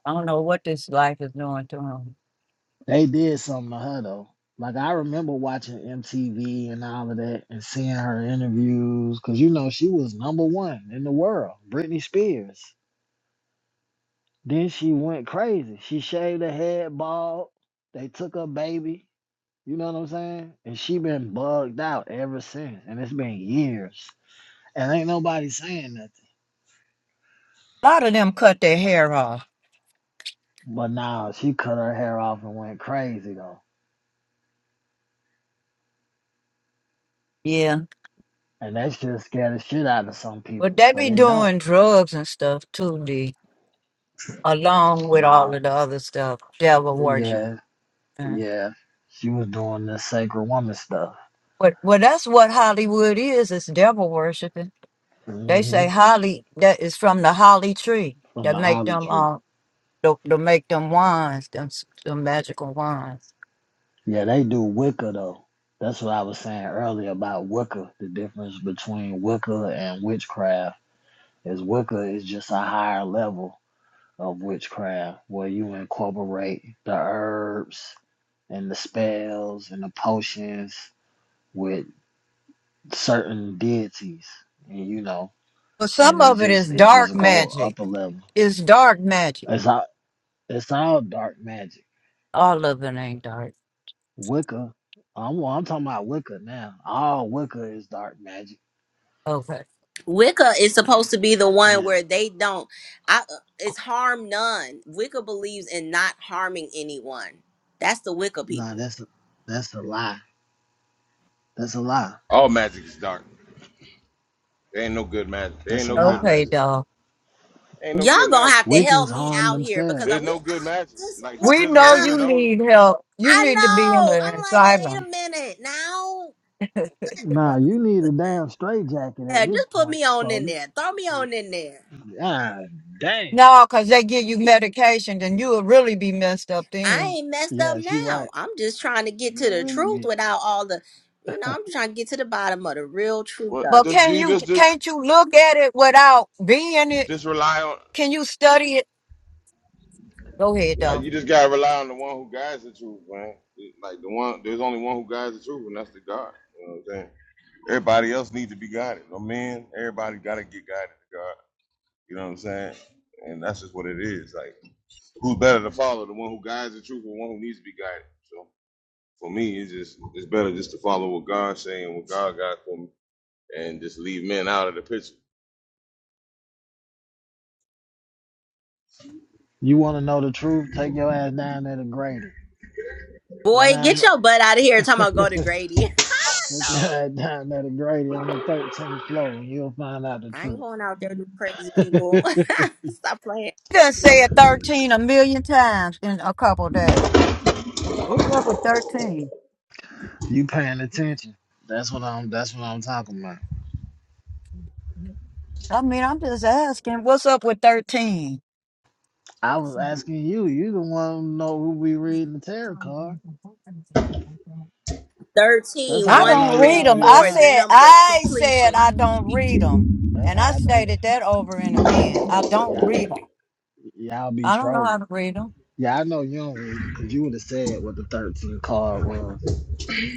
[SPEAKER 2] I don't know what this life is doing to them.
[SPEAKER 3] They did something to her though. Like I remember watching MTV and all of that and seeing her interviews because you know she was number one in the world, Britney Spears. Then she went crazy. She shaved her head bald. They took her baby. You know what I'm saying? And she been bugged out ever since. And it's been years. And ain't nobody saying nothing.
[SPEAKER 2] A lot of them cut their hair off.
[SPEAKER 3] But now she cut her hair off and went crazy though,
[SPEAKER 2] Yeah,
[SPEAKER 3] and that shit scared the shit out of some
[SPEAKER 2] but
[SPEAKER 3] people.
[SPEAKER 2] they
[SPEAKER 3] But
[SPEAKER 2] be
[SPEAKER 3] it don't.
[SPEAKER 2] doing drugs and stuff too. D? along with all
[SPEAKER 3] nah.
[SPEAKER 2] of the other stuff, devil worship.
[SPEAKER 3] yeah,
[SPEAKER 2] Uh,
[SPEAKER 3] yeah, she was doing this sacred woman stuff
[SPEAKER 2] But well, that's what Hollywood is. It's devil worshiping. They
[SPEAKER 3] hmm
[SPEAKER 2] say holly that is from the holly tree
[SPEAKER 3] from
[SPEAKER 2] that
[SPEAKER 3] the
[SPEAKER 2] make
[SPEAKER 3] holly
[SPEAKER 2] them
[SPEAKER 3] tree.
[SPEAKER 2] um to, to make them wands, them, s- them magical wands.
[SPEAKER 3] Yeah, they do Wicca though. That's what I was saying earlier about Wicca. The difference between Wicca and witchcraft is Wicca is just a higher level of witchcraft where you incorporate the herbs and the spells and the potions with certain deities, and you know,
[SPEAKER 2] But some
[SPEAKER 3] and it
[SPEAKER 2] of it is
[SPEAKER 3] just it
[SPEAKER 2] dark
[SPEAKER 3] just go
[SPEAKER 2] magic.
[SPEAKER 3] up a level.
[SPEAKER 2] It's dark magic.
[SPEAKER 3] It's all it's all dark magic.
[SPEAKER 2] All of it ain't dark.
[SPEAKER 3] Wicca, I'm well, I'm talking about Wicca now. All Wicca is dark magic.
[SPEAKER 2] Okay,
[SPEAKER 9] Wicca is supposed to be the one
[SPEAKER 3] Yeah,
[SPEAKER 9] where they don't. I uh, it's harm none. Wicca believes in not harming anyone. That's the Wicca
[SPEAKER 3] no,
[SPEAKER 9] people.
[SPEAKER 3] that's a, that's a lie. That's a lie.
[SPEAKER 8] all magic is dark. There ain't no good magic. There ain't
[SPEAKER 3] That's a
[SPEAKER 8] no good
[SPEAKER 3] lie.
[SPEAKER 2] okay,
[SPEAKER 8] magic.
[SPEAKER 2] dog.
[SPEAKER 8] ain't no
[SPEAKER 9] Y'all
[SPEAKER 8] good
[SPEAKER 9] gonna
[SPEAKER 8] magic.
[SPEAKER 9] have to help
[SPEAKER 3] Wiccans
[SPEAKER 9] me
[SPEAKER 3] harm
[SPEAKER 9] out here because
[SPEAKER 3] themselves.
[SPEAKER 9] are
[SPEAKER 8] There's
[SPEAKER 9] we?
[SPEAKER 8] no good
[SPEAKER 9] I
[SPEAKER 8] magic.
[SPEAKER 9] just
[SPEAKER 8] Like the
[SPEAKER 9] what?
[SPEAKER 2] We
[SPEAKER 8] children of
[SPEAKER 2] know
[SPEAKER 8] Israel
[SPEAKER 2] you
[SPEAKER 9] ah,
[SPEAKER 8] know.
[SPEAKER 2] need help. You
[SPEAKER 9] I
[SPEAKER 2] need to be in
[SPEAKER 9] know. I'm
[SPEAKER 2] the
[SPEAKER 9] like, wait a
[SPEAKER 2] asylum.
[SPEAKER 9] minute now
[SPEAKER 3] Nah, you need a damn straitjacket at
[SPEAKER 9] Yeah,
[SPEAKER 3] this
[SPEAKER 9] just put
[SPEAKER 3] point,
[SPEAKER 9] me on in
[SPEAKER 3] Spody.
[SPEAKER 9] there. Throw me on in there.
[SPEAKER 3] Ah, damn.
[SPEAKER 2] No, because they give you medication, then you'll really be messed up then.
[SPEAKER 9] I ain't messed up
[SPEAKER 3] Yeah, she
[SPEAKER 9] now.
[SPEAKER 3] right.
[SPEAKER 9] I'm just trying to get to
[SPEAKER 3] You'll
[SPEAKER 9] the
[SPEAKER 3] really
[SPEAKER 9] truth
[SPEAKER 3] be.
[SPEAKER 9] without all the, you know, I'm just trying to get to the bottom of the real truth
[SPEAKER 8] What
[SPEAKER 2] But
[SPEAKER 9] of it.
[SPEAKER 8] just
[SPEAKER 2] can
[SPEAKER 8] you
[SPEAKER 2] you
[SPEAKER 8] just just
[SPEAKER 2] can't you look at it without being it?
[SPEAKER 8] Just rely on.
[SPEAKER 2] Can you study it? Go ahead
[SPEAKER 8] Nah,
[SPEAKER 2] though.
[SPEAKER 8] you just gotta rely on the one who guides the truth, man. Like the one, there's only one who guides the truth, and that's the God. You know what I'm saying? Everybody else needs to be guided. No man, everybody gotta get guided to God. You know what I'm saying? And that's just what it is. Like, who's better to follow? The one who guides the truth, or the one who needs to be guided? So for me, it's just it's better just to follow what God's saying, what God got for me, and just leave men out of the picture.
[SPEAKER 3] You want to know the truth? Take your ass down there to Grady. Go
[SPEAKER 9] Boy, get
[SPEAKER 3] down.
[SPEAKER 9] your butt out of here. Talking about go to
[SPEAKER 3] Look
[SPEAKER 9] Grady. I know.
[SPEAKER 3] down at a Grady on the 13th floor, and you'll find out the
[SPEAKER 9] I ain't
[SPEAKER 3] truth.
[SPEAKER 9] going out there to crazy people. Stop playing.
[SPEAKER 2] You done say it thirteen a million times in a couple days. What's up with thirteen?
[SPEAKER 3] You paying attention? That's what I'm. That's what I'm talking about.
[SPEAKER 2] I mean, I'm just asking, what's up with thirteen?
[SPEAKER 3] I was asking you. You the one who know who be reading the tarot card. That's
[SPEAKER 9] Thirteen,
[SPEAKER 2] I
[SPEAKER 3] how I
[SPEAKER 9] one,
[SPEAKER 3] know
[SPEAKER 2] don't read
[SPEAKER 9] three,
[SPEAKER 3] y'all
[SPEAKER 2] them.
[SPEAKER 3] be
[SPEAKER 2] I
[SPEAKER 9] four. the
[SPEAKER 3] lying.
[SPEAKER 2] said
[SPEAKER 9] number of
[SPEAKER 2] I said
[SPEAKER 9] completion.
[SPEAKER 2] I don't read them,
[SPEAKER 3] That's
[SPEAKER 2] and
[SPEAKER 3] how
[SPEAKER 2] I
[SPEAKER 3] I know
[SPEAKER 2] stated
[SPEAKER 3] y-
[SPEAKER 2] that over and again. I don't
[SPEAKER 3] y'all
[SPEAKER 2] read them.
[SPEAKER 3] y'all be
[SPEAKER 2] I don't know how
[SPEAKER 3] trolling.
[SPEAKER 2] to read them.
[SPEAKER 3] Yeah, I know you don't read them because you would have said what the 13th card was.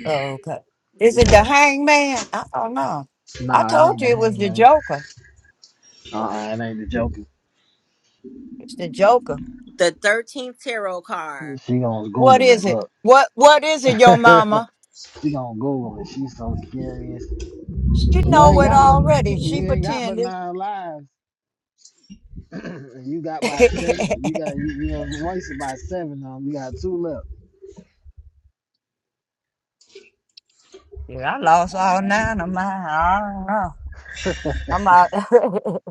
[SPEAKER 2] Oh, okay. Is it the
[SPEAKER 3] Yeah.
[SPEAKER 2] hangman? I don't know. I
[SPEAKER 3] Nah, it
[SPEAKER 2] told
[SPEAKER 3] ain't
[SPEAKER 2] you
[SPEAKER 3] the
[SPEAKER 2] it was the
[SPEAKER 3] hangman.
[SPEAKER 2] Joker.
[SPEAKER 3] Uh-uh, it ain't the Joker.
[SPEAKER 2] It's the Joker.
[SPEAKER 9] The 13th tarot card
[SPEAKER 3] She gonna
[SPEAKER 2] What
[SPEAKER 3] Google it.
[SPEAKER 2] is it?
[SPEAKER 3] Look.
[SPEAKER 2] What What is it, your mama?
[SPEAKER 3] she gonna Google it. She's so curious.
[SPEAKER 2] She
[SPEAKER 3] You
[SPEAKER 2] know
[SPEAKER 3] ain't
[SPEAKER 2] it
[SPEAKER 3] got but
[SPEAKER 2] already.
[SPEAKER 3] you
[SPEAKER 2] She
[SPEAKER 3] ain't got but
[SPEAKER 2] pretended.
[SPEAKER 3] nine lives. And you got by seven.
[SPEAKER 2] yeah,
[SPEAKER 3] You got you, you know wasted by seven of 'em. You got two left.
[SPEAKER 2] I lost all nine of mine. I don't know. I'm out.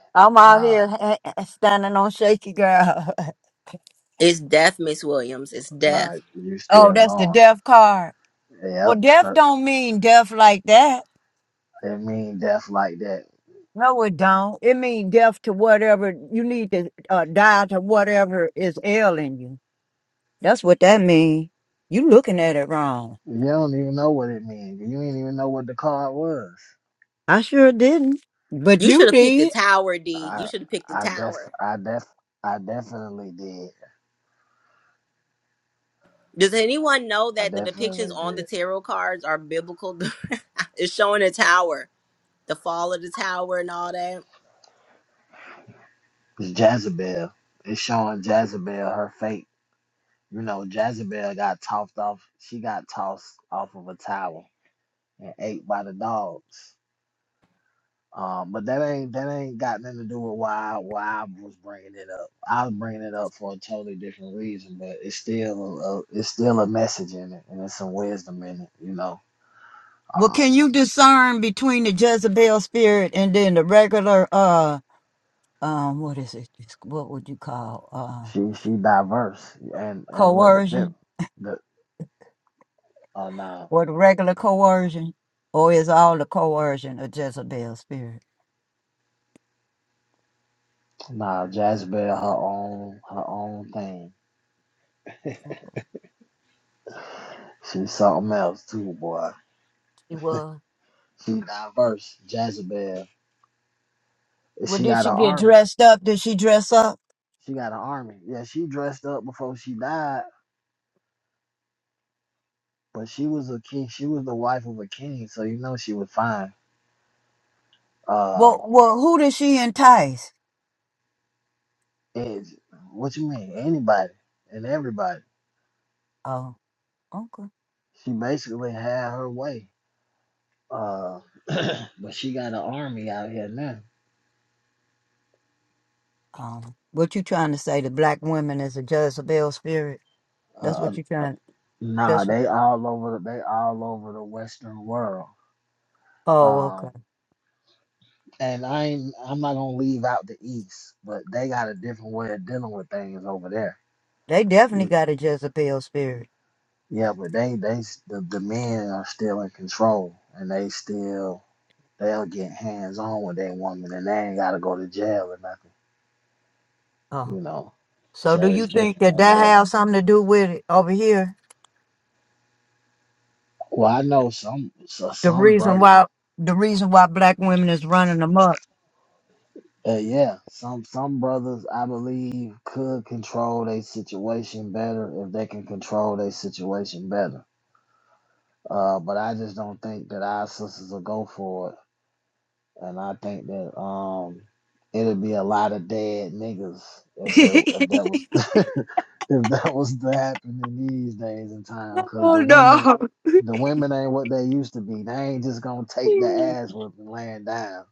[SPEAKER 2] I'm out
[SPEAKER 3] Nah,
[SPEAKER 2] here ha- ha- standing on shaky ground.
[SPEAKER 9] is death, Miss Williams. It's
[SPEAKER 3] nah,
[SPEAKER 9] death.
[SPEAKER 3] you
[SPEAKER 2] oh,
[SPEAKER 3] still
[SPEAKER 2] that's the
[SPEAKER 3] going.
[SPEAKER 2] deaf card. Well,
[SPEAKER 3] Yep,
[SPEAKER 2] deaf
[SPEAKER 3] that,
[SPEAKER 2] don't mean deaf like that.
[SPEAKER 3] it mean death like that.
[SPEAKER 2] No, it don't. It means death to whatever you need to uh, die to whatever is ailing you. That's what that means. You looking at it wrong.
[SPEAKER 3] You don't even know what it means. You ain't even know what the card was.
[SPEAKER 2] I sure didn't, but
[SPEAKER 9] You should
[SPEAKER 2] you
[SPEAKER 9] have picked the
[SPEAKER 2] did.
[SPEAKER 9] tower, D. You
[SPEAKER 3] I
[SPEAKER 9] should have picked the
[SPEAKER 3] I def
[SPEAKER 9] tower.
[SPEAKER 3] I def I definitely did.
[SPEAKER 9] Does anyone know
[SPEAKER 3] I
[SPEAKER 9] that the depictions
[SPEAKER 3] definitely
[SPEAKER 9] on the
[SPEAKER 3] did.
[SPEAKER 9] tarot cards are biblical? it's showing a tower, the fall of the tower, and all that.
[SPEAKER 3] It's Jezebel. It's showing Jezebel her fate. You know, Jezebel got tossed off. She got tossed off of a tower and ate by the dogs. Um, but that ain't that ain't got nothing to do with why why I was bringing it up. I was bringing it up for a totally different reason, but it's still a, it's still a message in it, and it's some wisdom in it. You know,
[SPEAKER 2] Well,
[SPEAKER 3] um,
[SPEAKER 2] can you discern between the Jezebel spirit and then the regular uh um what is it? It's- What would you call uh
[SPEAKER 3] she she diverse, and and what the fifth
[SPEAKER 2] coercion
[SPEAKER 3] the uh, nah
[SPEAKER 2] or the regular coercion, or is all the coercion a Jezebel spirit?
[SPEAKER 3] nah Jezebel her own her own thing. She's something else too, boy.
[SPEAKER 2] She was.
[SPEAKER 3] She diverse. Jezebel
[SPEAKER 2] Well,
[SPEAKER 3] She
[SPEAKER 2] did
[SPEAKER 3] got
[SPEAKER 2] she
[SPEAKER 3] an
[SPEAKER 2] get
[SPEAKER 3] army.
[SPEAKER 2] dressed up? Did she dress up?
[SPEAKER 3] She got an army. Yeah, she dressed up before she died, but she was a king. She was the wife of a king, so you know she was fine. Uh,
[SPEAKER 2] Well, well, who did she entice?
[SPEAKER 3] and what you mean? Anybody and everybody.
[SPEAKER 2] Oh, okay.
[SPEAKER 3] She basically had her way. Uh, but she got an army out here now.
[SPEAKER 2] Um, what you trying to say? The black women is a Jezebel spirit. That's
[SPEAKER 3] Uh,
[SPEAKER 2] what you
[SPEAKER 3] uh,
[SPEAKER 2] trying.
[SPEAKER 3] nah,
[SPEAKER 2] That's what.
[SPEAKER 3] they all over. The, they all over the Western world.
[SPEAKER 2] Oh,
[SPEAKER 3] Um,
[SPEAKER 2] okay.
[SPEAKER 3] and I ain't, I'm not gonna leave out the East, but they got a different way of dealing with things over there.
[SPEAKER 2] They
[SPEAKER 3] You
[SPEAKER 2] definitely got a Jezebel spirit.
[SPEAKER 3] Yeah, but they they the, the men are still in control, and they still they'll get hands on with that woman, and they ain't gotta go to jail or nothing,
[SPEAKER 2] Oh,
[SPEAKER 3] you know.
[SPEAKER 2] so do
[SPEAKER 3] So
[SPEAKER 2] you
[SPEAKER 3] it's
[SPEAKER 2] think
[SPEAKER 3] different
[SPEAKER 2] that
[SPEAKER 3] over
[SPEAKER 2] that
[SPEAKER 3] there.
[SPEAKER 2] has something to do with it over here?
[SPEAKER 3] Well, I know some so
[SPEAKER 2] The
[SPEAKER 3] some
[SPEAKER 2] reason
[SPEAKER 3] brothers,
[SPEAKER 2] why the reason why black women is running them up.
[SPEAKER 3] uh, yeah, some some brothers I believe could control their situation better if they can control their situation better. Uh, but I just don't think that our sisters will go for it and I think that um it'd be a lot of dead niggas if it, if that was if that was to happen in these days and time because
[SPEAKER 2] oh
[SPEAKER 3] the women
[SPEAKER 2] no.
[SPEAKER 3] the women ain't what they used to be. They ain't just gonna take the ass whipping laying down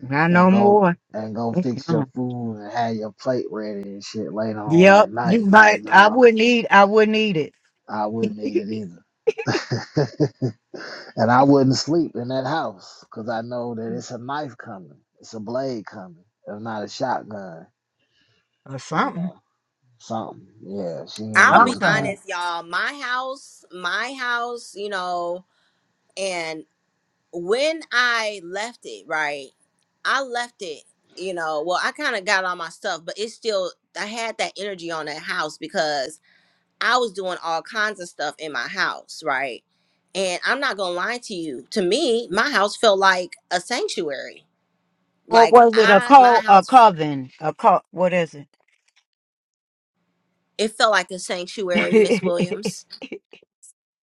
[SPEAKER 2] Not
[SPEAKER 3] and
[SPEAKER 2] no
[SPEAKER 3] go
[SPEAKER 2] more.
[SPEAKER 3] and go
[SPEAKER 2] It's
[SPEAKER 3] fix your
[SPEAKER 2] gone.
[SPEAKER 3] food and have your plate ready and shit later on
[SPEAKER 2] Yep,
[SPEAKER 3] that night.
[SPEAKER 2] you
[SPEAKER 3] Like,
[SPEAKER 2] might. I
[SPEAKER 3] nah,
[SPEAKER 2] wouldn't eat. I wouldn't eat it
[SPEAKER 3] I wouldn't eat it either. And I wouldn't sleep in that house because I know that it's a knife coming, it's a blade coming, if not a shotgun,
[SPEAKER 2] or
[SPEAKER 3] you
[SPEAKER 2] something.
[SPEAKER 3] know, something. Yeah, she ain't
[SPEAKER 9] I'll
[SPEAKER 2] I'm
[SPEAKER 9] be
[SPEAKER 3] just
[SPEAKER 2] sorry.
[SPEAKER 3] going.
[SPEAKER 9] honest, y'all. My house, my house, you know, and when I left it, right, I left it, you know, well, I kind of got all my stuff, but it's still, I had that energy on that house because I was doing all kinds of stuff in my house, right? And I'm not going to lie to you. To me, my house felt like a sanctuary
[SPEAKER 2] Or
[SPEAKER 9] Like
[SPEAKER 2] was it a
[SPEAKER 9] I my
[SPEAKER 2] co a
[SPEAKER 9] house
[SPEAKER 2] coven? A co what is it?
[SPEAKER 9] it felt like a sanctuary, Miss Williams.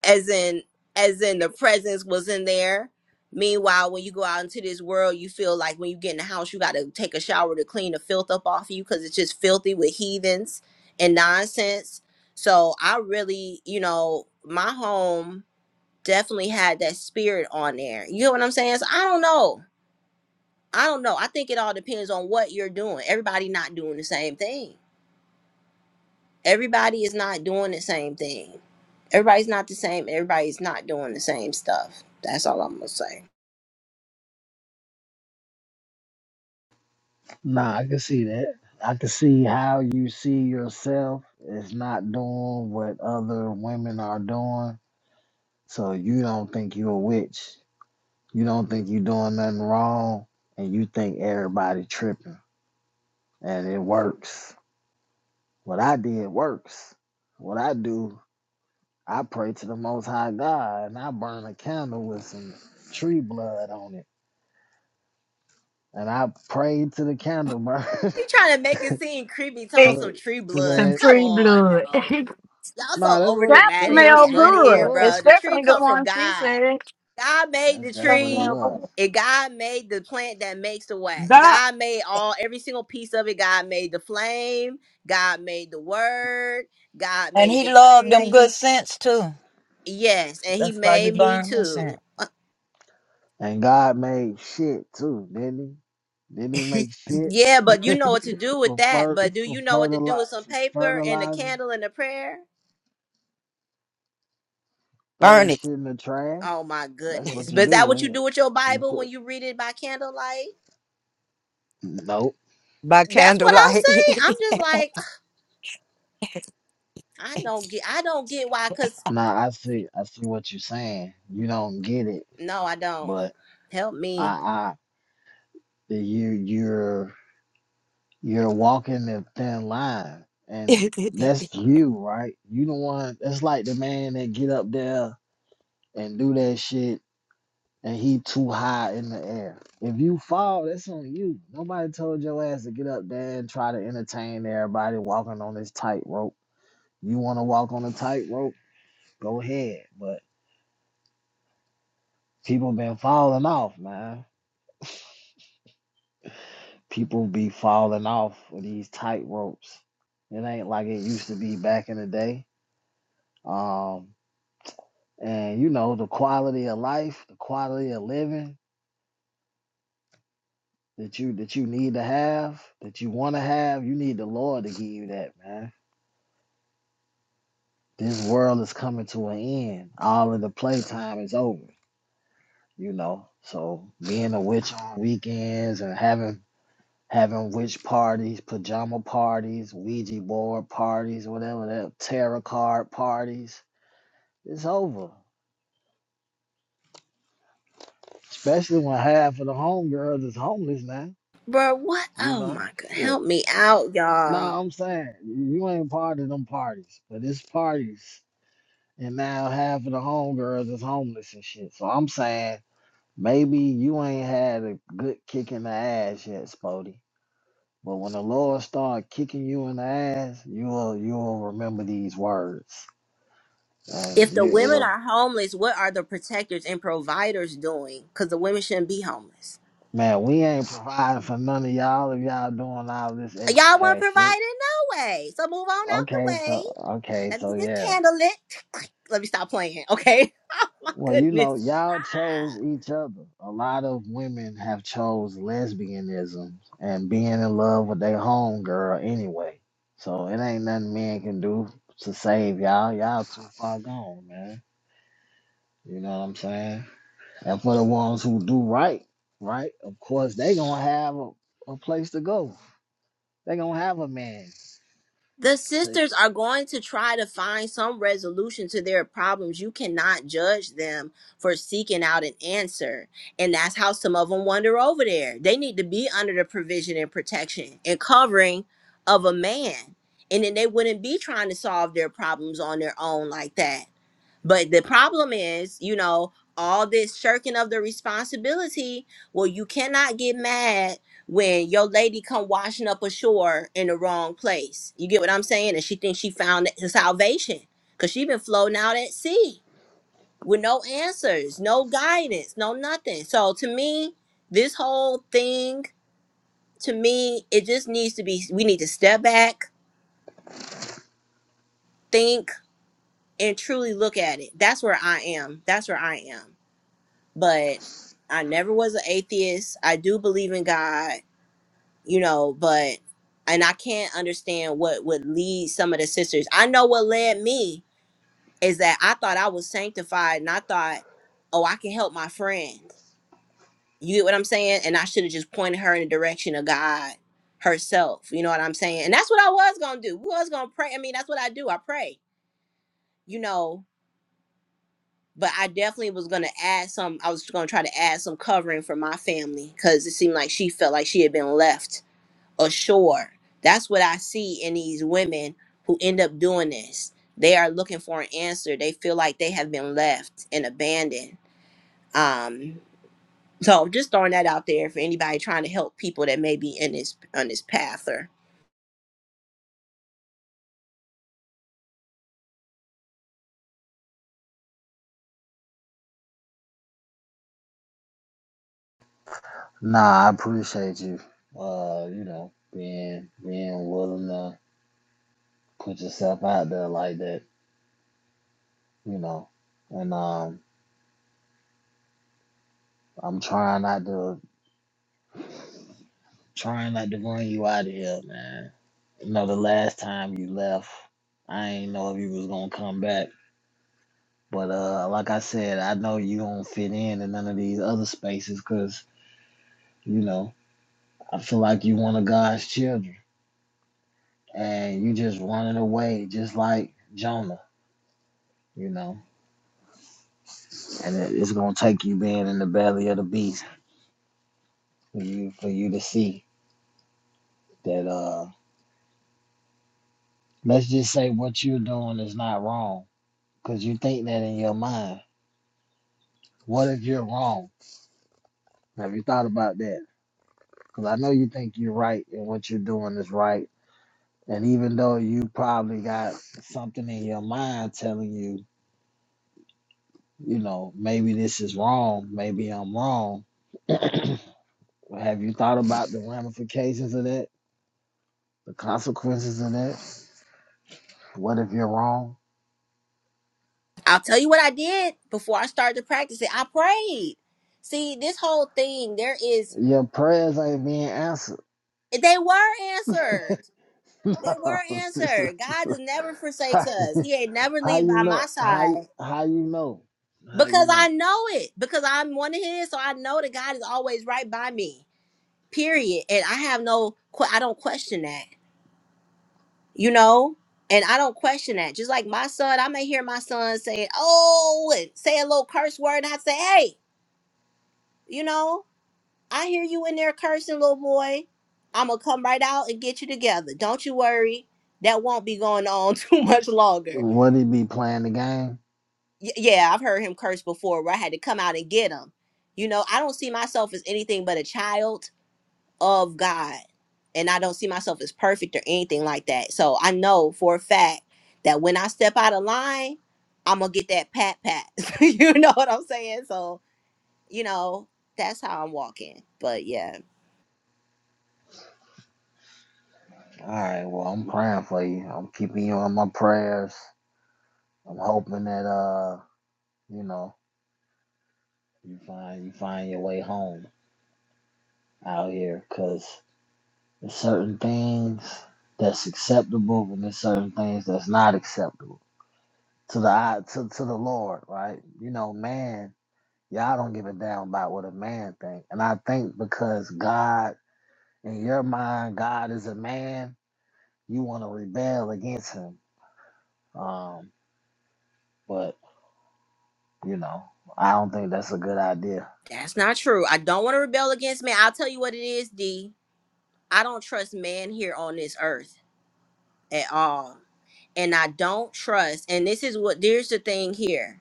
[SPEAKER 9] As in as in the presence was in there. Meanwhile, when you go out into this world, you feel like when you get in the house, you gotta take a shower to clean the filth up off you because it's just filthy with heathens and nonsense. So I really, you know, my home definitely had that spirit on there. You know what I'm saying? So I don't know. I don't know. I think it all depends on what you're doing. Everybody not doing the same thing. everybody is not doing the same thing. Everybody's not the same. Everybody's not doing the same stuff. That's all I'm gonna say.
[SPEAKER 3] Nah, I can see that. I can see how you see yourself is not doing what other women are doing. So you don't think you're a witch. You don't think you're doing nothing wrong, and you think everybody tripping, and it works. What I did works. What I do I pray to the Most High God and I burn a candle with some tree blood on it. And I pray to the candle burn
[SPEAKER 9] You trying to make it seem creepy? Talking about some
[SPEAKER 3] to
[SPEAKER 9] tree
[SPEAKER 3] to
[SPEAKER 9] blood?
[SPEAKER 2] Some
[SPEAKER 3] the
[SPEAKER 9] Come
[SPEAKER 2] free
[SPEAKER 9] on, bro.
[SPEAKER 2] blood. that
[SPEAKER 9] Y'all so
[SPEAKER 3] nah. That's
[SPEAKER 9] over
[SPEAKER 3] what it, that's
[SPEAKER 9] dramatic.
[SPEAKER 3] what
[SPEAKER 2] smell
[SPEAKER 9] Get
[SPEAKER 3] that's
[SPEAKER 9] out of
[SPEAKER 3] what it
[SPEAKER 2] good.
[SPEAKER 9] here,
[SPEAKER 3] was.
[SPEAKER 9] bro. The tree
[SPEAKER 2] Especially the
[SPEAKER 9] come from
[SPEAKER 2] one she
[SPEAKER 9] God.
[SPEAKER 2] said.
[SPEAKER 9] God made
[SPEAKER 3] That's
[SPEAKER 9] the
[SPEAKER 3] that's
[SPEAKER 2] That
[SPEAKER 3] what it
[SPEAKER 2] smell
[SPEAKER 9] tree,
[SPEAKER 3] was.
[SPEAKER 2] good.
[SPEAKER 9] and God made the plant that makes the wax.
[SPEAKER 2] That
[SPEAKER 9] God made all every single piece of it. God made the flame. God made the word. God
[SPEAKER 2] and
[SPEAKER 9] made the
[SPEAKER 2] he loved them
[SPEAKER 9] tree.
[SPEAKER 2] good scents too.
[SPEAKER 9] Yes, and He
[SPEAKER 2] That's why you
[SPEAKER 9] made me
[SPEAKER 2] burn the scent.
[SPEAKER 9] too.
[SPEAKER 3] And God made shit too, didn't he? Didn't he make shit
[SPEAKER 9] Yeah, but you know what to do with
[SPEAKER 3] for
[SPEAKER 9] that.
[SPEAKER 3] fer,
[SPEAKER 9] But do
[SPEAKER 3] for
[SPEAKER 9] you know what to do
[SPEAKER 3] fertilizer
[SPEAKER 9] with some
[SPEAKER 3] for
[SPEAKER 9] paper and a
[SPEAKER 3] fertilizer?
[SPEAKER 9] candle and a prayer?
[SPEAKER 3] Throw that shit in the trash.
[SPEAKER 9] Oh my
[SPEAKER 3] That's
[SPEAKER 9] goodness.
[SPEAKER 3] what you
[SPEAKER 9] But is
[SPEAKER 3] do
[SPEAKER 9] that what you
[SPEAKER 3] with it.
[SPEAKER 9] do with your
[SPEAKER 3] You
[SPEAKER 9] Bible when
[SPEAKER 3] put
[SPEAKER 9] you read it by candlelight?
[SPEAKER 3] nope.
[SPEAKER 9] That's what I'm saying. I'm just like, I don't get I don't get why cuz
[SPEAKER 3] Nah, I see. I see what you're saying. You don't get it,
[SPEAKER 9] no, I don't.
[SPEAKER 3] but.
[SPEAKER 9] Help
[SPEAKER 3] I,
[SPEAKER 9] me.
[SPEAKER 3] I you you're you're walking the thin line, and that's you, right? You the one. That's like the man that get up there and do that shit, and he too high in the air. If you fall, that's on you. Nobody told your ass to get up there and try to entertain everybody walking on this tightrope. You want to walk on a tightrope? Go ahead, but people been falling off, man. people be falling off of these tight ropes. It ain't like it used to be back in the day. Um, and you know the quality of life, the quality of living that you that you need to have, that you want to have, you need the Lord to give you that, man. This world is coming to an end. All of the playtime is over, you know. So being a witch on weekends and having having witch parties, pajama parties, Ouija board parties, whatever that tarot card parties, It's over. Especially when half of the homegirls is homeless now.
[SPEAKER 9] Bro, what?
[SPEAKER 3] You
[SPEAKER 9] Oh
[SPEAKER 3] know?
[SPEAKER 9] my god.
[SPEAKER 3] Shit.
[SPEAKER 9] Help me out,
[SPEAKER 3] No,
[SPEAKER 9] y'all.
[SPEAKER 3] I'm saying you ain't part of them parties, but it's parties. And now half of the homegirls is homeless and shit. So I'm saying maybe you ain't had a good kick in the ass yet, Spody. But when the Lord start kicking you in the ass, you'll you'll remember these words.
[SPEAKER 9] If
[SPEAKER 3] And
[SPEAKER 9] the
[SPEAKER 3] you
[SPEAKER 9] women
[SPEAKER 3] it'll
[SPEAKER 9] are homeless, what are the protectors and providers doing? Cuz the women shouldn't be homeless.
[SPEAKER 3] man, we ain't providing for none of y'all if y'all doing all this
[SPEAKER 9] Y'all
[SPEAKER 3] extra
[SPEAKER 9] weren't
[SPEAKER 3] ass shit.
[SPEAKER 9] providing no way. So move on out the
[SPEAKER 3] Okay,
[SPEAKER 9] way.
[SPEAKER 3] so okay,
[SPEAKER 9] Let me
[SPEAKER 3] so
[SPEAKER 9] get this
[SPEAKER 3] yeah.
[SPEAKER 9] candle lit. Let me stop playing, okay? Oh my
[SPEAKER 3] Well, you
[SPEAKER 9] goodness.
[SPEAKER 3] know, y'all chose
[SPEAKER 9] Ah.
[SPEAKER 3] each other. A lot of women have chose lesbianism and being in love with their home girl anyway. So it ain't nothing men can do to save y'all. Y'all too far gone, man. You know what I'm saying? And for the ones who do right, right, of course they gonna have a, a place to go. They gonna have a man
[SPEAKER 9] The
[SPEAKER 3] to-
[SPEAKER 9] sisters are going to try to find some resolution to their problems. You cannot judge them for seeking out an answer. And that's how some of them wander over there. They need to be under the provision and protection and covering of a man. And then they wouldn't be trying to solve their problems on their own like that But the problem is, you know, all this shirking of the responsibility. Well, you cannot get mad when your lady come washing up ashore in the wrong place. You get what I'm saying? And she thinks she found the salvation because she been floating out at sea with no answers, no guidance, no nothing. So to me, this whole thing, to me, it just needs to be. We need to step back, think, and truly look at it. That's where I am. That's where I am. but I never was an atheist. I do believe in God, you know, but and I can't understand what would lead some of the sisters. I know what led me is that I thought I was sanctified and I thought, oh, I can help my friend. You get what I'm saying? And I should have just pointed her in the direction of God herself. You know what I'm saying? And that's what I was gonna do. We was gonna pray. I mean, that's what I do. I pray, you know. but I definitely was gonna add some. I was gonna try to add some covering for my family because it seemed like she felt like she had been left ashore. That's what I see in these women who end up doing this. They are looking for an answer. They feel like they have been left and abandoned. Um, so just throwing that out there for anybody trying to help people that may be in this on this path. Or
[SPEAKER 3] Nah, I appreciate you. Uh, you know, being being willing to put yourself out there like that, you know. And um, I'm trying not to trying not to run you out of here, man. You know, the last time you left, I ain't know if you was gonna come back. But uh, like I said, I know you don't fit in in none of these other spaces, cause you know I feel like you one of God's children, and you just running away, just like Jonah, you know. And it, it's gonna take you being in the belly of the beast for you for you to see that. Uh, Let's just say what you're doing is not wrong because you think that in your mind. What if you're wrong? Have you thought about that? Because I know you think you're right and what you're doing is right. And even though you probably got something in your mind telling you, you know, maybe this is wrong, maybe I'm wrong. Have you thought about the ramifications of that, the consequences of that? What if you're wrong?
[SPEAKER 9] I'll tell you what I did before I started to practice it. I prayed. See, this whole thing, there is
[SPEAKER 3] Your prayers ain't being answered.
[SPEAKER 9] they were answered They were
[SPEAKER 3] No.
[SPEAKER 9] answered. God just never forsakes
[SPEAKER 3] I
[SPEAKER 9] us. He ain't never
[SPEAKER 3] How
[SPEAKER 9] leave
[SPEAKER 3] you
[SPEAKER 9] by my
[SPEAKER 3] know? How you-
[SPEAKER 9] side
[SPEAKER 3] how you know? How you
[SPEAKER 9] because I
[SPEAKER 3] know?
[SPEAKER 9] know it. Because I'm one of His, so I know that God is always right by me. Period. And I have no, que- I don't question that. You know. And I don't question that. Just like my son, I may hear my son say, "Oh," and say a little curse word, and I say, "Hey, you know, I hear you in there cursing, little boy. I'm gonna come right out and get you together. Don't you worry. That won't be going on too much longer."
[SPEAKER 3] Would he be playing the game?
[SPEAKER 9] y- yeah, I've heard him curse before where I had to come out and get him. You know, I don't see myself as anything but a child of God. And I don't see myself as perfect or anything like that. So I know for a fact that when I step out of line, I'm going to get that pat pat. you know what I'm saying? So, you know, that's how I'm walking. But yeah,
[SPEAKER 3] All right. Well, I'm praying for you. I'm keeping you on my prayers. I'm hoping that uh, you know, you find you find your way home out here, cause there's certain things that's acceptable, and there's certain things that's not acceptable to the eye- to to the Lord, right? You know, man, y'all don't give a damn about what a man think, and I think because God in your mind, God is a man, you want to rebel against him. Um, but you know, I don't think that's a good idea.
[SPEAKER 9] that's not true. I don't want to rebel against man. I'll tell you what it is, D. I don't trust man here on this earth at all and I don't trust, and this is what there's the thing here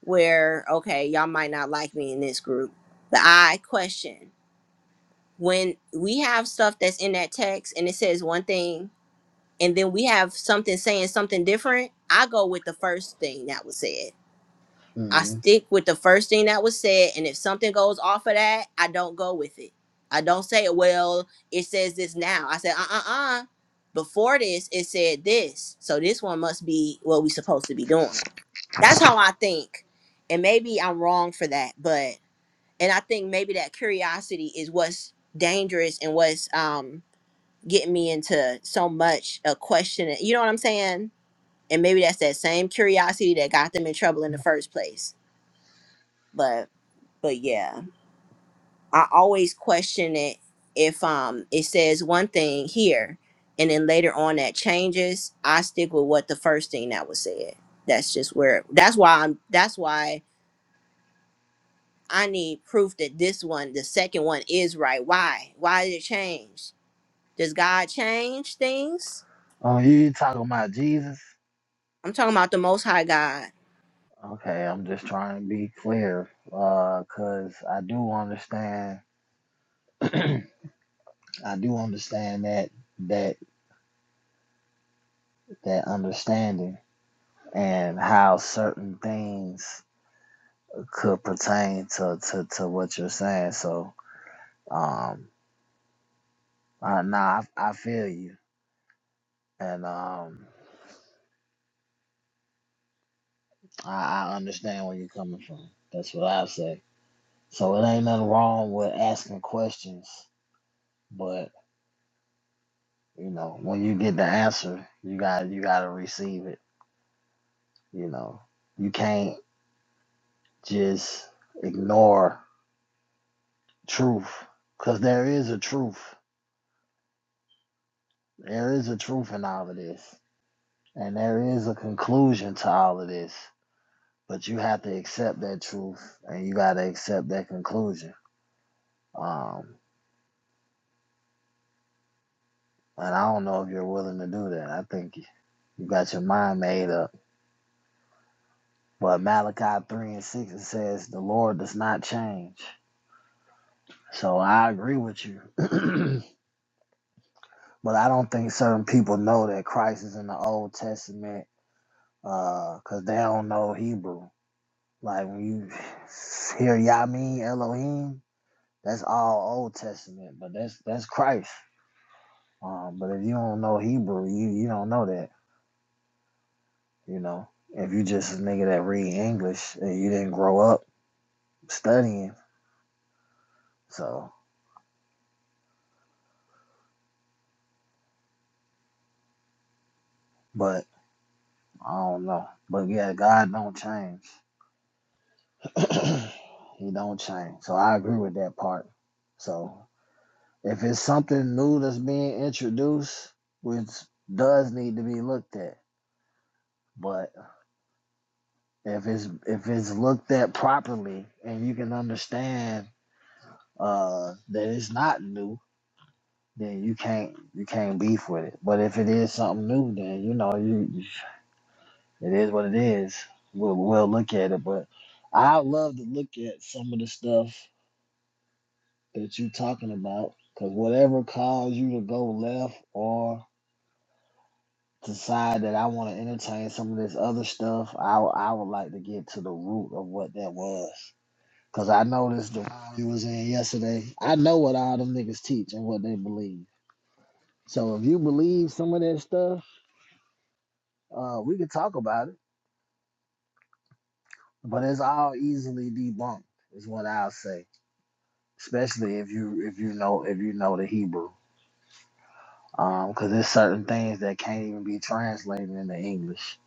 [SPEAKER 9] where okay, y'all might not like me in this group, but I question when we have stuff that's in that text and it says one thing, and then we have something saying something different. I go with the first thing that was said I
[SPEAKER 3] hmm
[SPEAKER 9] stick with the first thing that was said, and if something goes off of that, I don't go with it. I don't say, well, it says this now. I said, uh uh uh. Before this, it said this. So this one must be what we supposed to be doing. That's how I think. And maybe I'm wrong for that, but and I think maybe that curiosity is what's dangerous and what's um getting me into so much a question. You know what I'm saying? And maybe that's that same curiosity that got them in trouble in the first place. But but yeah, I always question it if um it says one thing here and then later on that changes, I stick with what the first thing that was said. That's just where that's why I'm that's why I need proof that this one, the second one is right. Why? Why did it change? Does God change things?
[SPEAKER 3] Oh, you talking about Jesus?
[SPEAKER 9] I'm talking about the most high God.
[SPEAKER 3] Okay, I'm just trying to be clear, uh, cause I do understand, I do understand that that that understanding and how certain things could pertain to to, to what you're saying. So, um, uh, nah, I, I feel you, and um. I, I understand where you're coming from. That's what I say. So it ain't nothing wrong with asking questions, but you know, when you get the answer, you got you got to receive it. You know, you can't just ignore truth because there is a truth. There is a truth in all of this, and there is a conclusion to all of this. But you have to accept that truth, and you got to accept that conclusion. Um, and I don't know if you're willing to do that. I think You got your mind made up. But Malachi 3 and 6, it says, The Lord does not change. So I agree with you. but I don't think certain people know that Christ is in the Old Testament because they don't know Hebrew. Like when you hear Yamin Elohim, that's all Old Testament, but that's that's Christ. Um, but if you don't know Hebrew, you, you don't know that, you know. If you just a nigga that read English and you didn't grow up studying, so but I don't know. But yeah, God don't change. he don't change. So I agree with that part. So if it's something new that's being introduced, which does need to be looked at. But if it's if it's looked at properly and you can understand uh that it's not new, then you can't you can't beef with it. But if it is something new, then you know you It is what it is. We'll, we'll look at it, but I love to look at some of the stuff that you're talking about because whatever caused you to go left or decide that I want to entertain some of this other stuff, I, I would like to get to the root of what that was. Because I noticed the room you was in yesterday, I know what all them niggas teach and what they believe. So if you believe some of that stuff, uh, we can talk about it, but it's all easily debunked, is what I'll say especially if you if you know if you know the Hebrew, because there's certain things that can't even be translated into English.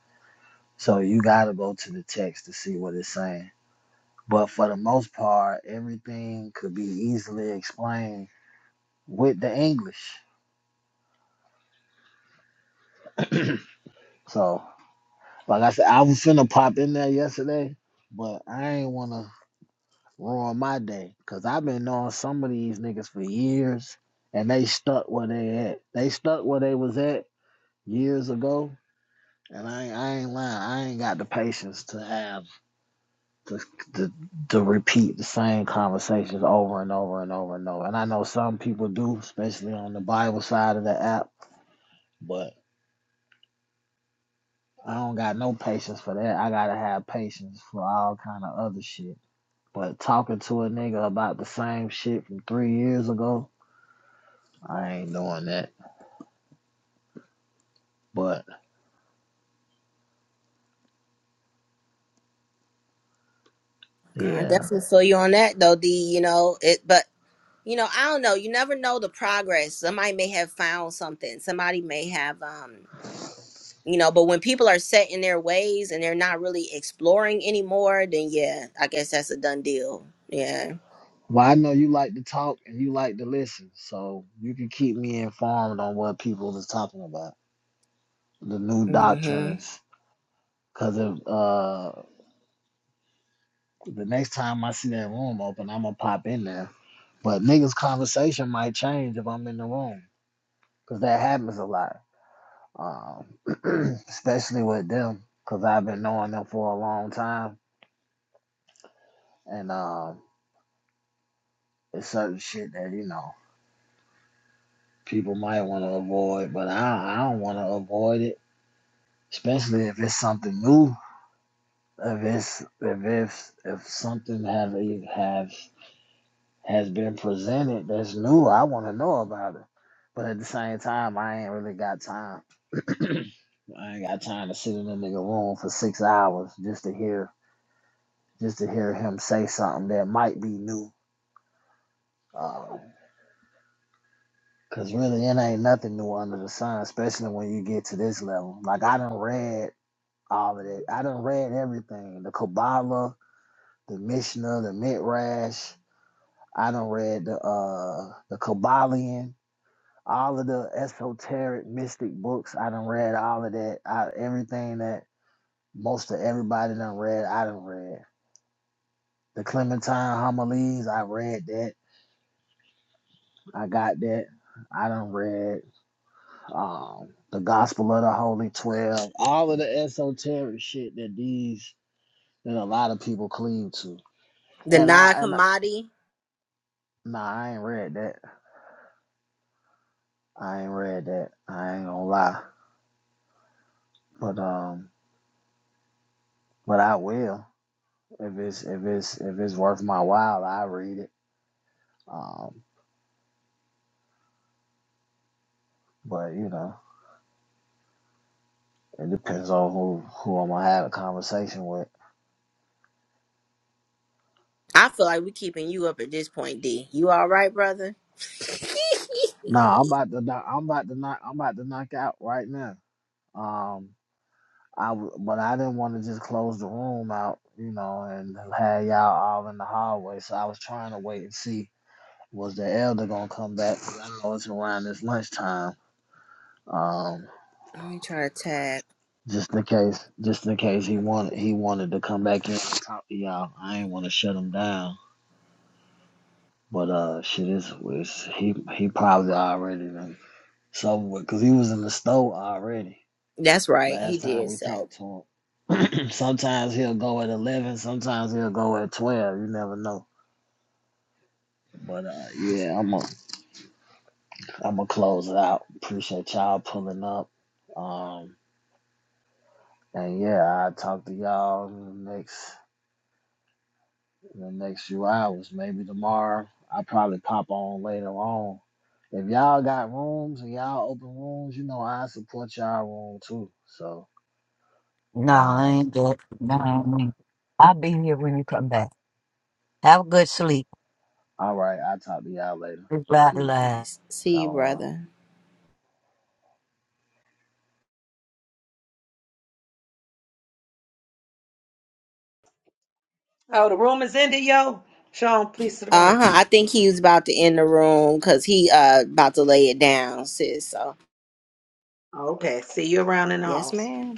[SPEAKER 3] So you got to go to the text to see what it's saying. But for the most part, everything could be easily explained with the English. So, like I said, I was finna pop in there yesterday, but I ain't wanna ruin my day because I've been knowing some of these niggas for years, and they stuck where they at. They stuck where they was at years ago, And I, ain't- I ain't lying. I ain't got the patience to have to, to to repeat the same conversations over and over and over and over. And I know some people do, especially on the Bible side of the app. But I don't got no patience for that. I gotta have patience for all kind of other shit. But talking to a nigga about the same shit from three years ago, I ain't doing that. But
[SPEAKER 9] I
[SPEAKER 3] yeah.
[SPEAKER 9] definitely feel you on that though, D, you know, it but you know, I don't know. You never know the progress. Somebody may have found something. Somebody may have um you know but when people are set in their ways and they're not really exploring anymore then yeah i guess that's a done deal yeah
[SPEAKER 3] Well, I know you like to talk and you like to listen, so you can keep me informed on what people is talking about. the new
[SPEAKER 9] hmm
[SPEAKER 3] doctrines. Cause if uh the next time I see that room open, I'm gonna pop in there. But niggas' conversation might change if I'm in the room, cause that happens a lot. Um, especially with them, cause I've been knowing them for a long time, and um, it's certain shit that you know people might want to avoid, but I I don't want to avoid it, especially if it's something new. If it's if it's if something have have has been presented that's new. I want to know about it. But at the same time, I ain't really got time. I ain't got time to sit in a nigga room for six hours just to hear just to hear him say something that might be new. Uh, Cause really, it ain't nothing new under the sun, especially when you get to this level. Like I done read all of it. I done read everything: the Kabbalah, the Mishnah, the Midrash. I done read the uh the Kabbalion. all of the esoteric mystic books I done read all of that. I, everything that most of everybody done read, I done read. The Clementine homilies, I read that. I got that. I done read um, the Gospel of the Holy Twelve, all of the esoteric shit that these that a lot of people cleave to.
[SPEAKER 9] the
[SPEAKER 3] And I and I-
[SPEAKER 9] non-commodity
[SPEAKER 3] nah, I ain't read that. I ain't read that. I ain't gonna lie, but um, but I will. if it's if it's if it's worth my while, I read it. Um, but you know, it depends on who who I'm gonna have a conversation with.
[SPEAKER 9] i feel like we keeping you up at this point d you all right brother
[SPEAKER 3] Nah, I'm about to knock. I'm about to knock. I'm about to knock out right now. Um, I w- but I didn't want to just close the room out, you know, and have y'all all in the hallway. So I was trying to wait and see was the elder gonna come back. 'cause I know it's around this lunchtime. Um.
[SPEAKER 9] let me try to tag
[SPEAKER 3] Just in case, just in case he wanted he wanted to come back in and talk to y'all. I ain't want to shut him down, but uh, shit is was he he probably already done so because he was in the store already
[SPEAKER 9] that's right he
[SPEAKER 3] last time
[SPEAKER 9] did
[SPEAKER 3] we
[SPEAKER 9] say
[SPEAKER 3] talked to him. sometimes he'll go at eleven, sometimes he'll go at twelve. You never know. But uh, yeah, I'm gonna I'm gonna close it out. Appreciate y'all pulling up. Um, and yeah, I'll talk to y'all next in the next few hours. Maybe tomorrow. I'll probably pop on later on. If y'all got rooms and y'all open rooms, you know I support y'all room too. So,
[SPEAKER 2] no, I
[SPEAKER 3] um,
[SPEAKER 2] ain't good. No, I ain't. I'll be here when you come back. Have a good sleep.
[SPEAKER 3] all right, I'll talk to y'all later.
[SPEAKER 2] Blah,
[SPEAKER 3] Peace.
[SPEAKER 9] all right
[SPEAKER 2] blah.
[SPEAKER 9] see you
[SPEAKER 3] Shalom.
[SPEAKER 9] brother
[SPEAKER 10] Oh, the room is ended, yo. Sean, please to the room.
[SPEAKER 9] uh-huh i think he was about to end the room because he uh about to lay it down sis so
[SPEAKER 10] Okay, see you around in the
[SPEAKER 9] yes
[SPEAKER 10] house.
[SPEAKER 9] ma'am